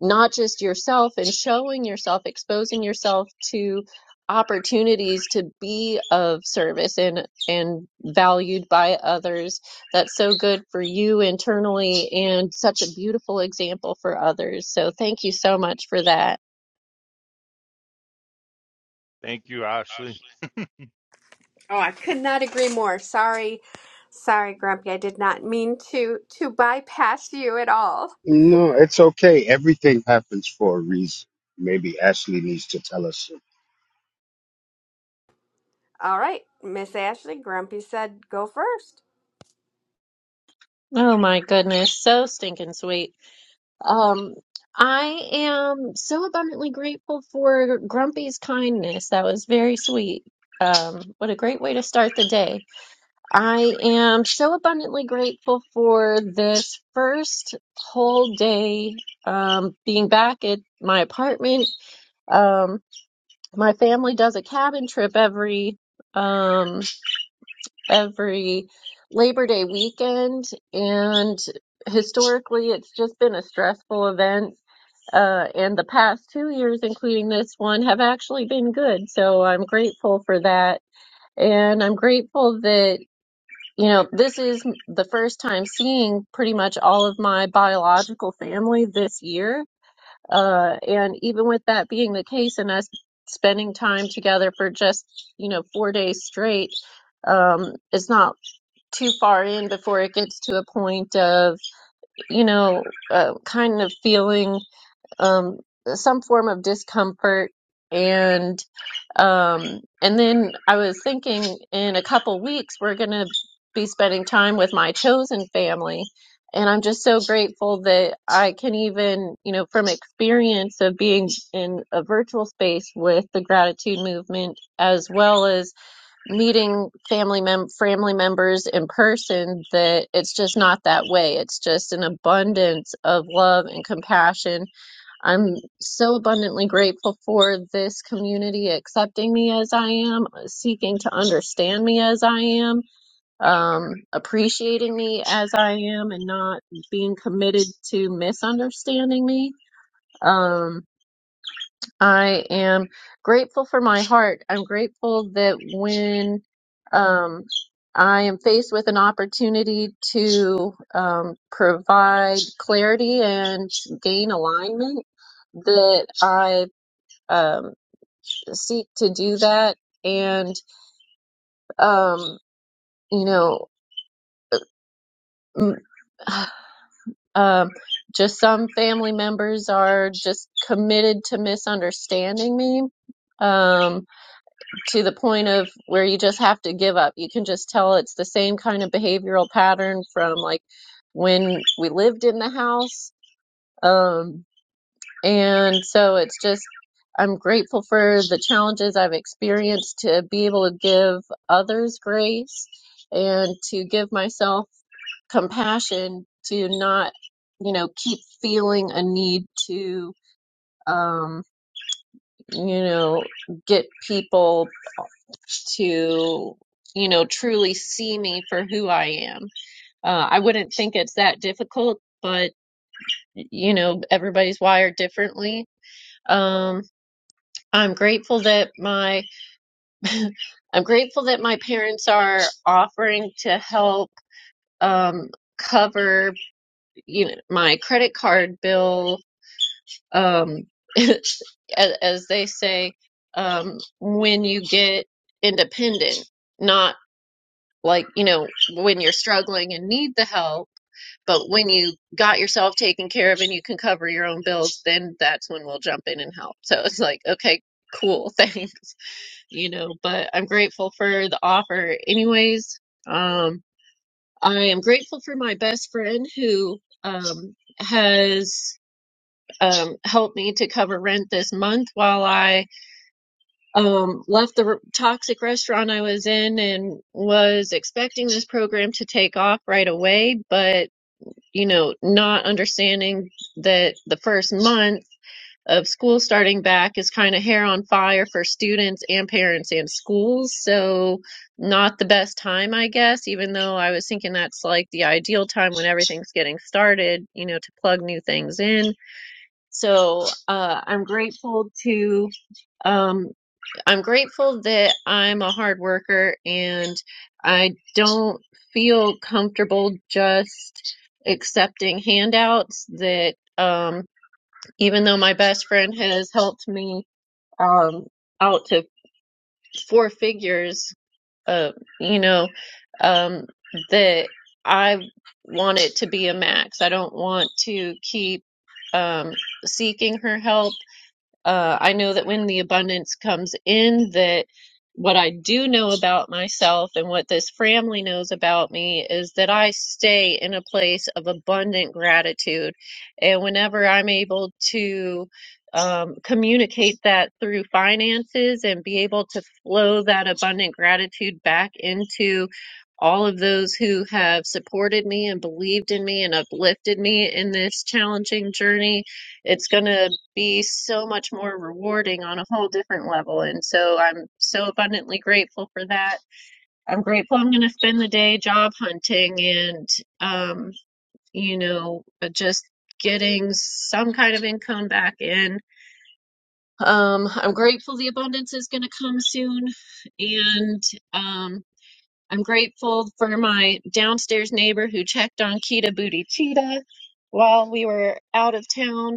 [SPEAKER 28] not just yourself and showing yourself exposing yourself to opportunities to be of service and and valued by others that's so good for you internally and such a beautiful example for others so thank you so much for that
[SPEAKER 27] [laughs] Thank you, Ashley.
[SPEAKER 19] Oh, I could not agree more. Sorry. Sorry, Grumpy. I did not mean to to bypass you at all.
[SPEAKER 29] No, it's okay. Everything happens for a reason. Maybe Ashley needs to tell us. something.
[SPEAKER 19] All right, Miss Ashley, Grumpy said go first.
[SPEAKER 28] oh my goodness so stinking sweet Um, I am so abundantly grateful for Grumpy's kindness. That was very sweet. Um, what a great way to start the day. I am so abundantly grateful for this first whole day, um, being back at my apartment. Um, my family does a cabin trip every, um, every Labor Day weekend. And historically, it's just been a stressful event. Uh, and the past two years, including this one, have actually been good. So I'm grateful for that. And I'm grateful that, you know, this is the first time seeing pretty much all of my biological family this year. Uh, and even with that being the case and us spending time together for just, you know, four days straight, um, it's not too far in before it gets to a point of, you know, uh, kind of feeling um, some form of discomfort. And um, and then I was thinking in a couple weeks we're going to be spending time with my chosen family. And I'm just so grateful that I can even, you know, from experience of being in a virtual space with the gratitude movement, as well as meeting family mem family members in person that it's just not that way. It's just an abundance of love and compassion. I'm so abundantly grateful for this community accepting me as I am, seeking to understand me as I am, um, appreciating me as I am, and not being committed to misunderstanding me. Um, I am grateful for my heart. I'm grateful that when um, I am faced with an opportunity to um, provide clarity and gain alignment, that I um, seek to do that. And, um, you know, m- [sighs] um, just some family members are just committed to misunderstanding me. Um, to the point of where you just have to give up. You can just tell it's the same kind of behavioral pattern from like when we lived in the house. Um, and so it's just, I'm grateful for the challenges I've experienced to be able to give others grace and to give myself compassion to not, you know, keep feeling a need to, um, you know, get people to you know truly see me for who i am uh, i wouldn't think it's that difficult but you know everybody's wired differently um, i'm grateful that my [laughs] i'm grateful that my parents are offering to help um, cover you know my credit card bill um, [laughs] as, as they say um, when you get independent not like you know when you're struggling and need the help but when you got yourself taken care of and you can cover your own bills then that's when we'll jump in and help so it's like okay cool [laughs] thanks you know but i'm grateful for the offer anyways um i am grateful for my best friend who um has um helped me to cover rent this month while i um, left the toxic restaurant I was in and was expecting this program to take off right away, but you know, not understanding that the first month of school starting back is kind of hair on fire for students and parents and schools. So, not the best time, I guess, even though I was thinking that's like the ideal time when everything's getting started, you know, to plug new things in. So, uh, I'm grateful to um, I'm grateful that I'm a hard worker and I don't feel comfortable just accepting handouts that um even though my best friend has helped me um out to four figures uh you know um that I want it to be a max. I don't want to keep um seeking her help uh, I know that when the abundance comes in, that what I do know about myself and what this family knows about me is that I stay in a place of abundant gratitude. And whenever I'm able to um, communicate that through finances and be able to flow that abundant gratitude back into all of those who have supported me and believed in me and uplifted me in this challenging journey, it's going to be so much more rewarding on a whole different level. And so I'm so abundantly grateful for that. I'm grateful I'm going to spend the day job hunting and, um, you know, uh, just getting some kind of income back in. Um, I'm grateful the abundance is going to come soon. And, um, I'm grateful for my downstairs neighbor who checked on Kita Booty Cheetah while we were out of town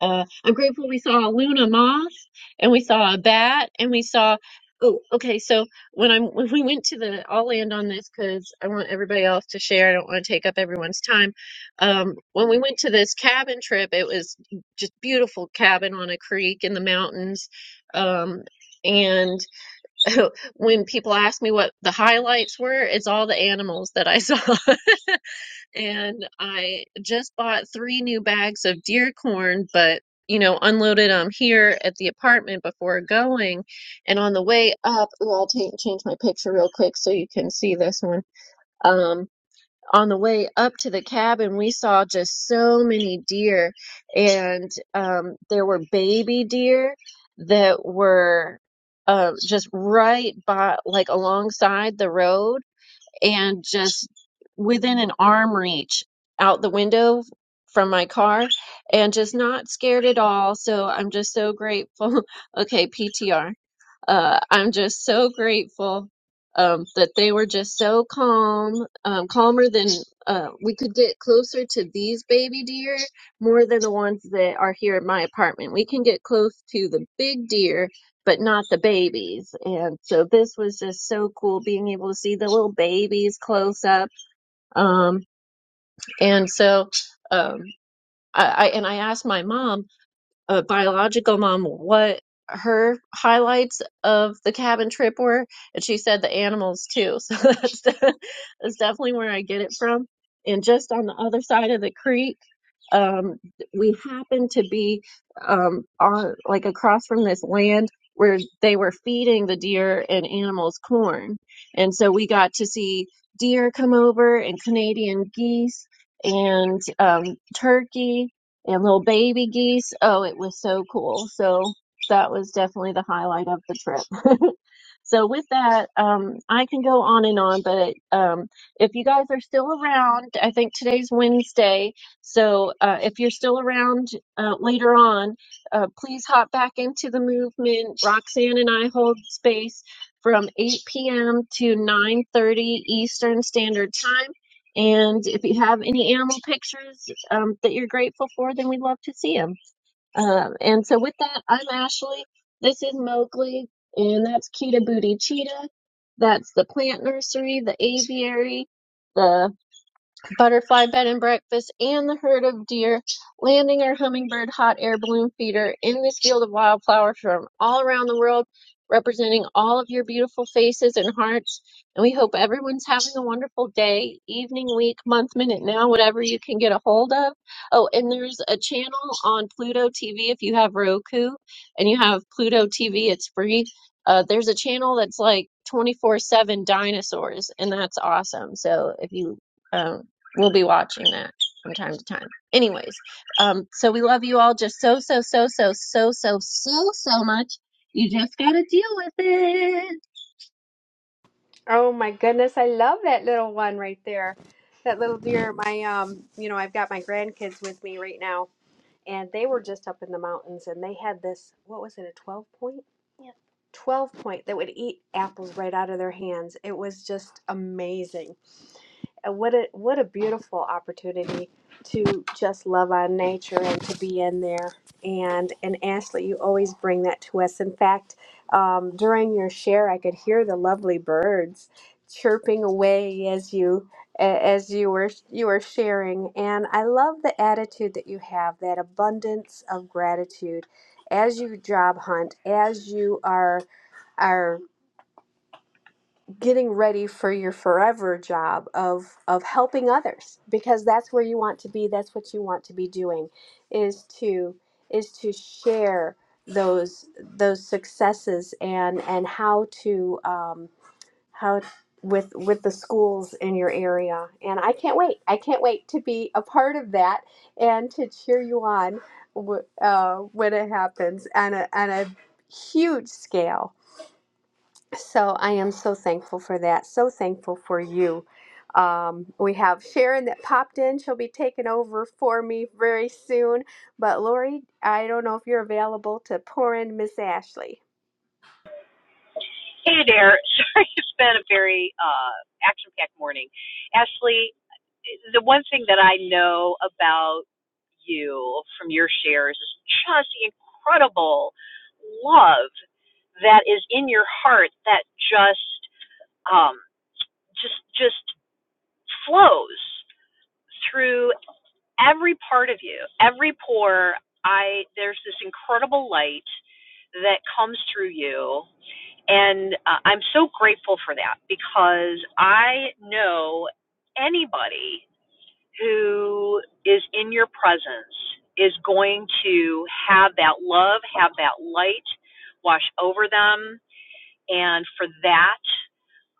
[SPEAKER 28] uh, I'm grateful we saw a Luna moth and we saw a bat and we saw. Oh, okay. So when I'm when we went to the, I'll land on this because I want everybody else to share. I don't want to take up everyone's time. Um, when we went to this cabin trip, it was just beautiful cabin on a creek in the mountains. Um, and [laughs] when people ask me what the highlights were, it's all the animals that I [laughs] saw and I just bought three new bags of deer corn, but you know, unloaded them here at the apartment before going. And on the way up, ooh, I'll take, change my picture real quick so you can see this one. Um, on the way up to the cabin, we saw just so many deer, and um, there were baby deer that were uh, just right by, like alongside the road and just within an arm reach out the window from my car and just not scared at all. So I'm just so grateful. [laughs] Okay, PTR uh, I'm just so grateful um, that they were just so calm, um, calmer than uh, we could get closer to these baby deer more than the ones that are here in my apartment. We can get close to the big deer, but not the babies. And so this was just so cool being able to see the little babies close up. Um, and so, um, I, I, and I asked my mom, a biological mom what her highlights of the cabin trip were, and she said the animals too. [laughs] So that's de- that's definitely where I get it from. And just on the other side of the creek, um, we happened to be um, on like across from this land where they were feeding the deer and animals corn, and so we got to see deer come over and Canadian geese and um, turkey and little baby geese. Oh, it was so cool. So that was definitely the highlight of the trip. [laughs] so with that, um, I can go on and on, but um, if you guys are still around, I think today's Wednesday. So uh, if you're still around uh, later on, uh, please hop back into the movement. Roxanne and I hold space from 8 p.m. to 9:30 Eastern Standard Time and if you have any animal pictures um, that you're grateful for, then we'd love to see them. Um, and so, with that, I'm Ashley. This is Mowgli, and that's Kita Booty Cheetah. That's the plant nursery, the aviary, the butterfly bed and breakfast, and the herd of deer, landing our hummingbird hot air balloon feeder in this field of wildflowers from all around the world, representing all of your beautiful faces and hearts. And we hope everyone's having a wonderful day, evening, week, month, minute, now, whatever you can get a hold of. Oh, and there's a channel on Pluto TV if you have Roku and you have Pluto TV, it's free. Uh, there's a channel that's like 24/7 dinosaurs, and that's awesome. So if you um, We'll be watching that from time to time. Anyways, um, so we love you all just so, so, so, so, so, so, so, so much. You just gotta deal with it.
[SPEAKER 19] Oh my goodness, I love that little one right there. That little deer. My um, you know, I've got my grandkids with me right now and they were just up in the mountains and they had this what was it, a 12.? point? 12 point that would eat apples right out of their hands. It was just amazing. And what a what a beautiful opportunity to just love on nature and to be in there. And and Ashley, you always bring that to us. In fact, um, during your share, I could hear the lovely birds chirping away as you a- as you were you were sharing. And I love the attitude that you have, that abundance of gratitude, as you job hunt, as you are are getting ready for your forever job of of helping others because that's where you want to be that's what you want to be doing is to is to share those those successes and and how to um how with with the schools in your area and i can't wait i can't wait to be a part of that and to cheer you on wh- uh, when it happens on a on a huge scale so I am so thankful for that. So thankful for you. Um, we have Sharon that popped in. She'll be taking over for me very soon. But Lori, I don't know if you're available to pour in Miss Ashley.
[SPEAKER 22] Hey there. [laughs] Sorry, it's been a very uh, action packed morning. Ashley, the one thing that I know about you from your shares is just the incredible love that is in your heart that just um, just just flows through every part of you, every pore. I there's this incredible light that comes through you, and uh, I'm so grateful for that because I know anybody who is in your presence is going to have that love, have that light wash over them. And for that,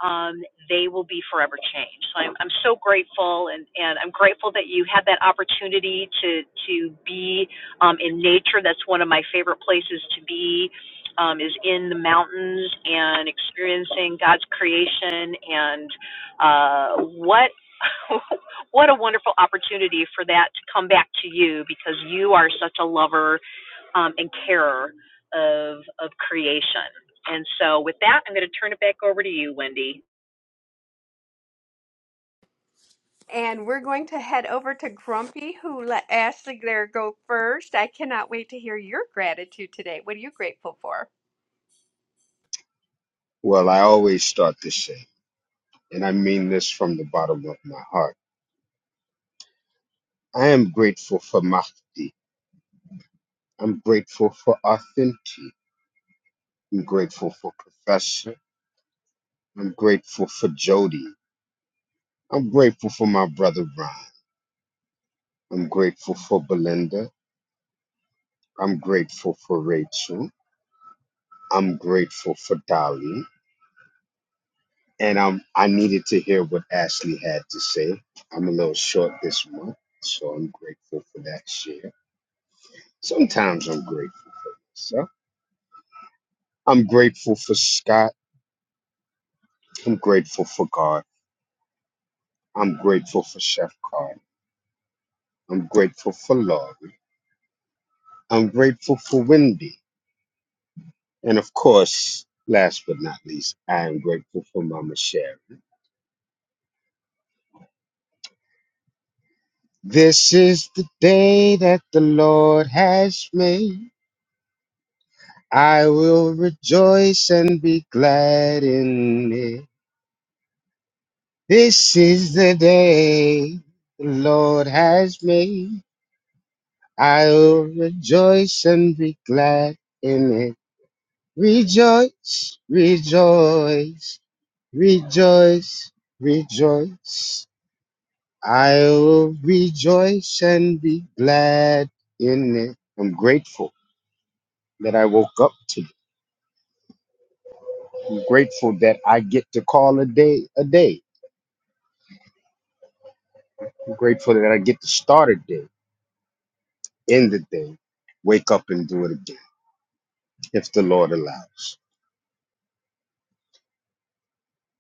[SPEAKER 22] um, they will be forever changed. So I'm, I'm so grateful, and, and I'm grateful that you had that opportunity to to be um, in nature. That's one of my favorite places to be, um, is in the mountains and experiencing God's creation. And uh, what [laughs] what a wonderful opportunity for that to come back to you because you are such a lover um, and carer of of creation. And so, with that, I'm going to turn it back over to you, Wendy.
[SPEAKER 19] And we're going to head over to Grumpy, who let Ashley there go first. I cannot wait to hear your gratitude today. What are you grateful for?
[SPEAKER 29] Well, I always start this saying, and I mean this from the bottom of my heart. I am grateful for Mahdi. I'm grateful for Authentic. I'm grateful for Professor. I'm grateful for Jody. I'm grateful for my brother Ron. I'm grateful for Belinda. I'm grateful for Rachel. I'm grateful for Dolly. And I'm I needed to hear what Ashley had to say. I'm a little short this month, so I'm grateful for that share. Sometimes I'm grateful. So I'm grateful for Scott. I'm grateful for God. I'm grateful for Chef Carl. I'm grateful for Laurie. I'm grateful for Wendy. And of course, last but not least, I am grateful for Mama Sharon. This is the day that the Lord has made. I will rejoice and be glad in it. This is the day the Lord has made. I will rejoice and be glad in it. Rejoice, rejoice, rejoice, rejoice. I will rejoice and be glad in it. I'm grateful that I woke up today. I'm grateful that I get to call a day a day. I'm grateful that I get to start a day, end the day, wake up and do it again, if the Lord allows.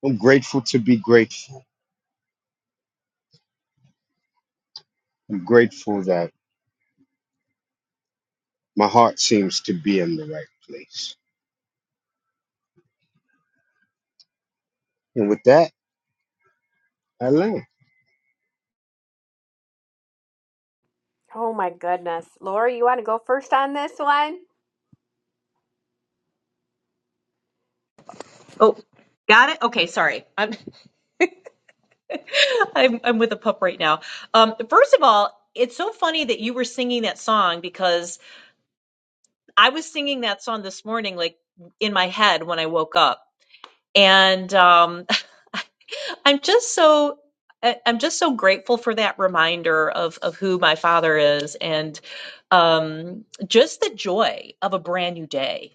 [SPEAKER 29] I'm grateful to be grateful. I'm grateful that my heart seems to be in the right place. And with that, I land.
[SPEAKER 19] Oh my goodness. Lori, you want to go first on this one?
[SPEAKER 22] Oh, got it. Okay, sorry. I'm [laughs] I'm I'm with a pup right now. Um, first of all, it's so funny that you were singing that song because I was singing that song this morning, like in my head when I woke up, and um, [laughs] I'm just so. I- I'm just so grateful for that reminder of of who my father is and um, just the joy of a brand new day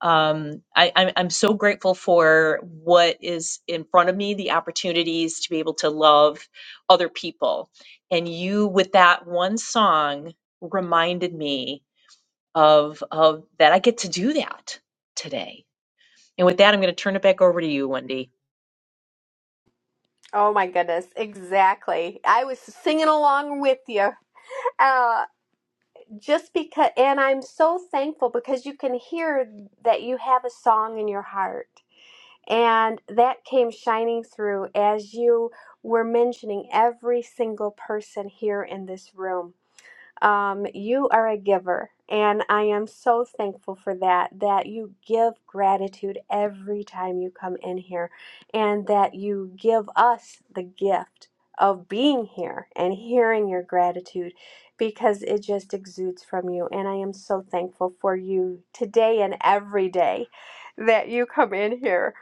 [SPEAKER 22] um, I, I'm, I'm so grateful for what is in front of me, the opportunities to be able to love other people. And you, with that one song, reminded me of, of that I get to do that today. And with that, I'm going to turn it back over to you, Wendy.
[SPEAKER 19] Oh my goodness. Exactly. I was singing along with you. Uh, just because and i'm so thankful because you can hear that you have a song in your heart and that came shining through as you were mentioning every single person here in this room um, you are a giver, and I am so thankful for that. That you give gratitude every time you come in here, and that you give us the gift of being here and hearing your gratitude because it just exudes from you. And I am so thankful for you today and every day that you come in here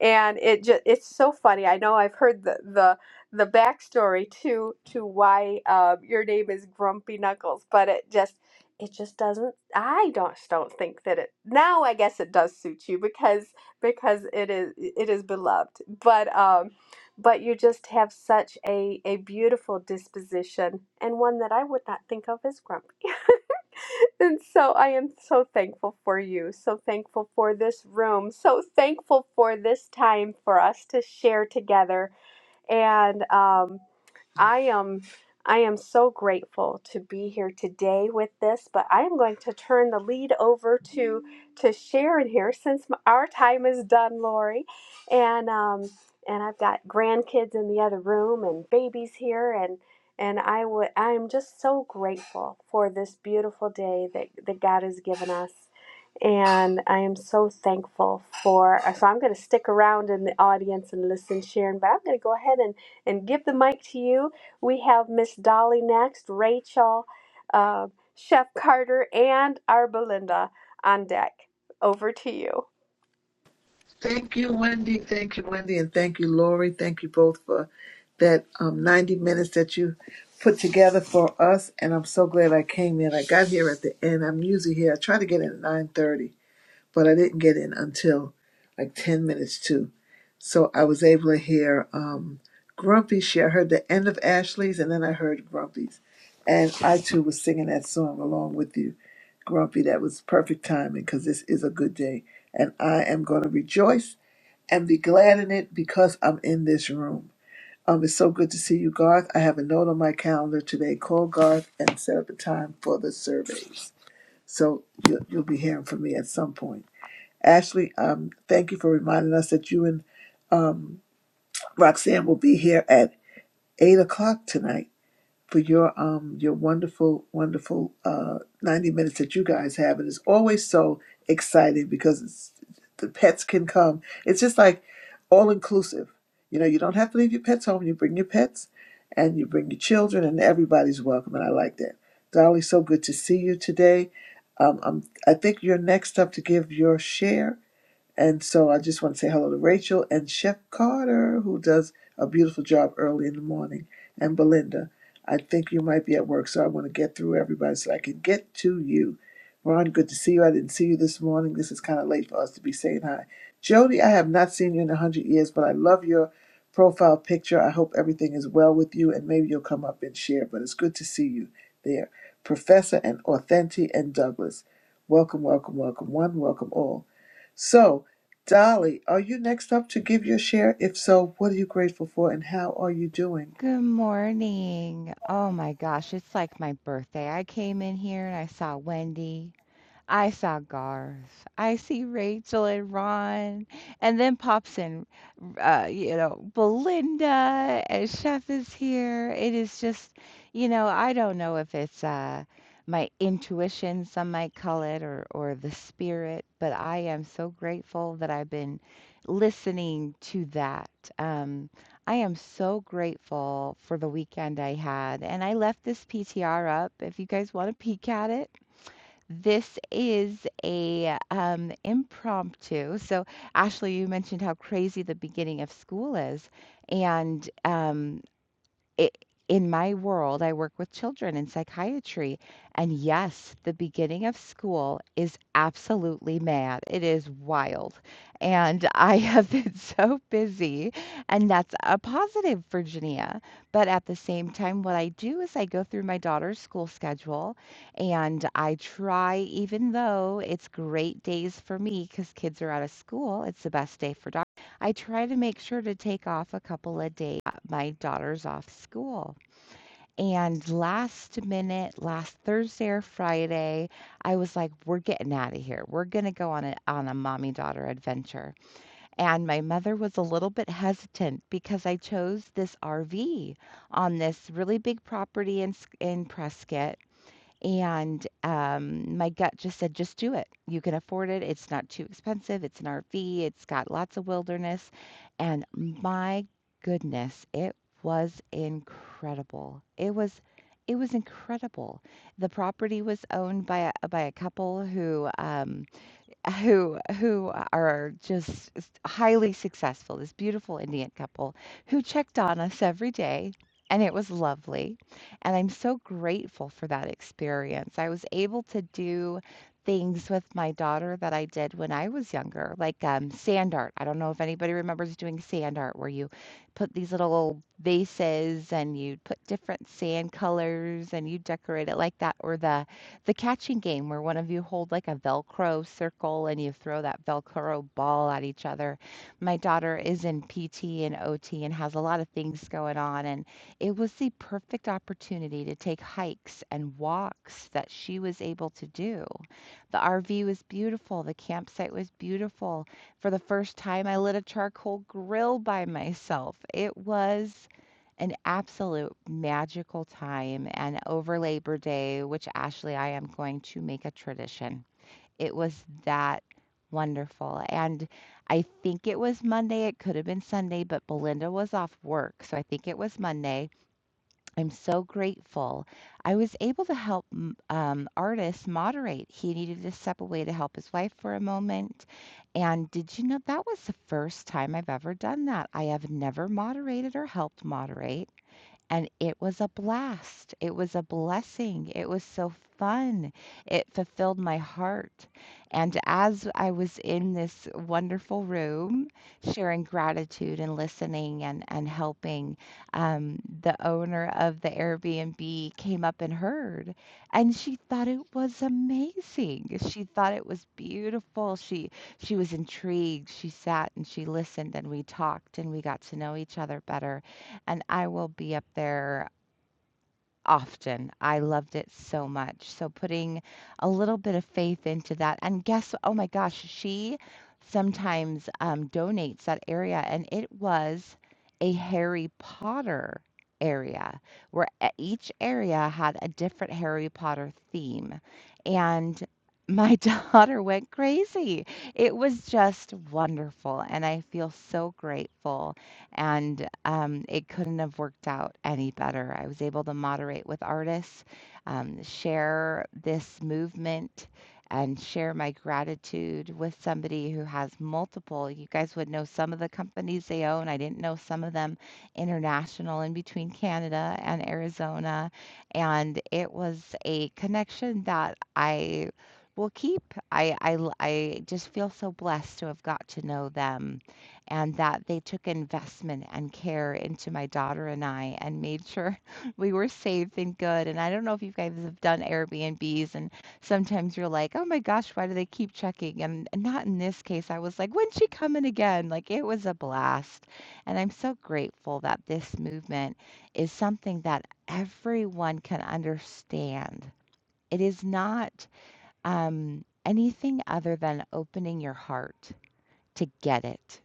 [SPEAKER 19] and it just it's so funny. I know I've heard the the the backstory to to why um, your name is Grumpy Knuckles, but it just it just doesn't. I don't don't think that it now. I guess it does suit you because because it is it is beloved, but um. But you just have such a, a beautiful disposition and one that I would not think of as grumpy. [laughs] [laughs] And so I am so thankful for you, so thankful for this room, so thankful for this time for us to share together. And um, I am I am so grateful to be here today with this, but I am going to turn the lead over to to Sharon here since m- our time is done, Lori, and um, and I've got grandkids in the other room and babies here, and and I would I am just so grateful for this beautiful day that that God has given us. And I am so thankful for. So I'm going to stick around in the audience and listen, Sharon. But I'm going to go ahead and and give the mic to you we have Miss Dolly next, Rachel, um, Chef Carter, and our Belinda on deck. Over to you.
[SPEAKER 30] Thank you, Wendy. Thank you, Wendy. And thank you, Lori. Thank you both for that um, 90 minutes that you put together for us. And I'm so glad I came in. I got here at the end. I'm usually here. I try to get in at 9.30, but I didn't get in until like 10 minutes to. So I was able to hear um, Grumpy share. I heard the end of Ashley's and then I heard Grumpy's. And I too was singing that song along with you, Grumpy. That was perfect timing because this is a good day. And I am going to rejoice and be glad in it because I'm in this room. Um, it's so good to see you, Garth. I have a note on my calendar today. Call Garth and set up a time for the surveys. So you'll, you'll be hearing from me at some point. Ashley, um, thank you for reminding us that you and um, Roxanne will be here at 8 o'clock tonight for your um your wonderful wonderful uh 90 minutes that you guys have and it's always so exciting because it's the pets can come it's just like all inclusive you know you don't have to leave your pets home you bring your pets and you bring your children and everybody's welcome and i like that dolly so good to see you today um, I'm, i think you're next up to give your share and so I just want to say hello to Rachel and Chef Carter, who does a beautiful job early in the morning, and Belinda. I think you might be at work, so I want to get through everybody so I can get to you. Ron, good to see you. I didn't see you this morning. This is kind of late for us to be saying hi. Jody, I have not seen you in a 100 years, but I love your profile picture. I hope everything is well with you, and maybe you'll come up and share, but it's good to see you there. Professor and Authentic and Douglas, welcome, welcome, welcome, one, welcome all. So, Dolly, are you next up to give your share? If so, what are you grateful for and how are you doing?
[SPEAKER 31] Good morning. Oh my gosh, it's like my birthday. I came in here and I saw Wendy. I saw Garth. I see Rachel and Ron, and then pops in, uh, you know, Belinda and Chef is here. It is just, you know, I don't know if it's uh, my intuition, some might call it, or or the spirit, but I am so grateful that I've been listening to that. Um, I am so grateful for the weekend I had, and I left this PTR up if you guys want to peek at it this is a um, impromptu. So, Ashley, you mentioned how crazy the beginning of school is, and um, i in my world, I work with children in psychiatry. And yes, the beginning of school is absolutely mad. It is wild. And [laughs] I have been [laughs] so busy, and that's a positive, Virginia. But at the same time, what I do is I go through my daughter's school schedule and I try, even though it's great days for me because kids are out of school, it's the best day for I try to make sure to take off a couple of days. My daughter's off school. And last minute, last Thursday or Friday, I was like, we're getting out of here. We're going to go on a, on a mommy daughter adventure. And my mother was a little bit hesitant because I chose this RV on this really big property in, S- in Prescott. And, um, my gut just said, "Just do it. You can afford it. It's not too expensive. It's an RV. It's got lots of wilderness." And my goodness, it was incredible. It was it was incredible. The property was owned by a by a couple who, um who who are just s- highly successful this beautiful indian couple who checked on us every day and it was lovely and i'm so grateful for that experience i was able to do things with my daughter that i did when i was younger like um, sand art i don't know if anybody remembers doing sand art where you put these little vases and you put different sand colors and you decorate it like that or the the catching game where one of you hold like a Velcro circle and you throw that Velcro ball at each other. My daughter is in PT and OT and has a lot of things going on. And it was the perfect opportunity to take hikes and walks that she was able to do. The RV was beautiful. The campsite was beautiful. For the first time, I lit a charcoal grill by myself. It was an absolute magical time. And over Labor Day, which Ashley, I am going to make a tradition, it was that wonderful. And I think it was Monday. It could have been Sunday, but Belinda was off work. So I think it was Monday. I'm so grateful. I was able to help m- um, artists moderate. He needed to step away to help his wife for a moment. And did you know that was the first time I've ever done that? I have never moderated or helped moderate and it was a blast. It was a blessing. It was so fun. It fulfilled my heart. And as I was in this wonderful room sharing gratitude and listening and, and helping, um, the owner of the Airbnb came up and heard, and she thought it was amazing. She thought it was beautiful. She she was intrigued. She sat and she listened, and we talked, and we got to know each other better and I will be up there often. I loved it so much. So putting a little bit of faith into that. And guess, oh my gosh, she sometimes um, donates that area, and it was a Harry Potter area where e- each area had a different Harry Potter theme. And my [laughs] daughter went crazy. It was just wonderful, and I feel so grateful and, um, it couldn't have worked out any better. I was able to moderate with artists, um, share this movement, and share my gratitude with somebody who has multiple. You guys would know some of the companies they own. I didn't know some of them international in between Canada and Arizona. And it was a connection that I will keep. I, I, l- I just feel so blessed to have got to know them and that they took investment and care into my daughter and I and made sure [laughs] we were safe and good. And I don't know if you guys have done Airbnbs and sometimes you're like, "Oh my gosh, why do they keep checking?" And not in this case. I was like, "When's she coming again?" Like it was a blast. And I'm so grateful that this movement is something that everyone can understand. It is not um, anything other than opening your heart to get it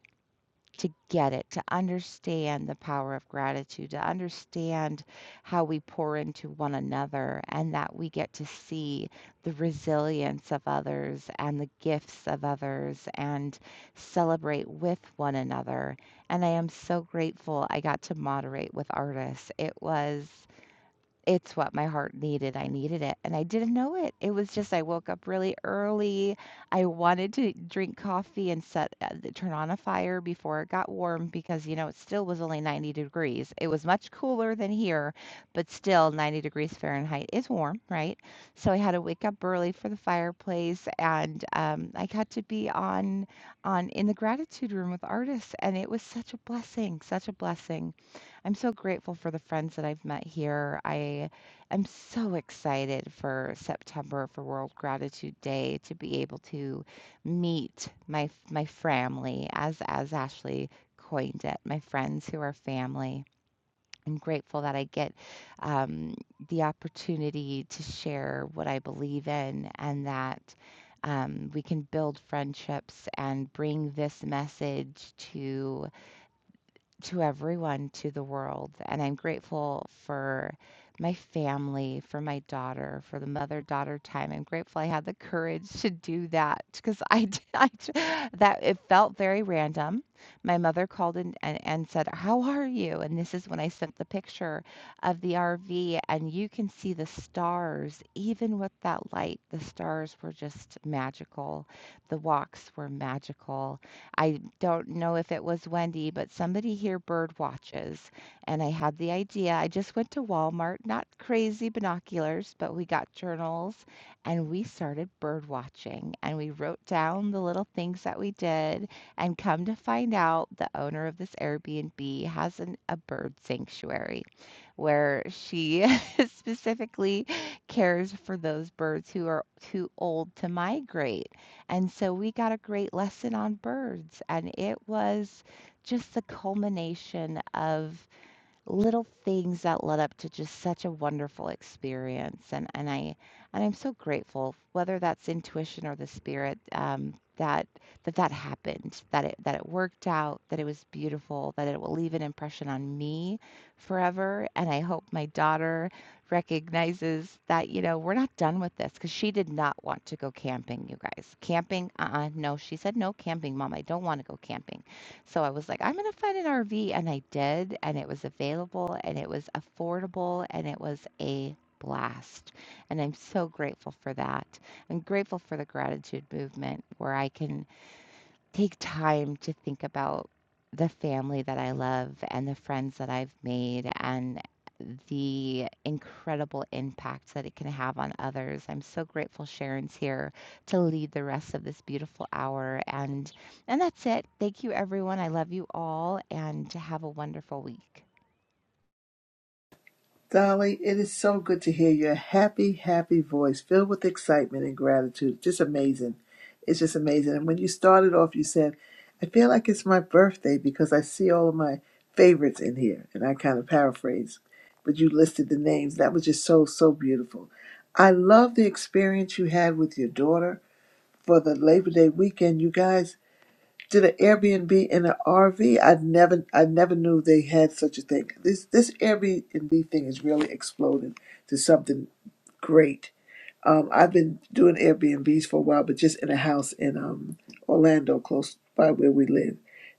[SPEAKER 31] to get it, to understand the power of gratitude, to understand how we pour into one another, and that we get to see the resilience of others and the gifts of others and celebrate with one another. And I am so grateful I got to moderate with artists. It was it's what my heart needed, I needed it, and I didn't know it. It was just I woke up really early, I wanted to drink coffee and set uh, turn on a fire before it got warm because, you know, it still was only 90 degrees. It was much cooler than here, but still 90 degrees Fahrenheit is warm, right? So I had to wake up early for the fireplace, and um, I got to be on on in the gratitude room with artists, and it was such a blessing, such a blessing. I'm so grateful for the friends that I've met here. I am so excited for September for World Gratitude Day to be able to meet my my family as as Ashley coined it, my friends who are family. I'm grateful that I get um, the opportunity to share what I believe in and that um, we can build friendships and bring this message to to everyone, to the world. And I'm grateful for my family, for my daughter, for the mother daughter time. I'm grateful I had the courage to do that because I [laughs] I, that it felt very random. My mother called in and, and said, How are you? And this is when I sent the picture of the RV, and you can see the stars, even with that light. The stars were just magical. The walks were magical I don't know if it was Wendy, but somebody here bird watches. And I had the idea. I just went to Walmart, not crazy binoculars, but we got journals and we started bird watching. And we wrote down the little things that we did. And come to find out, the owner of this Airbnb has an, a bird sanctuary where she [laughs] specifically cares for those birds who are too old to migrate. And so we got a great lesson on birds, and it was just the culmination of little things that led up to just such a wonderful experience and and I and I'm so grateful whether that's intuition or the spirit um that that that happened that it that it worked out that it was beautiful that it will leave an impression on me forever and I hope my daughter recognizes that you know we're not done with this cuz she did not want to go camping you guys camping uh-uh no she said no camping mom I don't want to go camping so I was like, I'm going to find an RV. And I did. And it was available and it was affordable and it was a blast. And I'm so grateful for that. I'm grateful for the gratitude movement where I can take time to think about the family that I love and the friends that I've made and the incredible impact that it can have on others. I'm so grateful Sharon's here to lead the rest of this beautiful hour and and that's it. Thank you everyone. I love you all and have a wonderful week.
[SPEAKER 30] Dolly, it is so good to hear your happy, happy voice filled with excitement and gratitude. Just amazing. It's just amazing. And when you started off, you said, I feel like it's my birthday because I see all of my favorites in here. And I kind of paraphrased, but you listed the names. That was just so, so beautiful. I love the experience you had with your daughter for the Labor Day weekend. You guys, did an Airbnb in an RV. I never, I never knew they had such a thing. This this Airbnb thing is really exploding to something great. Um, I've been doing Airbnbs for a while, but just in a house in um, Orlando, close by where we live,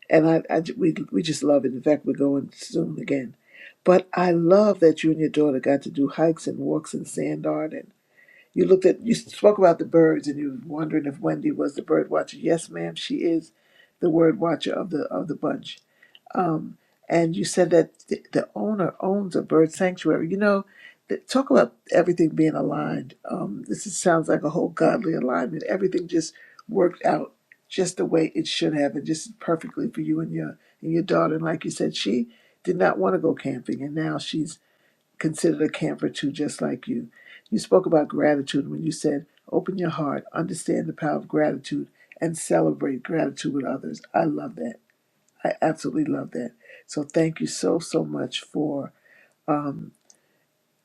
[SPEAKER 30] and I, I j- we we just love it. In fact, we're going soon again. But I love that you and your daughter got to do hikes and walks in Sand Art, you looked at you spoke about the birds and you were wondering if Wendy was the bird watcher. Yes, ma'am, she is the word watcher of the of the bunch. Um, and you said that th- the owner owns a bird sanctuary. You know, th- talk about everything being aligned. Um, this is, sounds like a whole godly alignment. Everything just worked out just the way it should have, and just perfectly for you and your and your daughter. And like you said, she did not want to go camping, and now she's considered a camper too, just like you. You spoke about gratitude when you said, open your heart, understand the power of gratitude, and celebrate gratitude with others. I love that. I absolutely love that. So thank you so, so much for. um,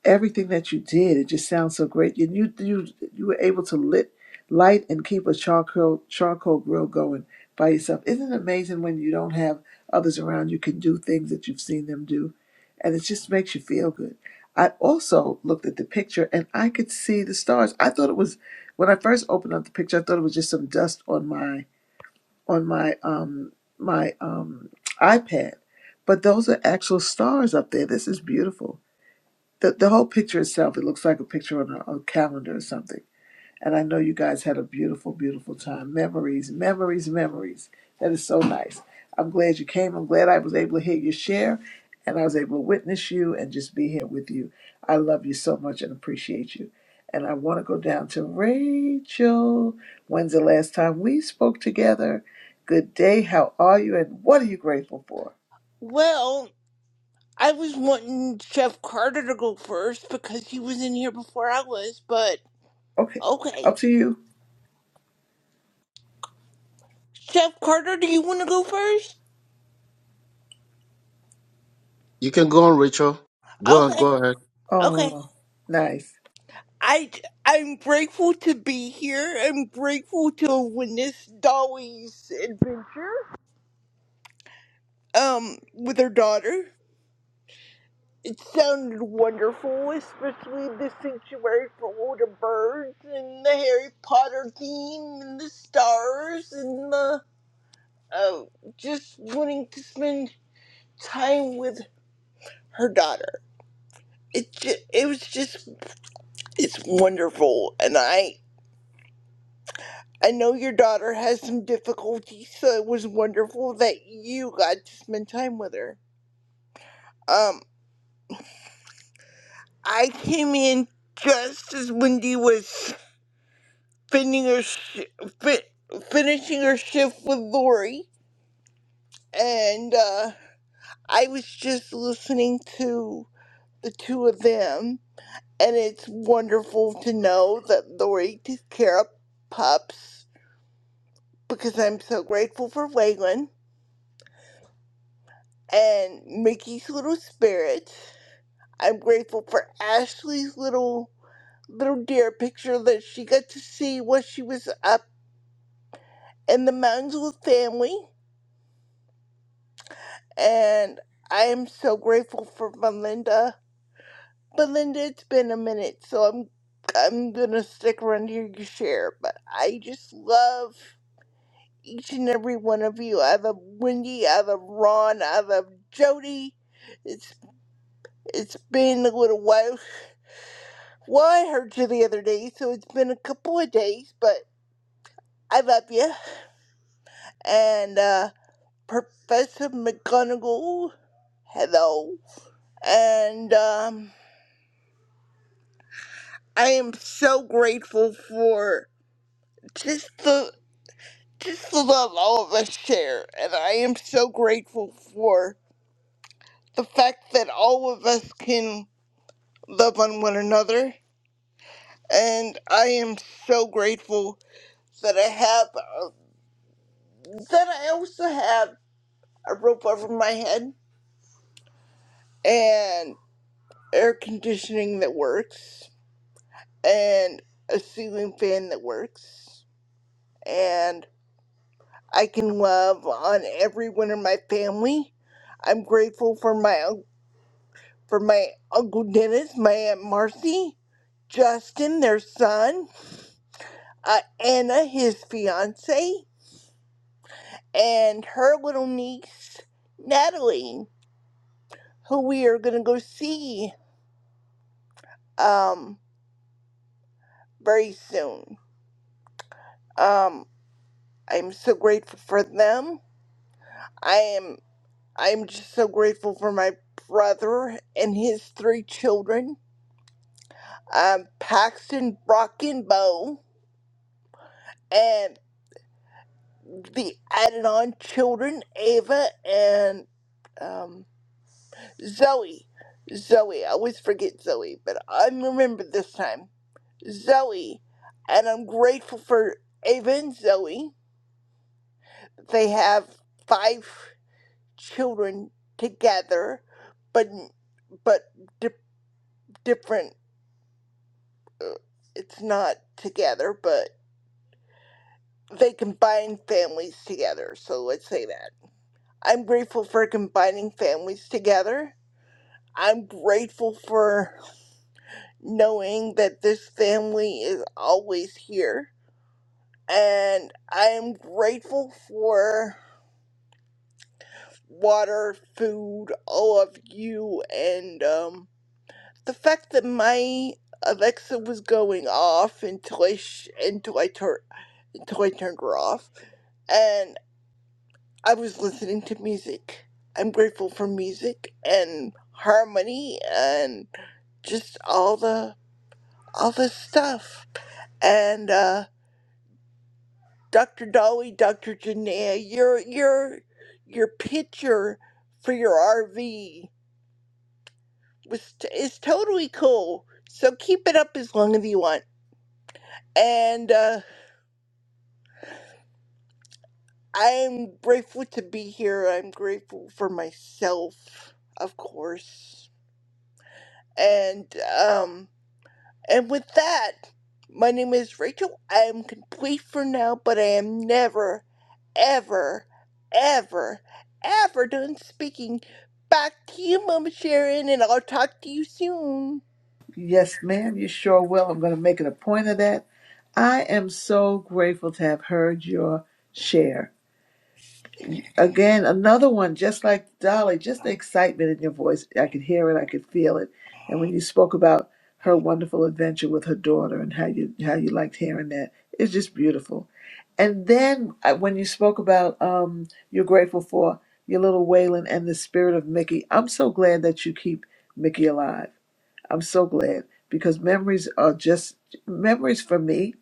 [SPEAKER 30] everything that you did. It just sounds so great. And you you you were able to lit light and keep a charcoal charcoal grill going by yourself. Isn't it amazing when you don't have others around you can do things that you've seen them do? And it just makes you feel good. I also looked at the picture and I could see the stars. I thought it was when I first opened up the picture, I thought it was just some dust on my on my um my um iPad. But those are actual stars up there. This is beautiful the, the whole picture itself, it looks like a picture on a, a calendar or something. And I know you guys had a beautiful, beautiful time. Memories, memories, memories. That is so nice. I'm glad you came. I'm glad I was able to hear you share and I was able to witness you and just be here with you. I love you so much and appreciate you. And I want to go down to Rachel. When's the last time we spoke together? Good day. How are you? And what are you grateful for?
[SPEAKER 32] Well, I was wanting Chef Carter to go first because he was in here before I was, but
[SPEAKER 30] Okay.
[SPEAKER 32] okay.
[SPEAKER 30] Up to you.
[SPEAKER 32] Chef Carter, do you want to go first?
[SPEAKER 6] You can go on, Rachel. Go on, go
[SPEAKER 32] Okay,
[SPEAKER 6] ahead.
[SPEAKER 32] okay.
[SPEAKER 30] Oh, nice.
[SPEAKER 32] I, I'm grateful to be here. I'm grateful to witness Dolly's adventure um, with her daughter. It sounded wonderful, especially the sanctuary for older birds and the Harry Potter theme and the stars and the uh, just wanting to spend time with her daughter. It ju- it was just it's wonderful, and I I know your daughter has some difficulties, so it was wonderful that you got to spend time with her. Um, I came in just as Wendy was finishing her sh- fi- finishing her shift with Lori, and uh, I was just listening to the two of them and it's wonderful to know that Lori takes care of pups because I'm so grateful for Waylon and Mickey's little spirit. I'm grateful for Ashley's little little deer picture that she got to see when she was up in the mountains with family. And I am so grateful for Belinda. Belinda, it's been a minute, so I'm I'm gonna stick around here to share, but I just love each and every one of you. I love Wendy. I love Ron. I love Jody. It's it's been a little while. Well, I heard you the other day, so it's been a couple of days, but I love you. And uh, Professor McGonagall, hello. And um, I am so grateful for just the just the love all of us share, and I am so grateful for the fact that all of us can. love on one another. And I am so grateful that I have, uh, that I also have a roof over my head and air conditioning that works and a ceiling fan that works. And I can love on everyone in my family. I'm grateful for my un- for my uncle Dennis, my aunt Marcy, Justin, their son, uh, Anna, his fiance. and her little niece Natalie, who we are gonna go see um very soon. Um, I'm so grateful for them. I am I'm just so grateful for my brother and his three children, um, Paxton, Brock, and Bo, and the added on children, Ava and um, Zoe. Zoe, I always forget Zoe, but I remember this time. Zoe, and I'm grateful for Ava and Zoe. They have five children together, but but di- different. uh, It's not together, but they combine families together. So let's say that. I'm grateful for combining families together. I'm grateful for knowing that this family is always here. And I am grateful for. water, food, all of you, and um, the fact that my Alexa was going off until I sh- until I tur- until I turned her off, and I was listening to music. I'm grateful for music and harmony and just all the all the stuff. And uh, Dr. Dolly, Dr. Janaea, your your your picture for your RV. was t- is totally cool. So keep it up as long as you want. And uh, I'm grateful to be here. I'm grateful for myself, of course. And um, and with that, my name is Rachel. I am complete for now, but I am never, ever, ever, ever done speaking. Back to you, Mama Sharon, and I'll talk to you soon.
[SPEAKER 30] Yes, ma'am, you sure will. I'm going to make it a point of that. I am so grateful to have heard your share. Again, another one, just like Dolly, just the excitement in your voice. I could hear it, I could feel it. And when you spoke about her wonderful adventure with her daughter and how you how you liked hearing that, it's just beautiful. And then uh, when you spoke about um, you're grateful for your little Waylon and the spirit of Mickey, I'm so glad that you keep Mickey alive I'm so glad because memories are just memories for me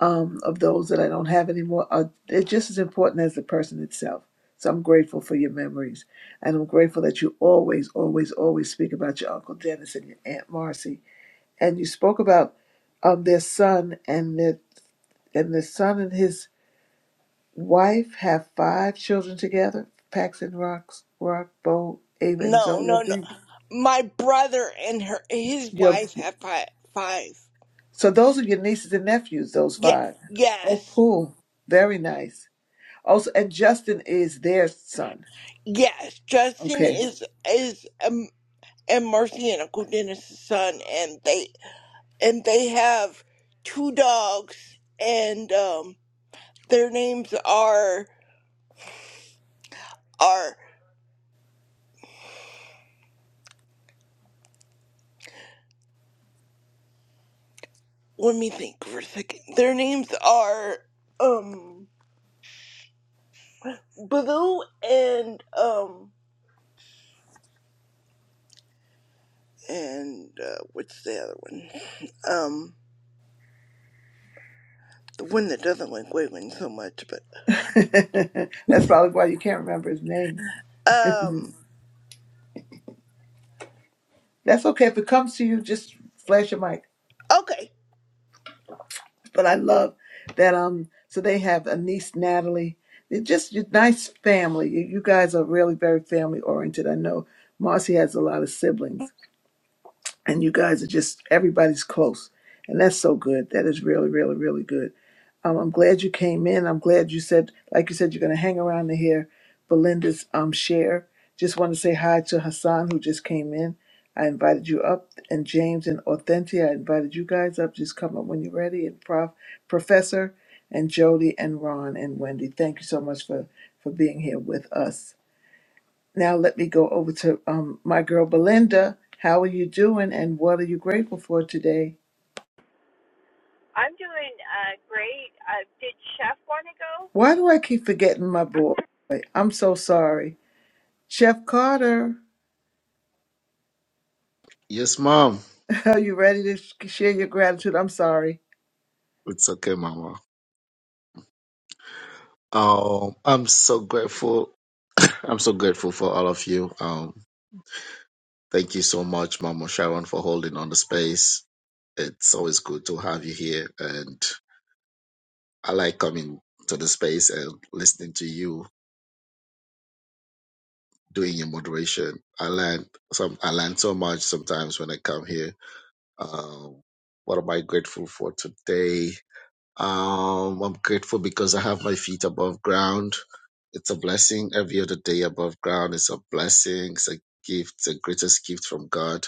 [SPEAKER 30] um, of those that I don't have anymore are they're just as important as the person itself. So I'm grateful for your memories, and I'm grateful that you always, always, always speak about your uncle Dennis and your aunt Marcy, and you spoke about um, their son and their and the son and his wife have five children together, Paxton, Rox, Rock, Bo, Ava, and
[SPEAKER 32] No,
[SPEAKER 30] Zoe, I
[SPEAKER 32] no, no.
[SPEAKER 30] think.
[SPEAKER 32] My brother and her, his
[SPEAKER 30] Your
[SPEAKER 32] wife have five. five.
[SPEAKER 30] So those are your nieces and nephews, those
[SPEAKER 32] Yeah,
[SPEAKER 30] five. Oh,
[SPEAKER 32] yes,
[SPEAKER 30] cool. Very nice. Also, and Justin is their son.
[SPEAKER 32] yes. Justin
[SPEAKER 30] Okay.
[SPEAKER 32] is is um, and Mercy and Uncle Dennis's son, and they and they have two dogs, and um, their names are are. Let me think for a second. Their names are um Baloo and um and uh, what's the other one? um. the one that doesn't like wiggling so much, but
[SPEAKER 30] [laughs] That's probably why you can't remember his name. [laughs] That's
[SPEAKER 32] um
[SPEAKER 30] okay. If it comes to you, just flash your mic.
[SPEAKER 32] okay.
[SPEAKER 30] But I love that. Um. So they have a niece, Natalie. They're just a nice family. You you guys are really very family oriented. I know Marcy has a lot of siblings. and you guys are just everybody's close and that's so good that is really really really good um, i'm glad you came in i'm glad you said like you said you're going to hang around to hear belinda's um, share just want to say hi to hassan who just came in i invited you up and james and authentia i invited you guys up just come up when you're ready and prof professor and jody and ron and wendy thank you so much for for being here with us now let me go over to um, my girl Belinda. How are you doing and what are you grateful for today?
[SPEAKER 33] I'm doing uh, great. Uh, did Chef want to go?
[SPEAKER 30] Why do I keep forgetting my boy? I'm so sorry. Chef Carter,
[SPEAKER 6] Yes, mom.
[SPEAKER 30] [laughs] are you ready to sh- share your gratitude? I'm sorry.
[SPEAKER 6] It's okay, mama. Um, I'm so grateful. I'm so grateful for all of you. Um, thank you so much, Mama Sharon, for holding on the space. It's always good to have you here, and I like coming to the space and listening to you doing your moderation. I learn some. I learn so much sometimes when I come here Um, what am I grateful for today? Um, I'm grateful because I have my feet above ground. It's a blessing. Every other day above ground is a blessing. It's a gift, the greatest gift from God.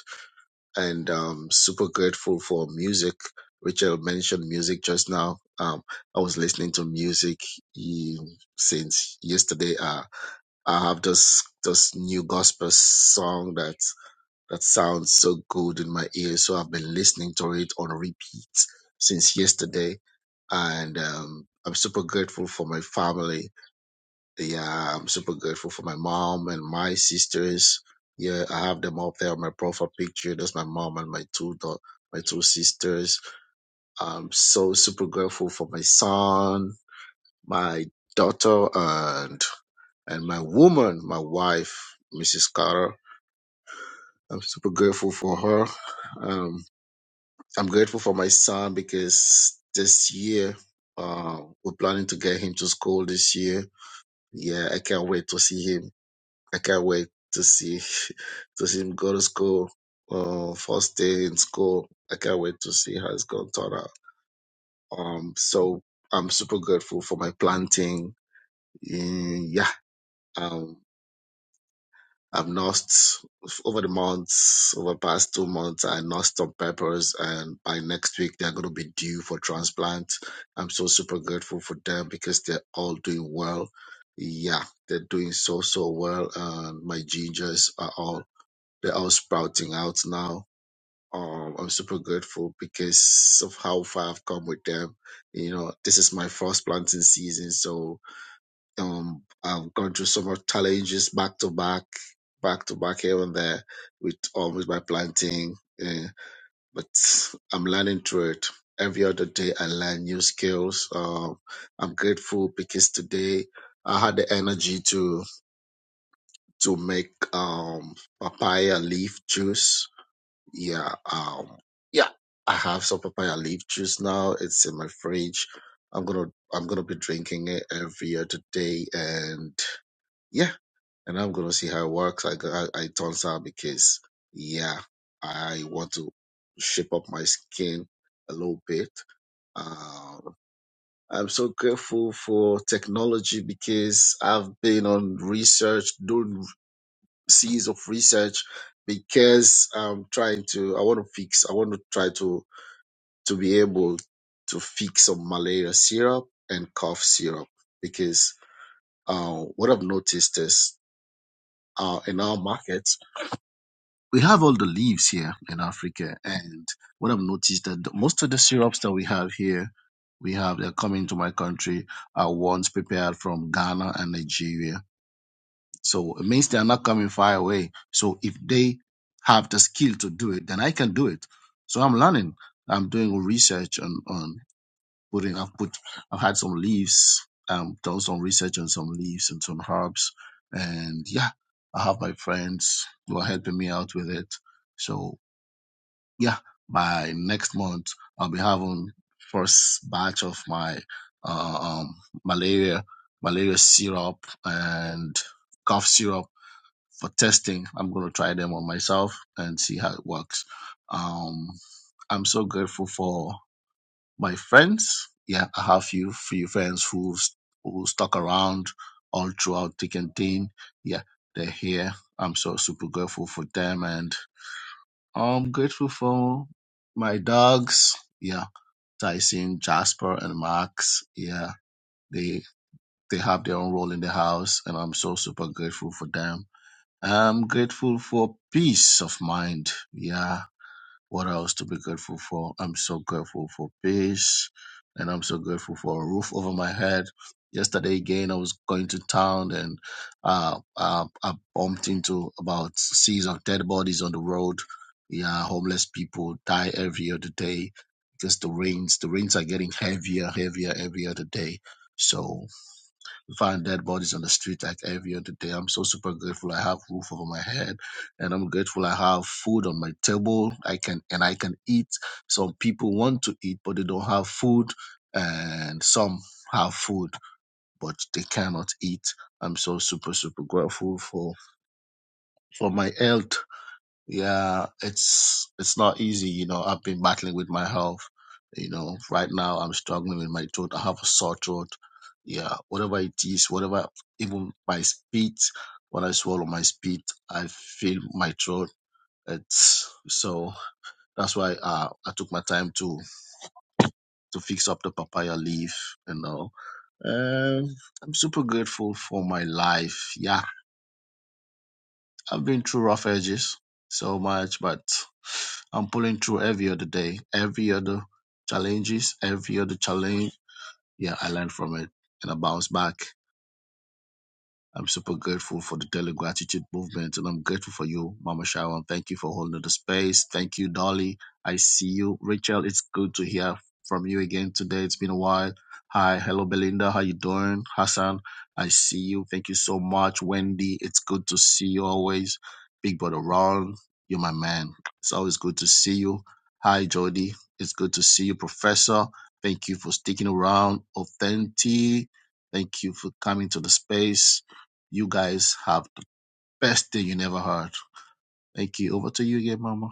[SPEAKER 6] And um, super grateful for music. Richard mentioned music just now. Um, I was listening to music um, since yesterday. Uh, I have this this new gospel song that. That sounds so good in my ear. So I've been listening to it on repeat since yesterday. And um, I'm super grateful for my family. Yeah, I'm super grateful for my mom and my sisters. Yeah, I have them up there on my profile picture. That's my mom and my two dau- my two sisters. I'm so super grateful for my son, my daughter, and and my woman, my wife, Mrs. Carter. I'm super grateful for her. Um, I'm grateful for my son because this year, uh, we're planning to get him to school this year. Yeah, I can't wait to see him. I can't wait to see [laughs] to see him go to school. Uh, first day in school. I can't wait to see how it's going to turn out. Um, so I'm super grateful for my planting. Mm, Yeah, um, I've nursed over the months, over the past two months, I nursed some peppers, and by next week they're going to be due for transplant. I'm so super grateful for them because they're all doing well. Yeah, they're doing so so well, and my gingers are all they're all sprouting out now. Um, I'm super grateful because of how far I've come with them. You know, this is my first planting season, so um, I've gone through so much challenges back to back, back to back here and there with almost my planting. eh, but I'm learning through it. Every other day, I learn new skills. Um, I'm grateful because today I had the energy to to make um, papaya leaf juice. Yeah, um, yeah, I have some papaya leaf juice now. It's in my fridge. I'm gonna I'm gonna be drinking it every other day, and yeah and I'm gonna see how it works. I go- I, I turns out because yeah, I want to shape up my skin a little bit. Um, I'm so grateful for technology because I've been on research, doing seas of research because I'm trying to. I want to fix. I want to try to to be able to fix some malaria syrup and cough syrup because uh, what I've noticed is uh, in our market we have all the leaves here in Africa, and what I've noticed that the- most of the syrups that we have here, we have they're coming to my country are ones prepared from Ghana and Nigeria. So it means they are not coming far away. So if they have the skill to do it, then I can do it. So I'm learning. I'm doing research on on putting. I've put. I've had some leaves. Um, done some research on some leaves and some herbs, and yeah, I have my friends who are helping me out with it. So yeah, by next month I'll be having first batch of my uh, um, malaria malaria syrup and cough syrup for testing. I'm gonna try them on myself and see how it works. Um, I'm so grateful for my friends. Yeah, I have few few friends who who stuck around all throughout thick and thin. Yeah, they're here. I'm so super grateful for them and I'm grateful for my dogs. Yeah, Tyson, Jasper, and Max. Yeah, they they have their own role in the house, and I'm so super grateful for them. I'm grateful for peace of mind. Yeah, what else to be grateful for? I'm so grateful for peace and I'm so grateful for a roof over my head. Yesterday again, I was going to town and uh, uh, I bumped into about seas of dead bodies on the road. Yeah, homeless people die every other day because the rains, the rains are getting heavier, heavier every other day. So find dead bodies on the street like every other day. I'm so super grateful I have roof over my head and I'm grateful I have food on my table. I can and I can eat. Some people want to eat but they don't have food and some have food but they cannot eat. I'm so super super grateful for for my health. Yeah, it's it's not easy, you know. I've been battling with my health, you know. Right now, I'm struggling with my throat. I have a sore throat. Yeah, whatever it is, whatever, even my spit, when I swallow my spit, I feel my throat. It's so that's why uh, I took my time to to fix up the papaya leaf, you know. Um, I'm super grateful for my life. Yeah, I've been through rough edges so much, but I'm pulling through every other day, every other challenges, every other challenge. Yeah, I learn from it and I bounce back. I'm super grateful for the Daily Gratitude Movement, and I'm grateful for you, Mama Sharon. Thank you for holding the space. Thank you, Dolly. I see you, Rachel. It's good to hear from you again today. It's been a while. Hi, hello, Belinda. How you doing, Hassan? I see you. Thank you so much, Wendy. It's good to see you always, Big Brother Ron. You're my man. It's always good to see you. Hi, Jody. It's good to see you, Professor. Thank you for sticking around. Authentic. Thank you for coming to the space you guys have the best day you never heard. Thank you. Over to you again, Mama.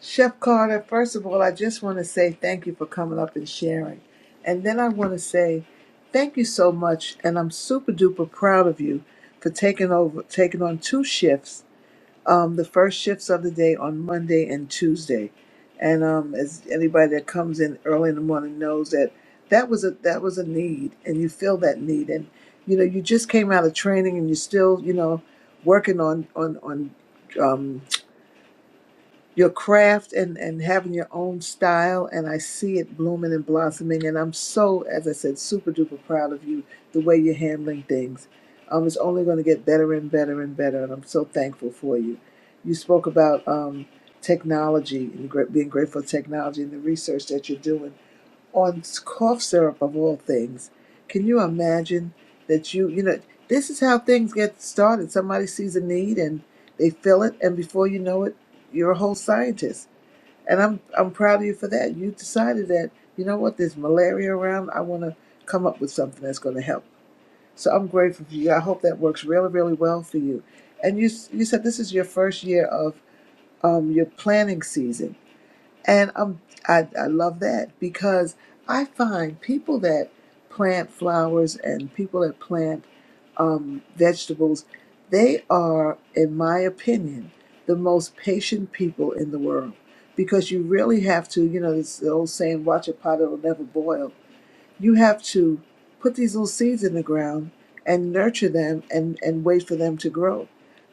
[SPEAKER 30] Chef Carter, first of all, I just want to say thank you for coming up and sharing. And then I want to say thank you so much. And I'm super duper proud of you for taking over, taking on two shifts um, the first shifts of the day on Monday and Tuesday. And um, as anybody that comes in early in the morning knows that that was a that was a need, and you feel that need, and you know you just came out of training, and you're still you know working on on on. um, your craft and, and having your own style and I see it blooming and blossoming and I'm so, as I said, super duper proud of you, the way you're handling things. Um, it's only going to get better and better and better and I'm so thankful for you. You spoke about um, technology and gra- being grateful for technology and the research that you're doing on cough syrup of all things. Can you imagine that you, you know, this is how things get started. Somebody sees a need and they fill it, and before you know it, you're a whole scientist. And I'm I'm proud of you for that. You decided that you know what, there's malaria around. I want to come up with something that's going to help. So I'm grateful for you. I hope that works really, really well for you. And you s- you said this is your first year of um, your planning season and I'm, I, I love that because I find people that plant flowers and people that plant um, vegetables, they are, in my opinion, the most patient people in the world because you really have to, you know, it's the old saying, watch a pot, it'll never boil you have to put these little seeds in the ground and nurture them and, and wait for them to grow.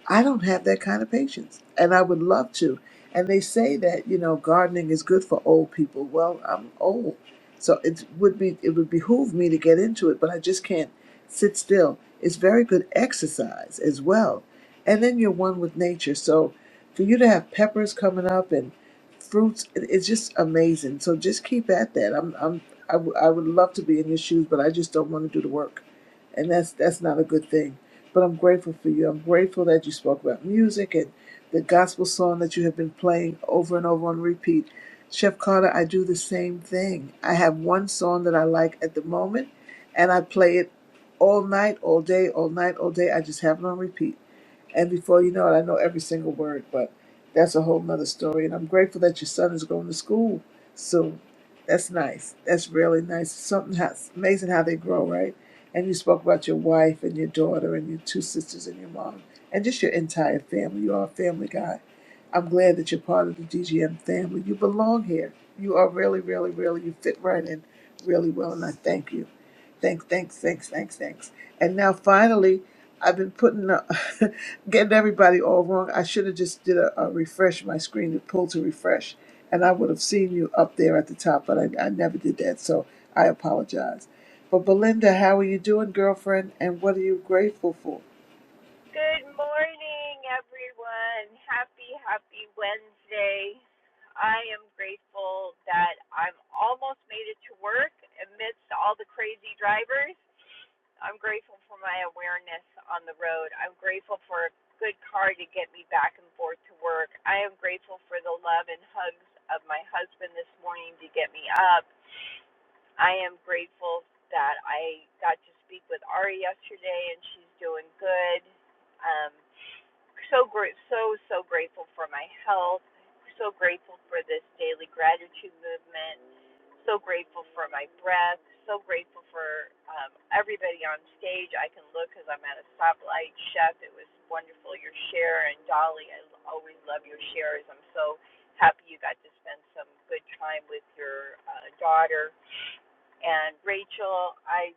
[SPEAKER 30] I don't have that kind of patience, and I would love to. And they say that you know gardening is good for old people. Well, I'm old, so it would be it would behoove me to get into it, but I just can't sit still. It's very good exercise as well, and then you're one with nature. So for you to have peppers coming up and fruits, it- it's just amazing. So just keep at that. I'm I'm I w- I would love to be in your shoes, but I just don't want to do the work, and that's that's not a good thing. But I'm grateful for you. I'm grateful that you spoke about music and the gospel song that you have been playing over and over on repeat. Chef Carter, I do the same thing. I have one song that I like at the moment, and I play it all night, all day, all night, all day. I just have it on repeat and before you know it, I know every single word, but that's a whole nother story. And I'm grateful that your son is going to school soon. That's nice. That's really nice. Something how, it's amazing how they grow, right? And you spoke about your wife and your daughter and your two sisters and your mom and just your entire family. You are a family guy I'm glad that you're part of the DGM family. You belong here. You are really, really, really, you fit right in really well, and I thank you. Thanks, thanks, thanks, thanks, thanks. And now finally, I've been putting, uh, [laughs] getting everybody all wrong. I should have just did a, a refresh my screen, it pull to refresh, and I would have seen you up there at the top, but I, I never did that, so I apologize. But Belinda, how are you doing, girlfriend? And what are you grateful for?
[SPEAKER 33] Good morning, everyone. Happy, happy Wednesday. I am grateful that I'm almost made it to work amidst all the crazy drivers. I'm grateful for my awareness on the road. I'm grateful for a good car to get me back and forth to work. I am grateful for the love and hugs of my husband this morning to get me up. I am grateful that I got to speak with Ari yesterday, and she's doing good. Um, so great, so so grateful for my health. So grateful for this daily gratitude movement. So grateful for my breath. So grateful for um, everybody on stage. I can look because I'm at a stoplight. Chef, it was wonderful your share, and Dolly, I always love your shares. I'm so happy you got to spend some good time with your uh, daughter and Rachel, I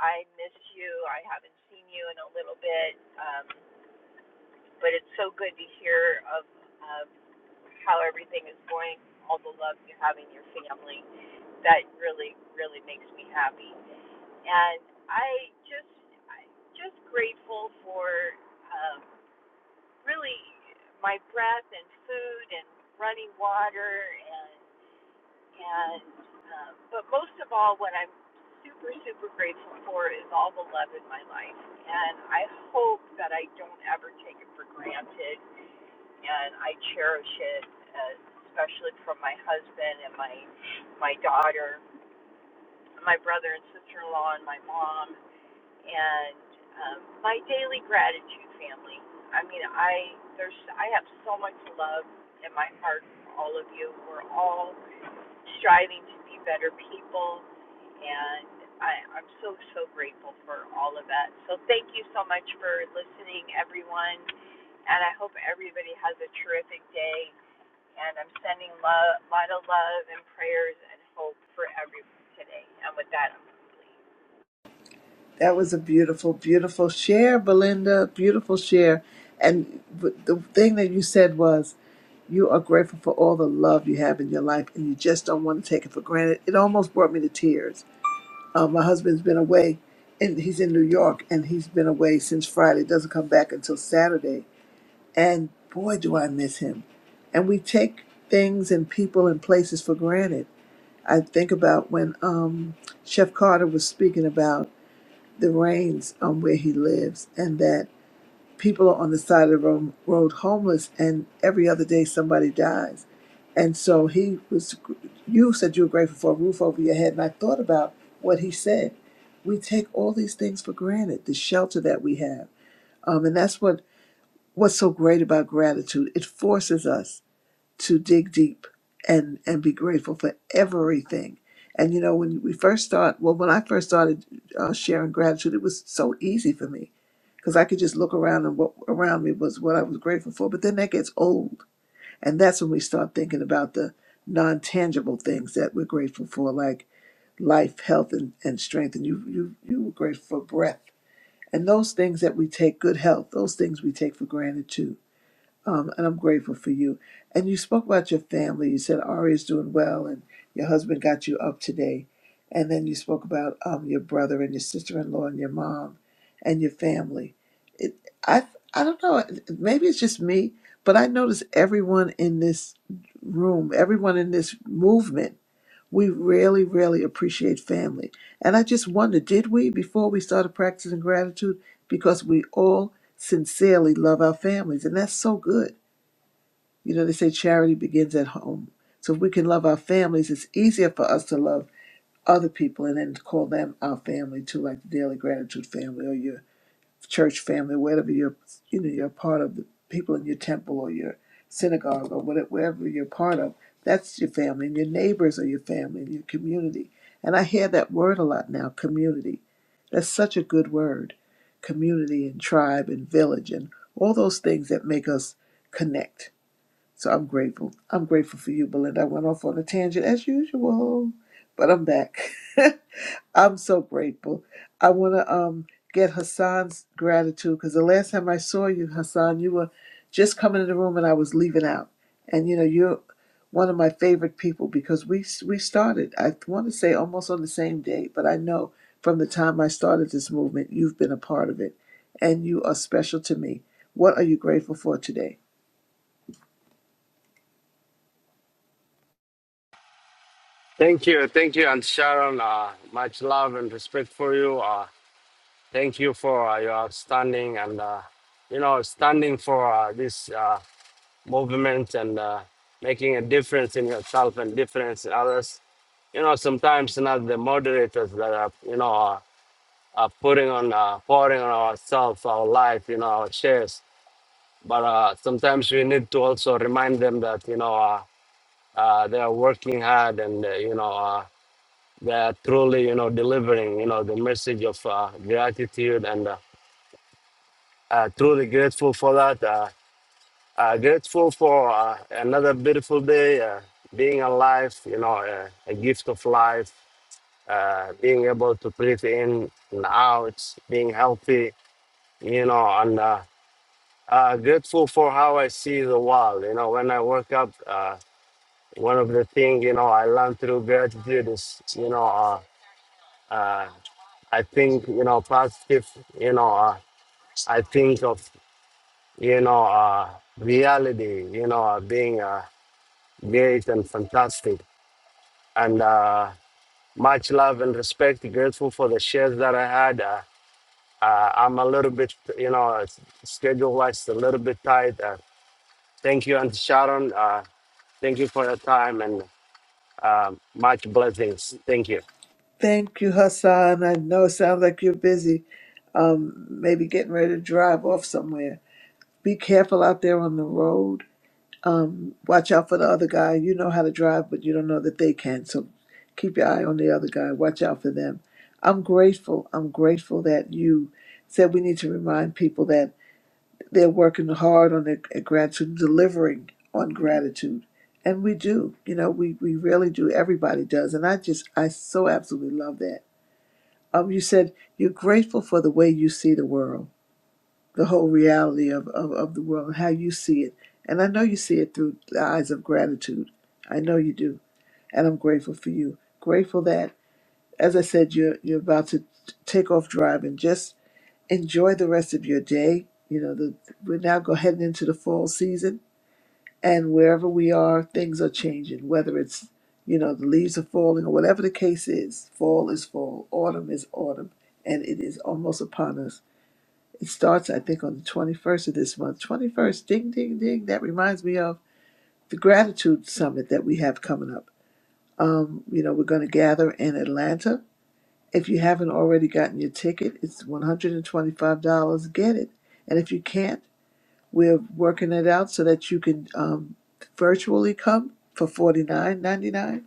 [SPEAKER 33] I miss you. I haven't seen you in a little bit, um, but it's so good to hear of, of how everything is going, all the love you have in your family. That really really makes me happy. And I just I'm just grateful for um, really my breath and food and running water and. And um, but most of all, what I'm super super grateful for is all the love in my life, and I hope that I don't ever take it for granted, and I cherish it, uh, especially from my husband and my my daughter, my brother and sister-in-law, and my mom, and um, my daily gratitude family. I mean, I there's I have so much love in my heart for all of you. We're all striving to be better people. And I, I'm so, so grateful for all of that. So thank you so much for listening, everyone. And I hope everybody has a terrific day. And I'm sending a lot of love and prayers and hope for everyone today. And with that, I'm complete.
[SPEAKER 30] That was a beautiful, beautiful share, Belinda. Beautiful share. And the thing that you said was, you are grateful for all the love you have in your life, and you just don't want to take it for granted. It almost brought me to tears. Uh, my husband's been away, and he's in New York, and he's been away since Friday. Doesn't come back until Saturday. And boy, do I miss him. And we take things and people and places for granted. I think about when um, Chef Carter was speaking about the rains on where he lives and that people are on the side of the ro- road homeless and every other day somebody dies and so he was you said you were grateful for a roof over your head and i thought about what he said we take all these things for granted the shelter that we have um, and that's what what's so great about gratitude it forces us to dig deep and and be grateful for everything. And you know, when we first start, well, when I first started uh, sharing gratitude, it was so easy for me because I could just look around and what around me was what I was grateful for. But then that gets old, and that's when we start thinking about the non tangible things that we're grateful for, like life, health, and, and strength. And you you you were grateful for breath and those things that we take good health. Those things we take for granted too um, and I'm grateful for you. And you spoke about your family. You said Ari is doing well, and your husband got you up today. And then you spoke about um, your brother and your sister-in-law and your mom and your family. It, I I don't know. Maybe it's just me, but I notice everyone in this room, everyone in this movement, we really, really appreciate family. And I just wonder, did we before we started practicing gratitude? Because we all sincerely love our families, and that's so good you know, they say charity begins at home. So if we can love our families, it's easier for us to love other people and then call them our family too, like the Daily Gratitude family or your church family, whatever you're, you know, you're a part of the people in your temple or your synagogue or whatever, wherever you're part of. That's your family, and your neighbors are your family, and your community. And I hear that word a lot now, community. That's such a good word, community and tribe and village and all those things that make us connect so I'm grateful. I'm grateful for you, Belinda. I went off on a tangent as usual, but I'm back. [laughs] I'm so grateful. I want to um get Hassan's gratitude because the last time I saw you, Hassan, you were just coming in the room and I was leaving out. And you know, you're one of my favorite people because we we started. I want to say almost on the same day, but I know from the time I started this movement, you've been a part of it, and you are special to me. What are you grateful for today?
[SPEAKER 34] Thank you, thank you, and Sharon. Uh, much love and respect for you. Uh, thank you for uh, your outstanding and uh, you know standing for uh, this uh, movement and uh, making a difference in yourself and difference in others. You know, sometimes not the moderators that are you know are, are putting on uh, pouring on ourselves, our life, you know, our shares. But uh, sometimes we need to also remind them that you know uh, uh, they are working hard and uh, you know. Uh, They are truly, you know, delivering, you know, the message of uh, gratitude and uh, uh, truly grateful for that. Uh, uh, grateful for uh, another beautiful day, uh, being alive, you know, uh, a gift of life, uh, being able to breathe in and out, being healthy, you know, and uh, uh, grateful for how I see the world. You know, when I wake up, uh, one of the things, you know, I learned through gratitude is, you know, uh. Uh, I think you know positive. You know, uh, I think of you know uh, reality. You know, uh, being uh, great and fantastic, and uh, much love and respect. Grateful for the shares that I had. Uh, uh, I'm a little bit, you know, uh, schedule wise, a little bit tight. Uh, thank you, Aunt Sharon. Uh, thank you for your time and um much blessings. Thank you.
[SPEAKER 30] Thank you, Hassan. I know it sounds like you're busy, um, maybe getting ready to drive off somewhere. Be careful out there on the road. Um, watch out for the other guy. You know how to drive, but you don't know that they can. So keep your eye on the other guy. Watch out for them. I'm grateful. I'm grateful that you said we need to remind people that they're working hard on their gratitude, delivering on gratitude. And we do. You know, we, we really do. Everybody does. And I just, I so absolutely love that um, you said you're grateful for the way you see the world, the whole reality of, of, of the world, and how you see it. And I know you see it through the eyes of gratitude. I know you do. And I'm grateful for you. Grateful that, as I said, you're, you're about to t- take off driving. Just enjoy the rest of your day. You know, the, we're now go heading into the fall season and wherever we are things are changing whether it's you know the leaves are falling or whatever the case is fall is fall autumn is autumn and it is almost upon us it starts i think on the 21st of this month 21st ding ding ding that reminds me of the gratitude summit that we have coming up um, you know we're going to gather in atlanta if you haven't already gotten your ticket it's $125 get it and if you can't we're working it out so that you can um, virtually come for forty nine ninety nine.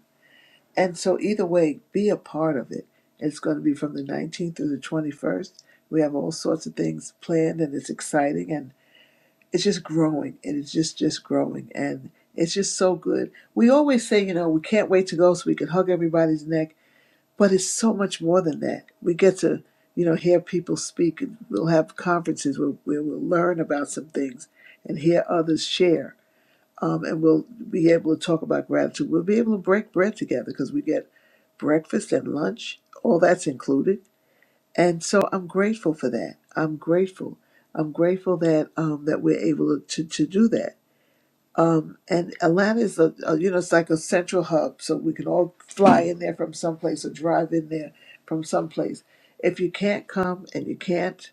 [SPEAKER 30] And so either way, be a part of it. It's going to be from the 19th through the 21st. We have all sorts of things planned, and it's exciting, and it's just growing, and it's just just growing, and it's just so good. We always say, you know, we can't wait to go so we can hug everybody's neck but it's so much more than that. We get to, you know, hear people speak, and we'll have conferences where, where we'll learn about some things and hear others share. Um, and we'll be able to talk about gratitude. We'll be able to break bread together because we get breakfast and lunch, all that's included. And so I'm grateful for that. I'm grateful. I'm grateful that um, that we're able to, to do that. Um, and Atlanta is a, a you know it's like a central hub, so we can all fly in there from someplace or drive in there from someplace. If you can't come and you can't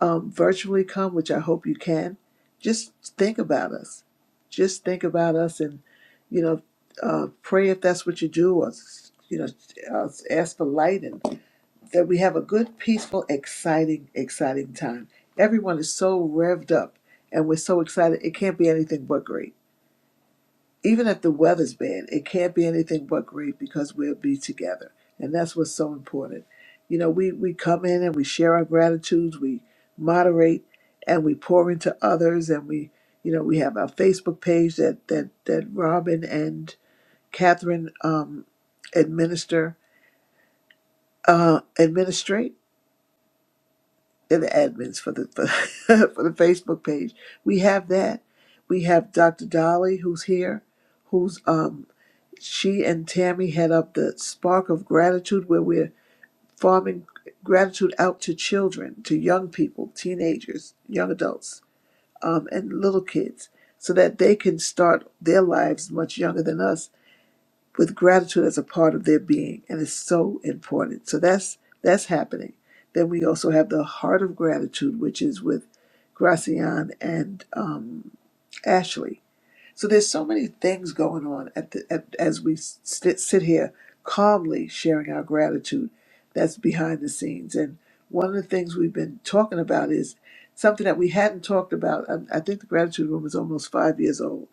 [SPEAKER 30] um, virtually come, which I hope you can, just think about us. Just think about us, and you know, uh, pray if that's what you do, or you know, uh, ask for light, and that we have a good, peaceful, exciting, exciting time. Everyone is so revved up, and we're so excited. It can't be anything but great even if the weather's bad, it can't be anything but great because we'll be together. And that's what's so important. You know, we, we come in and we share our gratitudes, we moderate and we pour into others and we you know, we have our Facebook page that that, that Robin and Catherine um administer uh administrate and the admins for the for, [laughs] for the Facebook page. We have that. We have Dr. Dolly who's here, who's um she and Tammy had up the spark of gratitude where we're farming gratitude out to children, to young people, teenagers, young adults, um, and little kids, so that they can start their lives much younger than us with gratitude as a part of their being. And it's so important. So that's that's happening. Then we also have the heart of gratitude, which is with Gracian and um, Ashley so there's so many things going on at the, at, as we sit, sit here calmly sharing our gratitude that's behind the scenes. And one of the things we've been talking about is something that we hadn't talked about. I, I think the gratitude room is almost five years old.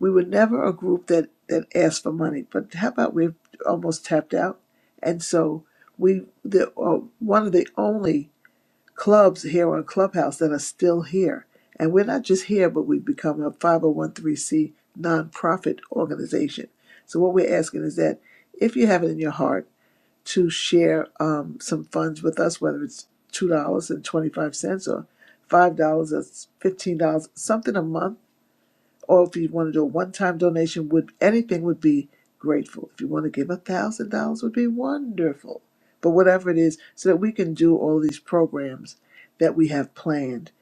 [SPEAKER 30] We were never a group that, that asked for money, but how about we've almost tapped out? And so we the uh, one of the only clubs here on Clubhouse that are still here. And we're not just here, but we've become a 501c nonprofit organization. So what we're asking is that if you have it in your heart to share um, some funds with us, whether it's $2.25 or $5 or $15, something a month or if you want to do a one-time donation would anything would be grateful if you want to give a thousand dollars would be wonderful but whatever it is so that we can do all these programs that we have planned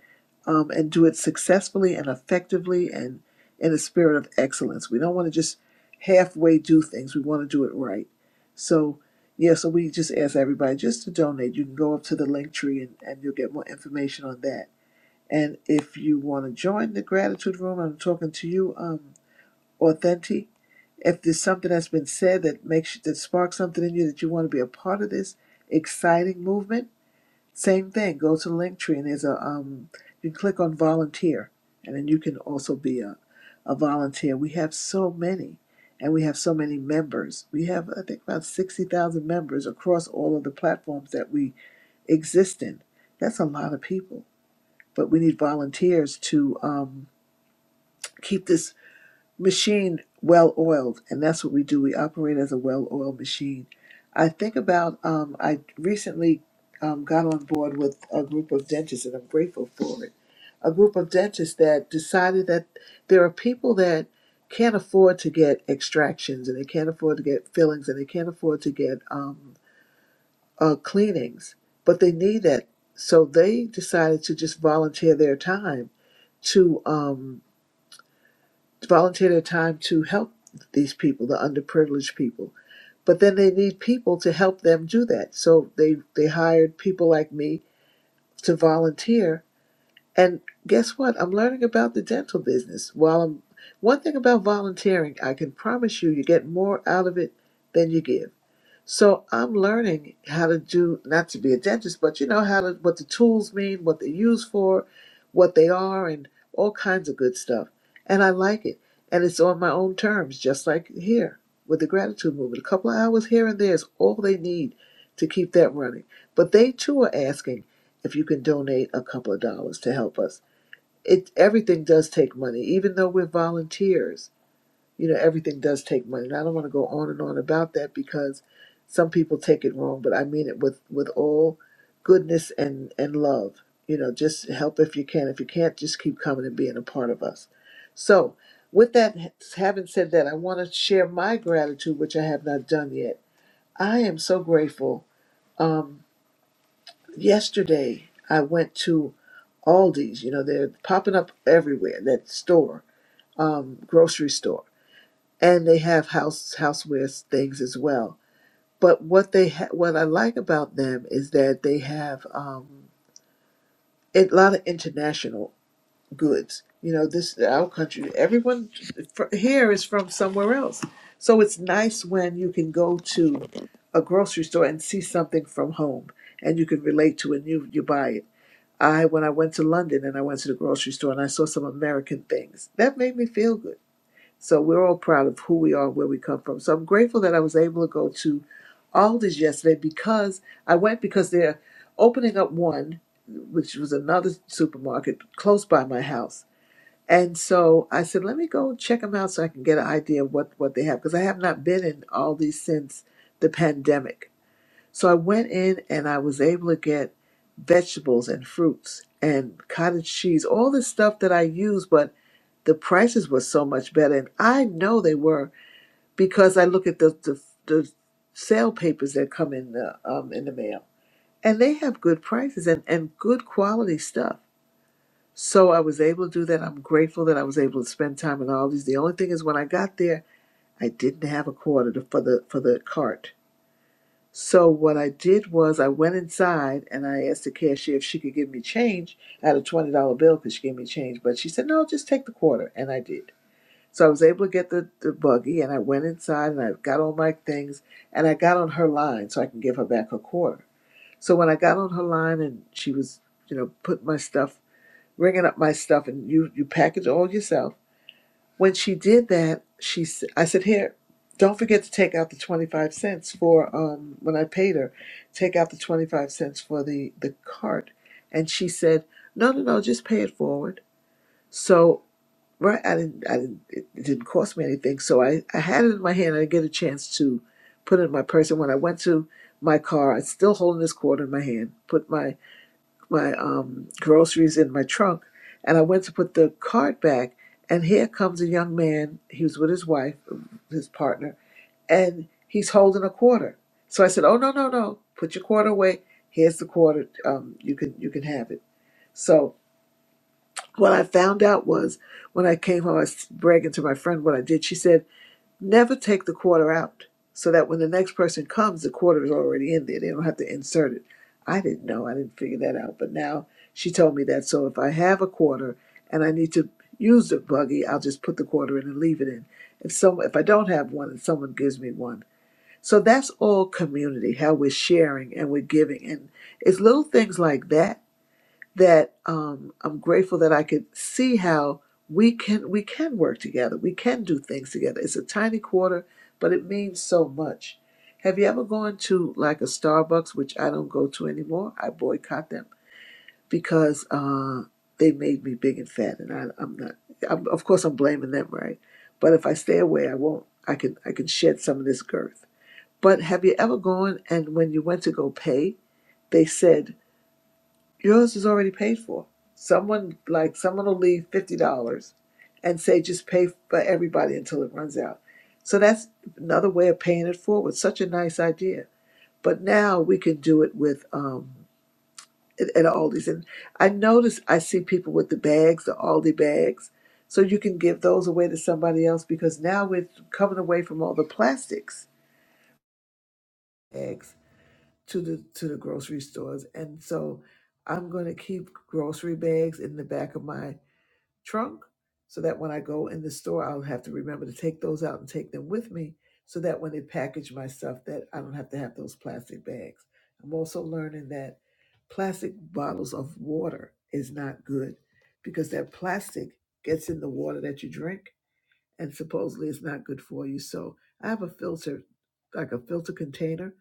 [SPEAKER 30] um, and do it successfully and effectively and in a spirit of excellence we don't want to just halfway do things we want to do it right so yeah so we just ask everybody just to donate you can go up to the link tree and, and you'll get more information on that and if you want to join the gratitude room, I'm talking to you, um, Authentic. If there's something that's been said that makes that sparks something in you that you want to be a part of this exciting movement, same thing. Go to Linktree and there's a um, you can click on volunteer, and then you can also be a a volunteer. We have so many, and we have so many members. We have I think about sixty thousand members across all of the platforms that we exist in. That's a lot of people but we need volunteers to um, keep this machine well oiled, and that's what we do. We operate as a well oiled machine. I think about um, I recently um, got on board with a group of dentists, and I'm grateful for it. A group of dentists that decided that there are people that can't afford to get extractions, and they can't afford to get fillings, and they can't afford to get um, uh, cleanings, but they need that. So they decided to just volunteer their time to um, volunteer their time to help these people, the underprivileged people. But then they need people to help them do that. So they, they hired people like me to volunteer. And guess what? I'm learning about the dental business. While I'm one thing about volunteering, I can promise you, you get more out of it than you give. So I'm learning how to do not to be a dentist, but you know how to what the tools mean, what they're used for, what they are, and all kinds of good stuff. And I like it. And it's on my own terms, just like here with the gratitude movement. A couple of hours here and there is all they need to keep that running. But they too are asking if you can donate a couple of dollars to help us. It everything does take money, even though we're volunteers you know everything does take money and i don't want to go on and on about that because some people take it wrong but i mean it with with all goodness and and love you know just help if you can if you can't just keep coming and being a part of us so with that having said that i want to share my gratitude which i have not done yet i am so grateful um yesterday i went to aldi's you know they're popping up everywhere that store um grocery store and they have house housewares things as well. But what they ha- what I like about them is that they have um, a lot of international goods. You know, this our country. Everyone fr- here is from somewhere else, so it's nice when you can go to a grocery store and see something from home, and you can relate to it. And you you buy it. I when I went to London and I went to the grocery store and I saw some American things that made me feel good so we're all proud of who we are, where we come from. So I'm grateful that I was able to go to Alders yesterday because I went because they're opening up one, which was another supermarket close by my house. And so I said, let me go check them out so I can get an idea of what, what they have because I have not been in Aldi since the pandemic. So I went in and I was able to get vegetables and fruits and cottage cheese, all the stuff that I use, but the prices were so much better. And I know they were because I look at the the, the sale papers that come in the um, in the mail, and they have good prices and and good quality stuff. So I was able to do that. I'm grateful that I was able to spend time in all these. The only thing is, when I got there, I didn't have a quarter to, for the for the cart. So what I did was I went inside and I asked the cashier if she could give me change. I had a twenty dollar bill because she gave me change, but she said no, just take the quarter, and I did. So I was able to get the, the buggy and I went inside and I got all my things and I got on her line so I can give her back her quarter. So when I got on her line and she was, you know, putting my stuff, ringing up my stuff and you, you package all yourself. When she did that, she s- I said, here, don't forget to take out the 25 cents for, um, when I paid her, take out the 25 cents for the, the cart. And she said, no, no, no, just pay it forward. So Right, I didn't, I didn't, it it didn't cost me anything. So I, I had it in my hand. I didn't get a chance to put it in my purse. And when I went to my car, I was still holding this quarter in my hand, put my, my um, groceries in my trunk. And I went to put the card back. And here comes a young man. He was with his wife, his partner, and he's holding a quarter. So I said, Oh, no, no, no. Put your quarter away. Here's the quarter. Um, you can, you can have it. So what I found out was when I came home, I was bragging to my friend what I did. She said, never take the quarter out so that when the next person comes, the quarter is already in there. They don't have to insert it. I didn't know. I didn't figure that out. But now she told me that. So if I have a quarter and I need to use the buggy, I'll just put the quarter in and leave it in. If some, if I don't have one and someone gives me one. So that's all community, how we're sharing and we're giving. And it's little things like that that um, I'm grateful that I could see how we can we can work together. We can do things together. It's a tiny quarter, but it means so much. Have you ever gone to like a Starbucks, which I don't go to anymore? I boycott them because uh, they made me big and fat, and I, I'm not. I'm, of course, I'm blaming them, right? But if I stay away, I won't. I can I can shed some of this girth. But have you ever gone and when you went to go pay, they said Yours is already paid for. Someone like someone will leave fifty dollars and say just pay for everybody until it runs out. So that's another way of paying it forward. Such a nice idea. But now we can do it with um at, at Aldi's and I notice I see people with the bags, the Aldi bags. So you can give those away to somebody else because now we're coming away from all the plastics bags to the to the grocery stores. And so I'm going to keep grocery bags in the back of my trunk so that when I go in the store, I'll have to remember to take those out and take them with me so that when they package my stuff that I don't have to have those plastic bags. I'm also learning that plastic bottles of water is not good because that plastic gets in the water that you drink and supposedly it's not good for you. So I have a filter, like a filter container.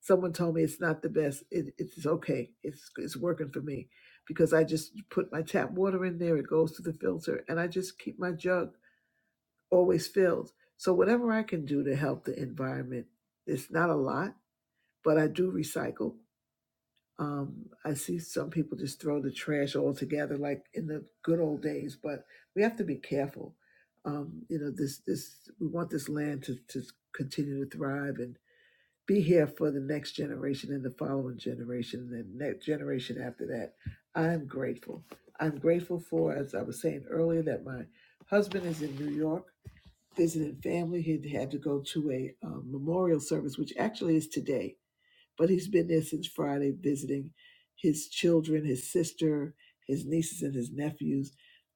[SPEAKER 30] Someone told me it's not the best. It, it's okay. It's it's working for me because I just put my tap water in there. It goes to the filter, and I just keep my jug always filled. So whatever I can do to help the environment, it's not a lot, but I do recycle. Um, I see some people just throw the trash altogether, like in the good old days. But we have to be careful. Um, you know, this this we want this land to to continue to thrive and be here for the next generation and the following generation and the next generation after that. I'm grateful. I'm grateful for, as I was saying earlier, that my husband is in New York visiting family. He had to go to a um, memorial service, which actually is today but he's been there since Friday visiting his children, his sister, his nieces, and his nephews.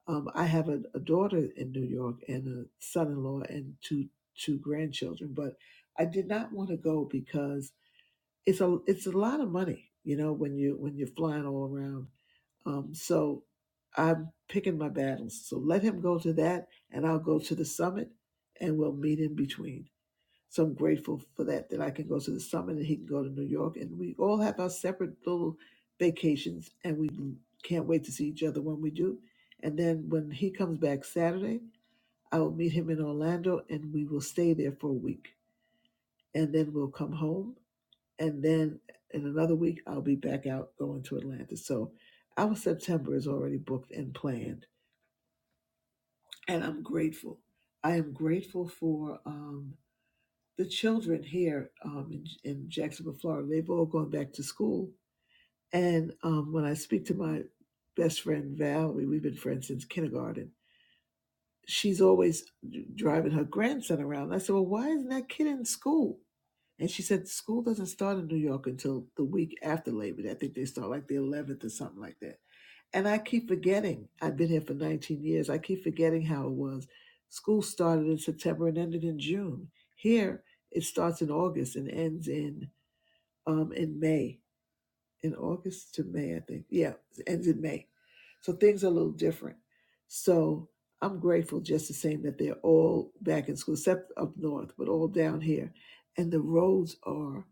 [SPEAKER 30] Um, I have a, a daughter in New York and a son-in-law and two two grandchildren, but I did not want to go because it's a it's a lot of money, you know, when you when you're flying all around. Um, so I'm picking my battles. So let him go to that, and I'll go to the summit, and we'll meet in between. So I'm grateful for that, that I can go to the summit and he can go to New York. And we all have our separate little vacations and we can't wait to see each other when we do. And then when he comes back Saturday, I will meet him in Orlando and we will stay there for a week. And then we'll come home. And then in another week, I'll be back out going to Atlanta. So our September is already booked and planned. And I'm grateful. I am grateful for. Um, the children here um, in, in Jacksonville, Florida, they've all gone back to school. And um, when I speak to my best friend Valerie, we've been friends since kindergarten. She's always driving her grandson around. And I said, "Well, why isn't that kid in school?" And she said, "School doesn't start in New York until the week after Labor Day. I think they start like the 11th or something like that." And I keep forgetting, I've been here for 19 years. I keep forgetting how it was. School started in September and ended in June. Here, it starts in August and ends in um, in May. In August to May, I think. Yeah, it ends in May. So things are a little different. So I'm grateful just the same that they're all back in school, except up north, but all down here. And the roads are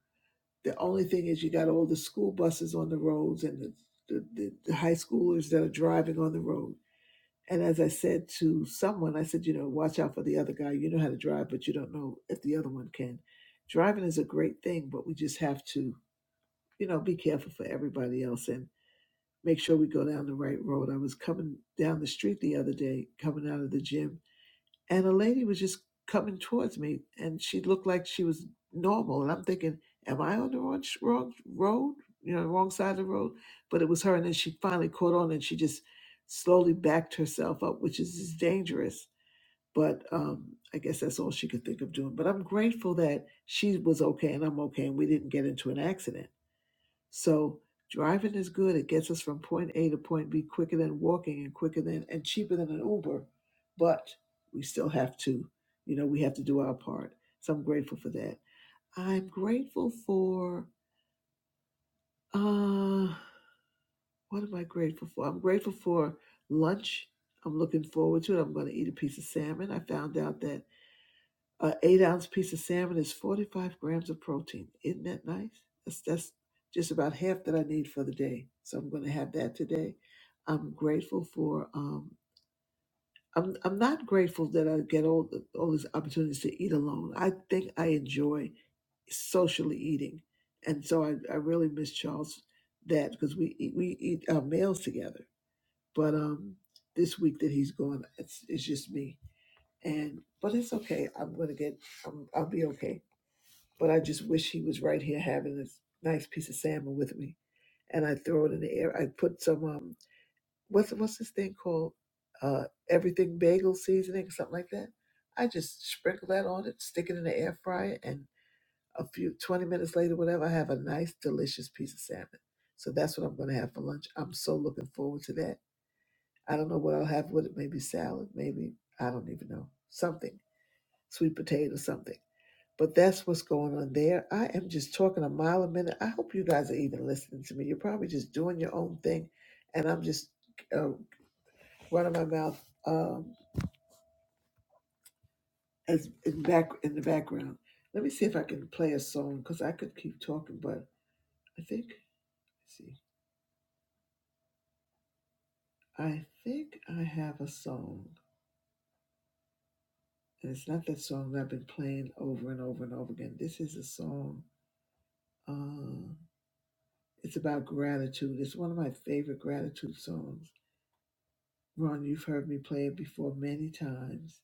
[SPEAKER 30] the only thing is you got all the school buses on the roads and the the, the, the high schoolers that are driving on the roads and as I said to someone, I said, you know, watch out for the other guy. You know how to drive, but you don't know if the other one can. Driving is a great thing, but we just have to, you know, be careful for everybody else and make sure we go down the right road. I was coming down the street the other day, coming out of the gym, and a lady was just coming towards me and she looked like she was normal and i'm thinking am i on the wrong, sh- wrong road you know wrong side of the road but it was her and then she finally caught on and she just slowly backed herself up which is is dangerous but um i guess that's all she could think of doing but i'm grateful that she was okay and i'm okay and we didn't get into an accident so driving is good. It gets us from point A to point B quicker than walking and quicker than and cheaper than an Uber. But we still have to, you know, we have to do our part. So I'm grateful for that. I'm grateful for uh what am I grateful for? I'm grateful for lunch. I'm looking forward to it. I'm going to eat a piece of salmon. I found out that An eight ounce piece of salmon is 45 grams of protein. Isn't that nice? That's, that's just about half that I need for the day. So I'm going to have that today. I'm grateful for, um, I'm, I'm not grateful that I get all, the, all these opportunities to eat alone. I think I enjoy socially eating. And so I, I really miss Charles that because we eat, we eat our meals together. But um, this week that he's gone, it's, it's just me. And but it's okay. I'm gonna get. I'm, I'll be okay. But I just wish he was right here having this nice piece of salmon with me. And I throw it in the air. I put some um what's what's this thing called? Uh everything bagel seasoning, something like that. I just sprinkle that on it, stick it in the air fryer, and a few twenty minutes later, whatever, I have a nice, delicious piece of salmon. So that's what I'm gonna have for lunch. I'm so looking forward to that. I don't know what I'll have with it, maybe salad, maybe I don't even know. Something. Sweet potato, something but that's what's going on there. I am just talking a mile a minute. I hope you guys are even listening to me. You're probably just doing your own thing, and I'm just uh, running my mouth um, as in back in the background. Let me see if I can play a song because I could keep talking, but I think let's see, I think I have a song, and it's not that song that I've been playing over and over and over again. This is a song. Uh, it's about gratitude. It's one of my favorite gratitude songs Ron, you've heard me play it before many times.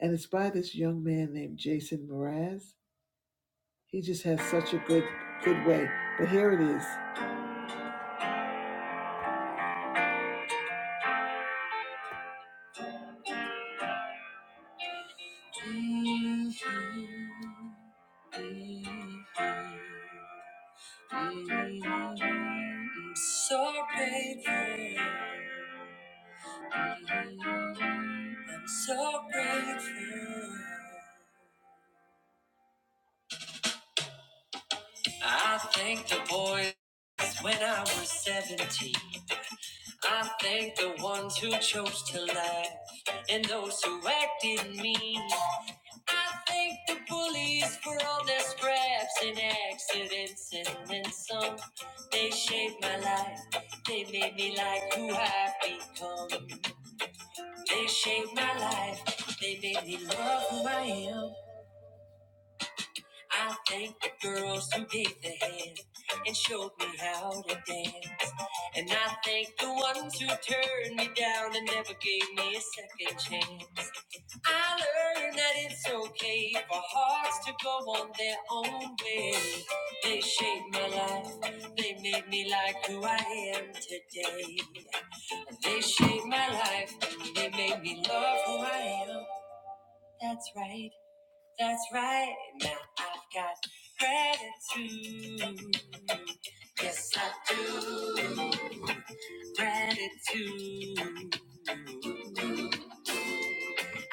[SPEAKER 30] And it's by this young man named Jason Mraz. He just has such a good good way. But here it is. I'm so grateful. I'm so grateful. I thanked the boys when I was 17. I thank the ones who chose to laugh and those who acted mean. I thank the bullies for all their scraps and accidents and then some. They shaped my life. They made me like who I've become. They shaped my life. They made me love who I am. I thanked the girls who gave the hand and showed me how to dance. And I thank the ones who turned me down and never gave me a second chance. I learned that it's okay for hearts to go on their own way. They shaped my life, they made me like who I am today. They shaped my life, they made me love who I am. That's right. That's right. Now I've got gratitude. Yes, I do. Gratitude.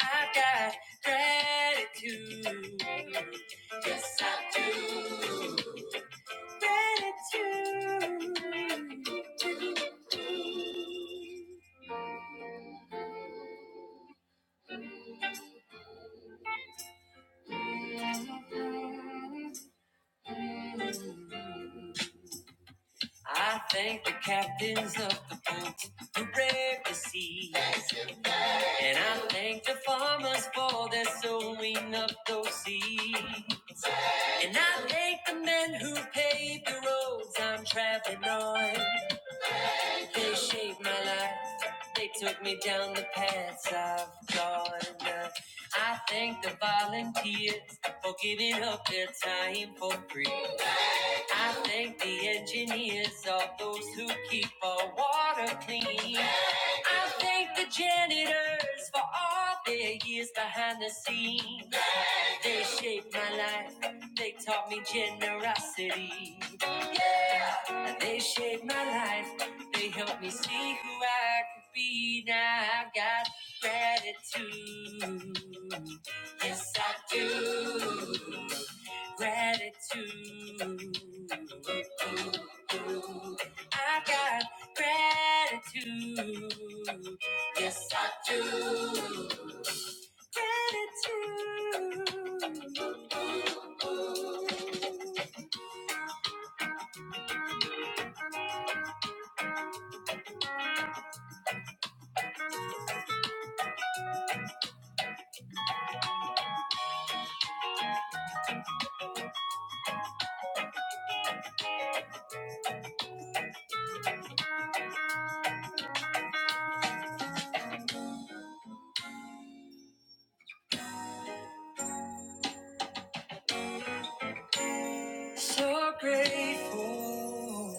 [SPEAKER 30] I've got gratitude. Yes, I do. Gratitude. Mm. I thank the captains of the boat who braved the sea. And I thank the farmers for their sowing of those seeds. And I thank the men who paved the roads I'm traveling on. They shaped my life. They took me down the paths I've gone. I thank the volunteers for giving up their time for free. I thank the engineers, all those who keep our water clean. I thank the janitors for all their years behind the scenes. They shaped my life. They taught me generosity. Yeah. They shaped my life. They helped me see who I could be. Now I've got gratitude. Yes, I do. Gratitude. I've got gratitude. Yes, I do. Gratitude. So grateful.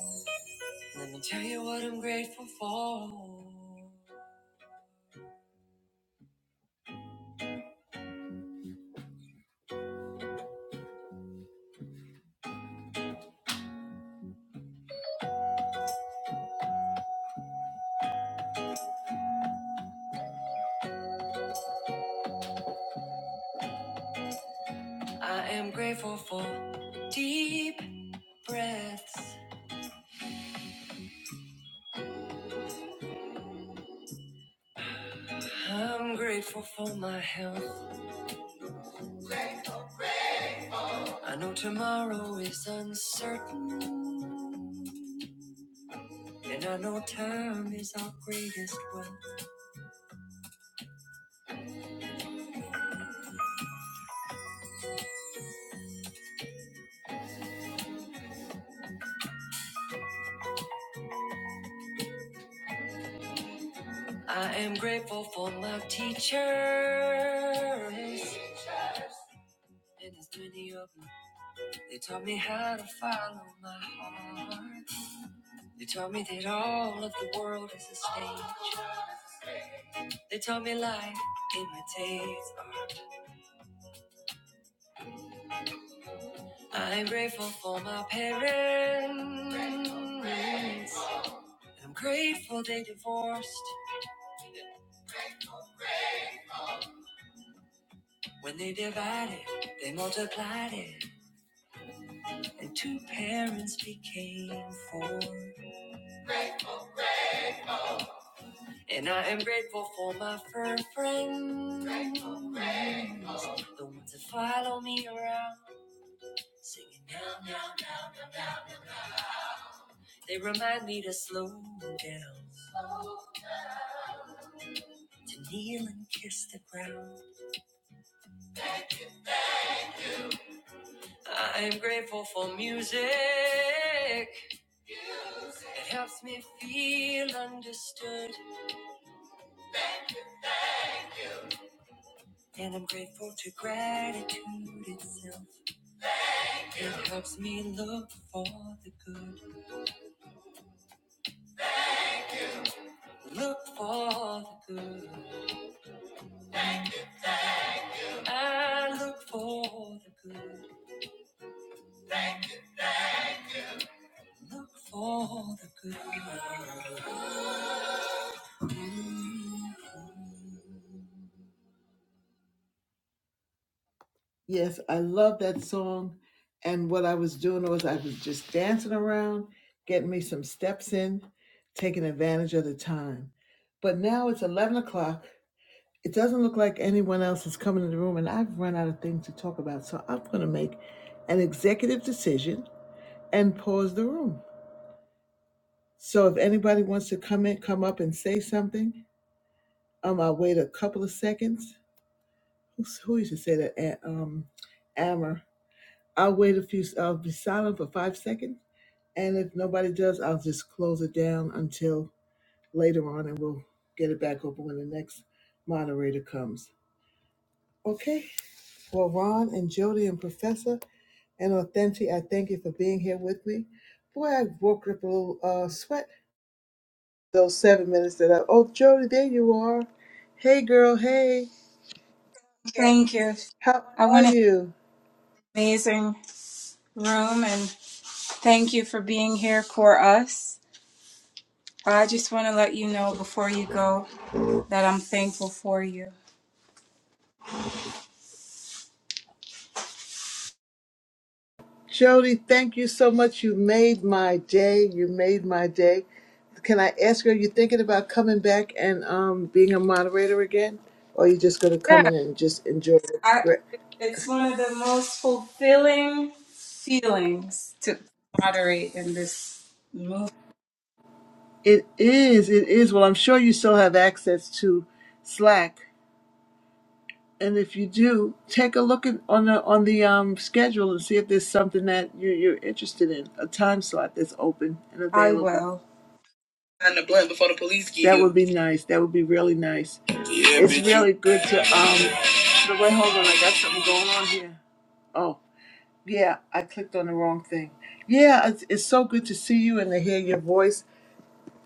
[SPEAKER 30] Let me tell you what I'm grateful for. I am grateful for deep breaths. I'm grateful for my health. I know tomorrow is uncertain. And I know time is our greatest wealth. I am grateful for my teachers. And there's many of them. They taught me how to follow my heart. They taught me that all of the world is a stage. They taught me life imitates. I'm grateful for my parents. I'm grateful they divorced. When they divided, they multiplied it. And two parents became four. And I am grateful for my fur friends. Grateful, grateful. The ones that follow me around, singing now, now. They remind me to slow down, to kneel and kiss the ground. I am grateful for music. that helps me feel understood. And I'm grateful to gratitude itself. It helps me look for the good. Look for the good. I look for the good. Look for the good. Yes, I love that song. And what I was doing was I was just dancing around, getting me some steps in, taking advantage of the time. But now it's 11 o'clock. It doesn't look like anyone else is coming in the room, and I've run out of things to talk about. So I'm going to make an executive decision and pause the room. So if anybody wants to come in, come up and say something, Um, I waited a couple of seconds. Who's, who used to say that? A- Um, Ammer. I'll wait a few. I'll be silent for five seconds, and if nobody does, I'll just close it down until later on, and we'll get it back open when the next moderator comes. Okay. Well, Ron and Jody and Professor and Authentic, I thank you for being here with me. Boy, I woke up a little uh, sweat those seven minutes that I. Oh, Jody, there you are. Hey, girl. Hey.
[SPEAKER 35] Thank you.
[SPEAKER 30] How
[SPEAKER 35] I
[SPEAKER 30] are
[SPEAKER 35] want an
[SPEAKER 30] you?
[SPEAKER 35] amazing room and thank you for being here for us. I just want to let you know before you go that I'm thankful for you.
[SPEAKER 30] Jody, thank you so much. You made my day. You made my day. Can I ask you, are you thinking about coming back and um, being a moderator again? Or are you just going to come
[SPEAKER 35] Yeah,
[SPEAKER 30] in and just enjoy the
[SPEAKER 35] I,
[SPEAKER 30] gra-
[SPEAKER 35] it's one of the most fulfilling feelings to moderate in this movie.
[SPEAKER 30] It is. It is. Well, I'm sure you still have access to Slack. And if you do, take a look at, on the on the um, schedule and see if there's something that you, you're interested in, a time slot that's open and
[SPEAKER 35] I
[SPEAKER 30] available.
[SPEAKER 35] will
[SPEAKER 30] sign the blunt before the police get That here. would be nice. That would be really nice. Yeah, it's bitch. really good to um. So wait, hold on. I got something going on here. Oh yeah, I clicked on the wrong thing. Yeah, it's, it's so good to see you and to hear your voice.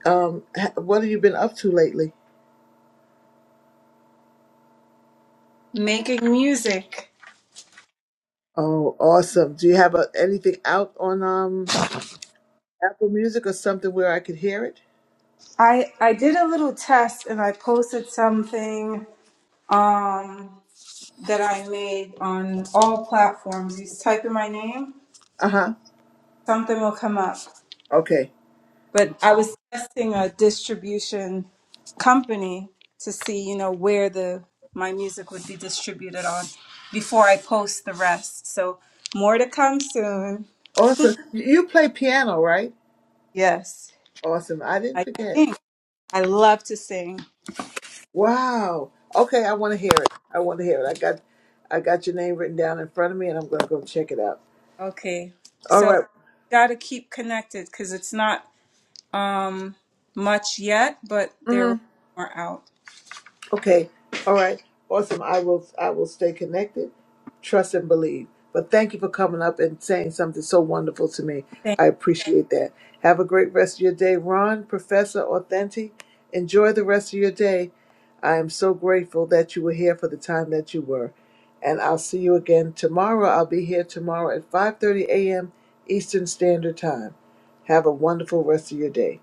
[SPEAKER 30] Um, ha- what have you been up to lately?
[SPEAKER 35] making music.
[SPEAKER 30] Oh, awesome. Do you have uh anything out on um Apple Music or something where I could hear it?
[SPEAKER 35] I I did a little test and I posted something um that I made on all platforms. You just type in my name
[SPEAKER 30] Uh huh.
[SPEAKER 35] something will come up.
[SPEAKER 30] Okay.
[SPEAKER 35] But I was testing a distribution company to see, you know, where the my music would be distributed on before I post the rest. So more to come soon.
[SPEAKER 30] Awesome. You you play piano, right?
[SPEAKER 35] Yes.
[SPEAKER 30] Awesome. I didn't
[SPEAKER 35] I
[SPEAKER 30] forget.
[SPEAKER 35] sing. I love to sing.
[SPEAKER 30] Wow. Okay, I want to hear it. I want to hear it. I got I got your name written down in front of me and I'm going to go check it out.
[SPEAKER 35] Okay.
[SPEAKER 30] All
[SPEAKER 35] So
[SPEAKER 30] right.
[SPEAKER 35] gotta keep connected because it's not um much yet, but there will
[SPEAKER 30] Mm-hmm.
[SPEAKER 35] be more out.
[SPEAKER 30] Okay. All right. Awesome. I will I will stay connected, trust and believe. But thank you for coming up and saying something so wonderful to me. I appreciate that. Have a great rest of your day, Ron, Professor Authentic. Enjoy the rest of your day. I am so grateful that you were here for the time that you were. And I'll see you again tomorrow. I'll be here tomorrow at 5:30 a.m. Eastern Standard Time. Have a wonderful rest of your day.